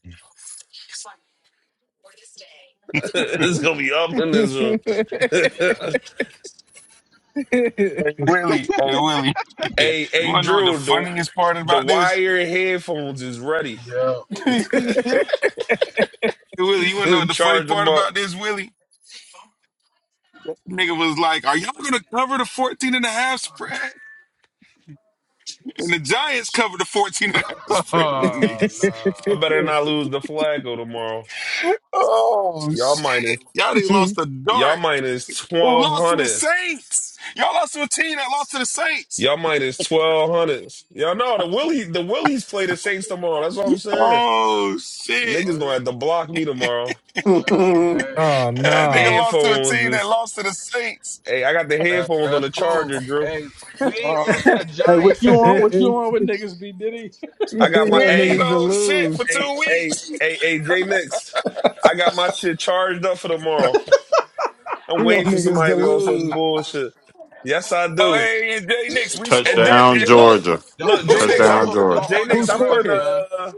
H: it's gonna be up in this room.
U: Hey Willie, hey Willie,
H: Hey,
U: you
H: hey,
U: wanna know what the
H: Drew, the
U: funniest part
H: the
U: about this?
H: wire headphones is ready.
J: yeah.
N: I,
U: Hey, Willie, you wanna know what the funny
H: Charge
U: part
H: them up.
U: about this, Willie? Nigga was like, are y'all gonna cover the 14 and a half spread? And the Giants covered the 14 and a half spread on them
J: Oh
U: niggas.
H: I
J: no.
H: better not lose the flago tomorrow.
U: Oh
H: Y'all minus,
U: shit. Y'all niggas lost the
H: y'all
U: dart.
H: minus
U: Who
H: twelve
U: lost to the
H: hundred.
U: Saints? Y'all lost to a team that lost to the Saints.
H: Y'all minus twelve hundred. Y'all know the Willie, the Willies play the Saints tomorrow. That's what I'm saying.
U: Oh shit.
H: Niggas
J: Oh, yeah.
H: gonna have to block me tomorrow.
J: Nah. Hey,
E: oh,
U: That nigga
E: no.
U: lost to a
H: Headphones
U: team that
H: is.
U: lost to the Saints.
H: Hey, I got the
J: that
H: headphones on
J: that's
H: the
J: cool.
H: charger, Drew.
J: Hey, we ain't
U: Oh,
J: lose to the
L: Hey, what you
J: Giants.
L: on? What you on with niggas? Be Diddy.
H: I got
E: he
U: he
H: my
E: want
U: ain't
H: hey,
E: niggas to
U: no shit
E: lose.
U: for
H: hey,
U: two
H: hey,
U: weeks.
H: hey, hey, J Nix. I got my shit charged up for tomorrow. I'm
E: He want
H: waiting for
E: niggas
H: somebody
E: to
H: to be on some
E: lose.
H: bullshit. Yes, I
U: Oh,
H: do.
U: hey, it's Jay Nix. We
H: And then
U: scored,
K: Touchdown,
U: nigga.
H: and
J: Don't
H: look,
K: Georgia.
J: don't
H: look,
U: Who
H: J
J: don't
H: Nix,
J: don't
H: I'm
U: scored?
K: Touchdown,
J: hold, don't
K: Georgia.
H: J
J: hold
E: Who
J: your
H: Nix, I'm
U: Who's...
E: scored
J: breath,
H: putting a
E: it?
J: man.
H: uh,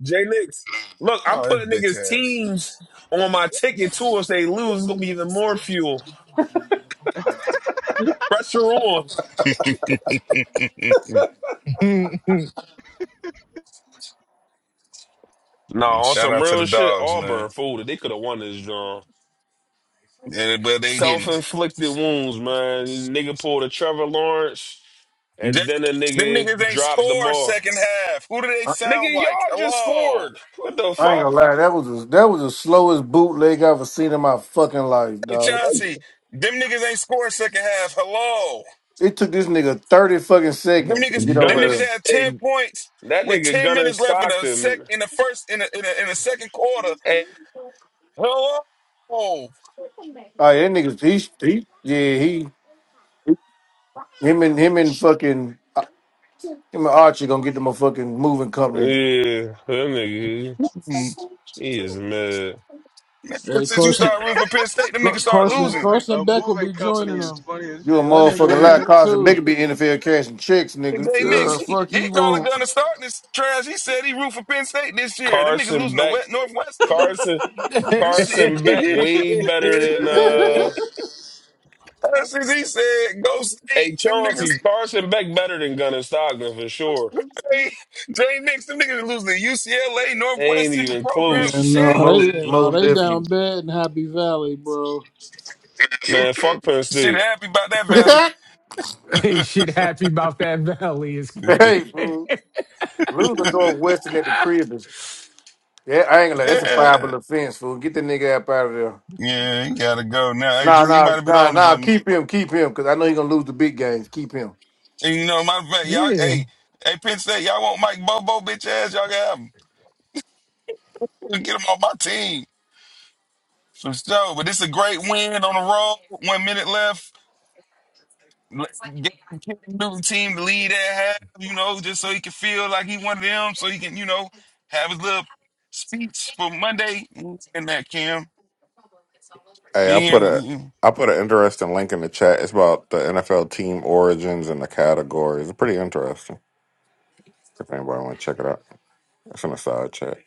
H: J Nix. Look, I'm
U: Oh,
H: putting
U: this
H: niggas teams on my ticket too. If they lose, it's gonna be even more fuel. Pressure on.
U: bitch
H: No,
U: ass.
H: on
U: Shout
H: some
U: out to the
H: real shit.
U: dogs, man.
H: Auburn folded. They could have won this draw.
U: Yeah, but they
H: Self
U: didn't.
H: inflicted wounds, man. Nigga pulled a Trevor Lawrence,
U: Jay
H: and then a
U: Nix, them niggas
H: nigga
U: ain't
H: dropped the
U: score
H: ball.
U: second half. Who do they sound
H: Nigga,
U: like?
H: y'all just
U: Hello.
H: scored. What the
N: I ain't gonna
H: fuck?
N: lie, that was a, that was the slowest bootleg I've ever seen in my fucking life,
U: Hey,
N: dog.
H: Like,
U: Chauncey, them niggas ain't score second half. Hello.
N: It took this nigga thirty fucking
U: Them
N: seconds to
U: niggas,
N: get over
U: them
H: Gunner,
U: niggas
N: there.
U: had 10
H: hey,
U: points
H: that
U: with
H: nigga
U: 10
H: Gunner
U: minutes left in the sec
H: Stockton.
U: in the first in the in the, in the second quarter.
H: Hey,
U: Hello.
N: Oh, yeah, that nigga, he, he, yeah, he, him and him and fucking, uh, Him and Archie gonna get the motherfucking moving company.
H: yeah, that nigga, he is mad.
L: Hey,
U: Since you
L: Carson,
U: start rooting for Penn State, them
L: Car-
U: niggas start
J: A
L: Carson,
U: losing.
J: moving
L: Carson
J: a
L: Beck will
J: moving
L: be
J: company
L: joining
J: is
L: them.
J: funny as
N: You a
L: Yeah,
J: shit.
L: that nigga
N: motherfucking lot
L: man
N: causing
L: too.
N: bigger be NFL cash and chicks, nigga.
U: Jay Nix,
L: Yeah,
U: he,
L: fuck
U: he
L: he
U: probably
L: won't.
U: gonna start this trash. He said he root for Penn State this year. Them niggas
H: Carson
U: losing to
H: Beck,
U: West Northwestern.
H: Carson,
U: This shit.
H: Carson Beck, way better than uh.
U: Ever Since he said go state,
H: Hey
U: them niggas
H: Chauncey, Carson Beck better than Gunner Stockton for sure.
U: stay. Jay Nix, them niggas losing to UCLA,
H: Ain't
U: Northwestern, the
H: even
U: program of
L: And
H: close.
L: no,
N: Most
U: champs.
L: they no,
N: most
L: they down
N: definitely.
L: bad in Happy Valley, bro.
H: Man, fuck Penn
U: Shit
H: State.
U: happy about that valley.
E: hey, shit happy about that valley is crazy.
N: hey, fool. Losing Northwestern at the crib is yeah, I ain't gonna lie, that's a
U: yeah.
N: fireable offense, fool. Get that nigga up out of there.
U: yeah, he gotta go now. Hey
N: Nah,
U: Drew, you
N: nah,
U: might have been
N: nah,
U: on to
N: nah.
U: something.
N: Keep him, keep him, cause I know he gonna lose the big games. Keep him.
U: And you know, matter of fact, y'all,
E: Yeah.
U: hey, hey, Penn State, y'all want Mike Bobo, bitch ass, y'all can have him. We can Get him on my team for sure. But this a great win on the road. One minute left. Let- Get the Cam Newton team to lead that half, you know, just so he can feel like he one of them, so he can, you know, have his little speech for Monday. And that Cam,
K: Hey, I
U: yeah,
K: put a I put an interesting link in the chat. It's about the NFL team origins and the categories. It's pretty interesting. If anybody want to check it out, it's in the side chat.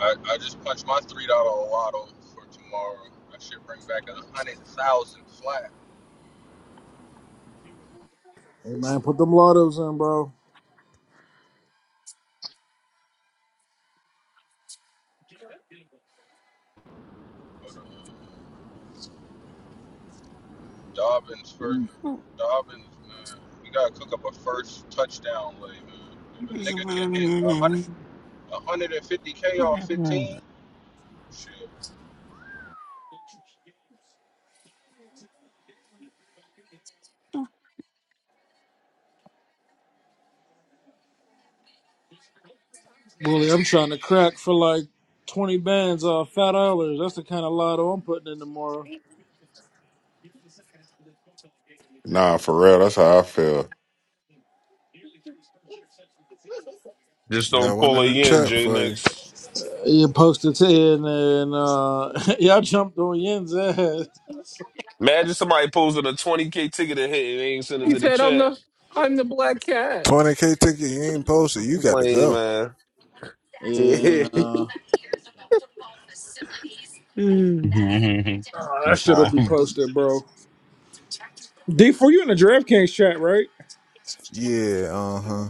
J: I, I just punched my three dollar lotto for tomorrow. I should bring back a hundred thousand flat.
L: Hey man, put them lottos in, bro.
J: But uh, Dobbins first, Dobbins man, we gotta cook up a first touchdown lay, man. If a nigga can hit a hundred, a hundred and fifty k off fifteen, shit.
L: Bully, I'm trying to crack for like 20 bands off five dollars. That's the kind of lotto I'm putting in tomorrow.
K: Nah, for real, that's how I feel.
H: Just
M: Got
H: don't
M: one
H: pull
M: in
H: a
M: the
H: yen,
M: chat
H: J
M: for you.
H: Nix.
L: You posted to in there and uh y'all jumped on Yen's ass.
H: Imagine somebody posting a 20K ticket and hit and they ain't send it
E: He
H: to the
E: said, I'm
H: chat.
E: the I'm the black cat.
M: 20k ticket you ain't posted. You got to go.
H: Lame,
L: And uh oh,
H: man.
U: we-
L: that shit'll be
U: time.
L: posted, bro. D 4 you in the DraftKings chat, right?
M: Yeah, uh huh.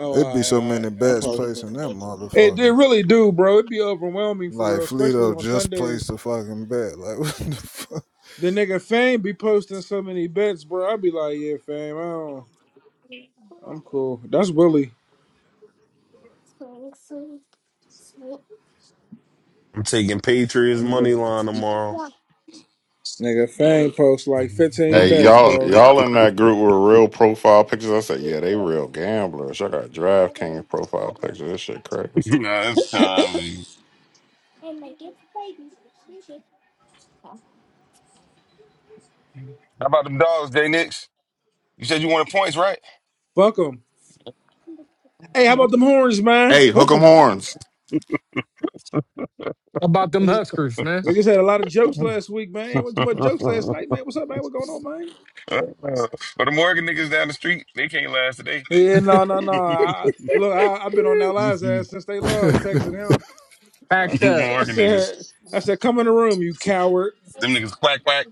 L: Oh,
M: It'd
L: all
M: be
L: right,
M: so
L: all right.
M: many
L: I
M: bets placed
L: probably
M: in that
L: it, it
M: motherfucker.
L: really do, bro. It'd be overwhelming for
M: Like
L: real, especially
M: Fleeto
L: on
M: just placed
L: Sundays.
M: a fucking bet. Like what the fuck?
L: The nigga Fame be posting so many bets, bro. I'd be like, yeah, Fame, I don't, I'm cool. That's Willie.
H: I'm taking Patriots money
L: Yeah.
H: line tomorrow.
L: Nigga, Fang posts
U: nah,
L: like 15
K: Hey,
L: bets,
K: y'all,
L: bro.
H: Uh,
K: y'all in that group with real profile pictures? I said, yeah, they real gamblers. I got DraftKings profile pictures. This shit crazy.
U: it's time. How about them dogs, Jay Nix? You said you wanted points, right?
L: Fuck 'em. Hey, how
U: No.
L: about them horns, man?
K: Hey, hook
L: Hook
K: 'em
L: 'em.
K: horns.
E: about them
L: Niggas,
E: Huskers, man.
L: niggas had a lot of jokes
U: but
L: last week, man. Went too much jokes last night, man. What's up, man? What going on, man?
U: them Oregon niggas down the street, they can't last today.
L: Yeah, no, no, no. I, I- look, I, I've been on that last
U: Them
L: ass since they lost, texting him. I
E: Packed
L: said,
E: up.
L: I
U: Oregon niggas.
L: said, I said, come in the room, you coward.
U: Them niggas quack quack.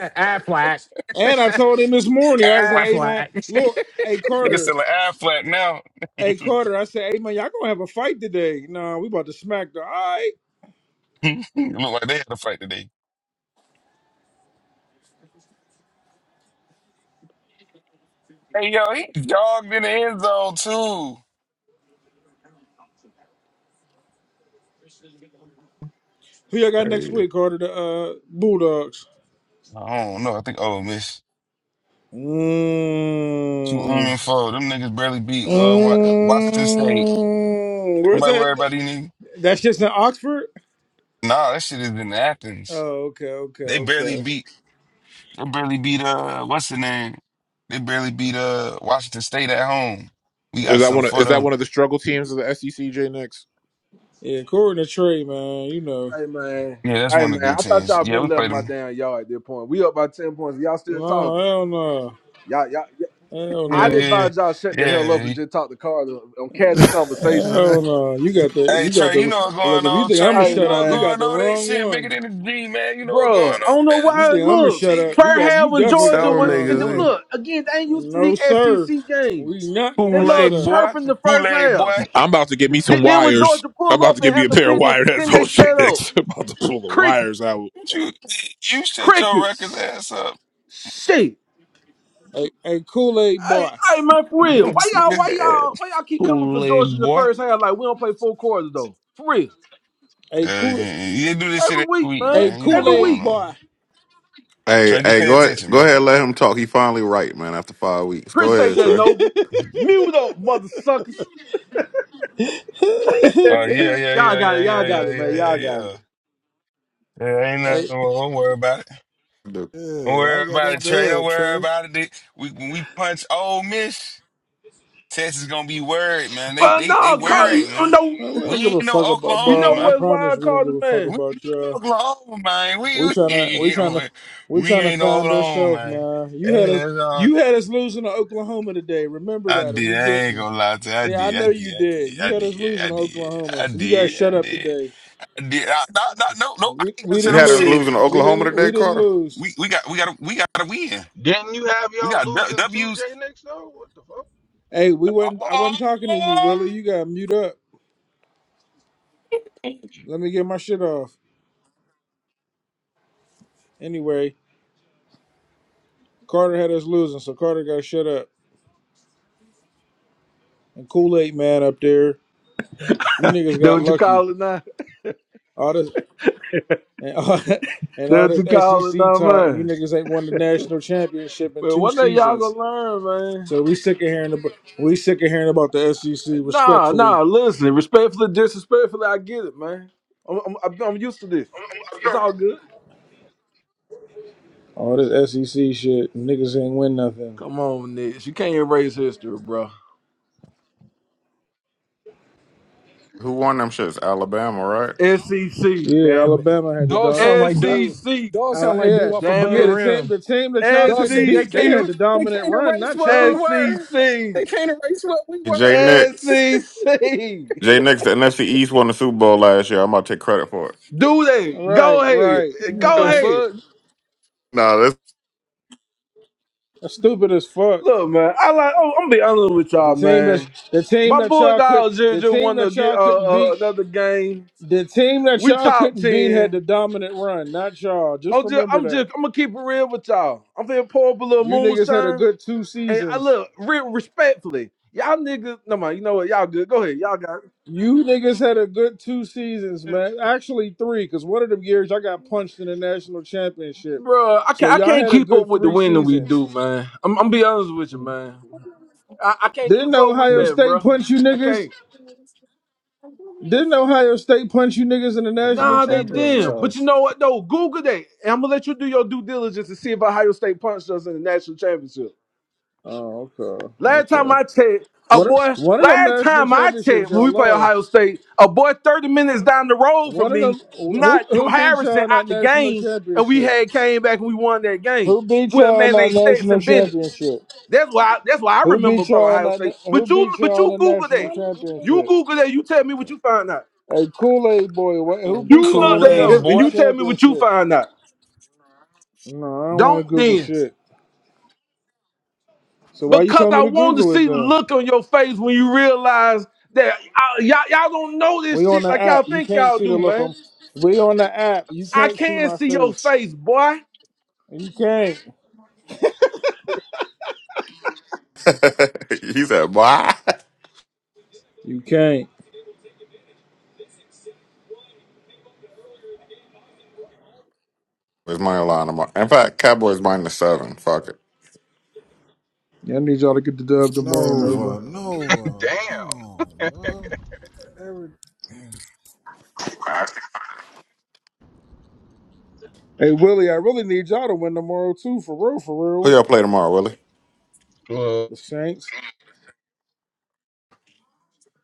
E: Aflac.
L: And I told him this morning,
U: Ah
L: I said,
U: flat.
L: hey, man,
E: Aflac.
L: look, hey,
U: Niggas
L: Carter,
U: selling ah flat now.
L: hey, Carter. I said, hey, man, y'all gonna have a fight today. Nah, we about to smack the, all right.
U: Look like they had a fight today. Hey yo, he jogged in the end zone too.
L: Who y'all got next
K: Hey,
L: week, Carter? The uh, Bulldogs.
U: I don't know. I think Ole miss. Two on
L: Mm.
U: and four. Them niggas barely beat uh Wa- Washington State.
L: Mm. Where's
U: Anybody
L: that?
U: worry about these niggas?
L: That's just in Oxford?
U: Nah, that shit is in Athens.
L: Oh, okay, okay,
U: They barely
L: okay.
U: beat. They barely beat uh what's the name? They barely beat uh Washington State at home. We
F: Is
U: got
F: that
U: something
F: one? Of,
U: for
F: is that
U: them.
F: one of the struggle teams of the SEC? J Nix.
L: Yeah, according to Trey, man, you know.
C: Hey man,
U: Yeah, that's
C: hey
U: one of
C: man.
U: the good
C: I thought
U: teams.
C: y'all
U: Yeah,
C: been
U: we
C: left
U: played
C: my
U: them.
C: damn yard at this point. We up by ten points. Y'all still
L: No,
C: talking?
L: hell no.
C: Y'all, y'all. y'all-
L: Hell
U: Yeah,
C: I'd
L: no.
U: yeah,
C: advise y'all shut the hell up
U: yeah.
C: and just talk to Carter on casual conversation.
L: Hell no. You got the
U: Hey
L: you got
U: Trey,
L: the
U: you
L: look
U: know what's going
L: if you
U: on,
L: think
U: Trey.
L: I'ma
U: You
C: Hey
U: know
L: shut up,
U: what's
L: you
C: man,
L: got
U: going
L: the
U: on. They
L: wrong
U: shit bigger
L: one.
U: than the G, man. You know what's
C: bro,
U: going
C: I don't
U: on,
C: know
U: man.
L: If
U: They
L: you
C: why.
U: shit
L: think
U: bigger
L: I'ma
U: than the
C: Look,
L: shut
U: G,
L: up,
C: Pearl
L: you got you
C: Harbor in
L: definitely got
C: Georgia
H: Tell
L: the
H: them
C: was,
L: wrong
C: and
H: niggas,
L: one.
C: look again. They ain't used to
L: No
C: the
L: sir.
C: SEC games.
L: We not
C: They
L: gonna
H: Kool
L: shut
C: love
H: Aid
L: up.
H: boy,
C: chirping the
U: man.
C: first
U: Kool-Aid
C: half.
U: boy.
F: I'm about to get me
C: Th-
F: some
C: Then when
F: wires.
C: Georgia
F: I'm
C: pull
F: about
C: up
F: to get
C: and
F: me a
C: handle
F: pair of
C: business,
F: wired
C: then they
F: headphones. J
C: shut up.
F: Nix. I'm about to pull the wires
C: Crickets,
F: out.
U: You you shut your records
C: crickets,
U: ass up,
C: shit.
L: A, a Kool-Aid
C: Hey,
L: boy.
C: hey man, for real. Why y'all,
U: nigga. Uh,
C: why y'all, why y'all keep coming for
H: Kool
C: Georgia
H: Aid
C: in the
H: boy,
C: first half? Like we don't play four quarters though. For real,
L: A
U: yeah,
L: cool
U: yeah, you do this shit
C: every
U: every
C: week,
U: week,
L: a
C: man,
U: man. You know what's
C: every
L: Kool-Aid
U: going
C: week.
L: boy.
U: on.
K: hey,
U: Trey, you
K: hey,
U: pay
K: go ahead,
U: attention,
K: go
U: man.
K: ahead, let him talk. He finally right, man. After five weeks, go
C: Appreciate
K: ahead,
C: that,
K: Trey.
L: hey,
C: Nova. Mute up, mother suckers.
U: Oh yeah, yeah,
C: Y'all
U: yeah,
C: got it.
U: yeah,
C: Y'all
U: yeah,
C: got
U: yeah,
C: it, man.
U: yeah, yeah,
C: Y'all got
U: yeah.
C: it.
U: Yeah, ain't nothing wrong.
L: I
U: Don't worry about it.
K: Dude.
U: Don't
M: yeah,
U: worry
M: I got
U: about it,
M: that
U: Trey. Don't
M: dub,
U: worry
M: Trey.
U: about it. We, when we punch Ole Miss, Texas gonna be worried, man. They
C: But
U: they they
C: no,
L: don't
C: call
L: know.
C: you
U: worried,
C: know
U: man.
C: no,
L: uh, we
U: We
L: don't give
U: ain't
L: a fuck
U: no
L: about,
C: you
U: Oklahoma,
C: know
L: bro. I
U: man.
C: what? Why I
L: promise we don't
C: called the
L: give a fuck
C: man?
U: We
L: about you.
U: Oklahoma, man. We
L: We
U: we
L: tryna, we tryna,
U: ain't,
L: we
U: we
L: tryna
U: ain't no
L: find
U: Oklahoma,
L: ourselves,
U: man.
L: man. You
U: That
L: had us,
U: is, uh,
L: you had us losing to Oklahoma today. Remember
U: I
L: that, and
U: did.
L: we
U: I ain't
L: didn't.
U: gonna lie to you. I
L: Yeah,
U: did.
L: I
U: I
L: know you did.
U: did. I
L: You had us
U: did. I
L: losing to
U: did. I
L: Oklahoma,
U: did. I
L: so you guys
U: did. I
L: shut
U: did.
L: up today.
U: I did. I, no, no, no, no. I
L: We
U: ain't gotta
L: we
K: You
U: set
L: didn't
U: up
K: had us
U: shit.
K: losing to
L: lose. We
K: Oklahoma
L: didn't
K: today,
L: we didn't
K: Carter.
L: lose.
U: We we got we got to we got to win.
J: Didn't you have
U: We
J: y'all
U: got
J: losing two
U: W's
J: J Nix though? What the fuck?
L: Hey, we wasn't. I wasn't talking to you,
U: Oh!
L: Willie. You got mute up. Let me get my shit off. Anyway. Carter had us losing, so Carter got shut up. And Kool Aid Man up there, you niggas
C: That
L: got
C: what you
L: lucky.
C: call it now?
L: All this and all, and
C: That
L: all
C: what
L: this
C: you call it
L: SEC
C: now,
L: talk, you
C: man?
L: niggas ain't won the national championship in
C: Well,
L: two
C: one day y'all
L: seasons.
C: gonna learn, man.
L: So we sick of hearing about we sick of hearing about the SEC.
C: Nah,
L: Respectfully,
C: nah. Listen, respectfully, disrespectfully, I get it, man. I'm I'm, I'm I'm used to this. It's all good.
L: all this SEC shit, niggas ain't win nothing.
C: Come on, Nick. You can't erase history, bro.
K: Who won them shits? Alabama, right?
C: SEC,
L: Yeah,
C: damn
L: Alabama had the
E: Dog
L: dog.
E: sound
C: it.
E: like
L: Uh,
E: dude.
C: SEC,
E: Dog sound
L: Ala-
E: like dude
L: yeah,
E: off
C: damn
E: above the
L: yeah,
C: it.
L: the team,
E: rim.
L: the team that y'all
E: Dog
L: couldn't
E: said they
L: beat, they
E: can't
L: had
C: SEC,
E: er-
L: the
E: they
L: dominant
E: can't
L: run,
E: erase
L: not
E: what we
L: y'all.
E: were.
C: SEC.
E: They can't erase what we
K: Jay
E: were.
K: Nix.
C: SEC.
K: Jay Nix, the NFC East won the Super Bowl last year. I'm about to take credit for it.
C: Do that. Go
L: Right, right.
C: ahead. Go
E: The
L: Okay.
C: ahead.
E: fuck?
K: No,
L: That's stupid as fuck.
C: Look, man. I like. Oh, I'm be honest with
L: The
C: y'all,
L: team that
C: man.
L: the team
C: My
L: that y'all could
C: Bulldogs just,
L: the
C: just
L: team
C: want to
L: that
C: get
L: y'all
C: uh,
L: couldn't
C: uh,
L: beat
C: another game.
L: the team that
C: We
L: y'all
C: top
L: couldn't beat had the
C: ten.
L: dominant run, not y'all. Just
C: I'm just,
L: remember
C: I'm
L: that.
C: just, I'm gonna keep it real with y'all. I'm finna pour up a little
L: You niggas had a
C: moonshine,
L: good two
C: and I
L: seasons.
C: look real respectfully. Y'all niggas, no man, you know what? Y'all good. Go ahead. Y'all got, it.
L: You niggas had a good two seasons, man. Actually three, because one of them years I got punched in the national championship.
C: Bruh, I
L: So
C: can't, I
L: y'all
C: can't
L: had a
C: keep up
L: good
C: with the
L: three
C: win that we
L: seasons.
C: do, man. I'm, I'm be honest with you,
N: Mm-hmm.
C: man. I, I can't keep
L: Didn't
C: up with
L: Ohio
C: that,
L: State
C: bro.
L: punch you
C: I
L: niggas?
C: can't.
L: Didn't Ohio State punch you niggas in the
N: Okay,
L: national
N: I'm,
C: Nah,
N: I'm
C: they
N: gonna put on the
L: championship?
C: didn't. But you
N: charge.
C: know what though? Google that. And I'm gonna let you do your due diligence to see if Ohio State punched us in the national championship.
L: Oh, okay.
C: Last time
L: Okay.
C: I checked, a
L: One, of-
C: boy.
L: one of them
C: Last
L: national
C: time I
L: championships
C: checked, when
L: y'all
C: we play Ohio
L: lost.
C: State, a boy 30 minutes down the road from
L: One of
C: me,
L: them, who
C: not
L: who beat
C: Harrison,
L: y'all in
C: out
L: that
C: the
L: national
C: game, and we
L: championship?
C: had came back and we won that game.
L: Who beat
C: Well,
L: y'all in
C: man, they
L: that
C: stats
L: national
C: and Bennett's.
L: championship?
C: That's why. that's why I
L: Who
C: remember
L: beat
C: from
L: y'all in
C: Ohio
L: that?
C: State.
L: na- Who
C: But you,
L: beat
C: but
L: y'all
C: you
L: in the
C: Google
L: national
C: that. You
L: championship?
C: Google that. You tell me what you find out.
L: Hey, Kool Aid boy, what, who beat
C: You
L: y'all
C: look
L: in
H: Kool
L: the
C: that
H: Aid
C: up,
N: Just
C: and
L: national
H: boy.
C: you tell me what you
L: championship?
C: find out.
L: No, I don't want to
C: Don't
L: Google
C: then,
L: shit. So why you
C: because
L: telling
C: I
L: me to
C: want to
L: Google it
C: see the
L: then?
C: look on your face when you realize that I- y'all y'all don't know
L: We
C: this
L: on
C: shit
L: the
C: like y'all
L: app. You
C: think
L: can't
C: y'all
L: see the
C: do,
L: look on.
C: man.
L: We on the app. You
C: I
L: can't see
C: can
L: my
C: see your
L: face.
C: face, boy.
L: You can't.
K: he said, "Why?"
L: You can't.
K: It's money line tomorrow. In fact, Cowboys minus seven. Fuck it.
L: I need y'all to get the dub tomorrow,
M: Nova,
L: Nova.
M: Nova, come
J: Damn.
M: on, bro. Every
L: Hey Willie, I really need y'all to win tomorrow too, for real, for
K: Who
L: real.
K: y'all play tomorrow, Willie?
J: Well,
L: The Saints.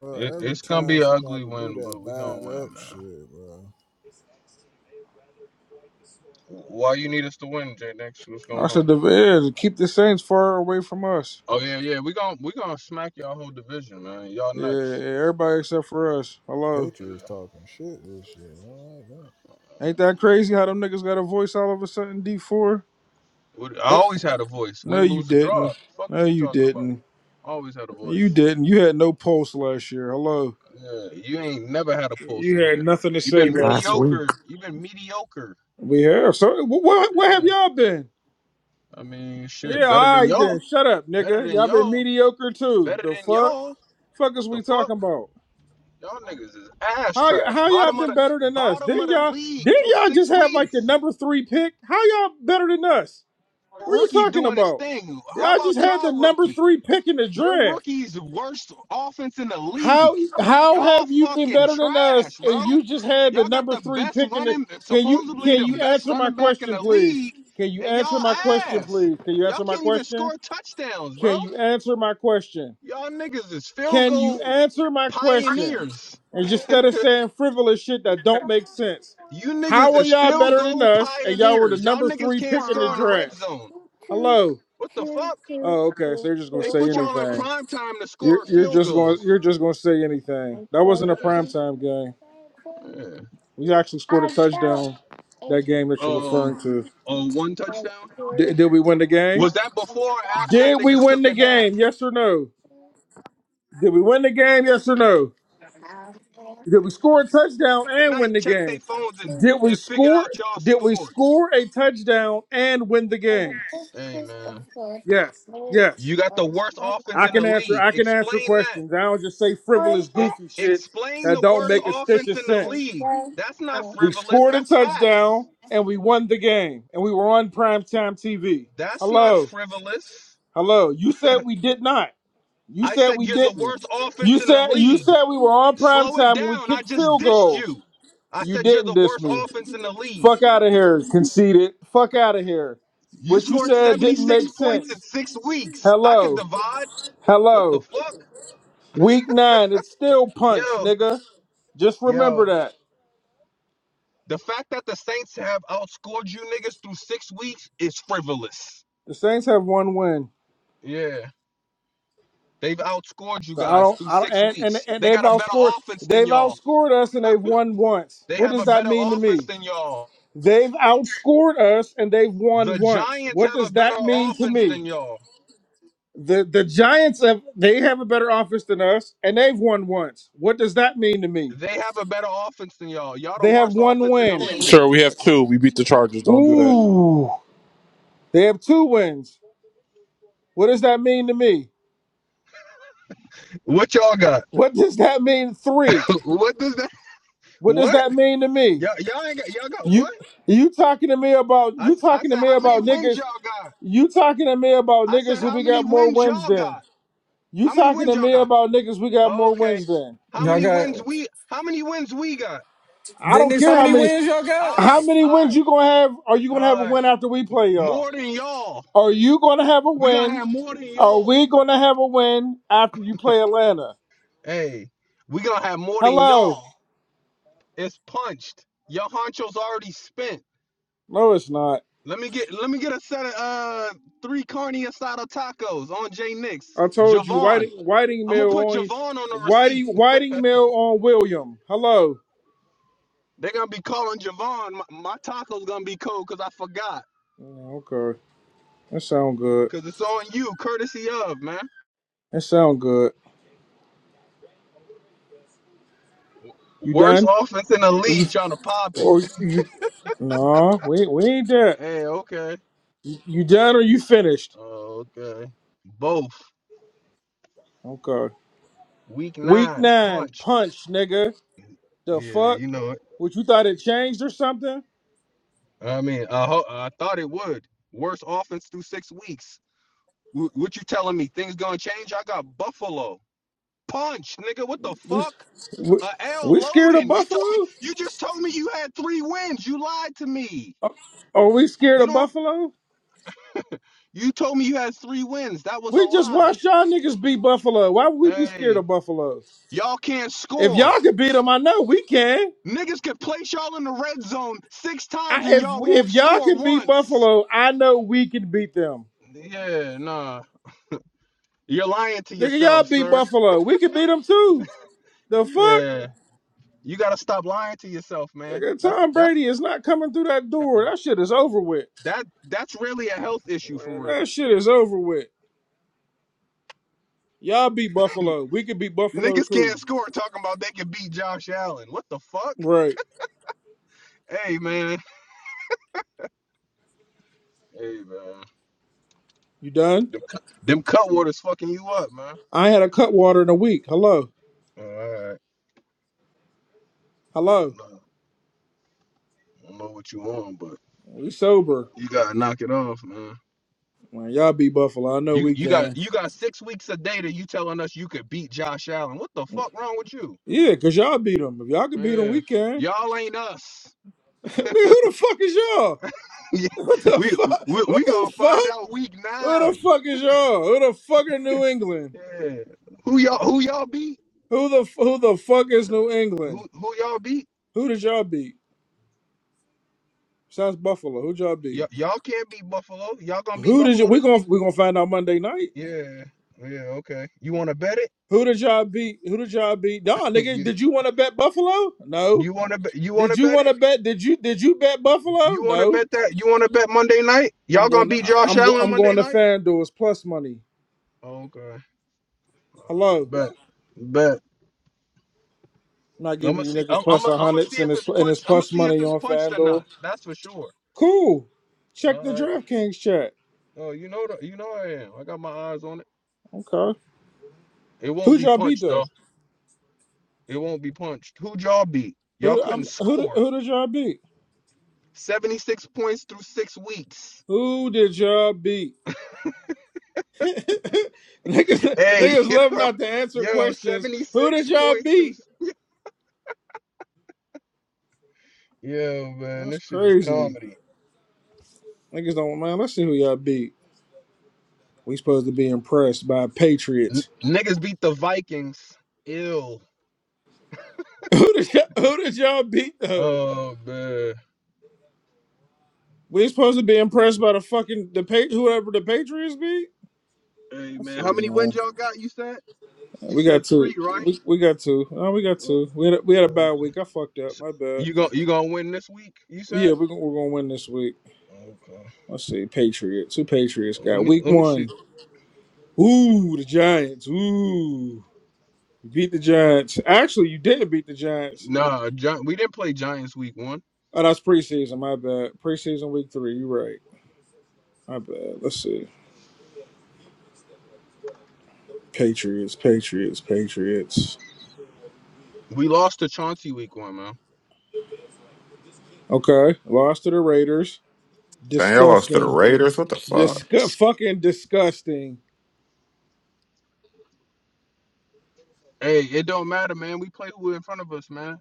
M: bro,
J: it,
M: every
J: it's gonna be
M: time
J: an ugly
M: somebody do
J: win, but
M: that,
J: we
M: buy
J: gonna
M: it
J: win,
M: up,
J: man.
M: shit, bro.
J: Why you need us to win, Jay? Next, what's
L: I
J: going on?
L: said the yeah, keep the Saints far away from us.
J: Oh yeah, yeah. We gon' we gonna smack y'all whole division, man. Y'all
L: Yeah,
J: next.
L: yeah, everybody except for us. Hello.
M: Patriots
J: Yeah.
M: talking shit this year. I don't like that.
L: Ain't that crazy how them niggas got a voice all of a sudden, D4?
J: What- I
L: They-
J: always had a voice.
L: No,
J: Win,
L: you
J: lose, or draw.
L: didn't.
J: Fuck
L: No,
J: is you
L: you
J: talking about?
L: didn't.
J: Always had a
L: You
J: voice.
L: didn't. You had no pulse last year. Hello.
J: Yeah, you ain't never had a pulse
L: You
J: in
L: had
J: here.
L: nothing to
J: you
L: say
J: been
L: last
T: Last
L: year.
T: week.
J: mediocre. you been mediocre.
L: We have. So wh- wh- where have
J: Yeah,
L: y'all been?
J: I mean, shit,
L: Yeah,
J: better
L: all
J: than
L: right
J: y'all.
L: then. Shut up,
J: Better
L: nigga.
J: than
L: Y'all been
J: y'all.
L: mediocre too.
J: Better
L: The
J: than
L: fuck?
J: y'all.
L: Fuck
J: What
L: is
J: the
L: we
J: fuck?
L: talking about?
J: Y'all niggas is ass
L: How
J: trash.
L: how y'all
J: Bottom of
L: been
J: the
L: better than us?
J: bottom of
L: Didn't
J: the
L: y'all
J: league
L: didn't
J: through
L: y'all just
J: six
L: have like the
J: weeks.
L: number three pick? How y'all better than us? What are you
J: rookie
L: talking
J: doing his
L: about?
J: thing. How
L: Y'all just
J: about
L: had the
J: y'all
L: number
J: rookie?
L: three pick in the
J: Your
L: draft.
J: rookie's the worst offense in the
L: How
J: league.
L: how
J: Y'all
L: have you been
J: fucking
L: better than
J: trash,
L: us?
J: bro.
L: And you just had the
J: Y'all got
L: number
J: the
L: three
J: best
L: pick in the
J: running,
L: can you
J: supposedly
L: can
J: the
L: you
J: best
L: answer my
J: running back in
L: question,
J: the
L: please?
J: league,
L: Can you
J: and
L: answer
J: y'all
L: my question,
J: ass.
L: please? Can you
J: Y'all
L: answer my
J: can't even
L: question?
J: score touchdowns, bro.
L: Can you answer my question?
J: Y'all niggas is field
L: Can you
J: goal
L: answer my question?
J: pioneers.
L: And just instead of saying frivolous shit that don't make sense,
J: You
L: how
J: niggas
L: are
J: is
L: y'all
J: field
L: better than
J: goal
L: us? And y'all were the
J: pioneers. Y'all
L: number
J: niggas
L: three
J: can't
L: pick in the
J: score in the red
L: draft.
J: zone.
L: Hello.
J: What the fuck?
L: Oh, okay. So you're just gonna
J: They
L: say
J: put y'all in
L: anything.
J: prime time to
L: You're
J: score
L: you're
J: field
L: just gonna
J: goals.
L: you're just gonna say anything. That
J: Yeah,
L: wasn't a primetime game.
J: yeah.
L: We actually scored a touchdown that game that you're
J: Uh, uh,
L: referring to.
J: one touchdown.
L: Did, did we win the game?
J: Was that before or after
L: Did we
J: niggas
L: win
J: took
L: the
J: a nap?
L: game? Yes or no? Did we win the game? Yes or no? Did we score a touchdown and
J: Tonight,
L: win the
J: check they
L: game?
J: phones and,
L: Did we
J: and figured
L: score?
J: out y'all
L: Did we
J: scored.
L: score a touchdown and win the game?
J: Hey, man.
L: Yes. Yes.
J: You got the worst offense
L: I
J: in the
L: can answer.
J: league.
L: I can answer
J: Explain
L: questions.
J: that.
L: I don't just say frivolous,
J: E-
L: goofy shit
J: explain
L: that
J: the
L: don't
J: worst
L: make a stitch
J: offense
L: of
J: in the
L: sense.
J: league. That's not
L: We
J: frivolous.
L: scored a
J: That's facts.
L: touchdown and we won the game, and we were on primetime TV.
J: That's not
L: Hello,
J: frivolous.
L: hello. You said we did not. You
J: I
L: said
J: said
L: we
J: you're the
L: didn't.
J: worst
L: You
J: offense in the
L: said you
J: league.
L: said we were on
J: Slow it
L: primetime when we
J: down. I
L: kicked
J: just
L: field
J: dissed
L: goals.
J: you. I
L: You
J: said you're
L: didn't
J: the
L: diss
J: worst
L: me.
J: offense in the league.
L: Fuck out of here, conceited. Fuck out of here.
J: You
L: What you
J: scored
L: said didn't
J: 76
L: make
J: points in
L: sense.
J: six weeks. I could
L: Hello.
J: divide. What the
L: Hello.
J: fuck?
L: Week nine. It's still punch,
J: Yo,
L: nigga. Just remember
J: yo.
L: that.
J: The fact that the Saints have outscored you niggas through six weeks is frivolous.
L: The Saints have one win.
J: Yeah. They've outscored you
L: So I
J: guys
L: don't
J: through
L: I don't
J: six
L: and, and,
J: weeks.
L: and
J: They
L: they've
J: got a better
L: outscored
J: offense than
L: they've
J: y'all.
L: outscored us and they've won once.
J: They
L: What
J: have a
L: does that
J: better
L: mean to
J: offense
L: me?
J: than y'all.
L: They've outscored us and they've won
J: The
L: once.
J: Giants
L: What
J: have a
L: does
J: better
L: that mean to
J: offense
L: me?
J: than y'all.
L: The the Giants have they have a better offense than us and they've won once. What does that mean to me?
J: They have a better offense than y'all. Y'all the
L: They have
J: worst
L: one
J: offense in the
L: win.
J: league.
F: Sure, we have two. We beat the Chargers. Don't do that.
L: Ooh. They have two wins. What does that mean to me?
J: What y'all got?
L: What does that mean? Three.
J: what does that?
L: What does
J: What?
L: that mean to me?
J: Y'all, y'all ain't got. Y'all got what?
L: You you talking to me about
J: I,
L: you
J: s- I
L: talking to
J: said,
L: me
J: how many
L: about
J: wins
L: niggas?
J: y'all got?
L: You talking to me about
J: I
L: niggas
J: said,
L: who
J: how
L: we
J: many
L: got more
J: wins
L: wins
J: y'all
L: than?
J: got?
L: You
J: How many
L: talking
J: wins
L: to
J: y'all
L: me
J: got?
L: about niggas we got more
J: Okay.
L: wins than?
J: How
E: Y'all
J: many
E: got
J: wins we? How many wins we got?
L: I
E: then
L: don't
E: there's
J: All
L: care
E: how
L: how
E: many
J: right,
L: many
E: wins y'all
J: all
E: got?
L: how
J: right,
L: many
J: all
L: wins
J: right,
L: you gonna have. Are you gonna have a
J: all right.
L: win after we play y'all?
J: More than y'all.
L: Are you gonna have a
J: We gonna
L: win?
J: have more than
L: Are
J: y'all.
L: we gonna have a win after you play Atlanta?
J: Hey, we gonna have more than
L: Hello.
J: y'all. It's punched. Your honcho's already spent.
L: No, it's not.
J: Let me get let me get a set of uh three carne asada tacos on J Nix.
L: I told you,
J: Javon.
L: Whiting, Whiting
J: I'm gonna
L: Mill
J: put
L: on
J: Javon on the receipt.
L: Whiting, Whiting Mill on William. Hello.
J: They're gonna be calling Javon. My, my taco's gonna be cold because I forgot.
L: Yeah, okay, that sound good.
J: Cause it's on you, courtesy of man.
L: That sound good. You
J: Worst
L: done?
J: offense in the
L: Or you?
J: league trying to pop it.
L: Or you? No, we we ain't done.
J: Hey, okay.
L: You, you done or you finished?
J: Oh, okay. Both.
L: Okay.
J: Week
L: Week
J: nine,
L: nine
J: punched.
L: punch, nigga. The
J: Yeah,
L: fuck?
J: you know it.
L: What you thought it changed or something?
J: I mean, I, ho- I thought it would. Worst offense through six weeks. Wh- what you telling me? Things gonna change? I got Buffalo. Punch, nigga. What the
L: We
J: fuck?
L: we,
J: A L
L: we scared
J: loading.
L: of
J: You told me.
L: Buffalo?
J: You just told me you had three wins. You lied to me.
L: Are we scared
J: You
L: of
J: don't.
L: Buffalo?
J: You told me you had three wins. That was a
L: We just
J: lie.
L: watched y'all niggas beat Buffalo. Why would we be scared
J: Hey,
L: of Buffalo?
J: y'all can't
L: If
J: score.
L: y'all can beat them, I know we can.
J: Niggas could place y'all in the red zone six
L: I,
J: times and
L: if
J: y'all won't
L: if y'all
J: score
L: can beat
J: once.
L: Buffalo, I know we can beat them.
J: Yeah, nah. You're lying to
L: Nigga, y'all
J: yourself,
L: beat
J: sir.
L: Buffalo. We can beat them too. The fuck?
J: Yeah. You gotta stop lying to yourself, man.
L: Nigga,
J: That's
L: Tom
J: that's
L: Brady is not coming through that door. That shit is over with.
J: that that's really a health issue for
L: Man,
J: real.
L: that shit is over with. Y'all beat Buffalo. We could beat Buffalo
J: Niggas
L: too.
J: can't score talking about they can beat Josh Allen. What the fuck?
L: Right.
J: Hey man. Hey man.
L: You done?
J: Them, cu- them cut fucking you up, man.
L: I had a cut water in a week. Hello.
J: All right. Oh,
L: Hello.
J: No. I don't know what you on, but
L: We sober.
J: you gotta knock it off, man.
L: Man, y'all beat Buffalo. I know
J: You
L: we
J: you got
L: can.
J: you got six weeks of data. You telling us you could beat Josh Allen? What the fuck wrong with you?
L: Yeah, because y'all beat them. If y'all could beat them,
J: Yeah,
L: we can.
J: y'all ain't us.
L: Nigga, who the fuck is y'all?
J: Yeah,
L: What the
J: we,
L: fuck?
J: we we
L: What
J: gonna
L: the fuck?
J: find out week
L: Who the
J: nine.
L: fuck is y'all? Who the fuck is New England?
J: Yeah, who y'all who y'all beat?
L: Who the f- who the fuck is New
J: Who
L: England?
J: who y'all beat?
L: Who did y'all beat? Besides Buffalo, who y'all
J: Y-
L: beat?
J: y'all can't beat Buffalo. Y'all gonna beat
L: Who did you?
J: Buffalo
L: We
J: this
L: gonna
J: week?
L: we gonna find out Monday night.
J: Yeah, yeah, okay. You wanna bet it?
L: Who did y'all beat? Who did y'all beat? Nah, nigga,
J: you
L: did you want to bet Buffalo? No.
J: you wanna bet? You
L: Did
J: wanna
L: you
J: bet
L: want
J: it?
L: to bet? Did you did you bet
J: You
L: Buffalo?
J: wanna
L: No.
J: bet that? You wanna bet Monday night?
L: I'm
J: Y'all gonna
L: going.
J: beat Josh
L: I'm go-
J: Allen
L: I'm going
J: Monday
L: to
J: night?
L: FanDuel's plus money.
J: Okay. All right.
L: Hello.
J: Bet. Bet.
L: I'm not
J: I'm
L: giving
J: gonna
L: you
J: see. I'm.
L: niggas
J: I'm.
L: plus
J: Gonna,
L: a
J: I'm gonna see
L: hundreds and
J: if
L: it's
J: it's
L: and it's
J: punched. I'm gonna
L: plus
J: see if
L: money
J: it's
L: on
J: punched or not.
L: FanDuel.
J: That's for sure.
L: Cool. Check
J: All
L: the
J: right.
L: DraftKings chat.
J: Oh, you know the, You know I am. I got my eyes on it.
L: Okay.
J: It won't
L: Who
J: be
L: y'all beat
J: punched
L: though?
J: though. It won't be punched. Who'd y'all beat? Y'all
L: Who
J: couldn't
L: I'm, who did-
J: score.
L: who did y'all beat?
J: 76 points through six weeks.
L: Who did y'all beat? niggas,
J: Hey,
L: niggas love
J: yo,
L: not to answer
J: yo,
L: questions. Who did
J: 76
L: y'all
J: points through.
L: beat?
J: s- Yo, man,
L: That's
J: this shit is
L: crazy.
J: comedy.
L: Niggas don't man. Let's see who y'all beat. We supposed to be impressed by
J: N-
L: Patriots.
J: niggas beat the Vikings. Ill.
L: Who did y'all, who did y'all beat though?
J: Oh, man.
L: We supposed to be impressed by the fucking the pa- whoever the Patriots beat.
J: Hey
L: I
J: man,
L: see,
J: how many wins
L: man.
J: y'all got? You said
L: Uh,
J: you
L: We
J: said
L: got
J: three,
L: two.
J: right?
L: We, we got two. Oh, we got
J: Uh,
L: two. We had a, we had a bad
J: okay.
L: week. I fucked up.
J: So
L: My bad.
J: you going you gonna win this week? You said.
L: Yeah, we're gonna, we're gonna win this week.
J: Okay.
L: Let's see, Patriots. Who Patriots
J: Let
L: got?
J: me
L: Week
J: let me see.
L: one. Ooh, the Giants. Ooh, you beat the Giants. Actually, you didn't beat the Giants.
J: Nah, Gi- we didn't play Giants week one.
L: Oh, that's preseason. My bad. Preseason week three. You're right. My bad. Let's see. Patriots. Patriots. Patriots.
J: We lost to Chauncey week one, man.
L: Okay, lost to the Raiders.
K: Dang, y'all lost to the
L: Disgusting.
K: Raiders. What the fuck?
L: Disgust. Fucking disgusting
J: Hey, it don't matter, man. We play who in front of us, man.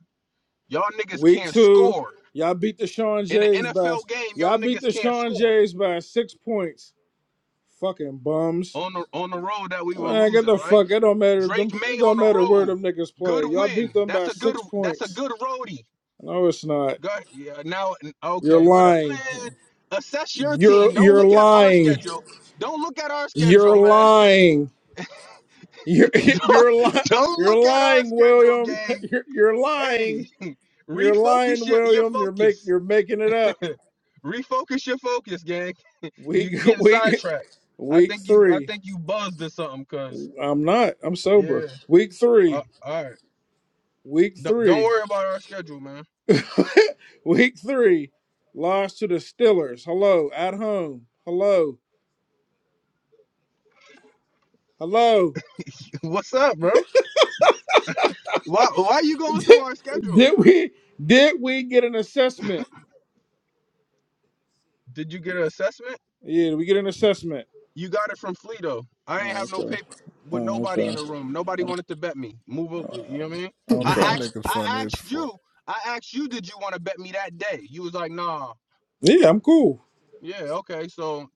J: Y'all niggas
L: Week
J: can't
L: two,
J: score
L: y'all beat the Sean
J: in an
L: Jays by
J: NFL game. Y'all
L: y'all beat
J: niggas
L: the
J: can't
L: Sean
J: score
L: Jays by six points. Fucking bums.
J: on the on the road that we were
L: Man, get
J: losing,
L: the
J: right?
L: fuck. It don't matter. Them,
J: Drake May
L: it
J: on
L: don't
J: the
L: matter where
J: road.
L: them niggas
J: Good
L: play. Y'all
J: win.
L: beat them
J: That's
L: by
J: a good.
L: six
J: That's a
L: points.
J: good roadie.
L: No, it's not.
J: Go yeah, now
L: You're
J: okay, What up, Man,
L: lying.
J: assess your
L: You're
J: team. Don't
L: you're
J: look at our
L: lying.
J: schedule. Don't look at our schedule,
L: You're
J: man.
L: lying. You're
J: don't,
L: you're lying.
J: don't
L: You're
J: look at our
L: lying,
J: schedule,
L: William.
J: gang.
L: You're, you're lying.
J: Hey,
L: You're
J: refocus
L: lying,
J: your, your
L: William. You're make
J: focus.
L: you're making it up.
J: refocus your focus, gang. You
L: Week
J: getting
L: week
J: sidetracked. I
L: week
J: think you I
L: three.
J: think you buzzed or something, cuz.
L: I'm not. I'm sober.
J: Yeah.
L: Week
J: Uh,
L: three.
J: all right.
L: Week
J: Don't, don't
L: three.
J: worry about our schedule, man.
L: Week three. Lost to the Steelers. Hello. At home. Hello. Hello.
J: What's up, bro? Why why are you going through our schedule?
L: Did we did we get an assessment?
J: Did you get an assessment?
L: Yeah, did we get an assessment?
J: You got it from Fleeto. I ain't
L: Oh,
J: have no
L: okay.
J: paper with
L: Oh,
J: nobody in
L: okay.
J: the room. Nobody wanted to bet me. Move, a- you know what I mean?
L: Oh,
J: I
M: Y'all
L: Okay.
J: asked,
M: niggas
J: I
M: funny as
J: asked you,
M: fuck.
J: I asked you, did you want to bet me that day? You was like, nah.
L: Yeah, I'm cool.
J: Yeah, okay. So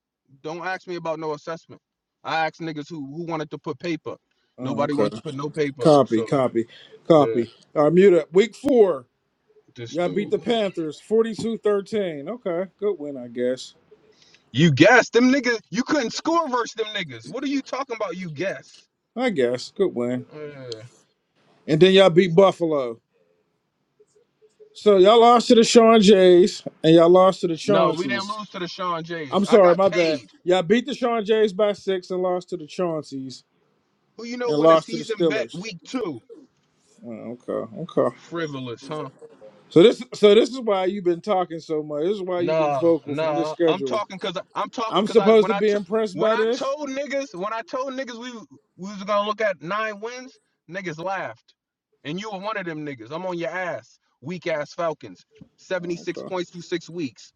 J: don't ask me about no assessment. I asked niggas who who wanted to put paper.
L: Oh,
J: Nobody
L: okay.
J: wanted to put no paper.
L: Copy,
J: So
L: copy,
J: yeah,
L: copy. All right, mute up. Week four.
J: this
L: Y'all beat
J: dude.
L: the
J: man.
L: Panthers Forty-two thirteen. Okay. Good win, I guess.
J: You guessed them niggas. You couldn't score versus them niggas. What are you talking about? You guess.
L: I guess. Good win.
J: Yeah.
L: And then y'all beat Buffalo. So y'all lost to the Sean Jays and y'all lost to the
J: No, we didn't
L: Chaunceys.
J: lose to the Sean Jays.
L: I'm
J: I
L: sorry,
J: got
L: my bad.
J: paid.
L: Y'all beat the Sean Jays by six and lost to the Chaunceys
J: Who you know
L: and
J: win a
L: lost to the
J: season bet
L: Steelers.
J: week two?
L: Oh, okay, okay.
J: Frivolous, huh?
L: So this, so this is why you've been talking so much. This is why you've been
J: Nah,
L: vocal from this
J: nah. I'm
L: schedule.
J: talking cause I, I'm talking
L: I'm
J: cause I
L: supposed
J: when
L: to
J: I
L: be
J: took
L: impressed
J: when
L: by
J: I
L: this.
J: told niggas when I told niggas we we was gonna look at nine wins, niggas laughed, and you were one of them niggas. I'm on your ass, weak ass Falcons. Seventy
L: Oh,
J: six
L: okay,
J: points through six weeks.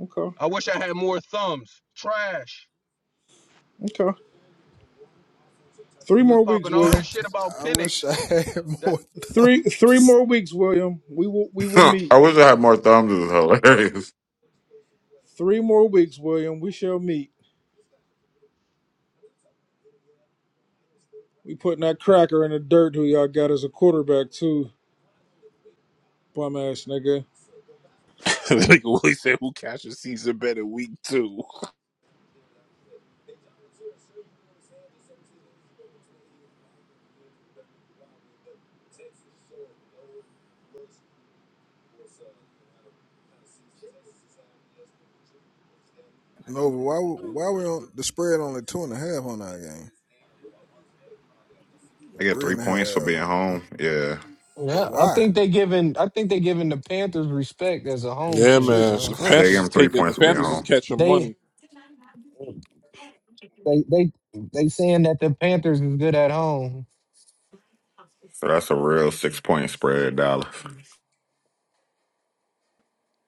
L: okay,
J: I wish I had more thumbs. Trash.
L: okay. Three
J: You was
L: more weeks,
J: popping all this
L: William.
J: shit about
M: I
J: Penix.
M: wish I had
J: That
M: more
L: Three, three
M: thumbs.
L: more weeks, William. We will, we will meet.
K: I wish I had more thumbs. This is hilarious.
L: Three more weeks, William. We shall meet. We putting that cracker in the dirt who y'all got as a quarterback too, bum ass nigga.
F: like Willie said, who cashes season bet in week two?
M: No, but why? Why we on the spread only two and a half on that game?
K: I get
M: Three
K: three
M: and a
K: points for
M: half.
K: being home. Yeah,
M: But
E: Yeah, I
M: why?
E: think they giving I think they giving the Panthers respect as a home
F: Yeah,
E: team,
F: man.
M: Jesus
E: bro.
F: The
K: they
F: Panthers
K: gave
M: Christ.
K: him
F: is
K: three
F: taking. The
K: points for being
F: Panthers is
K: home.
F: catching
E: They
F: money.
E: they they they saying that the Panthers is good at home.
K: So that's a real six point spread, Dallas.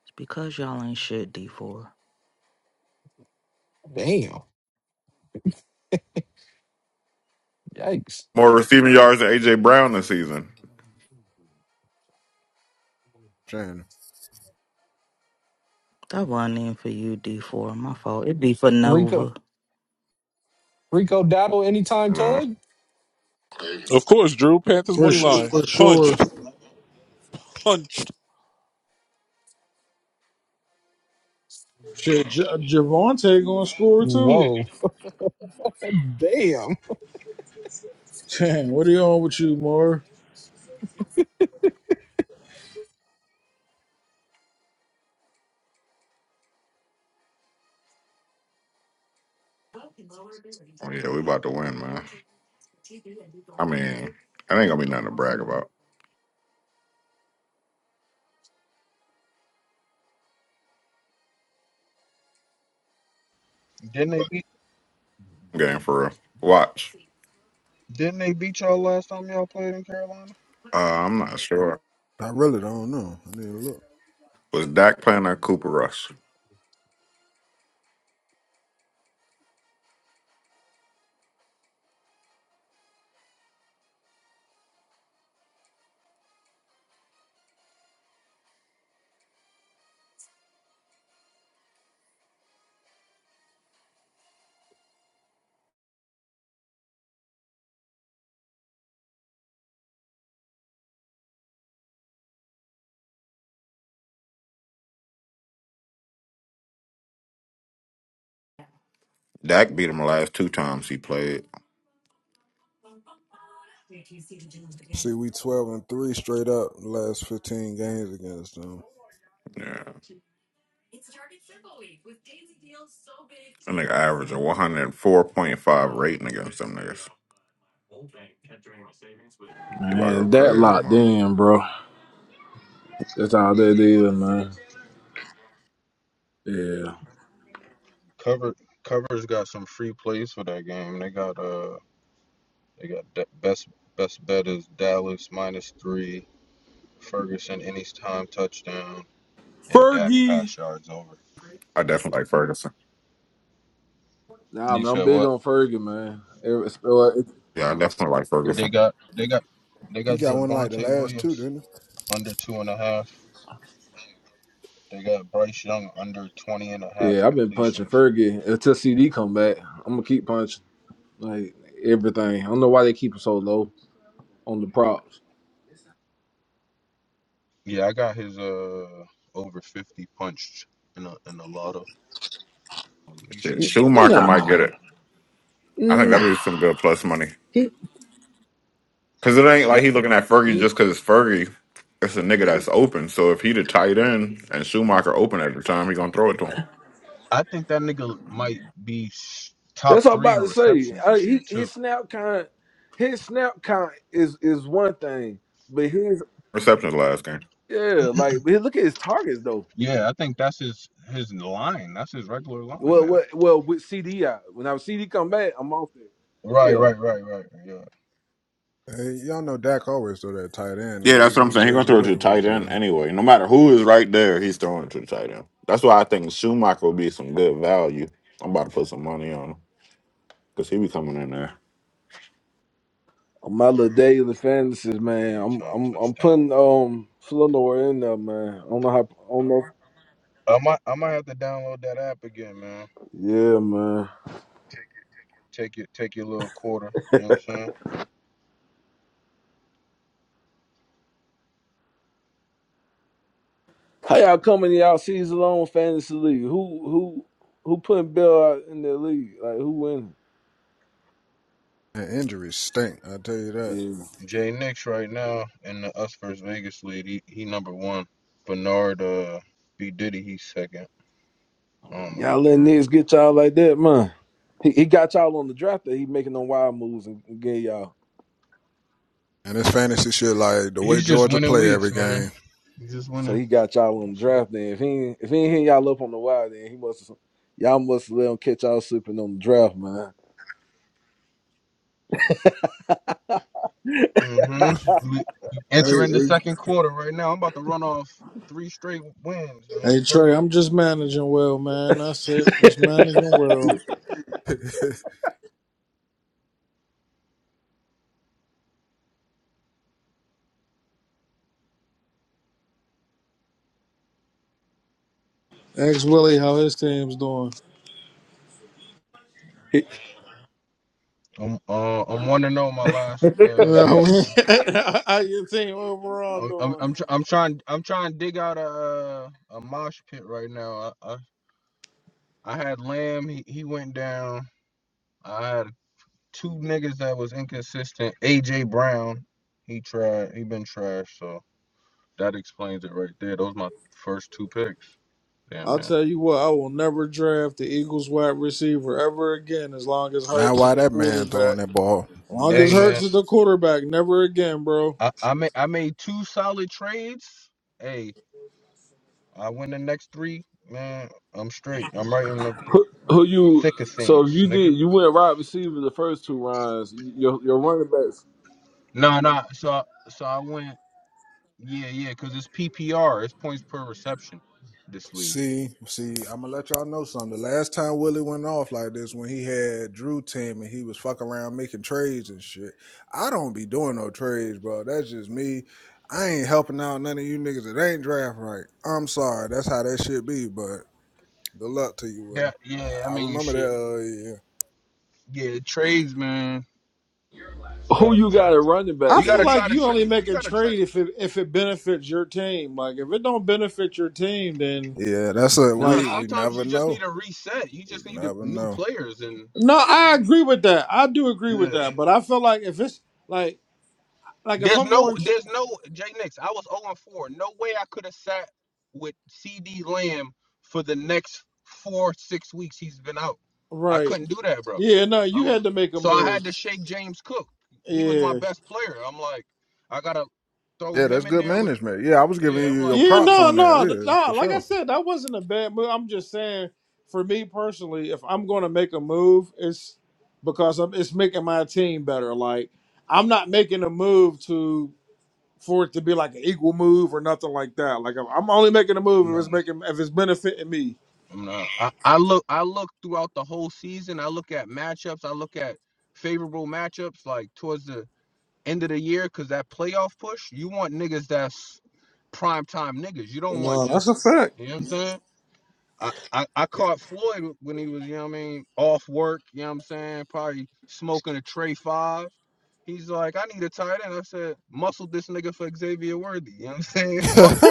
T: It's because y'all ain't shit, D4.
E: Damn. Yikes.
K: More receiving yards than AJ Brown this season.
M: Shane,
T: That wasn't even for you, D4. My fault. It'd be for
E: Rico
T: Nova.
E: Rico Dabo anytime
K: You know?
E: tug?
F: Of course, Drew. Panthers
L: But
F: money line punched, punched.
L: shit, J- Javante gonna score too.
E: Whoa. Damn.
L: Damn, what are you on with you, Mar?
K: Oh, yeah, we about to win, man. I mean, I ain't gonna be nothing to brag about.
J: didn't they beat
K: Game for real. Watch.
J: didn't they beat y'all last time y'all played in Carolina?
K: Uh, I'm not sure.
M: I really don't know. I need to look.
K: Was Dak playing or Cooper Rush? Dak beat him the last two times he played.
M: See, we twelve and three straight up the last fifteen games against them.
K: Yeah. That nigga averaged a 104.5 rating against them niggas. He about to go
C: Man, that
K: crazy
C: locked
K: tomorrow.
C: in, bro. That's all that is, man. Yeah,
J: Cover Cover's got some free plays for that game. They got uh they got da- best best bet is Dallas minus three, Ferguson anytime touchdown, and Dak
C: Fergie.
J: pass yards over.
K: I definitely like Ferguson.
J: And
C: Nah,
J: you
C: man, I'm
J: said
C: big
J: what?
C: on Fergie, man. Every- so, uh, it-
K: Yeah, I definitely like
C: it-
J: They
K: Ferguson.
J: got they got they
M: You
J: got
M: got one like the
J: Javante
M: last two,
J: Williams
M: didn't you?
J: under two and a half. They got Bryce Young under 20 and a half
C: yeah, I've been punching
J: completions.
C: Fergie until CD come back. I'm gonna keep punching like everything. I don't know why they keep him so low on the props.
J: Yeah, I got his uh over 50 punched in a in a lotto. He should
K: Shit,
J: get his
K: Schumacher
J: receiving
K: might
C: Nah,
K: get
J: yards.
K: it. I think that'd be
C: nah.
K: some good plus money.
C: he-
K: Because it ain't
J: Yo,
K: like he looking at Fergie just because it's Fergie. It's a nigga that's open. So if he the tight end and Schumacher open at the time, he going to throw it to him.
J: I think that nigga might be sh- top
C: That's what I'm
J: three
C: about
J: in
C: to say.
J: receptions
C: Uh,
J: this year
C: he
J: too.
C: his snap count, his snap count is is one thing, but his
K: Receptions last game.
C: yeah, like but look at his targets though.
J: Yeah, I think that's his his line. That's his regular line
C: Well,
J: now.
C: what well with CD out when I CD come back, I'm off it.
J: Right,
C: Yeah,
J: right, right, right. Yeah,
M: Hey, y'all know Dak always throw that tight end
K: Yeah,
M: though,
K: that's what
M: even
K: I'm
M: when
K: saying. He's gonna
M: Jason
K: throw it to the
M: Witten
K: tight
M: was
K: end
M: there.
K: anyway. No matter who is right there, he's throwing it to the tight end. That's why I think Schumacher will be some good value. I'm about to put some money on him because he be coming in there.
C: my little daily fantasies, man. I'm
J: anytime
C: I'm I'm
J: touchdown.
C: putting um Flanor in there, man. I don't know how. I don't know.
J: I might I might have to download that app again, man.
C: Yeah, man.
J: Take your take your little quarter. You know what I'm saying?
C: How y'all coming y'all season long fantasy league? Who who who putting Bill out in the league? Like who winning?
M: And injuries stink, I tell you that.
C: Yeah.
J: Jay Nix right now in the Us versus Vegas lead. He, he number one. Bernard uh B Diddy he's second. I don't know who
C: Y'all letting
J: third.
C: niggas get y'all like that, man. He, he got y'all on the draft day. He making them wild moves and get y'all.
M: And this fantasy shit, like the way
J: He's just
M: Georgia
J: winning
M: play
J: weeks,
M: every
J: man.
M: game.
J: He's just
C: So
J: winning.
C: he got y'all on the
J: That's it.
C: draft day. If he ain't- if he ain't hitting y'all up on the wild, then he must y'all must let him catch y'all slipping on the draft, man.
J: hmm We
L: Hey,
J: entering the
L: hey,
J: second quarter right now. I'm about to run off three straight wins, man.
L: hey,
J: Fuck
L: Trey,
J: it.
L: I'm just managing well, man. That's it. Just managing well. Ask Willie how his team's doing.
C: He-
J: I'm uh I'm one to know my last uh,
L: No,
J: game, man.
L: how your team overall
J: I'm I'm
L: doing?
J: I'm, tr- I'm trying I'm trying to dig out a uh, a mosh pit right now. I I, I had Lamb. He, he went down. I had two niggas that was inconsistent. AJ Brown. He tried. He been trash. So that explains it right there. Those my first two picks. Damn
L: I'll
J: man.
L: tell you what, I will never draft the Eagles wide receiver ever again as long as
M: Not
L: Hurts is
M: why
L: the
M: that man
L: quarterback.
M: throwing that ball.
L: As long as
J: Hey
M: Never.
J: man.
L: Hurts is the quarterback, never again, bro.
J: I, I made I made two solid trades. Hey, I win the next three, man. I'm straight. I'm right in the
C: Who, who you?
J: thick of things,
C: So if you
J: nigga.
C: did, you went wide receiver the first two rounds. Your your running backs.
J: No, no. So I- so I went. Yeah, yeah. Cause it's PPR. It's points per reception. This league.
M: See, see, I'm gonna let y'all know something. The last time Willie went off like this, when he had Drew team and he was fucking around making trades and shit. I don't be doing no trades, bro. That's just me. I ain't helping out none of you niggas that ain't draft right. I'm sorry. That's how that shit be. But good luck to you,
J: Yeah,
M: Willie.
J: yeah. I
M: I I
J: mean,
M: remember
J: shit.
M: that.
J: Yeah, trades, man.
C: Who
J: Gotta
C: you
J: try.
C: got at running back
L: I
J: You
L: feel
J: gotta
C: then?
L: like
J: try to
L: you only
J: trade. You
L: make a
J: gotta try
L: trade
J: to.
L: if it if it benefits your team. Like if it don't benefit your team, then
M: Uh, yeah, yeah. That's a
J: Nah,
L: like
M: we we
J: sometimes
M: never
J: you just need
M: know.
J: a reset. You
M: We
J: just need to,
M: never
J: new
M: know.
J: players and.
L: no, I
J: Oh,
L: agree with that. I do agree with
J: yeah.
L: that. But I feel like if it's like like if
J: There's
L: I'm
J: no,
L: going
J: there's no Jay Nix. I was 0 and 4. No way I could have sat with CD Lamb for the next four, six weeks he's been out. I
L: right,
J: couldn't do that, bro.
L: yeah, no, you
J: Um,
L: had to make a
J: so I had
L: move.
J: to shake James Cook. He was my
L: Yeah,
J: best player. I'm like, I gotta throw
M: Yeah,
J: him
M: that's
J: in
M: good
J: there with,
M: management. Yeah, I was giving
J: yeah. I'm
M: you your
J: like,
L: yeah,
J: fuck
M: props
J: it.
L: no,
M: on that.
L: no,
M: Yeah, for
L: no. Like I
M: sure.
L: said, that wasn't a bad move. I'm just saying, for me personally, if I'm going to make a move, it's because I'm, it's making my team better. Like I'm not making a move to. for it to be like an equal move or nothing like that. Like I'm I'm only making a move if it's
J: No,
L: making if it's benefiting me.
J: I'm not. I, I look, I look throughout the whole season. I look at matchups. I look at favorable matchups. Like towards the end of the year because that playoff push, you want niggas that's prime time niggas. You don't want
L: No, that's a
J: just
L: fact.
J: you know what I'm saying. I, I, I caught Floyd when he was, you know what I mean, off work, you know what I'm saying, probably smoking a tray five. He's like, I need a tight end. I said, muscle this nigga for Xavier Worthy. You know what I'm saying? Fuck it.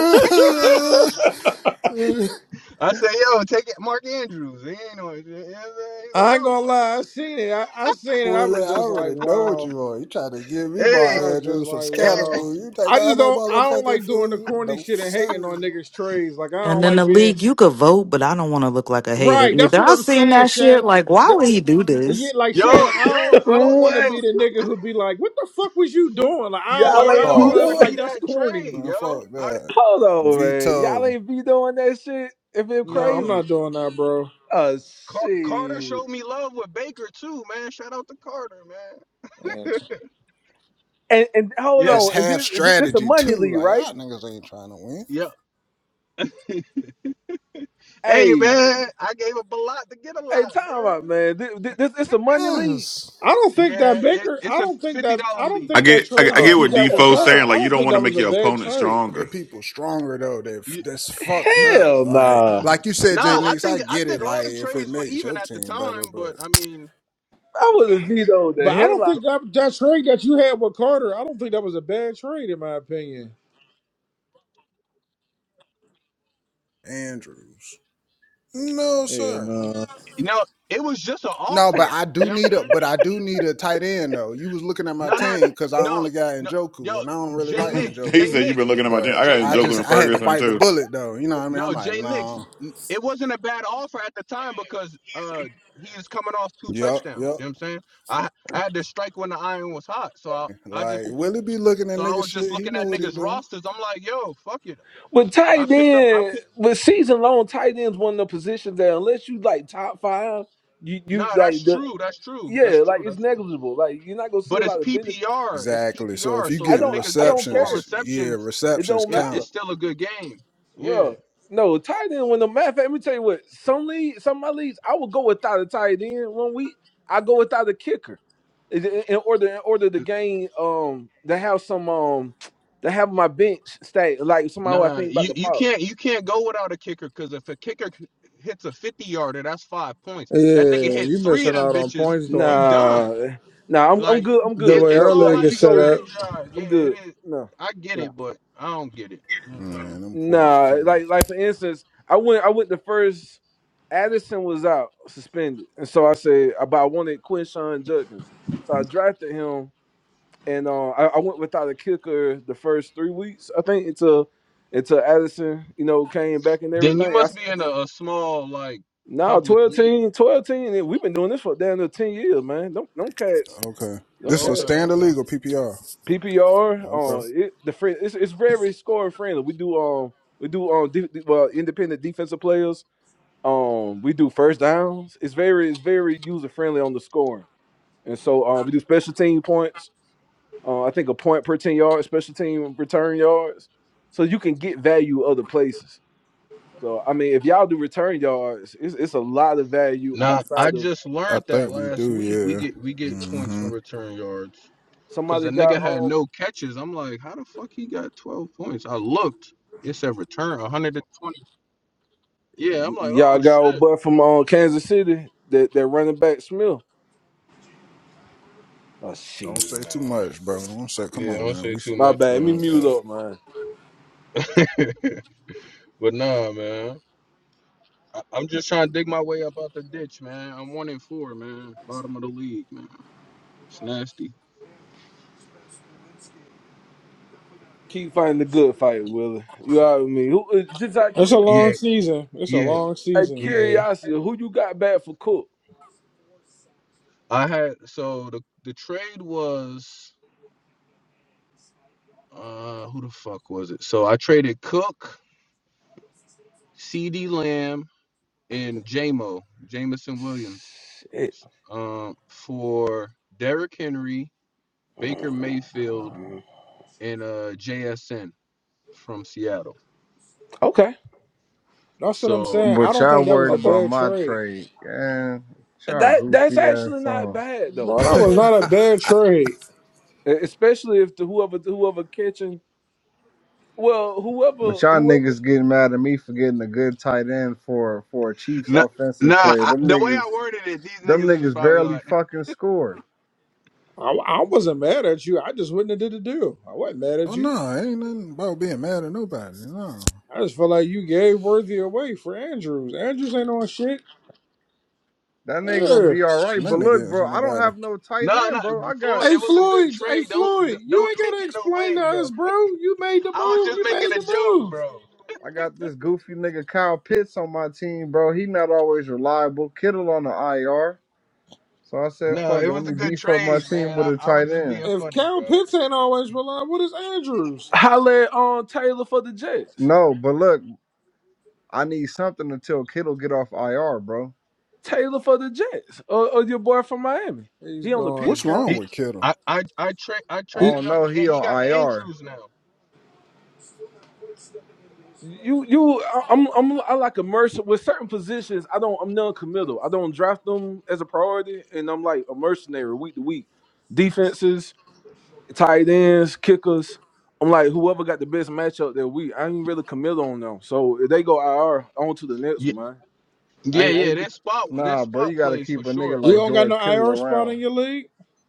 J: I said, yo, take it, Mark Andrews. He ain't on it. You know what I'm saying? He's like,
L: I ain't
J: oh,
L: gonna lie, I seen it. I, I seen it. I
M: Willie,
L: was
M: I
L: just like,
M: already know what
L: wow.
M: you are. You trying to give
J: fuck
M: me my
L: I
J: it.
L: was just
M: address from
L: like,
J: Hey, hey.
L: wow.
M: Scatterboo. You take
L: I
M: all
L: just
M: my
L: don't. I don't
M: motherfucking
L: like doing the
M: food?
L: corny
M: No,
L: shit and hating on
M: sir.
L: niggas' trades. Like I
T: And
L: don't
T: then the
L: like being
T: league, you could vote, but I don't want to look like a hater
L: right. That's
T: either.
L: what
T: I
L: I'm
T: seen
L: saying,
T: that shit.
L: Shannon.
T: Like, why
L: That-
T: would he do
L: yeah,
T: this?
L: like
J: Yo,
L: Shannon, I
J: yo,
L: don't. I
J: Floyd,
L: don't
J: yo,
L: want to
C: what
L: be the
J: I,
L: nigga who be like, "What the fuck was you
J: Flo-
L: doing?" Like I don't. Like
C: y'all
J: Floyd
L: I
C: ain't be
L: don't. That's
J: offered
M: Off.
C: doing?
L: like
J: me
L: that's
J: that
L: corny.
J: trade,
M: Man,
J: yo.
M: fuck
J: I
M: that.
C: Hold on, man.
M: Veto.
C: Y'all ain't be doing that shit. If it
J: d-
L: No, I'm
J: yo
C: crazy,
L: not doing that, bro.
C: oh
J: Car- Carter
C: shit.
J: showed me love with Baker too, man. Shout out to Carter, man.
L: And
C: And and hold
J: Yeah,
M: It's
C: on, and
M: half
C: this this, this a
M: strategy,
C: money
M: too.
C: lead,
M: Like,
C: right?
M: y'all niggas ain't trying to win.
J: yeah. Hey,
C: Hey,
J: man, I gave up a lot to get a
C: hey,
J: lot,
C: time out,
J: man.
C: man. This this, this this a money lead.
M: Yes.
L: I don't think that
J: Yeah, it,
L: Baker.
J: it's
L: I
J: a
L: don't think
J: fifty
L: that.
J: dollar
L: I don't
J: league.
K: I
L: think that
K: get, I
L: trade
K: get, I
C: Oh
K: get
L: that you
K: what
L: got with
C: hell
K: Defoe's
L: Carter.
K: saying.
C: no,
L: I
K: Like you
L: don't
K: don't
L: think
K: want to
L: that
K: make
L: was a
K: your
L: bad
K: opponent
L: trade.
M: The
K: stronger.
M: people stronger, though, that
J: You
M: that's fucked
J: you
M: up.
J: said
C: hell
M: Like,
C: nah.
M: like you said,
J: nah.
M: Jay
C: I,
J: I
M: Nix, I
J: think I
M: get it.
J: think all
M: Like,
J: the
M: if it
J: trades were
M: makes
J: even
M: your
J: at the
M: team better,
J: time, but
M: but
J: I mean,
C: I would have vetoed the
L: But I
C: hell
L: don't
C: out.
L: think that that trade that you had with Carter. I don't think that was a bad trade in my opinion.
M: Andrews. No,
L: Yeah,
M: sir.
L: no.
J: you know, it was just an
M: No, but
J: offer.
M: I
J: You
M: do
J: know
M: need
J: what I'm
M: a
J: saying?
M: but I do need a tight end though. You was looking at my
J: No, no, no,
M: team because I
J: no,
M: only got
J: no. Yo,
M: Njoku and I don't really
J: Jay
M: like
J: Nix,
K: he
J: Jay
M: Njoku.
K: said you've been
J: Nix,
K: looking at my team.
M: But
K: I
J: Jay
K: got
M: I
K: Joker
M: just
J: Nix.
K: and
M: I had to
K: Ferguson
M: bite the
K: too.
M: bullet though. You know what I mean? I'm
J: No,
M: like,
J: Jay Nix,
M: no.
J: it wasn't a bad offer at the time because uh he is coming off two
M: Yep,
J: touchdowns.
M: yep.
J: You know what I'm saying? I I had to strike when the iron was hot. So I, I
M: Like
J: just
M: Willie be looking at
J: so I
M: nigga
J: was just
M: shit. He
J: looking at
M: know what he
J: niggas
M: doing.
J: rosters. I'm like, yo, fuck it.
C: But
J: I
C: tight
J: picked up I
C: end,
J: picked
C: with season long tight ends, one of the positions that unless you like top five, you you
J: nah, that's
C: like the
J: true. That's true. That's
C: yeah, like
J: true.
C: it's
J: That's true.
C: negligible. Like you're not gonna see a
J: But it's
C: lot of benefit.
J: PPR. It's
M: Exactly. So if
J: PPR.
M: you
J: So
C: I
J: them
M: getting
C: don't
J: niggas
C: I
J: get
C: don't
J: four
C: care.
M: receptions, yeah,
J: receptions.
C: It
M: receptions
C: don't
J: It,
C: matter.
J: it's
M: count.
J: still a good game. Yeah.
C: Bro, no, tight end when the matter of fact, let me tell you what, some league, some of my leagues, I will go without a tight end one week. I go without a kicker. In in- in order in order to gain um to have some um to have my bench stay like somebody who I
J: Nah,
C: think about
J: you,
C: the
J: you
C: pop.
J: can't you can't go without a kicker because if a kicker c- hits a 50 yarder, that's five points. That nigga
L: Yeah,
J: hit
L: you
J: three of
L: missing
J: them
L: out on
J: bitches,
L: points
J: you
L: doing that.
J: done.
C: Nah, nah, I'm I'm
J: Like
C: good, I'm
L: The
C: good.
J: it,
L: way
J: it's
L: our
C: Like, we
J: all
C: like,
J: how
L: league
J: you
C: we
L: is set
C: go,
L: up,
J: strategize.
C: I'm
J: Yeah, it
C: good.
J: is.
C: No.
J: I get
C: no.
J: it, but I don't get it. You know what I'm saying?
M: Man, them points
C: Nah,
M: count.
C: like like for instance, I went I went the first Addison was out suspended, and so I said, uh, but I wanted Quinshawn Judkins, so I drafted him, and uh, I, I went without a kicker the first three weeks, I think, until until Addison, you know, came back and
J: Then you
C: everything. I
J: must be in a, a small like
C: now nah,
J: public
C: 12
J: league.
C: team, 12 team, and we've been doing this for damn near ten years, man. Don't don't cats,
M: Okay.
C: don't
M: This is
J: Oh,
M: a
J: okay,
C: cats.
M: standard
J: okay.
M: legal PPR.
C: PPR, uh,
M: Okay.
C: it, the friend, it's it's very scoring friendly. We do um we do um de- de- well, independent defensive players um we do first downs. It's very it's very user friendly on the scoring, and so um we do special team points. Uh, I think a point per ten yards, special team return yards, so you can get value other places. So I mean, if y'all do return yards, it's it's a lot of value
J: Nah, I
C: outside of
J: just
M: I
J: learned that
M: think we
J: last
M: do,
J: week. We
M: yeah.
J: get we get points for
M: Mm-hmm.
J: return yards. Cause a
C: somebody got
J: nigga had
C: on
J: no catches. I'm like, how the fuck he got 12 points? I looked. It said return 120. Yeah, I'm
C: y-
J: like,
C: y'all
J: oh
C: got old
J: shit.
C: butt from uh, Kansas City that that running back Smith. Oh
M: Don't
C: shit,
M: say
J: Mm, Nah.
M: too much, bro. Don't say. Come
J: Yeah, I
M: on,
J: don't
M: man.
J: say
M: We
J: too
C: my
J: much,
C: bad. Let me
J: man.
C: mute up,
J: Uh,
C: man.
J: but nah, man. I- I'm just trying to dig my way up out the ditch, man. I'm one and four, man. Bottom of the league, man. It's nasty.
C: Keep fighting the good fight, Willie. You know what I mean? Who, uh, just out
L: it's a
C: here?
J: Yeah,
L: long season. It's a
J: yeah,
L: long
C: Hey,
L: season.
J: yeah.
C: curiosity, who you got bad for Cook?
J: I had so the the trade was uh who the fuck was it? So I traded Cook, C.D. Lamb, and JMO, Jamison Williams,
C: Shit.
J: um, for Derrick Henry, Baker Mayfield, and uh, JSN from Seattle.
C: Okay.
L: That's what I'm
J: So,
L: saying. I
I: But
L: don't
I: y'all
L: think that was
I: worried
L: a
C: Okay.
I: about
L: bad
I: my
L: trade,
I: trade, man. Y'all
C: That that's
I: goofy
C: actually
I: ass
C: not
I: on.
C: bad though.
L: bro. That
C: That's
L: was not a
C: actually
L: bad trade.
C: e, especially if the whoever whoever catching well whoever
I: But y'all
C: whoever
I: niggas getting mad at me for getting a good tight end for for a Chiefs
J: nah, nah
I: offensive player.
J: I,
I: Them
J: the way
I: niggas,
J: I worded it, these
I: them
J: niggas was
I: niggas
J: probably
I: barely
J: like,
I: fucking score.
L: I, I wasn't mad at you. I just wouldn't have did the deal. I wasn't mad at
M: oh
L: you.
M: no, ain't nothing about being mad at nobody. No,
L: I just feel like you gave Worthy away for Andrews. Andrews ain't on shit.
I: That ain't gonna
L: Yeah.
I: be all right. But
M: nothing
I: look,
M: against
I: bro, I don't
M: nobody.
I: have no tight
J: nah, nah,
I: end, bro. I got
J: Floyd,
L: Hey
J: it was a good
L: Floyd,
J: trade.
L: hey
J: Don't
L: Floyd, you
J: don't
L: ain't
J: take
L: gotta
J: it no
L: explain
J: way,
L: to
J: bro.
L: us, bro. You made the move.
J: I was just
L: You
J: making
L: made
J: a
L: the
J: joke,
L: move.
J: bro.
I: I got this goofy nigga Kyle Pitts on my team, bro. He not always reliable. Kittle on the IR. So I said,
J: No,
I: fuck
J: it
I: it, let
J: was a
I: me
J: good
I: beef up my
J: trade,
I: team
J: man.
I: with
J: I,
I: a
J: I was
I: tight
J: just
I: end.
J: being
L: If
J: funny,
L: Cal
J: bro.
L: Pitts ain't always reliable, what is Andrews?
C: holler on Taylor for the Jets.
I: No, but look, I need something until Kittle get off IR, bro.
C: Taylor for the Jets or, or your boy from Miami.
L: He's
C: He on the pitch
L: gone.
M: What's
C: count.
M: wrong
J: He,
M: with Kittle?
J: I, I, I, tra- I
I: I
L: He,
J: traded
I: don't
J: him,
I: know, he
J: and he got
I: on IR.
J: Andrews now.
C: You you I- I'm I'm I like a merc with certain positions. I don't I'm non-committal. I don't draft them as a priority, and I'm like a mercenary week to week. Defenses tight ends, kickers. I'm like, whoever got the best matchup that week, I ain't really committed on them. So if they go IR, on to the next one, man. I
J: Yeah,
C: ain't, I
J: yeah,
C: ain't
J: that spot that
I: Nah, bro,
J: spot
I: you gotta
J: plays for
I: keep a nigga
J: sure,
L: you
I: like
J: but
L: don't got
I: George
L: no
I: Kittle
L: IR spot
I: around.
L: in your league?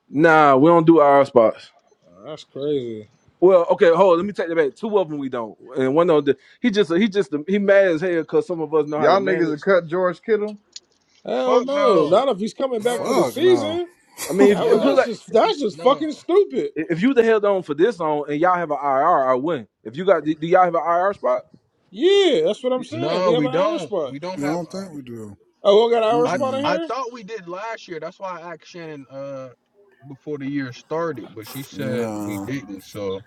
C: nah, we don't do IR spots.
L: Oh, that's crazy.
C: Well, okay, hold. on, Let me take that back. Two of them we don't, and one of them he just he just he mad as hell because some of us know how to
I: Y'all niggas have
C: manage.
I: cut George Kittle?
L: Hell
J: fuck
L: no.
J: no.
L: Not if he's coming back for
J: No.
L: the
M: Fuck no.
L: season.
C: I mean,
L: That
C: if you
L: was
C: put it
J: No.
L: that's
C: like
L: just that's just
J: No.
L: fucking stupid.
C: if you the held on for this on and y'all have an IR, I win. If you got do do y'all have an IR spot?
L: Yeah, that's what I'm saying.
J: No,
L: We have
J: we
L: an IR
J: don't.
L: spot.
J: We don't
M: You
J: have
M: don't
J: uh,
M: think we do.
L: Oh, we got an IR
J: I
L: spot in
M: Mm-mm.
J: I
L: here?
J: thought we did last year. That's why I asked Shannon uh before the year started, but she said we
M: No,
J: didn't. So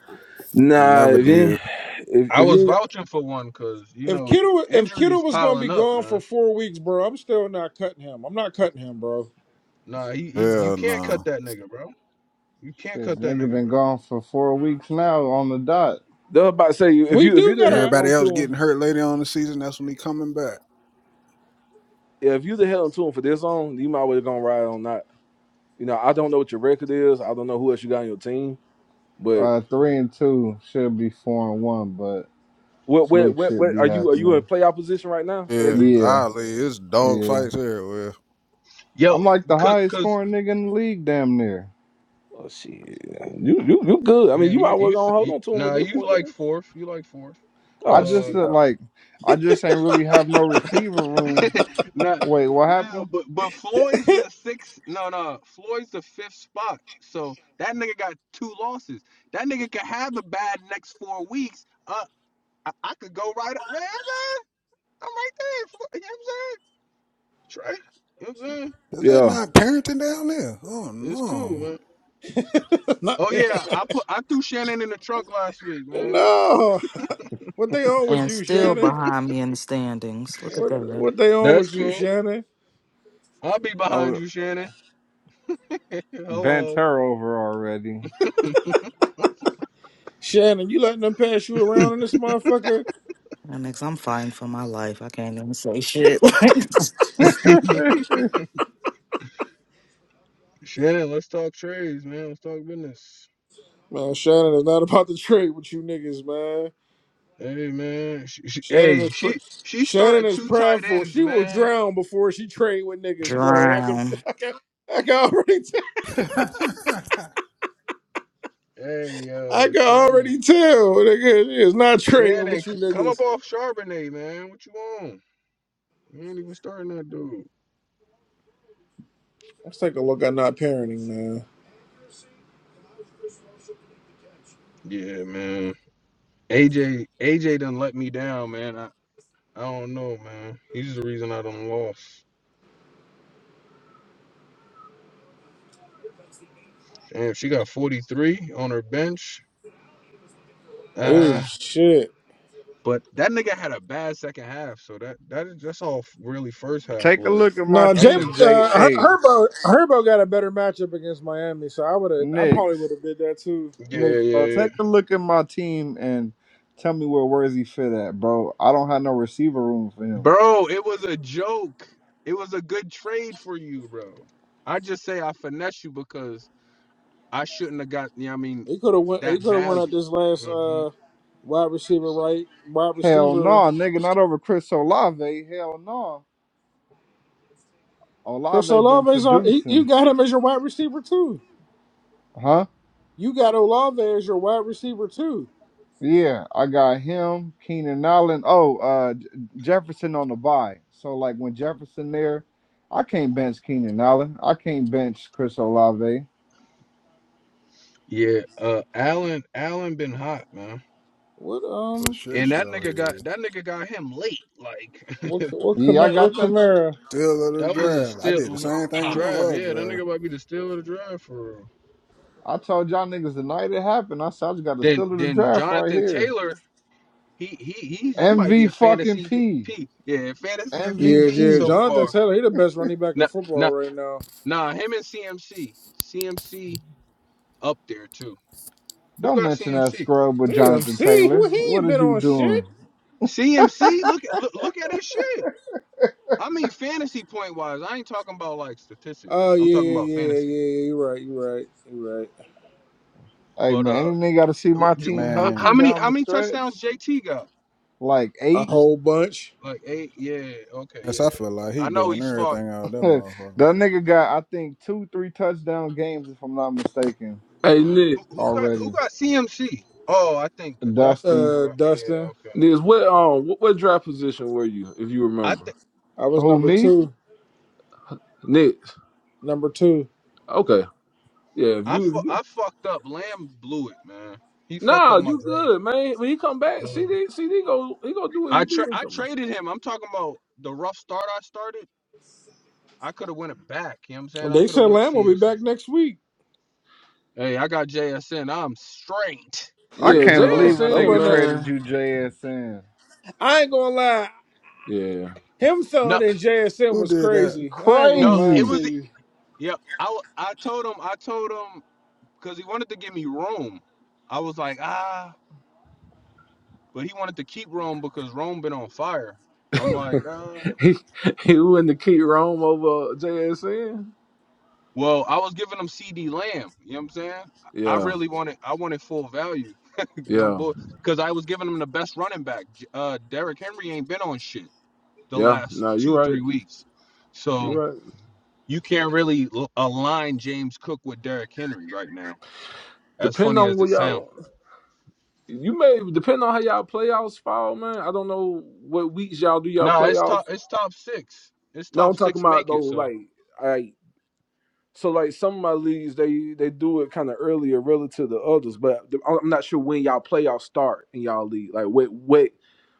M: we
C: Nah,
M: never
C: if you
M: did.
C: if,
J: I
C: if
J: was
C: you
J: vouching for one cuz you
L: If
J: know,
L: Kittle if Kittle
J: injuries
L: was gonna
J: piling
L: be
J: up,
L: gone
J: man.
L: for four weeks, bro, I'm still not cutting him. I'm not cutting him, bro.
J: Nah, he, he you
M: Yeah,
J: can't cut
M: no.
J: that nigga, bro. You can't
I: Shit,
J: cut that
I: nigga
J: nigga,
I: been
J: bro.
I: gone for four weeks now on the dot.
C: They're about to say you if
L: We
C: you if you
L: do
C: the head
L: gotta
M: Everybody
C: on
M: else
C: to him,
M: getting hurt later on the season. That's when he coming back.
C: if you the head on to him for this on, you might well gonna ride on that. You know, I don't know what your record is. I don't know who else you got on your team, but
I: Uh three and two should be four and one, but
C: what what
I: fluke
C: what,
I: should
C: what
I: be
C: are you are you in
I: happening.
C: playoff position right now as
M: Yeah,
C: is?
I: Yeah,
M: I leave. It's dog
I: yeah.
M: fights everywhere.
J: Yo,
I: I'm like the
J: cuz
I: highest
J: cuz
I: scoring nigga in the league damn near.
C: Oh shit, you you you good. I mean,
J: yeah,
C: you
J: you
C: might well
J: you,
C: gonna hold
J: you
C: on to him at
J: nah,
C: this
J: you
C: point,
J: like
C: then.
J: fourth. You like fourth.
I: I
C: Oh shit,
J: uh.
I: just uh,
C: yeah,
I: like I just ain't really have no receiver room.
J: no,
I: Wait, what
J: no,
I: happened?
J: but but Floyd's the sixth. No, no, Floyd's the fifth spot. So that nigga got two losses. That nigga could have a bad next four weeks. Uh, I, I could go right up man. I'm, right there. You know what I'm saying? Trey, you know what I'm saying?
M: Is that
C: yeah.
M: not parenting down there? Oh
J: It's cool,
M: no.
J: man.
L: not
J: Oh yeah, I put I threw Shannon in the trunk last week, man.
L: no. What they on with
T: And
L: you,
T: still
L: Shannon?
T: behind me in the standings. Look at
L: What,
T: that.
L: what they on
J: That's
L: with you,
J: cool.
L: Shannon?
J: I'll be behind
I: Oh,
J: you, Shannon.
I: bent
J: Hello,
I: her over already.
L: Shannon, you letting them pass you around in this motherfucker?
T: Next, I'm fighting for my life. I can't even say shit. Like,
J: Shannon. Let's talk trades, man. Let's talk business.
L: Man, Shannon is not about to trade with you niggas, man.
J: Hey man, she, she,
L: Shannon
J: hey,
L: is pr-
J: she she's
L: Shannon
J: starting
L: is
J: two tight
L: prideful.
J: ends,
L: She will
J: man.
L: drown before she trade with niggas, bro. I can
T: drown.
L: I can, I can already tell.
J: Hey
L: I
J: yo,
L: can
J: Shannon,
L: already tell, nigga. It's not trading
J: Shannon,
L: with you
J: c- come up
L: niggas.
J: off Charbonnet, man. What you on? You ain't even starting that dude.
L: Let's take a look at not parenting, man.
J: Yeah, man. AJ, AJ done let me down, man. I I don't know, man. He's the reason I done lost. Damn, she got 43 on her bench.
L: Oh
J: Uh,
L: shit.
J: but that nigga had a bad second half, so that that is that's all really first half
I: take a
J: work.
I: look at my
L: No,
J: I
L: Jay,
J: think.
I: team, J
L: uh, Her-
I: A
L: Herbo, Herbo got a better matchup against Miami, so I would have, I probably
I: Knicks.
L: would have did that too.
J: Yeah, yeah,
I: Knicks, bro.
J: yeah.
I: Take a look at my team and tell me where Worthy fit at, bro. I don't have no receiver room for him.
J: Bro, it was a joke. It was a good trade for you, bro. I just say I finesse you because I shouldn't have got, you know what I mean,
L: He could have went, he
J: that
L: could have went at
J: value.
L: this last
J: Mhm.
L: uh, wide receiver, right? Wide
I: Hell no,
L: receiver.
I: nigga, not over Chris Olave. Hell no.
L: Chris
I: Olave been
L: Olave's on. He, you
I: producing.
L: got him as your wide receiver too.
I: Huh?
L: You got Olave as your wide receiver too.
I: Yeah, I got him, Keenan Allen. Oh, uh, J- Jefferson on the bye. So like when Jefferson there, I can't bench Keenan Allen. I can't bench Chris Olave.
J: Yeah, uh Allen Allen been hot, man.
L: What
M: For
L: um,
M: shit
J: And that
M: show
J: nigga got
M: here.
J: that nigga got him late. Like
L: what what, Cam-
I: Yeah, I
L: what
I: got that.
L: Kamara?
M: Still of the
J: that was a
M: draft. I
J: steal
M: did the
J: um,
M: same thing in my
J: drive.
M: other
J: Yeah, that
M: draft.
J: nigga might be the steal of the drive for real.
I: I told y'all niggas the night it happened. I said I just got the
J: Then
I: steal of the
J: then
I: draft right
J: Jonathan
I: here.
J: Taylor, he he he he might be a
I: MV fucking
J: fantasy
I: P.
J: MVP. Yeah, fantasy
L: Yeah,
J: MVP
L: yeah.
I: MVP.
J: so
L: Jonathan
J: far.
L: Taylor, he the best running back in
J: Now,
L: football right now.
J: Nah, him and CMC. CMC up there too. Who
I: Don't
J: got
I: mention that
J: CMC?
I: scrub with Jonathan
L: CMC,
I: Taylor.
L: who he
I: What
L: ain't been
I: is you
L: on shit.
I: doing?
J: CMC, look at look, look at his shit. I mean fantasy point wise. I ain't talking about like statistics.
L: Oh
J: I'm talking
L: yeah,
J: about
L: yeah, yeah,
J: fantasy.
L: yeah. You're right, you're right, you're right.
I: Hey
J: But
I: man,
J: uh
I: any nigga gotta see my team
J: how
M: Man,
I: healthy
J: many
I: down
J: how
I: the
J: many
I: stretch.
J: touchdowns JT got?
I: Like
L: A
I: eight.
L: whole bunch.
J: Like eight, yeah, okay, yeah.
M: yes, I feel like he
J: I know
M: doing
J: he's fucked.
M: everything out of that
I: that
M: motherfucker.
I: nigga got, I think, two, three touchdown games, if I'm not mistaken,
C: Hey Nick,
J: Who, who got who
I: already.
J: got CMC? Oh, I think Dustin do,
I: Dustin.
L: Uh,
J: right? Yeah,
L: Dustin,
J: okay.
C: Nick, what um what, what draft position were you if you
J: I
C: remember?
J: think
L: I was
I: Who,
L: number
I: me?
L: two,
C: Nick,
L: number two.
C: okay, yeah. If
J: I
C: you
J: fu-
C: if you
J: I fucked up. Lamb blew it, man. He fucked
C: Nah,
J: up my
C: you
J: draft.
C: good, man. When he come back,
J: No.
C: CD, CD go, he gonna do what
J: I
C: he
J: tra-
C: do when he
J: I
C: come.
J: traded him. I'm talking about the rough start I started. I could have went it back. You know what I'm saying? I
L: They
J: could have
L: said
J: went
L: Lamb will
J: CMC.
L: be back next week.
J: Hey, I got JSN. I'm straight.
I: I
J: You know
C: Yeah,
L: You
J: what I'm
C: Jay
I: can't
C: is
L: know,
J: saying?
I: believe a
L: that
C: saying,
I: nigga
L: wasn't. A,
I: traded
C: man.
I: you JSN.
L: I ain't gonna lie.
C: Yeah,
L: Him
J: No,
L: throwing in JSN
M: Who
L: was
M: did that?
L: crazy. I ain't
J: no,
L: gonna lie
J: it
L: to
I: Crazy.
J: was
L: you.
J: yep. I w- I told him I told him because he wanted to give me Rome. I was like ah, but he wanted to keep Rome because Rome been on fire. I'm like ah.
C: he he wouldn't to keep Rome over JSN.
J: Well, I was giving them CD Lamb. You know what I'm saying? I
C: Yeah,
J: really wanted I wanted full value. no
C: yeah,
J: bull because I was giving them the best running back. J- Uh Derrick Henry ain't been on shit the
C: yeah.
J: last
C: No, you're
J: two,
C: right.
J: three weeks.
C: You're
J: So
C: right.
J: you can't really l- align James Cook with Derrick Henry right now. As
C: Depending
J: funny
C: on
J: as it
C: what
J: sounds.
C: y'all, you may depend on how y'all playoffs fall, man. I don't know what weeks y'all do y'all
J: Nah, it's
C: playoffs.
J: top it's top six. It's
C: No,
J: top
C: I'm talking
J: six make
C: about though,
J: it. So
C: like. like So like some of my leagues, they they do it kind of earlier relative to others, but the- I'm not sure when y'all playoffs start in y'all league. Like what what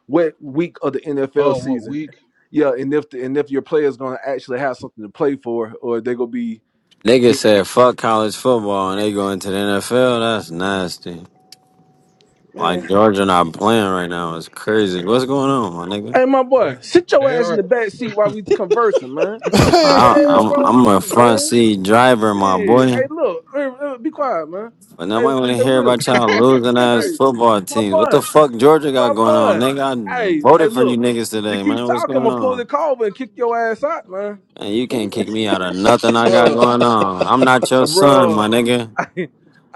C: what week of the
J: oh
C: NFL
J: what
C: season?
J: week?
C: Yeah, and if the, and if your player's gonna actually have something to play for, or they gonna be
S: Niggas
C: getting-
S: said fuck college football and they go into the NFL. That's nasty. Like
C: man.
S: Georgia not playing right now is crazy. What's going on, my nigga?
C: Hey, my
J: They
C: boy, sit your
J: they
C: ass in
J: are
C: the back seat while we conversing, man. What the
S: I,
C: hell
S: I'm
C: wrong
S: I'm
C: with you,
S: a front
C: man?
S: seat driver, my
C: Shit.
S: boy.
C: Hey, look, hey, hey, be quiet, man.
S: But
C: Hey,
S: nobody want to
C: hey,
S: hear
C: Willie.
S: about y'all losing ass
C: Hey,
S: football
C: my
S: teams. What the
C: boy.
S: fuck Georgia got
C: my
S: going on?
C: boy.
S: Nigga, I
C: Hey, hey,
S: voted for you
C: look.
S: niggas
C: You
S: today,
C: keep
S: man. What's
C: talking, I'm
S: going
C: gonna pull the
S: on?
C: cover and kick your ass out, man.
S: And you can't kick me out of nothing I got
C: Bruh,
S: going on. I'm not
C: uh,
S: your son, my
C: bruh.
S: nigga.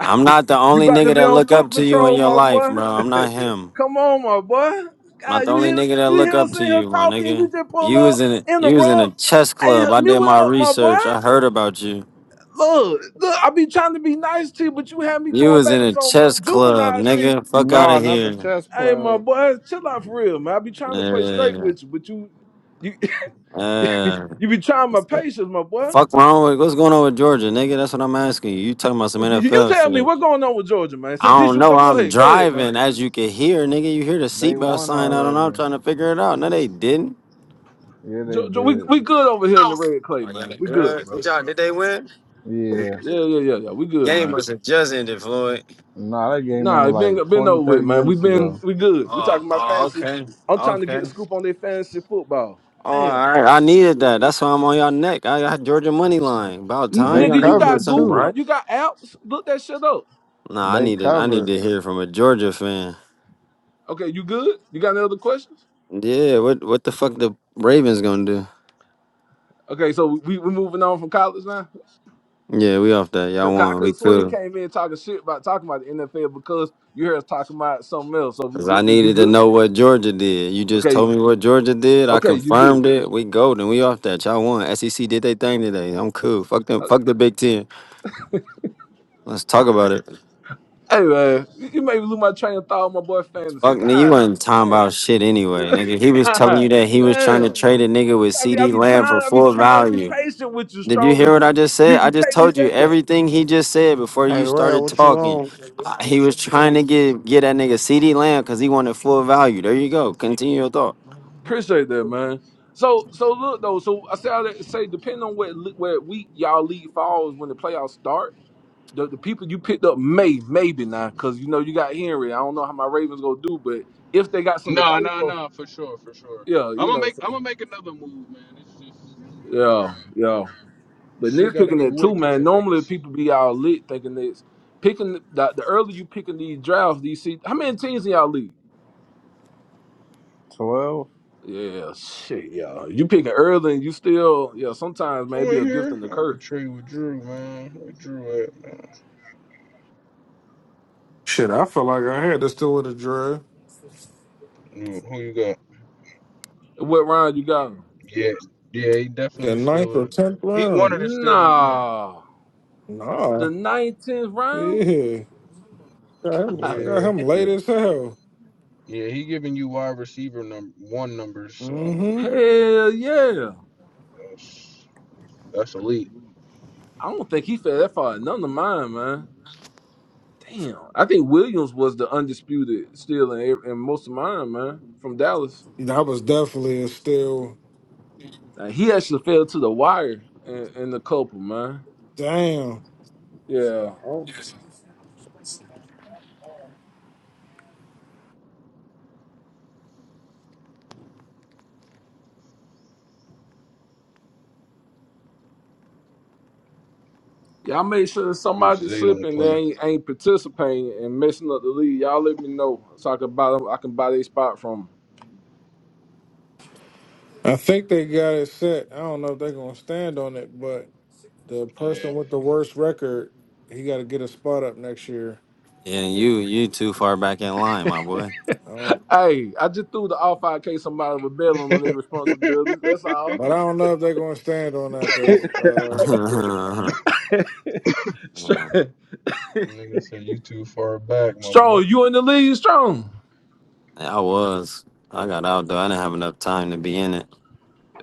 S: I'm not the only
C: about to
S: nigga
C: be
S: that
C: on
S: look
C: foot
S: up to you in
C: patrol,
S: your
C: my
S: life,
C: boy.
S: bro. I'm not him.
C: Come on, my boy.
S: I'm not
C: God,
S: the
C: you
S: only
C: hear
S: nigga that
C: you
S: look
C: hear
S: up
C: sitting
S: to
C: here
S: you, my
C: talking,
S: nigga.
C: you just pull
S: You was
C: up,
S: in a, you was in a
C: interrupt.
S: chess
C: Hey,
S: club. I did
C: mute
S: my
C: up, my boy.
S: research. I heard about you.
C: Look, look, I be trying to be nice to you, but you had me
S: You
C: going
S: was
C: back
S: in
C: to
S: a
C: some
S: chess club,
C: juvenile shit.
S: nigga. Fuck out
I: No,
S: of
I: not the
S: here.
I: chess
C: Hey, my
I: club.
C: boy, chill out for real, man. I be trying to play straight
S: Yeah.
C: with you, but you, you You
S: Yeah.
C: be trying my patience, my boy.
S: Fuck wrong with what's going on with Georgia, nigga? That's what I'm asking you. You talking about some
C: You
S: NFL
C: tell me
S: shit?
C: what's going on with Georgia, man.
S: I
C: Since, since
S: don't
C: you
S: know.
C: go, go
S: I'm
C: ahead, go ahead, man.
S: driving, as you can hear, nigga. You hear the
I: They
S: seatbelt
I: won
S: sign? I don't know. I'm
I: already.
S: trying to figure it out. No, they didn't.
I: Yeah, they
C: Jo- Jo- we
I: did.
C: we good over here in the red clay,
S: Oh, yeah,
C: man.
S: they
C: We good,
S: good.
C: bro.
S: Did y'all? Did they win?
I: Yeah.
C: Yeah, yeah, yeah, yeah. We good,
S: Game
C: man.
S: must have just ended, Floyd.
I: Nah, that game
C: Nah,
I: ended
C: it
I: like
C: been been
I: 20,
C: over with,
I: 30
C: man. We
I: minutes
C: been
I: ago.
C: we good. We
S: Oh,
C: talking about
S: oh,
C: fancy.
S: okay,
C: I'm trying to get
S: okay.
C: the scoop on their fantasy football.
S: Oh,
C: Damn,
S: all right. I needed that. That's why I'm on y'all neck. I got Georgia money line. About
C: N-
S: time
I: They
S: y'all
C: nigga, you
S: nigga did
C: got
I: covered,
S: something
I: too.
C: Google,
S: right.
C: you got apps. Look that shit up.
S: Nah, I
I: They
S: needed. I need
I: covered
S: to hear from a Georgia fan.
C: Okay, you good? You got any other questions?
S: Yeah, what what the fuck the Ravens gonna do?
C: Okay, so we we moving on from college now.
S: Yeah, we off that. Y'all
C: I
S: won.
C: could
S: We
C: have swore you
S: cool.
C: came in talking shit about talking about the NFL because you heard us talking about something else. So
S: Cause
C: we,
S: I
C: we, you
S: needed to
C: good?
S: know what Georgia did. You just told
C: Okay,
S: me what Georgia did. I
C: okay, you good?
S: confirmed it. We golden. We off that. Y'all won. SEC did their thing today. I'm cool. Fuck them.
C: Uh,
S: Fuck the Big Ten. Let's talk about it.
C: Hey man, you, you made me lose my train of thought, on my boy fantasy.
S: Fuck nigga. You
C: God
S: wasn't talking
C: damn,
S: about shit anyway, nigga. He was telling you
C: God
S: that he was trying to
C: damn.
S: trade a nigga with
C: I mean, I
S: CD
C: be
S: Lamb for
C: trying, I be
S: full
C: trying to be
S: value.
C: patient with you,
S: Did you
C: strong, but
S: hear what
C: you,
S: I just
C: you,
S: said? I
C: you
S: just
C: take me
S: told you
C: back though.
S: everything he just said before
A: Hey,
S: you
A: Rail,
S: started
A: what you
S: talking.
A: on?
S: Uh, He was trying to get get that nigga CD Lamb because he wanted full value. There you go. Continue your thought.
C: Appreciate that, man. So, so look though. So I say all that to say, depending on what li- where week y'all league falls when the playoffs start. the, the people you picked up may maybe now because you know you got Henry. I don't know how my Ravens gonna do, but if they got something to
J: no
C: pray
J: no
C: for,
J: no for sure, for sure.
C: yeah,
J: I'm
C: you
J: gonna
C: know,
J: make I'm
C: so
J: gonna make another move, man. It's just you know what I mean?
C: yeah, yeah. But
J: Shit gotta
C: nitpicking
J: get
C: that too,
J: wicked
C: man.
J: for
C: Normally
J: niggas.
C: people be all lit thinking it's picking the, the earlier you picking these drafts, these see how many teams in y'all league?
I: 12.
C: Yeah, shit, yeah. You picking early and you still, yeah. Sometimes
J: Who
C: maybe
J: in
C: a gift
J: here?
C: and a
J: I
C: curse.
J: could trade with Drew, man. Where Drew at, man?
L: Shit, I felt like I had to still in the draft.
J: Who, you got?
C: What round you got? 'em?
J: Yeah, yeah, he
L: The
J: definitely
L: ninth or
J: still.
L: tenth
J: He one
L: round.
J: of the steals, yeah,
C: Nah, the
L: Nah.
C: nineteenth round.
L: Yeah. got him, I
C: Hell
L: got
J: yeah,
L: him late as hell.
J: yeah. He giving you wide receiver num one numbers, so
L: hmm
J: yeah,
C: yeah.
J: that's that's elite.
C: I don't think he fell that far. None of mine, man. Damn. I think Williams was the undisputed still in, every- in most of mine, man, from Dallas.
L: That was definitely a still.
C: Now, he actually fell to the wire in, in the couple, man.
L: Damn.
C: Yeah. Oh. Y'all make sure that
J: If
C: somebody
J: Zay don't
C: slipping and
J: play,
C: ain't, ain't participating and messing up the league. Y'all let me know so I can buy them, I can buy their spot from 'em.
L: I think they got it set. I don't know if they're gonna stand on it, but the
J: yeah.
L: person with the worst record, he got to get a spot up next year.
S: Yeah, you you too far back in line, my boy.
L: Um,
C: Hey, I just threw the all five K somebody with bailing on their responsibilities. That's all.
L: but I don't know if they're gonna stand on that though. Uh,
S: I
J: Nigga said you too far back, my boy.
C: Strong, you in the league, strong.
S: was. I got out though. I didn't have enough time to be in it.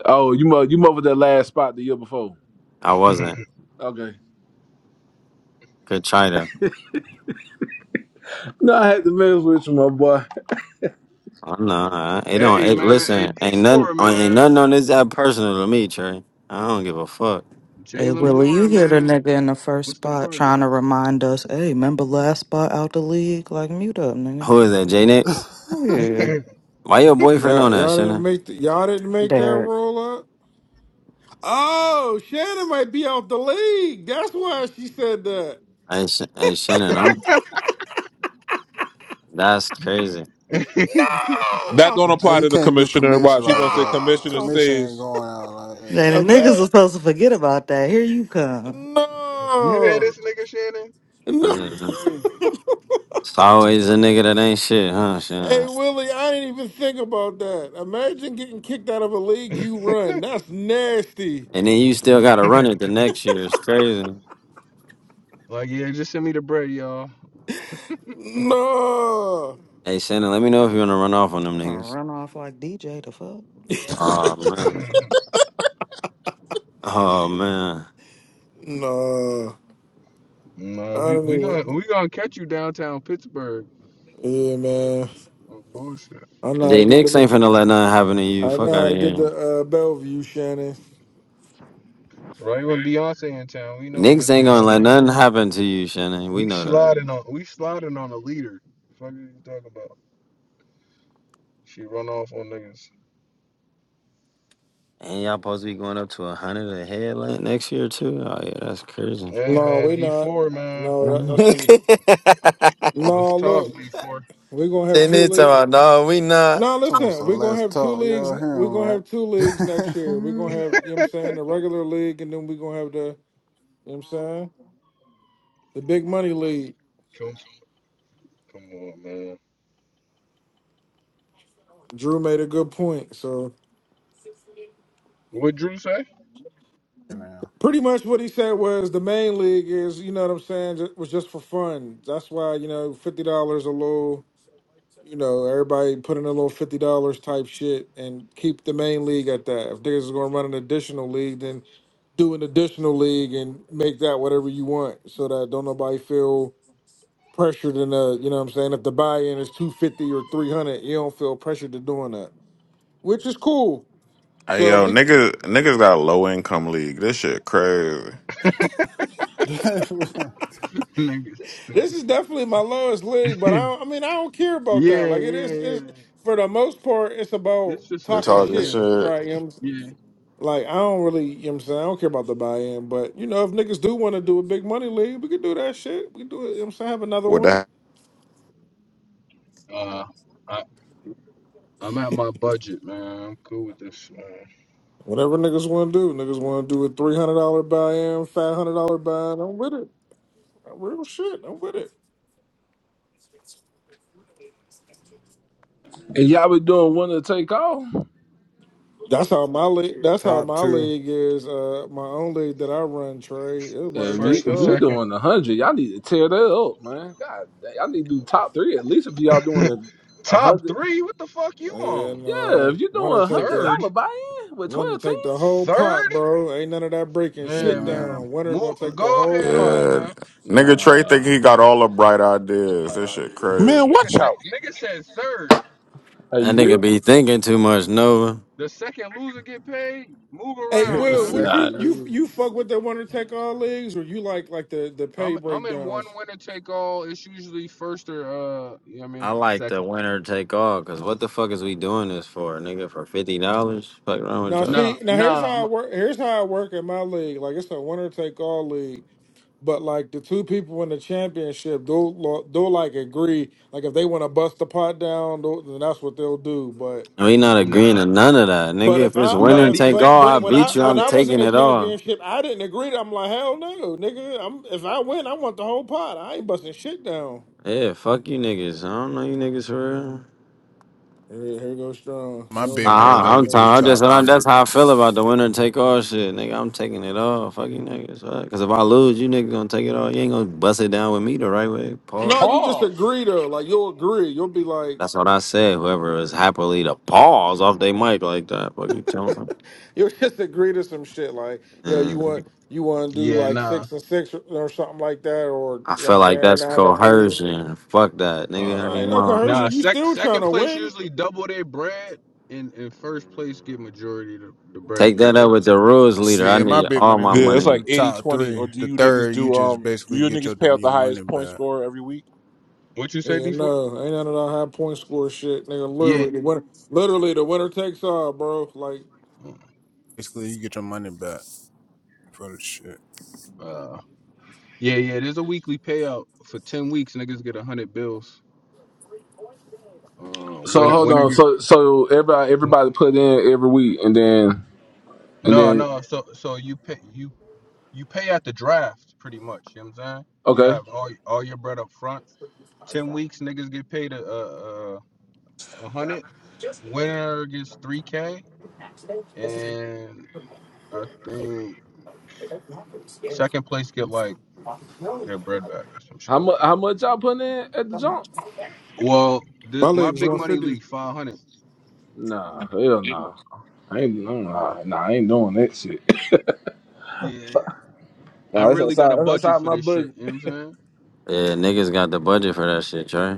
C: Oh, you mother, you mother that last spot the year before.
S: I wasn't.
C: Okay.
S: Could try to.
C: No, I had to mess with you, my boy.
S: I'm not. It don't.
J: hey
S: It,
J: man,
S: listen,
J: AD
S: ain't nothing.
J: four
S: Ain't
J: man,
S: nothing on this app personal to me, Trey. I don't give a fuck.
T: Hey,
J: Jalen
T: Willie, you
J: Warren
T: hear the
J: man.
T: nigga in the first
J: What's the
T: spot trying to remind us, hey, remember last spot out the league? Like, mute up, nigga.
S: Who is that? J Nix?
T: Yeah,
J: price?
S: Why your boyfriend
L: yeah,
S: on that,
L: y'all didn't
S: Shannon?
L: make the, y'all didn't make that
T: Derek.
L: roll up. Oh, Shannon might be out the league. That's why she said that.
S: Hey, Sh- hey Shannon. I'm, that's crazy.
F: That
L: No,
F: don't
M: hey,
F: apply
M: you
F: to the
M: can't do
F: commissioner.
M: commission
F: Watch, he gonna
M: like
F: say
M: that.
F: commissioner
L: no.
M: Commission ain't
F: stays.
M: going out like that.
T: Then the niggas
L: Imagine.
T: are supposed to forget about that. Here you come.
J: You hear
L: No,
J: this nigga Shannon?
L: no.
J: Nigga
S: It's always a nigga that ain't shit, huh,
L: Hey
S: Shannon?
L: Willie, I ain't even think about that. Imagine getting kicked out of a league you run. That's nasty.
S: And then you still gotta
J: crazy.
S: run it the next year. It's crazy.
J: like, yeah, just send me the bread, y'all.
L: No,
S: Hey Shannon, let me know if you wanna run off on them
T: I'm gonna
S: niggas.
T: run off like DJ, the fuck?
S: Oh man. Oh man.
L: no. I
J: Nah, we
L: don't
J: we
L: even.
J: gonna we gonna catch you downtown Pittsburgh.
L: Yeah, man.
J: Oh, bullshit.
L: I know how to
S: Jay
L: get
S: Nix ain't
L: the.
S: finna let nothing happen to
L: I
S: you. Fuck
L: know
S: out
L: how
S: of
L: to get
S: here.
L: the uh, Bellevue, Shannon.
J: Right when Beyonce in town, we know where to
S: Nix ain't gonna
J: find
S: let
J: Shannon.
S: nothing happen to you, Shannon. We
J: We
S: know that.
J: sliding on we sliding on a leader. Fuck you talking about? She run off on niggas.
S: Ain't y'all supposed to be going up to a hundred a head like next year too? Oh yeah, that's crazy.
J: Hey
L: No,
J: man,
L: we
J: D
L: not.
J: four man.
L: No, that, that's gonna. Be...
J: Let's
L: No,
J: talk
L: look,
J: D four.
L: we're gonna have
S: Jay
L: two
S: Nix
L: leagues.
S: talking about no, we not.
L: No,
M: It's almost a
L: listen, we're gonna
M: less
L: have two
M: talk.
L: leagues.
M: Y'all hear
L: We're
M: him,
L: gonna have two leagues next year. We're gonna have, you know what I'm saying, the regular league, and then we're gonna have the You know what I'm saying? The big money league.
J: Come come on man.
L: Drew made a good point. So
J: What Drew say?
M: right? now.
L: pretty much what he said was the main league is, you know what I'm saying, ju- was just for fun. That's why, you know, fifty dollars a little you know, everybody put in a little fifty dollars type shit and keep the main league at that. If niggas is gonna run an additional league, then do an additional league and make that whatever you want so that don't nobody feel pressured in the you know what I'm saying, if the buy in is two fifty or three hundred, you don't feel pressured to doing that. Which is cool.
K: Hey
L: So
K: yo,
L: we
K: niggas, niggas got a low income league. This shit crazy.
J: Nigga
L: This
J: stupid.
L: is definitely my lowest league, but I
J: yeah,
L: don't, I mean I don't care about
J: yeah,
L: that. Like it is
J: yeah.
L: it's, for the most part it's about
J: It's just for
K: They're
L: talking
J: fun,
K: talking
L: shit,
J: yeah.
K: shit.
L: right? You know what I'm saying?
J: Yeah,
L: Like I don't really, you know what I'm saying? I don't care about the buy-in, but you know if niggas do want to do a big money league, we could do that shit. We could do it, you know what I'm saying? Have another
K: What
L: one.
K: the?
J: Uh, I, I'm at my budget, man. I'm cool with this. Man.
L: Whatever niggas want to do, niggas want to do a $300 buy-in, $500 buy-in, I'm with it. Real shit, I'm with it.
C: And y'all been doing one to take off.
L: That's how my league. That's how
M: top
L: my
M: two.
L: league is. Uh, my own league that I run, Trey. It
C: Yeah,
L: want to
C: if you
L: take
J: First and
C: if you
L: off.
J: second.
C: doing a hundred, y'all need to tear that up, man. God, dang, y'all need to do top three at least if y'all doing a a
J: Top
C: hundred.
J: three? What the fuck you on?
L: And
C: Yeah,
L: uh,
C: if you're doing
L: winner
C: a
L: take
C: hundred
L: the
J: Third?
C: dollar buy-in with
L: winner
C: twelve teams.
L: take the whole
J: Third?
L: pot, bro. Ain't none of that breaking
J: Yeah,
L: shit
M: Nah.
J: man.
L: down. Winner
J: Move,
L: gonna
C: Uh,
L: take
J: go
L: the whole
J: ahead
L: pot.
J: on,
K: Yeah,
J: man.
K: nigga Trey think
C: Nah,
K: he got all the bright ideas. This shit crazy.
F: Man,
J: Nigga
F: watch
J: said,
F: out.
J: nigga said third.
C: are you
S: That nigga
C: good?
S: be thinking too much, Nova.
J: The second loser get paid. Move
L: Hey
M: Tip
J: around,
M: the
L: Will,
J: man.
L: what
C: Nah.
M: second
L: you you
M: loser.
L: you fuck with the winner take all leagues, or you like like the the
J: I'm
L: pay
J: I'm in one
L: breakdowns?
J: winner take all. It's usually first or uh, you know what I
S: I
J: mean
S: like the
J: second.
S: winner take all, cause what the fuck is we doing this for, nigga? For fifty dollars? Fuck wrong with
L: Now
S: y'all?
J: Nah,
L: see, now here's
J: nah,
L: how I work. Here's how I work in my league. Like it's a winner take all league, but like the two people in the championship, they'll they'll like agree. Like if they want to bust the pot down, they'll- then that's what they'll do. But
S: We not agreeing
J: nah,
S: to none of that,
J: nah.
L: But
S: nigga. If
L: if
S: it's
L: I, but
S: winner
J: Nah,
S: and
L: if,
J: These
S: take
L: but,
J: big
S: all,
L: but
S: I
J: money
L: when I,
S: beat
J: leagues
S: you.
L: when
J: I'm
S: I'm
L: I
J: in.
L: was in
S: taking
L: the
S: it all.
L: championship, I didn't agree. I'm like, hell no, nigga. I'm if I win, I want the whole pot. I ain't busting shit down.
S: Yeah, fuck you niggas. I don't know you niggas for real.
L: Here, here goes strong.
M: My
L: Hell
M: big
L: no,
M: money
S: Nah,
L: hell
M: lead,
S: I- I'm
M: we
L: no,
M: do
S: tired.
L: niggas.
S: I'm just
M: top
S: I'm,
M: three.
S: that's how I feel about the winner and take all shit, nigga. I'm taking it all. Fuck you niggas. fuck. Cause if I lose, you niggas gonna take it all. You ain't gonna bust it down with me the right way, Paul.
L: No, you just
E: Pause.
L: agree though. Like you'll agree. You'll be like,
S: That's what I said. Whoever is happily to pause off they mic like that, fuck you telling them.
L: you'll just agree to some shit. Like, yo, you
S: And
L: want, you want to do
J: Yeah,
L: like
J: nah.
L: six and six or, or something like that, or
S: I
L: you know what I'm
S: feel like
L: saying
S: that's
L: nine and three.
S: coercion. Fuck that,
J: Yeah.
L: Oh,
S: nigga. I
L: there
S: ain't
L: ain't no
S: mine.
J: Nah,
L: coercion. You
J: sec-
L: still trying
J: second
L: to
J: place
L: win?
J: usually double their bread, and, and first place get majority of the, the bread.
S: Take that
J: Cause
L: Yeah.
S: up with the rules leader. I
M: See, in my
S: need
M: big
S: all
M: money
S: my
M: league,
F: Yeah,
M: we
F: it's
S: money.
F: like
M: do
F: eighty
M: top
F: twenty. Or
M: three.
F: do
M: The
F: you niggas
M: third, you
F: do
M: just
F: um do
M: basically
F: you
M: get your
F: niggas pay out
M: your
F: the
M: money
F: highest point
M: back.
F: scorer every week?
J: what you say,
L: Yeah,
J: D four?
L: no, ain't none of that high point score shit, nigga.
J: Yeah,
L: Literally, the winner, literally the winner takes all, bro. Like
M: Basically, you get your money back for the shit.
J: uh, yeah, yeah. There's a weekly payout for ten weeks. Niggas get a hundred bills. Uh,
C: So
J: winner,
C: hold
J: winner
C: on.
J: get.
C: So so everybody everybody put in every week, and then and
J: No,
C: then
J: no. So, so you pay you you pay at the draft pretty much. You know what I'm saying? You
C: okay.
J: have all all your bread up front. Ten weeks, niggas get paid a a, a a hundred. Winner gets three k, and I think Second place get like their bread back or some shit
C: How
J: like
C: much
J: that.
C: how much y'all putting in at the jump?
J: Well,
L: my
J: this, my
L: legs
J: big
L: one
J: money
L: fifty.
J: league five hundred.
C: Nah, hell nah. I ain't no nah, nah, I ain't doing that shit.
J: Yeah, I
C: Nah, that's
J: really got a
C: outside that's
J: budget
C: outside
J: for
C: my
J: this shit.
C: budget.
J: You know what I'm saying?
S: Yeah, niggas got the budget for that shit, Trey.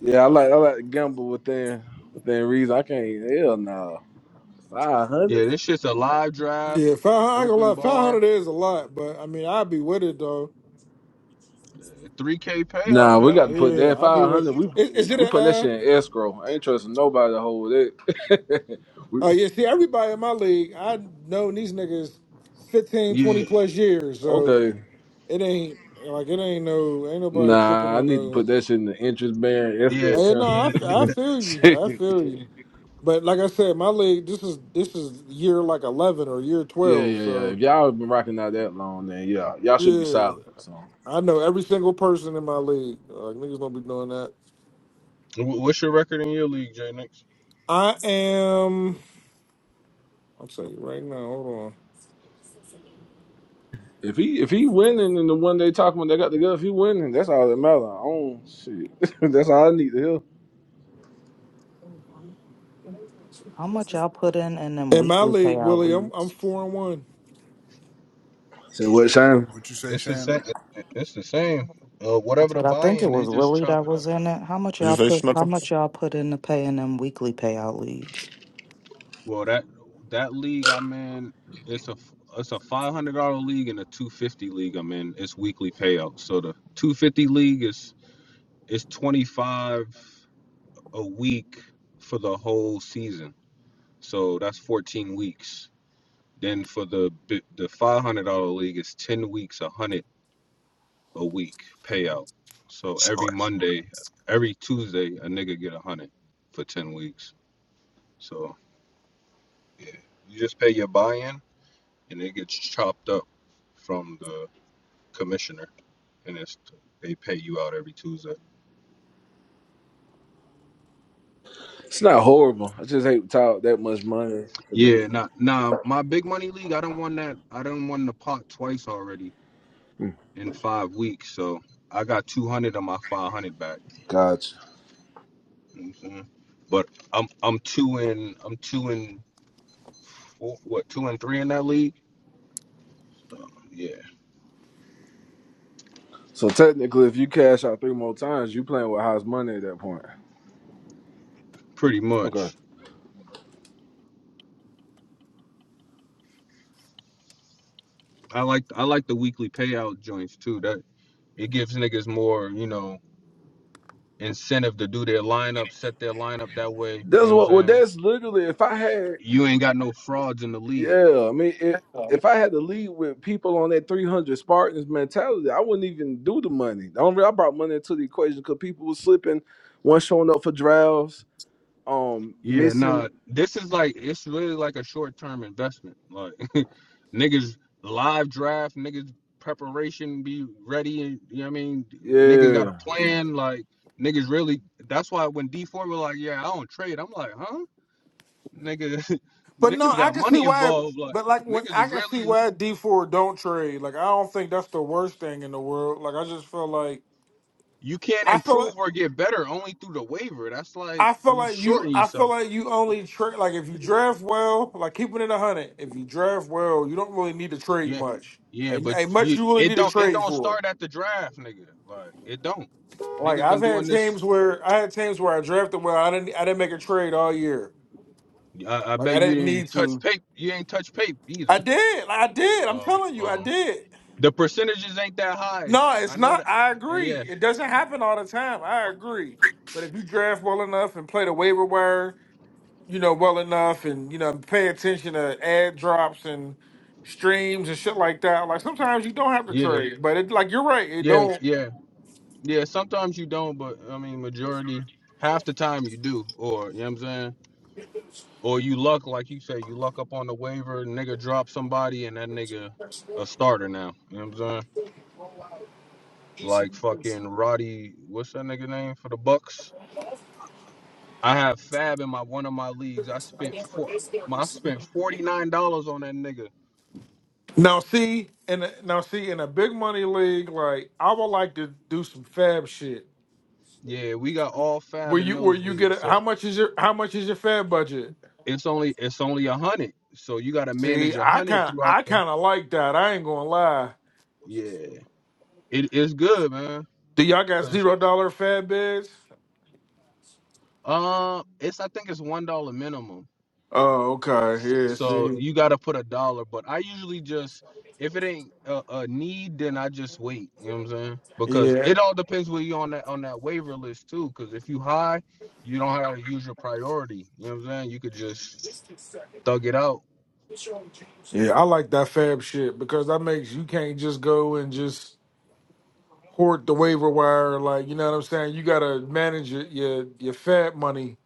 C: Yeah, I like I like to gamble within within reason. I can't hell nah. Five hundred?
J: Yeah, this shit's a live draft,
L: Yeah, five hundred. I ain't gonna
J: open
L: lie, five
J: bar,
L: hundred is a lot, but I mean, I'd be with it though.
J: three k
C: Nah,
J: payout.
C: we
J: Hell
C: got to put
J: yeah.
L: Yeah,
C: that
L: I'd be
C: five
J: Fuck it.
L: with.
C: hundred. We
L: Is, is it
C: we
L: a?
C: put that
L: Uh,
C: shit in escrow. I ain't trusting nobody to hold it. we,
L: oh yeah, see, everybody in my league, I know these niggas fifteen, 20
J: Yeah,
L: plus years, so
C: okay.
L: it ain't like it ain't no, ain't nobody tripping
C: Nah, I
L: on
C: need to put
L: no.
C: that shit in the interest bearing escrow
J: yeah,
L: Hey, no,
C: account.
L: I, f-
J: yeah.
L: I feel
C: Shit.
L: you. I feel you. But like I said, my league this is this is year like eleven or year
C: yeah,
L: twelve.
C: yeah, yeah. If
L: So
C: y'all been rocking out that long, then yeah, y'all should be
L: yeah,
C: solid. So.
L: I know every single person in my league. Like niggas don't be doing that.
J: What's your record in your league, J Nix?
L: I am. I'll tell you right now. Hold on.
C: If he if he winning in the one they talking about they got together, if he winning, that's all that matters. Oh shit, that's all I need to hear.
T: How much y'all put in in them
L: In my
T: weekly
L: league,
T: payout
L: Willie, I'm I'm
T: leagues?
L: four and one.
C: So what, Shane?
M: What you say,
J: It's the
M: Shannon?
J: same. It's the same. Uh,
T: I
J: whatever the
T: said, I think
J: buy-in,
T: it
J: they
T: was
J: just
T: Willie
J: chop
T: that
J: it up.
T: was in it. How much
K: Did you
T: y'all
K: say
T: put? How
K: Snookum?
T: much y'all put in to pay in them weekly payout leagues?
J: Well, that that league I'm in, it's a f- it's a five hundred dollar league and a two fifty league I'm in. It's weekly payouts. So the two fifty league is is twenty five a week for the whole season. So that's fourteen weeks. Then for the bi- the five hundred dollar league, it's ten weeks, a hundred a week payout. So every Monday, every Tuesday, a nigga get a hundred for ten weeks. So yeah, you just pay your buy in and it gets chopped up from the commissioner, and it's they pay you out every Tuesday.
C: It's not horrible. I just hate to talk that much money. for that.
J: Yeah, nah, nah. My big money league, I don't want that. I don't won the pot twice already
C: Mm,
J: in five weeks, so I got two hundred of my five hundred back.
C: Gotcha.
J: You know what I'm saying? But I'm I'm two in I'm two in four, what two and three in that league. So, yeah,
C: So technically, if you cash out three more times, you playing with house money at that point.
J: pretty
C: Okay,
J: much. I like I like the weekly payout joints too. That it gives niggas more, you know, incentive to do their lineup, set their lineup that way. You know
C: that's
J: what I'm
C: what. Well,
J: saying?
C: that's literally if I had.
J: You ain't got no frauds in the league.
C: Yeah, I mean, it, if I had to lead with people on that three hundred Spartans mentality, I wouldn't even do the money. The only reason I brought money into the equation because people were slipping. One showing up for drafts. Um,
J: Yeah,
C: missing.
J: nah. This is like it's really like a short term investment. Like niggas live draft, niggas preparation be ready and you know what I mean? Niggas got a
C: Yeah.
J: plan, like niggas really that's why when D four were like, Yeah, I don't trade, I'm like, huh? Nigga
L: But no,
J: niggas
L: I
J: got
L: can
J: money
L: see why.
J: involved, like
L: But like when
J: niggas
L: I
J: is
L: can see
J: really
L: why D four don't trade. Like I don't think that's the worst thing in the world. Like I just feel like
J: You can't
L: I feel.
J: improve
L: like.
J: or get better only through the waiver. That's like
L: I feel
J: you
L: like you.
J: shorten
L: I feel
J: yourself.
L: like you only trade like if you draft well, like keeping it a hundred. If you draft well, you don't really need to trade
J: Yeah,
L: much,
J: yeah,
L: and,
J: but
L: and much
J: you
L: you really
J: it
L: need to
J: don't it
L: trade
J: don't
L: for.
J: start at the draft, nigga. Like it don't.
L: Like
J: Niggas been
L: I've had
J: doing
L: teams
J: this.
L: where I had teams where I drafted well. I didn't. I didn't make a trade all year.
J: I, I
L: Like I
J: bet you
L: didn't
J: didn't
L: need
J: touch
L: to.
J: paper. You ain't touch paper either.
L: I did. I did. I'm telling
J: Um,
L: you, I
J: um,
L: did.
J: the percentages ain't that high.
L: No,
J: I
L: it's
J: know that.
L: not. I
J: uh,
L: agree.
J: Yeah,
L: It doesn't happen all the time. I agree. But if you draft well enough and play the waiver wire you know, well enough and, you know, pay attention to ad drops and streams and shit like that. Like sometimes you don't have to
J: yeah,
L: trade, Yeah. but it like you're right, it
J: yeah,
L: don't
J: yeah, yeah. Sometimes you don't, but I mean, majority, half the time you do. Or you know what I'm saying. Or you luck, like you say, you luck up on the waiver, nigga drop somebody, and that nigga a starter now. You know what I'm saying? Like fucking Roddy, what's that nigga name for the Bucks? I have Fab in my one of my leagues. I spent four, I spent forty nine dollars on that nigga.
L: now see in a, now see in a big money league, like I would like to do some fab shit.
J: Yeah, we got all Fab
L: Where
J: in
L: you where
J: those
L: you get
J: leagues,
L: a,
J: so
L: how much is your how much is your fab budget?
J: it's only it's only a hundred. So you got to
L: See,
J: manage a
L: I
J: hundred
L: kinda
J: throughout
L: I
J: the.
L: kinda like that. I ain't gonna lie.
J: Yeah, it is good, man.
L: Do y'all got
J: Cause
L: zero dollar fab bids?
J: uh, it's I think it's one dollar minimum
L: Oh, okay.
J: S-
L: Yeah,
J: So
L: see.
J: you got to put a dollar, but I usually just if it ain't a, a need, then I just wait. You know what I'm saying? Because
L: Yeah.
J: it all depends where you on that on that waiver list too. Because if you high, you don't have to use your priority. You know what I'm saying? You could just thug it out.
L: Yeah, I like that fab shit because that makes you can't just go and just hoard the waiver wire. Like, you know what I'm saying? You gotta manage your your, your fab money.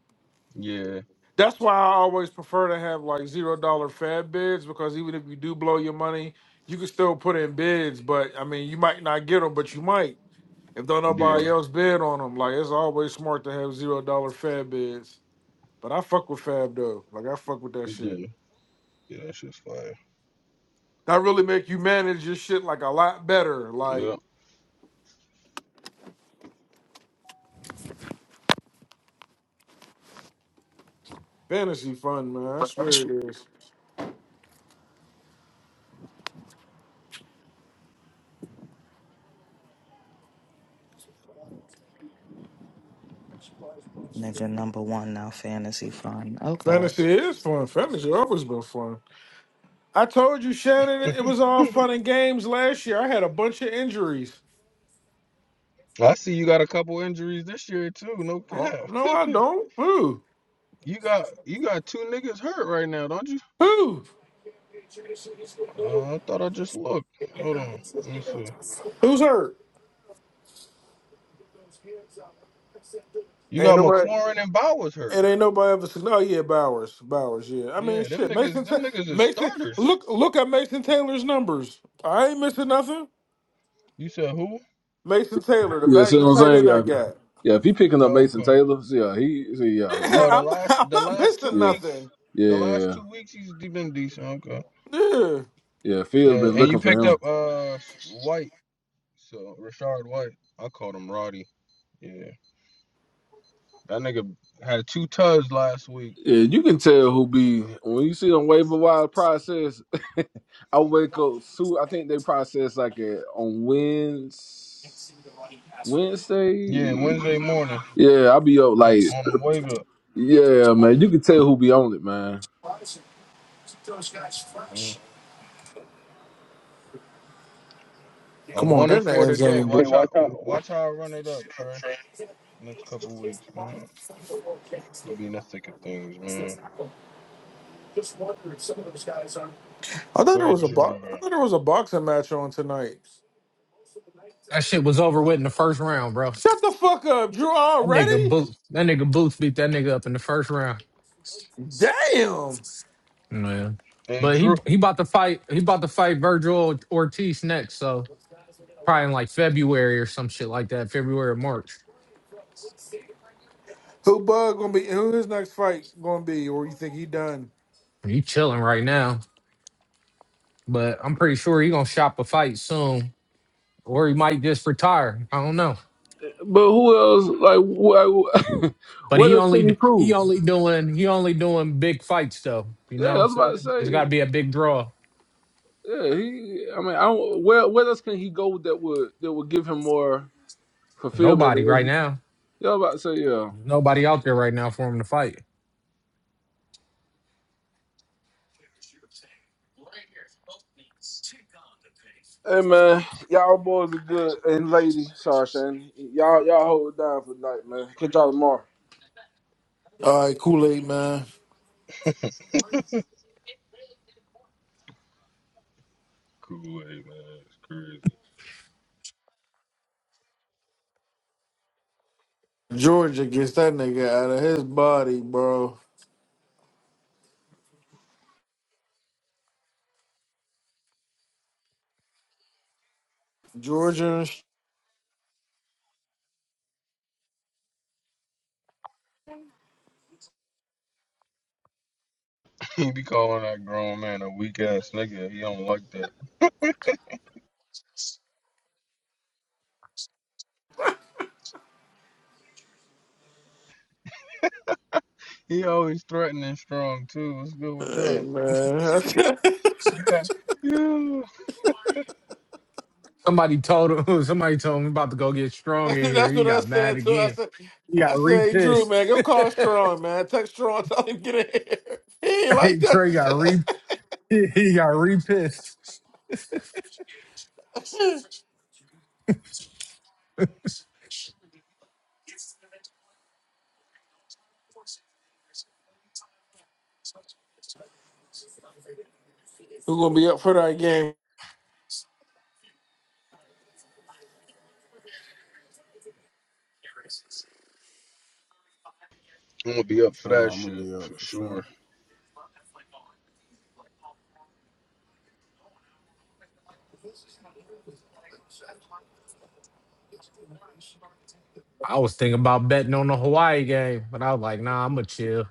J: Yeah,
L: That's why I always prefer to have like zero dollar fab bids because even if you do blow your money, you can still put in bids. But I mean, you might not get them, but you might if don't
J: yeah,
L: nobody else bid on them. Like, it's always smart to have zero dollar fab bids. But I fuck with fab though. Like, I fuck with that shit.
J: yeah, yeah. That's just fire.
L: That really make you manage your shit like a lot better. Like.
J: Yeah.
L: Fantasy fun, man. I swear it is.
T: Nigga number one now, fantasy fun. Okay.
L: Fantasy is fun. Fantasy always been fun. I told you, Shannon, it was all fun and games last year. I had a bunch of injuries.
J: I see you got a couple injuries this year too. No
L: Oh,
J: cap.
L: no, I don't. Who?
J: You got you got two niggas hurt right now, don't you?
L: Who?
J: Uh, I thought I just looked. Hold on. Let me see.
L: Who's hurt?
J: You
L: Ain't
J: got
L: nobody.
J: McLaurin and Bowers hurt.
L: It ain't nobody ever said. Oh yeah, Bowers. Bowers. Yeah. I mean,
J: Yeah, them
L: shit.
J: niggas,
L: Mason.
J: them
L: Ta-
J: niggas is
L: Mason.
J: starters.
L: Look. Look at Mason Taylor's numbers. I ain't missing nothing.
J: You said who?
L: Mason Taylor, the
C: Yeah, see
L: back
C: what
L: the
C: I'm
L: tight
C: saying?
L: end I
C: Yeah,
L: got.
C: yeah if he picking up
J: Oh,
C: Mason
J: okay.
C: Taylor, see, yeah, he, see, yeah, you,
L: Yeah,
J: Oh, the
L: I'm.
J: last,
L: I'm
J: the
L: not
J: last two
L: missing
C: yeah,
J: weeks,
L: nothing.
J: the last
C: yeah,
J: two weeks he's de- been decent. Okay.
L: Yeah.
C: yeah. Phil's
J: Yeah,
C: been
J: and you
C: looking for
J: picked
C: him.
J: up uh White, so Rashard White. I called him Roddy. Yeah, that nigga had two tugs last week.
C: Yeah, you can tell who be when you see them waiver wire process. I wake up soon. I think they process like a, on Wednes Wednesday.
J: Yeah, Wednesday morning
C: Yeah, I'll be up
J: on,
C: like
J: on the wake up.
C: yeah, man. You can tell who be on it, man.
J: Mm.
L: Come
J: I'm
L: on,
J: one
L: get
J: and
L: in the
J: four
L: end
J: today.
L: zone. Hey, dude.
J: Watch how,
L: watch out.
J: watch how I run it up, Trey. Next couple weeks, man. I'll be in the thick of things, man.
L: I thought there
J: Where
L: was a
J: Drew
L: bo- I
J: at?
L: thought there was a boxing match on tonight.
E: That shit was over with in the first round, bro.
L: Shut the fuck up, Drew
E: That nigga
L: already.
E: boots that nigga boots beat that nigga up in the first round.
L: Damn.
E: Man.
J: Hey,
E: But
J: Drew.
E: he he about to fight he about to fight Virgil Ortiz next, so probably in like February or some shit like that, February or March.
L: Who bug gonna be? Who his next fight gonna be? Or you think he done?
E: He chilling right now. But I'm pretty sure he gonna shop a fight soon. Or he might just retire. I don't know.
C: But who else? Like, wh-
E: But
C: what
E: he
C: else can he
E: only he
C: prove?
E: only doing he only doing big fights though. You
C: Yeah,
E: know what
C: I
E: I'm
C: was about to
E: saying? It's gotta
C: say.
E: be a big draw.
C: Yeah, he. I mean, I don't, where where else can he go that would that would give him more fulfillment
E: Nobody
C: than what
E: right
C: he?
E: now.
C: Yeah, I was about to say. Yeah.
E: There's nobody out there right now for him to fight.
C: Hey man, y'all boys be good and lady. Sorry, Shane. Y'all y'all hold it down for the night, man. Catch y'all tomorrow.
L: All right, Kool Aid man.
J: Kool Aid, man. It's crazy.
L: Georgia gets that nigga out of his body, bro. Georgia,
J: He be calling that grown man a weak ass nigga. He don't like that. He always threatening strong, too. What's good with
L: hey,
J: that?
L: man.
J: Shit, God. Yeah. I'm
E: Somebody told him somebody told him about to go get strong in here.
L: That's
E: He
L: what I
E: got mad
L: said too. I
E: again.
L: said,
E: He
L: I
E: got re
L: said, hey, Drew,
E: pissed.
L: man, go call Strong, man. Text Strong, tell him get in here. He ain't like
E: hey Trey got
L: that.
E: re he got re pissed.
L: Who gonna be up for that game?
J: gonna be up for
M: Oh,
J: that
M: I'm gonna
J: shit
M: be up
J: for
M: for sure.
J: sure.
E: I was thinking about betting on the Hawaii game, but I was like, nah, I'ma chill.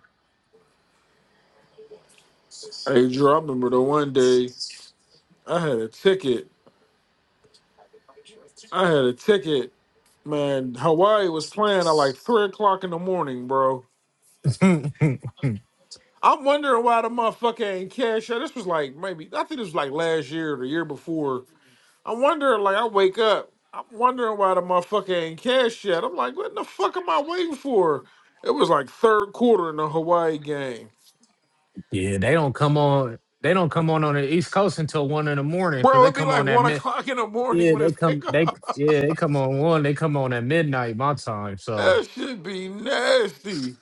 L: Hey, Drew, I remember the one day I had a ticket. I had a ticket, man. Hawaii was playing at like three o'clock in the morning, bro.
E: yeah,
L: I'm wondering why the motherfucker ain't cash out. This was like maybe I think this was like last year or the year before. I'm wondering, like, I wake up. I'm wondering why the motherfucker ain't cash yet. I'm like, what the fuck am I waiting for? It was like third quarter in the Hawaii game.
E: they don't come on they don't come on on the East Coast until one in the morning because
L: Bro,
E: they
L: it'd be
E: come
L: like
E: on at
L: one
E: mid
L: o'clock in the morning
E: Yeah,
L: when
E: they
L: it's
E: come. They
L: kickoff.
E: yeah, they come on one. They come on at midnight my time. So
L: That should be nasty.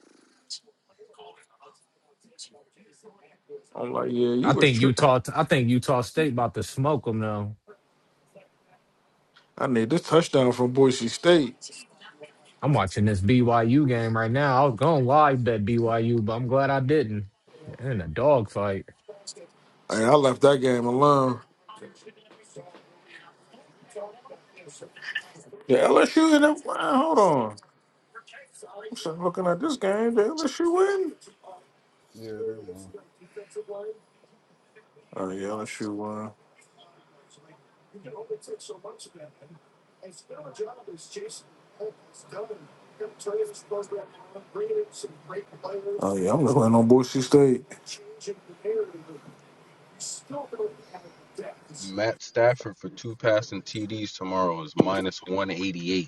L: I'm like, yeah, you
E: I
L: was
E: think
L: tripping.
E: Utah. I think Utah State about to smoke them though.
L: I need this touchdown from Boise State.
E: I'm watching this BYU game right now. I was going live bet BYU, but I'm glad I didn't. In a dog fight.
L: Hey, I left that game alone. The LSU in that. Wow, hold on. I'm sitting looking at this game. The LSU win.
M: Yeah, they won.
L: Oh, yeah, LSU won. Oh yeah, I'm looking on Boise State.
J: Matt Stafford for two passing TDs tomorrow is minus 188.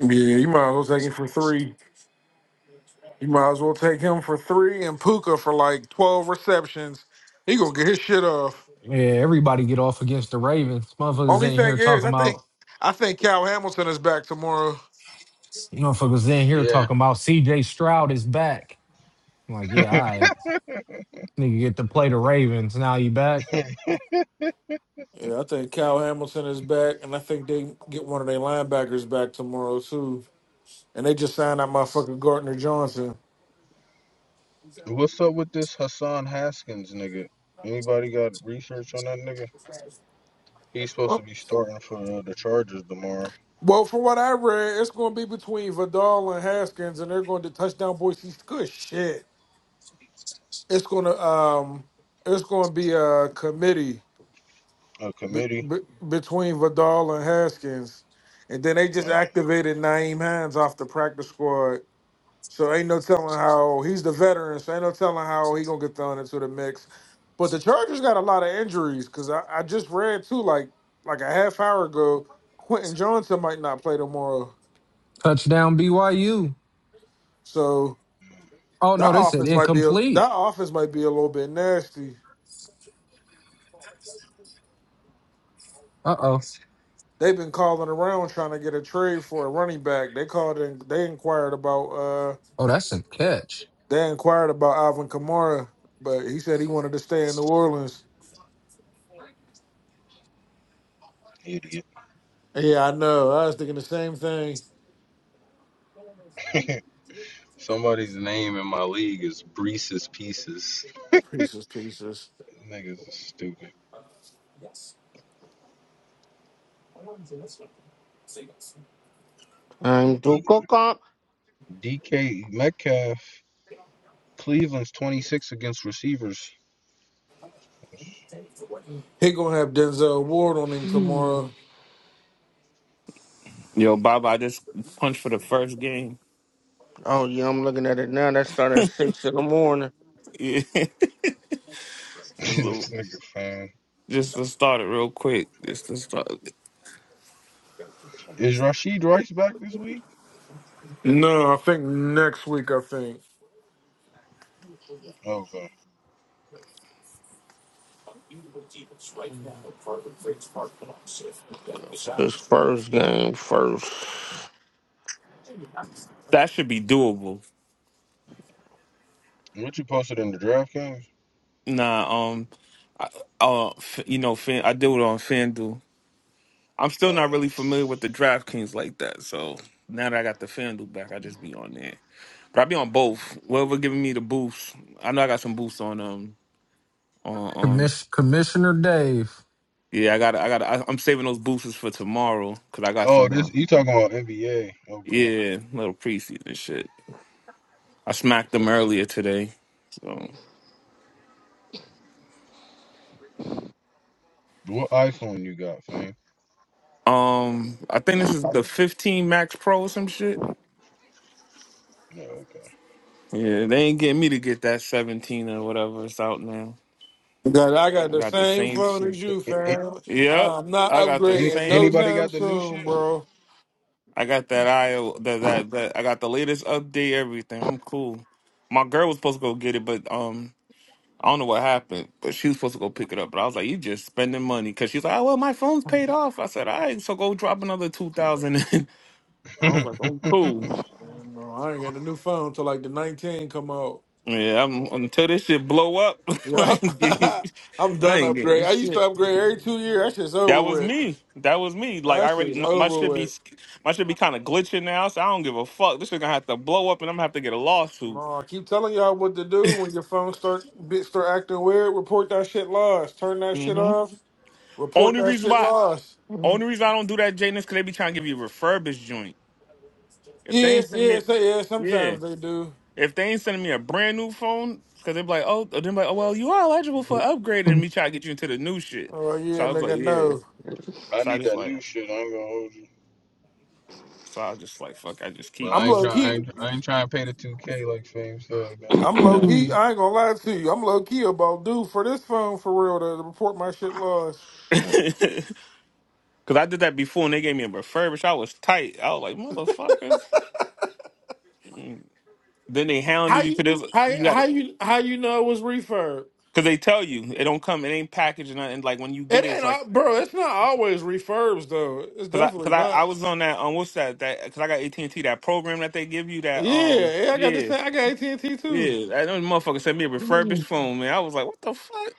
L: Yeah, you might as well take it for three. You might as well take him for three and Puka for like twelve receptions. He gonna get his shit off.
E: Yeah, everybody get off against the Ravens. Motherfuckers
L: Only
E: in
L: thing
E: here
L: is,
E: talking
L: I think
E: about.
L: I think Cal Hamilton is back tomorrow.
E: Motherfuckers in here
J: Yeah.
E: talking about C.J. Stroud is back. I'm like, yeah, all right. Nigga get to play the Ravens. Now you back.
L: Yeah, I think Cal Hamilton is back, and I think they get one of their linebackers back tomorrow too. And they just signed that motherfucker Gardner Johnson.
J: What's up with this Hassan Haskins nigga? Anybody got research on that nigga? He's supposed to
L: Oh,
J: be starting for uh, the Chargers tomorrow.
L: Well, from what I read, it's gonna be between Vidal and Haskins, and they're going to touchdown Boise. Good shit. It's gonna um, it's gonna be a committee
J: A
L: be,
J: committee.
L: be, between Vidal and Haskins, and then they just
J: Oh,
L: activated Naeem Hines off the practice squad. So ain't no telling how he's the veteran. So ain't no telling how he gonna get thrown into the mix. But the Chargers got a lot of injuries because I, I just read too, like like a half hour ago, Quentin Johnson might not play tomorrow.
E: Touchdown BYU.
L: So
E: Oh no,
L: that
E: they said
L: offense might be a,
E: incomplete.
L: that offense might be a little bit nasty.
E: Uh oh.
L: They've been calling around trying to get a trade for a running back. They called and they inquired about. uh,
E: Oh, that's a catch.
L: They inquired about Alvin Kamara, but he said he wanted to stay in New Orleans.
J: idiot.
L: Yeah, I know. I was thinking the same thing.
J: Somebody's name in my league is Brees's Pieces.
L: Pieces, pieces.
J: Niggas is stupid.
A: I'm do
J: D-
A: cook up.
J: DK Metcalf, Cleveland's 26 against receivers.
L: He gonna have Denzel Ward on him tomorrow.
O: Yo, Bob, I just punched for the first game.
A: Oh yeah, I'm looking at it now. That start at six in the morning.
O: Yeah. So,
J: this nigga fan.
O: just to start it real quick. Just to start.
J: Is Rashid Rice back this week?
L: No, I think next week. I think.
J: Oh, okay.
A: This first game first.
O: That should be doable.
J: What you posted in the draft games?
O: Nah, um, I, uh, f- you know, Fan, I do it on FanDuel. I'm
J: Oh,
O: still not really
J: no.
O: familiar with the DraftKings like that. So now that I got the FanDuel back, I just be on there. But I be on both. Whoever giving me the boost, I know I got some boosts on um on
E: Commission- Commissioner Dave.
O: Yeah, I got to I got to I'm saving those boosters for tomorrow cuz I got
J: oh,
O: some uh,
J: this you talking about NBA? Okay.
O: yeah, little preseason shit. I smacked them earlier today. So,
J: What iPhone you got, fam?
O: um I think this is the 15 Max Pro or some shit.
J: No, okay.
O: Yeah, they ain't getting me to get that 17 or whatever it's out now.
L: God, I got
O: I
L: the
O: got the
L: same
O: same
L: phone
O: shit.
L: as you, fam.
O: Yep.
L: I'm not
O: I got the
J: any-
L: upgrading no
O: same
J: anybody
L: time
J: got the new shit?
L: soon, bro.
O: I got that I that that, that I got the latest update everything. I'm cool. My girl was supposed to go get it, but um I don't know what happened, but she was supposed to go pick it up. But I was like, "You just spending money," because she's like, "Oh well, my phone's paid off." I said, "All right, so go drop another two thousand in." I was like, "I'm cool."
L: Man, no, I ain't got the new phone till like the 19 come out.
O: Yeah, I'm, until this shit blow up, I
L: Yup.
O: ain't getting,
L: I'm
O: I
L: done
O: ain't getting
L: upgrade. I used to
O: shit.
L: upgrade every two years. That shit's over
O: That was
L: with.
O: me. That was me. Like I
L: That
O: already,
L: shit's
O: my, my
L: over
O: shit be,
L: with.
O: my shit be kind of glitching now. So I don't give a fuck. This shit gonna have to blow up, and I'm gonna have to get a lawsuit.
L: No, I keep telling y'all what to do when your phone start bit start acting weird. Report that shit lost. Turn that shit
O: hmm
L: off. Report
O: Only
L: that
O: reason
L: shit
O: why,
L: lost.
O: only reason I don't do that, Jaden, is because they be trying to give you refurbished joint. If they
L: Yeah,
O: ain't sending
L: yeah,
O: it,
L: say yeah.
O: yeah.
L: Sometimes they do.
O: If they ain't sending me a brand new phone, because they be like, oh, they're like, oh, well, you are eligible for upgrading, and me try to get you into the new shit.
L: Oh
O: So
L: yeah,
O: I was like,
L: nigga,
O: yeah.
L: no.
J: I
O: So I
J: need
O: just
J: that
O: like,
J: new shit. I ain't gonna hold you.
O: so I just like, fuck, I just
J: But
O: keep
L: I'm
J: I ain't
L: low
O: this.
J: trying. I
L: key.
J: ain't, I ain't trying to pay the two K like Fame said, man. I'm
L: I'm
J: cool.
L: low
O: Yeah.
L: key. I ain't gonna lie to you. I'm low key about due for this phone for real to report my shit lost.
O: Because I did that before, and they gave me a refurbish. I was tight. I was like, motherfuckers. Mm. Then they
L: How
O: hounded you
L: you
O: because
L: how
O: you got
L: how
O: it.
L: you how you know it was refurb?
O: Because they tell you it don't come, it ain't packaged, and nothing. like when you get
L: It
O: it, it's
L: ain't
O: like.
L: al- bro. It's not always refurbs though. It's
O: Cause I,
L: definitely
O: cause I, I
L: not.
O: was on that, um, what's that, that, cause I got AT and T, that program that they give you, that, um,
L: Yeah, yeah. I got this.
O: yeah,
L: I got AT and T too.
O: Yeah, I know the motherfucker sent me a refurbished phone, man. I was like, what the fuck?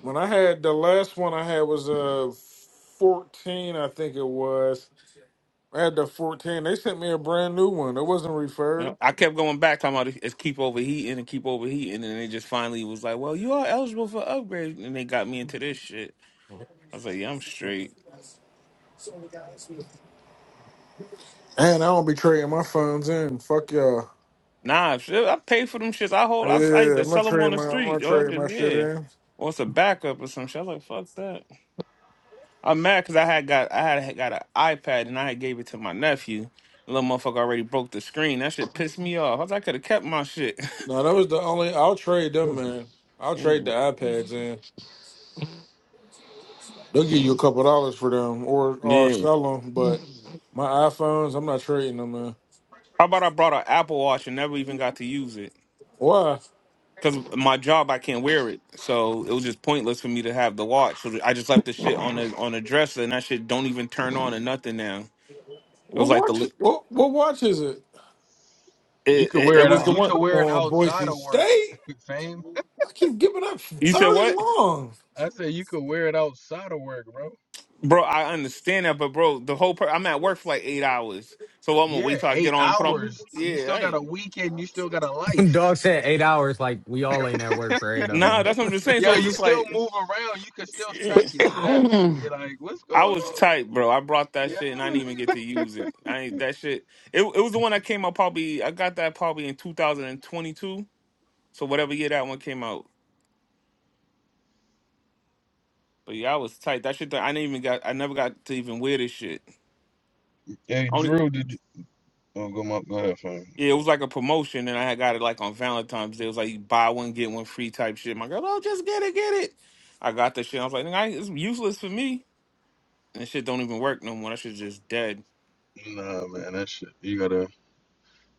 L: When I had the last one I had was uh 14, I think it was. I had the 14. They sent me a brand new one. It wasn't
O: Yeah,
L: referred.
O: I kept going back talking about it- it's keep overheating and keep overheating, and then they just finally was like, "Well, you are eligible for upgrade," and they got me into this shit. I was like, "Yeah, I'm straight."
L: And I don't be trading my phones in. Fuck y'all.
O: Nah, shit, I pay for them shits. I hold. I, s- I used
L: Yeah,
O: to
L: I'm gonna
O: sell them on
L: trade
O: the
L: my I'm
O: street,
L: gonna
O: yo. I
L: trade my
O: did,
L: shit
O: yeah,
L: in.
O: or it's a backup or some shit. I was like, "Fuck that." I'm mad because I had got I had had got an iPad and I had gave it to my nephew. Little motherfucker already broke the screen. That shit pissed me off. I was like, I could have kept my shit.
L: No, that was the only I'll trade them, man. I'll trade the iPads in. They'll give you a couple dollars for them or or
O: yeah.
L: sell them, but my iPhones, I'm not trading them, man.
O: How about I brought an Apple Watch and never even got to use it?
L: Why?
O: Because my job, I can't wear it, so it was just pointless for me to have the watch. So I just left the shit on the on a dresser, and that shit don't even turn on or nothing now. It was
L: What
O: like the
L: watch?
O: li-
L: What what watch is it?
J: You
O: it,
J: could
O: it, it
J: wear it.
O: was
J: out-
O: the
J: You
L: Oh,
O: one.
J: could
L: come
J: wear it
L: on,
J: outside
L: Boise
J: of work,
L: State.
J: Fame.
L: I keep giving up
O: You said
L: third and
O: what,
L: long.
J: I said you could wear it outside of work, bro.
O: bro? I understand that, but bro, the whole per- I'm at work for like eight hours, so I'm gonna
J: Yeah,
O: wait till I
J: eight
O: get on and put on.
J: hours. You
O: Yeah,
J: still
O: I
J: got a
O: ain't.
J: weekend. You still got a life.
E: Dog said eight hours. Like, we all ain't at work for eight of
O: Nah,
E: them.
O: that's what I'm just saying.
J: Yo,
O: So it was
J: you
O: just
J: still
O: like,
J: move around. You can still
O: yeah.
J: track your steps. You're like, what's
O: I
J: going
O: was
J: on?
O: tight, bro. I brought that
J: Yeah.
O: shit and I didn't even get to use it. I ain't that shit. It, it was the one that came out probably. I got that probably in 2022. So whatever year that one came out. But yeah, I was tight. That shit. that I didn't even got. I never got to even wear this shit.
J: Hey,
O: Only
J: Drew, did you? Oh, go my go ahead, Fame.
O: yeah, it was like a promotion, and I had got it like on Valentine's Day. It was like you buy one get one free type shit. My girl, oh, just get it, get it. I got the shit. I was like, "Nigga, I- it's useless for me. And shit don't even work no more. That shit's just dead.
J: Nah, man, that shit. You gotta.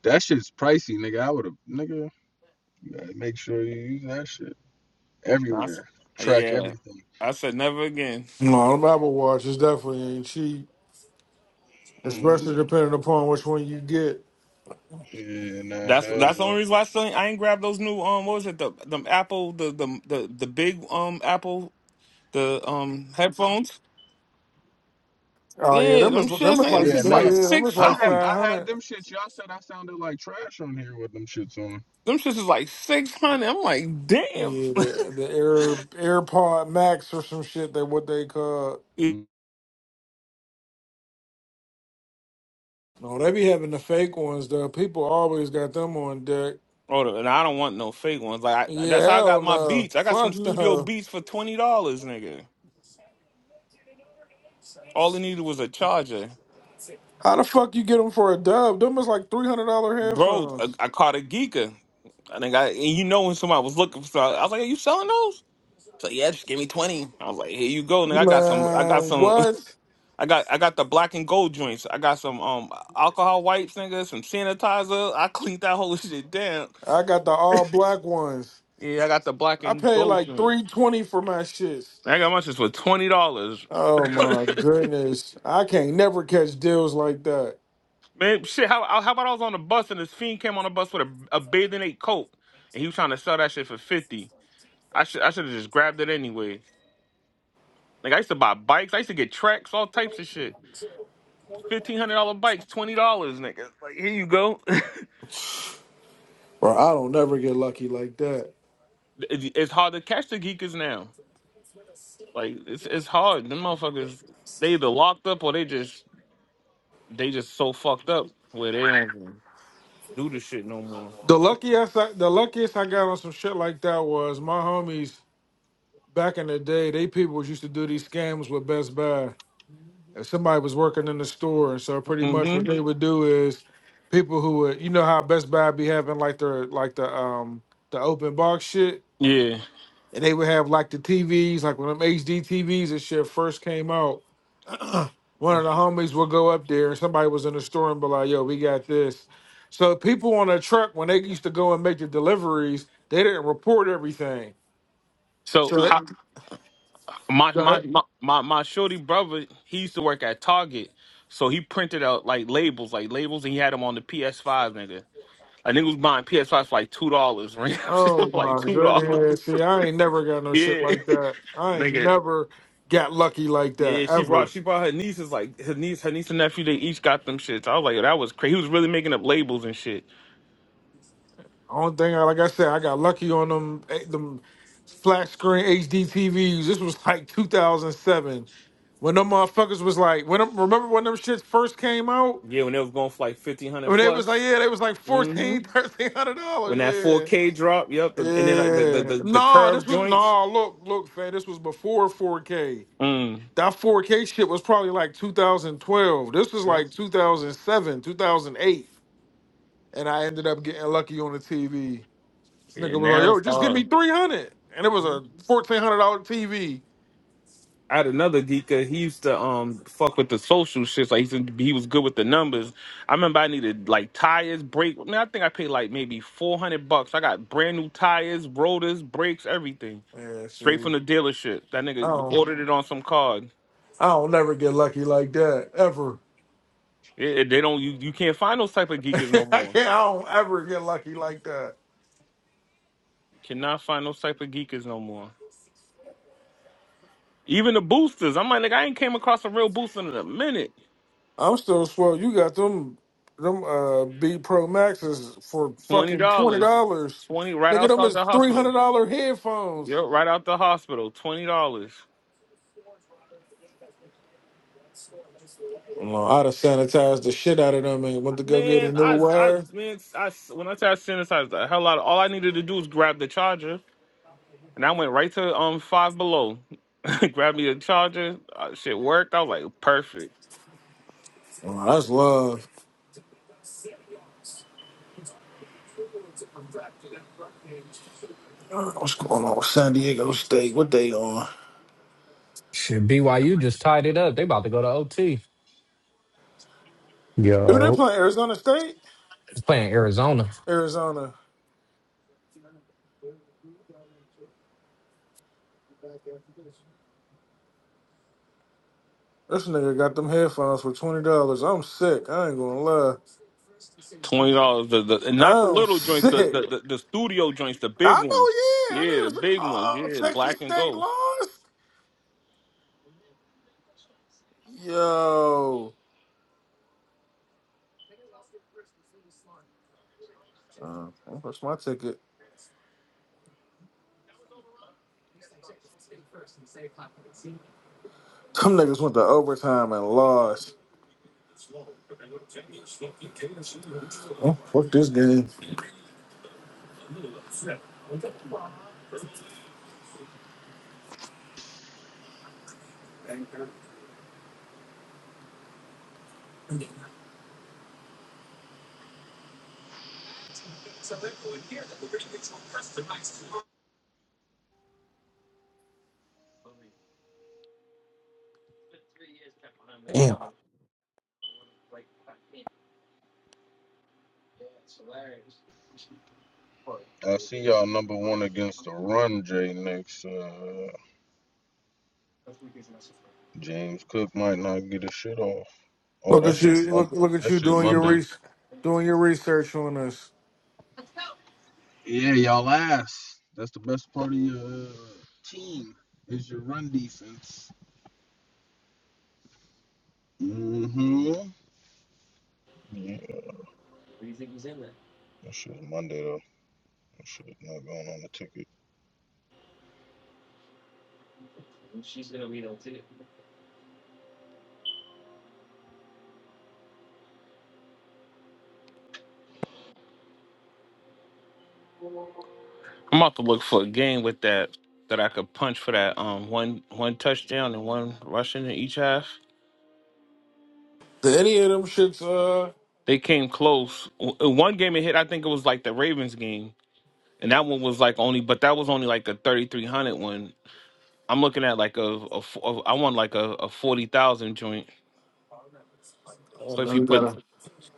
J: That shit's pricey, nigga. I would have, nigga. You gotta make sure you use that shit
O: Nah, I s-
J: everywhere. Track
O: yeah,
J: everything.
O: I said never again.
L: No, them Apple Watches definitely ain't cheap,
O: Mhm.
L: especially
J: Mm,
L: depending upon which one you get.
J: yeah, nah,
O: That's
J: hell
O: that's the
J: no.
O: only reason why I still ain't, I ain't grabbed those new um what was it the the Apple the the the, the big um Apple the um headphones
L: Oh yeah,
O: yeah
L: them
O: them
L: is them
O: shits man,
L: is
O: them shits
L: like
J: Yeah,
O: is
L: them,
J: nah.
O: like
L: yeah, them
O: six
L: is
J: I
L: like
J: had
O: something
L: five
J: I had
L: hundred.
J: them shits. Y'all said I sounded like trash on here with them shits on.
O: them shits is like six hundred I'm like damn
L: Yeah, the, the Air AirPod Max or some shit. They what they call.
O: Yeah.
J: Mm.
L: No, they be having the fake ones though. People always got them on deck.
O: oh and I don't want no fake ones like I,
L: Yeah,
O: that's how I
L: hell
O: got my
L: no,
O: Beats I got some
L: fuck
O: Studio
L: no.
O: Beats for twenty dollars nigga all it needed was a charger
L: How the fuck you get them for a dub? Them is like three hundred dollar
O: bro I,
L: headphones.
O: I caught a geeker I think I and you know when somebody was looking for I was like are you selling those So yeah, just give me twenty. I was like, here you go, nigga. I got some. I got
L: Man,
O: some.
L: what?
O: I got. I got the black and gold joints. I got some um alcohol wipes, nigga. Some sanitizer. I cleaned that whole shit down.
L: I got the all black ones.
O: Yeah, I got the black
L: I
O: and
L: paid
O: gold
L: like
O: joints.
L: three twenty for my shits.
O: I got my shit for twenty dollars.
L: Oh my goodness, I can't never catch deals like that,
O: Man, shit. How how about I was on the bus and this fiend came on the bus with a, a bathing ape coat and he was trying to sell that shit for fifty. I should I should have just grabbed it anyway. Like I used to buy bikes. I used to get tracks, all types of shit. Fifteen hundred dollar bikes, twenty dollars, nigga. Like here you go.
L: bro. I don't never get lucky like that.
O: it- it's hard to catch the geekers now. Like it's it's hard. Them motherfuckers they either locked up or they just they just so fucked up where they don't even do the shit no more.
L: The luckiest, I, si, the luckiest I got on some shit like that was my homies back in the day. They people used to do these scams with Best Buy. If somebody was working in the store, and so pretty much
O: hmm
L: what they would do is people who would, you know, how Best Buy be having like their like the um the open box shit.
O: Yeah.
L: and they would have like the TVs, like when them HD TVs and shit first came out. One of the homies would go up there, and somebody was in the store and be like, "Yo, we got this." So people on a truck when they used to go and make the deliveries, they didn't report everything.
O: So
L: So they,
O: I, my,
L: go
O: my
L: ahead.
O: my my my shorty brother, he used to work at Target, so he printed out like labels, like labels, and he had them on the PS5, nigga. Like nigga was buying ps 5s for like two dollars, right? Shit for
L: oh
O: like
L: my
O: two dollars.
L: goodness, see, I ain't never got no shit
O: Yeah,
L: like that. I ain't
O: nigga.
L: never got lucky like
O: Yeah,
L: that
O: she brought
L: ever.
O: she brought her nieces like her niece her niece and nephew. They each got them shits. I was like, that was crazy. He was really making up labels and shit.
L: Only thing, I- like I said, I got lucky on them eh, them flat screen HD TVs. This was like 2007 when them motherfuckers was like, when them, remember when them shits first came out?
O: Yeah, when it was going for like fifteen hundred
L: When they was like,
O: plus.
L: yeah, they was like
O: Mm-hmm.
L: fourteen, 1300
O: When that four
L: dollars.
O: K drop, yep.
L: Yeah,
O: The, and then like, the, the
L: yeah.
O: the the
L: No,
O: curve
L: this was
O: joints.
L: no. Look, look, fam. This was before 4K.
O: Mm.
L: That 4K shit was probably like 2012. This was
O: Yep.
L: like 2007, 2008, and I ended up getting lucky on the TV. This
O: Yeah,
L: nigga was like,
O: now
L: yo,
O: it's
L: just give
O: hard.
L: me 300, and it was a 1400 dollar TV.
O: I had another geeker. He used to um fuck with the social shit. Like he used to, he was good with the numbers. I remember I needed like tires, brake. I, mean, I think I paid like maybe four hundred bucks. I got brand new tires, rotors, brakes, everything,
L: Yeah,
O: straight
L: see.
O: from the dealership. That
L: I
O: nigga
L: don't,
O: ordered it on some card.
L: I don't never get lucky like that ever.
O: It, it- they don't. You, you can't find those type of
L: I
O: geekers no more.
L: can't. I don't ever get lucky like that.
O: Cannot find those type of geekers no more. Even the boosters. I'm like, nigga, I ain't came across a real booster in a minute.
L: I'm still swell. You got them, them uh B Pro Maxes for
O: Twenty
L: fucking twenty
O: dollars.
L: dollars.
O: Twenty right
L: Nigga, them
O: outside
L: is
O: the
L: three
O: hospital.
L: hundred dollar headphones.
O: Yo, right out the hospital, twenty dollars.
L: No, I'd have sanitized the shit out of them and went to go get a
O: Man,
L: new
O: I, I,
L: wire.
O: man, I. When I say I sanitized the hell out, of, all I needed to do was grab the charger, and I went right to um Five Below, grabbed me a charger. Uh, shit worked. I was like, perfect.
L: Well, that's love. Uh, What's going on with San Diego State? What they on?
E: Shit, BYU just tied it up. They about to go to OT.
L: Who they
V: Yo,
L: playing? Arizona State?
E: It's playing Arizona.
L: Arizona. This nigga got them headphones for twenty dollars. I'm sick. I ain't gonna lie.
O: Twenty dollars. The, the and not the
L: Oh
O: little joints, the,
L: shit!
O: the the the studio joints, the big
L: I know.
O: ones.
L: Yeah, I
O: Yeah,
L: know.
O: the
L: It's-
O: big ones.
L: Oh,
O: Yeah,
L: Texas
O: black and
L: State
O: gold.
L: lost. Yo, uh, what's my ticket? Some niggas went to overtime and lost. Oh, fuck this game.
J: I see y'all number one against the run, Jay next. Uh, James Cook might not get his shit off. Oh,
L: Look
J: that
L: at
J: shit's
L: you.
J: Monday.
L: Look look at
J: That
L: you
J: shit's
L: doing your
J: Monday.
L: re- doing your research on us.
J: Yeah, y'all ass. That's the best part of your uh, team is your run defense. Mm-hmm. Yeah, that shit's Monday though. Shit, not going on the ticket.
O: I'm about to look for a game with that that I could punch for that um one one touchdown and one rushing in each half.
L: Did any of them shits? Uh,
O: They came close. W- uh, One game it hit, I think it was like the Ravens game, and that one was like only, but that was only like a thirty three hundred one. I'm looking at like a, a, f- a I want like a, a forty thousand joint.
L: I
O: So
L: don't know
O: if you
L: who
O: put
L: got a.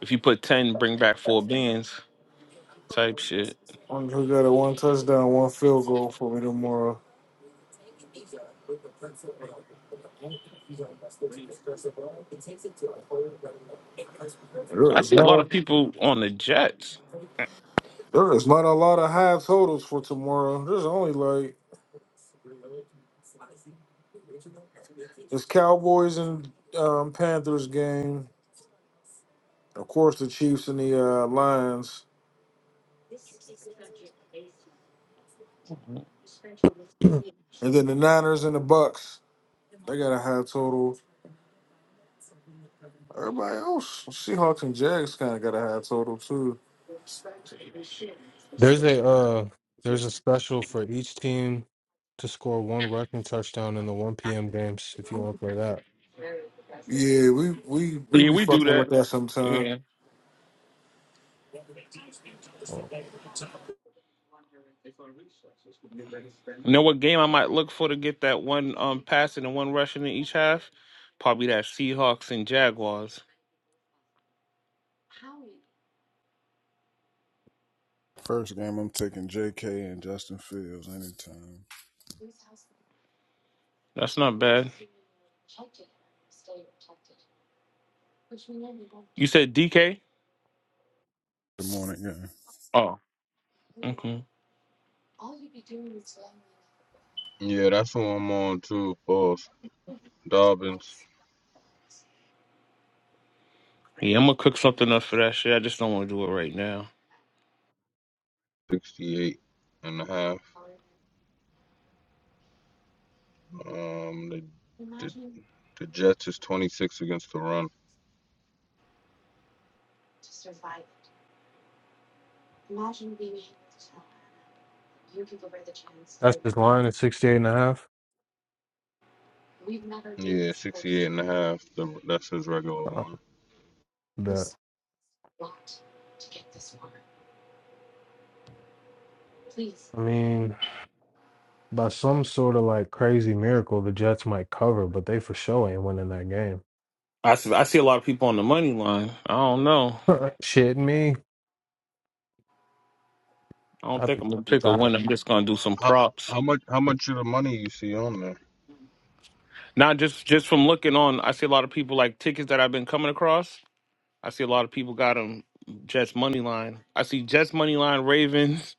O: if you put ten, bring back four bands type shit.
L: I wonder who got a one touchdown, one field goal for me tomorrow. These are with the principle of it takes it to a whole There
O: I
L: is
O: see a
L: not
O: lot
L: a
O: of people on the Jets.
L: there is not a lot of high totals for tomorrow. There's only like it's Cowboys and um, Panthers game. Of course, the Chiefs and the uh, Lions, and then the Niners and the Bucks. They got a high total. Everybody else, Seahawks and Jags, kind of got a high total too.
V: there's a uh, there's a special for each team to score one rushing touchdown in the 1 p.m. games. If you want to play that,
L: Yeah, we we we
O: Yeah,
L: be
O: we do
L: fucking
O: that.
L: with that sometime.
O: Yeah.
V: Oh.
O: You know what game I might look for to get that one um passing and one rushing in each half? Probably that Seahawks and Jaguars.
M: First game, I'm taking J.K. and Justin Fields anytime.
O: That's not bad. You said DK?
M: The morning, game.
O: Oh, okay.
J: Yeah, that's who I'm on too. Boss Dobbins,
O: Yeah, I'm gonna cook something up for that shit. I just don't want to do it right now.
J: 68 and a half. Um, the, the the Jets is 26 against the run.
V: that's his line at 68 and a half.
J: Yeah, 68 and a half. The, that's his regular
V: Uh,
J: one.
V: That I mean, by some sort of like crazy miracle, the Jets might cover, but they for sure ain't winning that game.
O: I see, I see a lot of people on the money line. I don't know.
V: Shit, me,
O: I don't
V: I,
O: think I'm gonna pick a
V: I
O: win. I'm just gonna do some
J: How
O: props.
J: how much how much of the money you see on there?
O: Not just just from looking on. I see a lot of people like tickets that I've been coming across. I see a lot of people got them Jets money line. I see Jets money line, Ravens,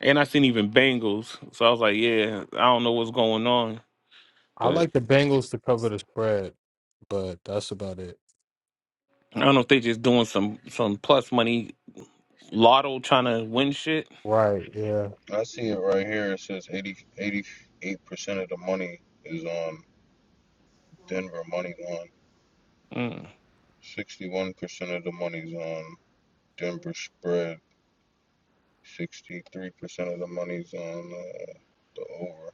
O: and I seen even Bengals. So I was like, yeah, I don't know what's going on,
V: I
O: but
V: like the Bengals to cover the spread, but that's about it.
O: I don't know if they just doing some some plus money lotto trying to win shit.
V: Right? Yeah.
J: I see it right here. It says 80 88 percent of the money is on Denver money line.
O: Mm.
J: 61 percent of the money's on Denver spread. Sixty-three percent of the money's on uh, the over.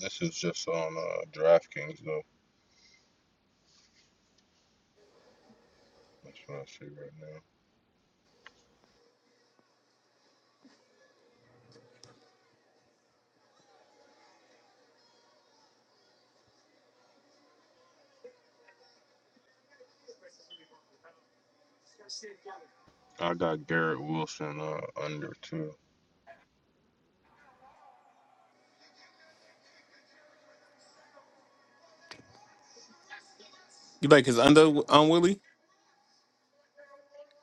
J: This is just on uh, DraftKings though. That's what I see right now. I got Garrett Wilson uh, under too.
O: You like his under on Willie?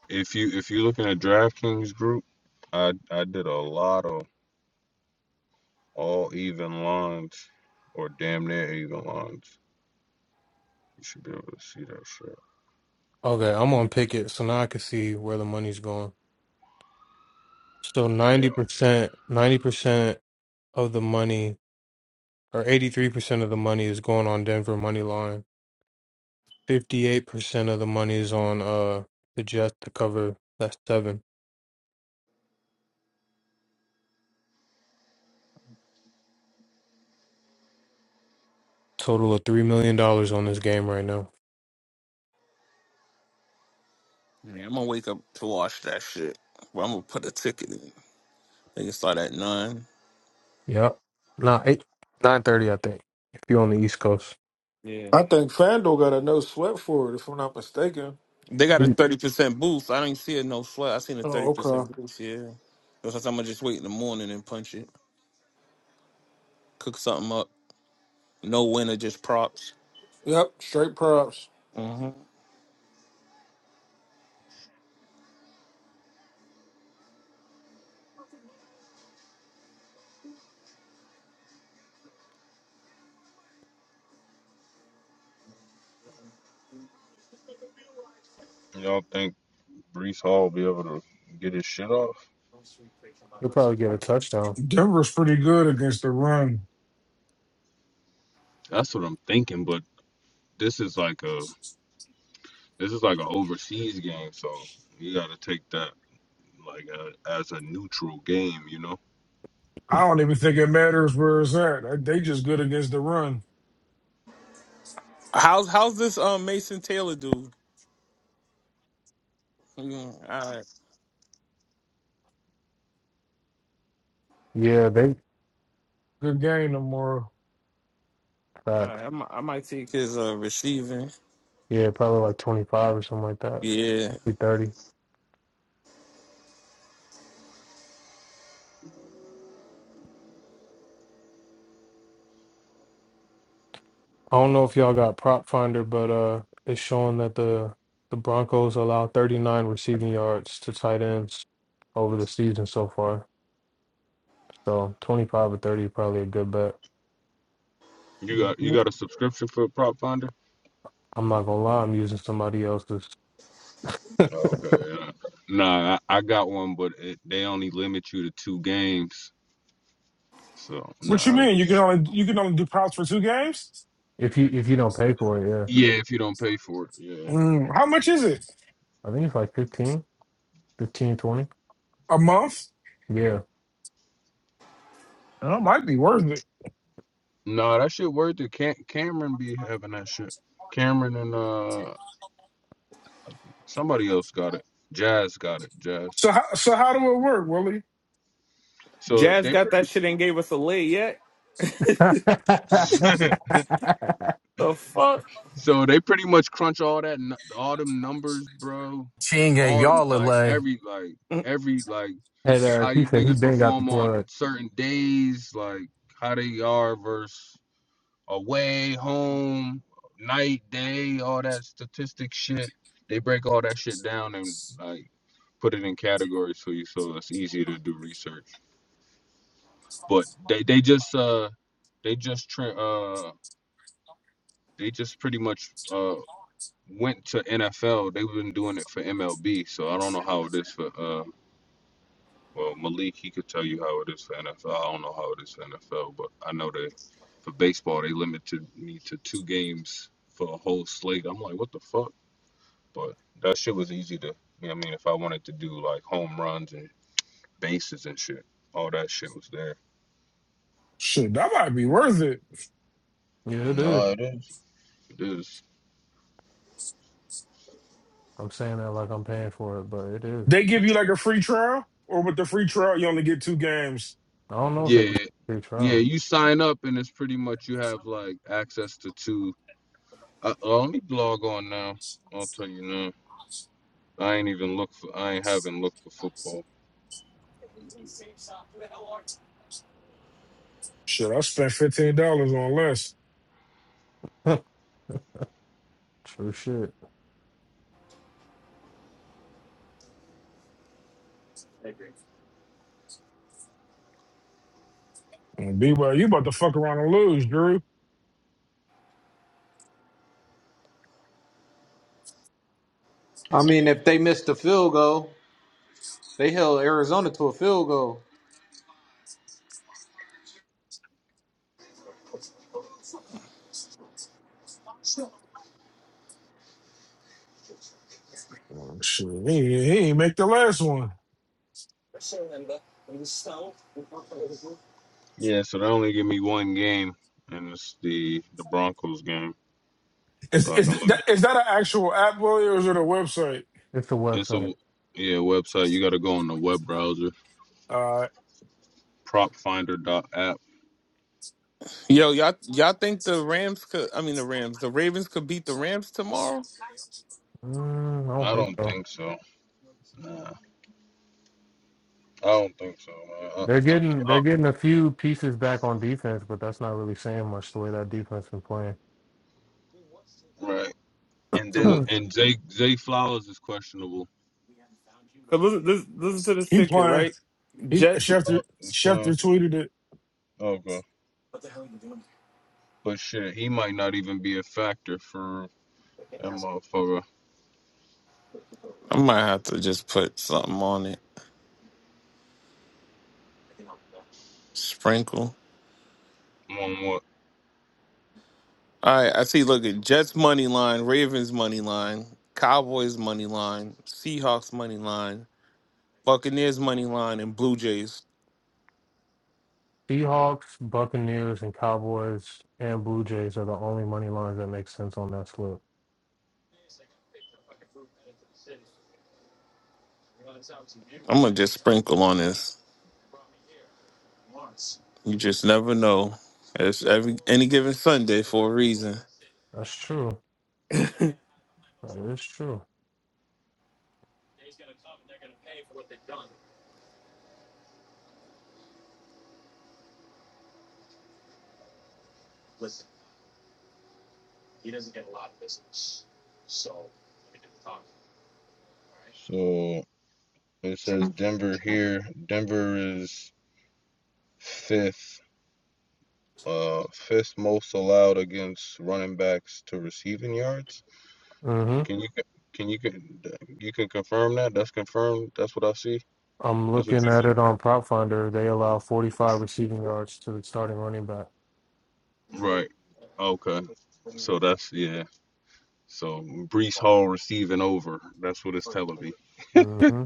J: If you if you're looking at DraftKings group, I I did a lot of all even lines or damn near even lines. You should be able to see that shit.
V: Okay, I'm on Pickett, so now I can see where the money's going. So
J: Yeah,
V: 90%, 90% of the money or 83% of the money is going on Denver money line. 58% of the money is on uh the Jets to cover that's 7. Total of 3 million dollars on this game right now.
O: Yeah, I'm gonna wake up to watch that shit. But I'm gonna put a ticket in. They can start at nine.
V: Yep. Nah, 8 9:30 I think. If you're on the East Coast.
O: Yeah.
L: I think FanDuel got a no sweat for it, if I'm not mistaken.
O: They got a
V: You-
O: thirty percent boost. I didn't see it no flood. I seen a thirty
L: Oh, okay.
O: percent boost, yeah. That's why I'm gonna just wait in the morning and punch it. Cook something up. No winner, just props.
L: Yep, straight props.
O: hmm
J: y'all think Brees Hall will be able to get his shit off?
V: You'll probably get a touchdown.
L: Denver's pretty good against the run.
J: That's what I'm thinking. But this is like a This is like an overseas game, so you got to take that like uh, as a neutral game. You know,
L: I don't even think it matters where it's at. Like, They just good against the run.
O: How's how's this um Mason Taylor dude? Mm, all right,
V: Yeah, they
L: Good game tomorrow.
O: all
V: facts.
O: right. I might, I might take his uh receiving.
V: Yeah, probably like 25 or something like that.
O: Yeah.
V: Maybe 30. I don't know if y'all got prop finder, but uh it's showing that the the Broncos allow 39 receiving yards to tight ends over the season so far. So 25 or 30 is probably a good bet.
J: you got you got a subscription for Prop Finder.
V: I'm not gonna lie, I'm using somebody else's.
J: Oh, okay. Yeah. Nah, I, I got one, but it, they only limit you to two games. So no, nah,
L: What you
J: I was
L: mean? You can
J: just
L: only you can only do props for two games?
V: If you if you don't pay for it, yeah.
J: yeah, if you don't pay for it, yeah.
L: Mm, how much is it?
V: I think it's like 15, 15, 20.
L: A month?
V: Yeah.
L: That might be worth it.
J: No, nah, that shit worth it. Cam- Cameron be having that shit. Cameron and uh somebody else got it. Jazz got it. Jazz.
L: So how so how do it work, Willie?
J: So
O: Jazz
J: they
O: got
J: pretty.
O: that shit and gave us a lay yet.
V: and
O: The fuck?
J: So they pretty much crunch all that, nu- all them numbers, bro.
E: Ching gave
J: All them
E: y'all a
J: like
E: lay.
J: every like every like
V: uh
J: how
V: he
J: these
V: said he
J: niggas
V: been got the
J: perform on
V: plug.
J: certain days, like how they are versus away, home, night, day, all that statistic shit. They break all that shit down and like put it in categories for you, so it's easier to do research. But they they just uh they just tra- uh they just pretty much uh. went to NFL, they've been doing it for MLB. So I don't know how it is for uh well Malik he could tell you how it is for NFL. I don't know how it is for NFL, but I know they for baseball they limited me to two games for a whole slate. I'm like, what the fuck? But that shit was easy to you know what I mean, if I wanted to do like home runs and bases and shit, all that shit was there.
L: Shit, that might be worth it.
V: Yeah, it is.
J: No, it is. It is.
V: I'm saying that like I'm paying for it, but it is.
L: They give you like a free trial, or with the free trial you only get two games.
V: I don't know if they get
J: yeah.
V: a free
J: Yeah,
V: trial.
J: you sign up and it's pretty much you have like access to two Uh, well, let me blog on now. I'll tell you now. I ain't even look for. I ain't haven't looked for football.
L: Shit, I spent fifteen dollars on less.
V: True shit.
L: B well, you about to fuck around and lose, Drew.
E: I mean, if they missed the field goal, they held Arizona to a field goal.
L: Oh, shit, he, he ain't make the last one.
J: Yeah, so they only give me one game, and it's the the Broncos game.
L: Is
J: So I can
L: is
J: look.
L: that is that an actual app, Willie, or is it a website?
V: It's a
J: It's a
V: website.
J: yeah website. You got to go on the web browser.
L: Uh,
J: Prop Finder dot app.
O: Yo, y'all, y'all think the Rams could? I mean, the Rams, the Ravens could beat the Rams tomorrow?
V: Mm, I don't
J: I
V: think
J: don't
V: so.
J: think so. Nah, I don't think so, man. I,
V: They're getting
J: I,
V: they're getting a few pieces back on defense, but that's not really saying much the way that defense been playing.
J: right. And
O: because
J: then
V: Hmm.
J: and Zay Zay Flowers is questionable.
O: 'cause listen, listen, listen to this
L: he
O: ticket,
L: playing.
O: right?
L: He
O: Jets.
L: Schefter
J: Oh, he's fine.
L: Schefter tweeted it.
J: Okay, but shit, he might not even be a factor for that motherfucker.
O: I might have to just put something on it. Sprinkle.
J: One more.
O: All right, I see. Look at Jets money line, Ravens money line, Cowboys money line, Seahawks money line, Buccaneers money line, and Blue Jays.
V: Seahawks, Buccaneers, and Cowboys and Blue Jays are the only money lines that make sense on that slip.
O: I'm gonna just sprinkle on this. You just never know. It's every any given Sunday for a reason.
V: That's true. That is true.
J: So it says Denver here. Denver is fifth, uh, fifth most allowed against running backs to receiving yards.
V: Mm-hmm.
J: Can you can you can you can confirm that? That's confirmed. That's what I see.
V: I'm
J: That's what
V: looking
J: you
V: at it
J: see.
V: on Prop Finder. They allow 45 receiving yards to the starting running back.
J: Right. Okay. So that's yeah. So Brees Hall receiving over. That's what it's telling me.
V: Mm-hmm.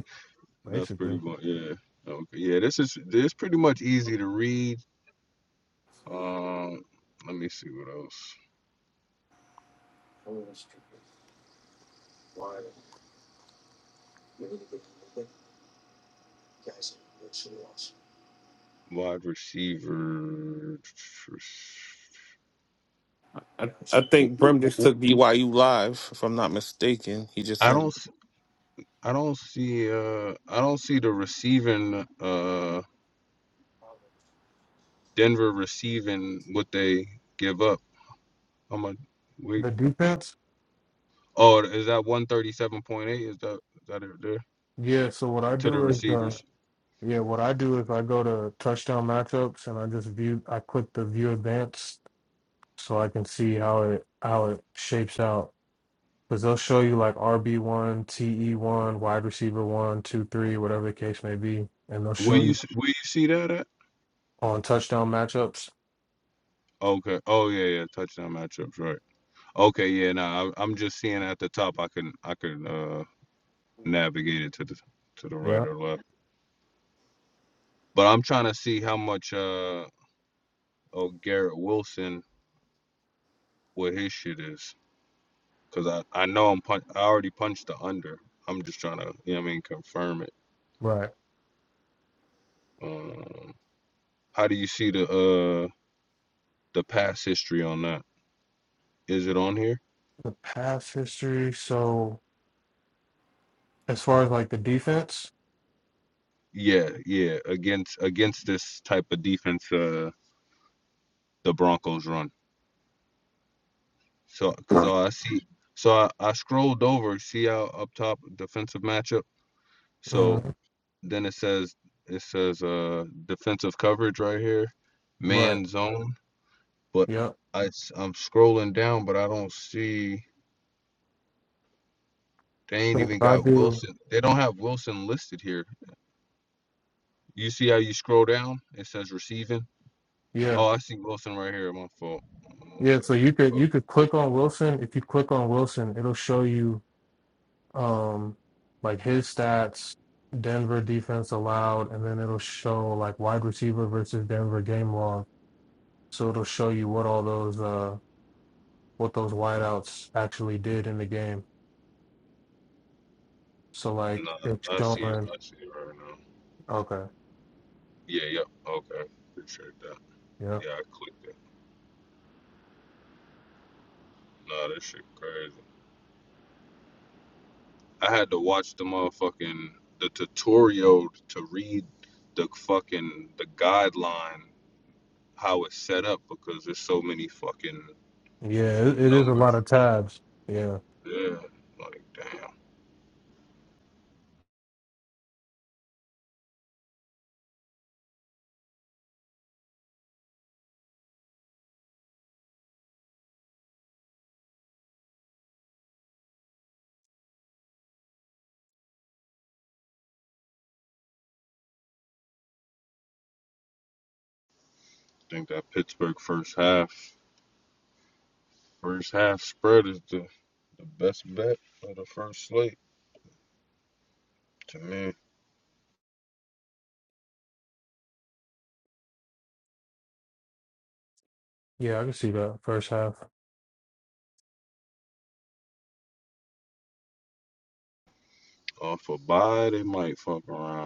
J: That's pretty
V: Basically,
J: much yeah. Okay. Yeah. This is this is pretty much easy to read. Um. Let me see what else. Wide receiver.
O: I, I
J: I
O: think
J: w-
O: Brim
J: w-
O: just
J: I
O: took BYU live, if I'm not mistaken. He just
J: I
O: sent
J: s- I don't see. Uh, I don't see the receiving. Uh, Denver receiving what they give up. I'm a. We.
V: the defense.
J: Oh, is that one thirty seven point eight? Is that is that it there
V: Yeah. So what I
J: to the
V: do is uh,
J: receivers?
V: Yeah, what I do is I go to touchdown matchups and I just view I click the view advanced so I can see how it how it shapes out. Because they'll show you like RB one, TE one, wide receiver one, two, three, whatever the case may be. And they'll
J: Will
V: show
J: you
V: you
J: s- will you see that at?
V: on touchdown matchups.
J: Okay. Oh yeah, yeah. Touchdown matchups, right? Okay. Yeah. Nah. I, I'm just seeing at the top. I can I can uh navigate it to the to the right
V: Yeah.
J: or left. But I'm trying to see how much uh of Garrett Wilson what his shit is, cause I I know I'm punch I already punched the under. I'm just trying to you know what I mean confirm it.
V: Right.
J: Um, how do you see the uh the past history on that? Is it on here?
V: The pass history. So as far as like the defense,
J: Yeah, yeah. Against against this type of defense, uh, the Broncos run. So cause
V: Right.
J: all I see, so I I scrolled over, see how up top defensive matchup. So
V: Mm,
J: Then it says it says uh defensive coverage right here,
V: right.
J: man zone. But
V: Yep.
J: I i s- I'm scrolling down, but I don't see they ain't
V: So what
J: even
V: I
J: got
V: do.
J: Wilson. They don't have Wilson listed here. You see how you scroll down? It says receiving.
V: Yeah.
J: Oh, I see Wilson right here. My fault. Oh,
V: Yeah. So
J: where-
V: you could
J: oh,
V: you could click on Wilson. If you click on Wilson, it'll show you um like his stats denver defense allowed and then it'll show like wide receiver versus denver game log so it'll show you what all those uh what those wideouts actually did in the game so like
J: nah,
V: it's
J: I see it.
V: showing
J: I see it right now.
V: okay
J: Yeah. Yep. Yeah, Okay. Appreciate that.
V: yeah
J: Yeah, I clicked it. Nah, this shit crazy. I had to watch the motherfucking the tutorial to read the fucking the guideline how it's set up because there's so many fucking
V: yeah it, it is a lot
J: numbers.
V: of tabs yeah
J: Yeah, like damn. I think that Pittsburgh first half first half spread is the the best bet for the first slate to me.
V: yeah i can see that first half
J: Off a bye, they might fuck around.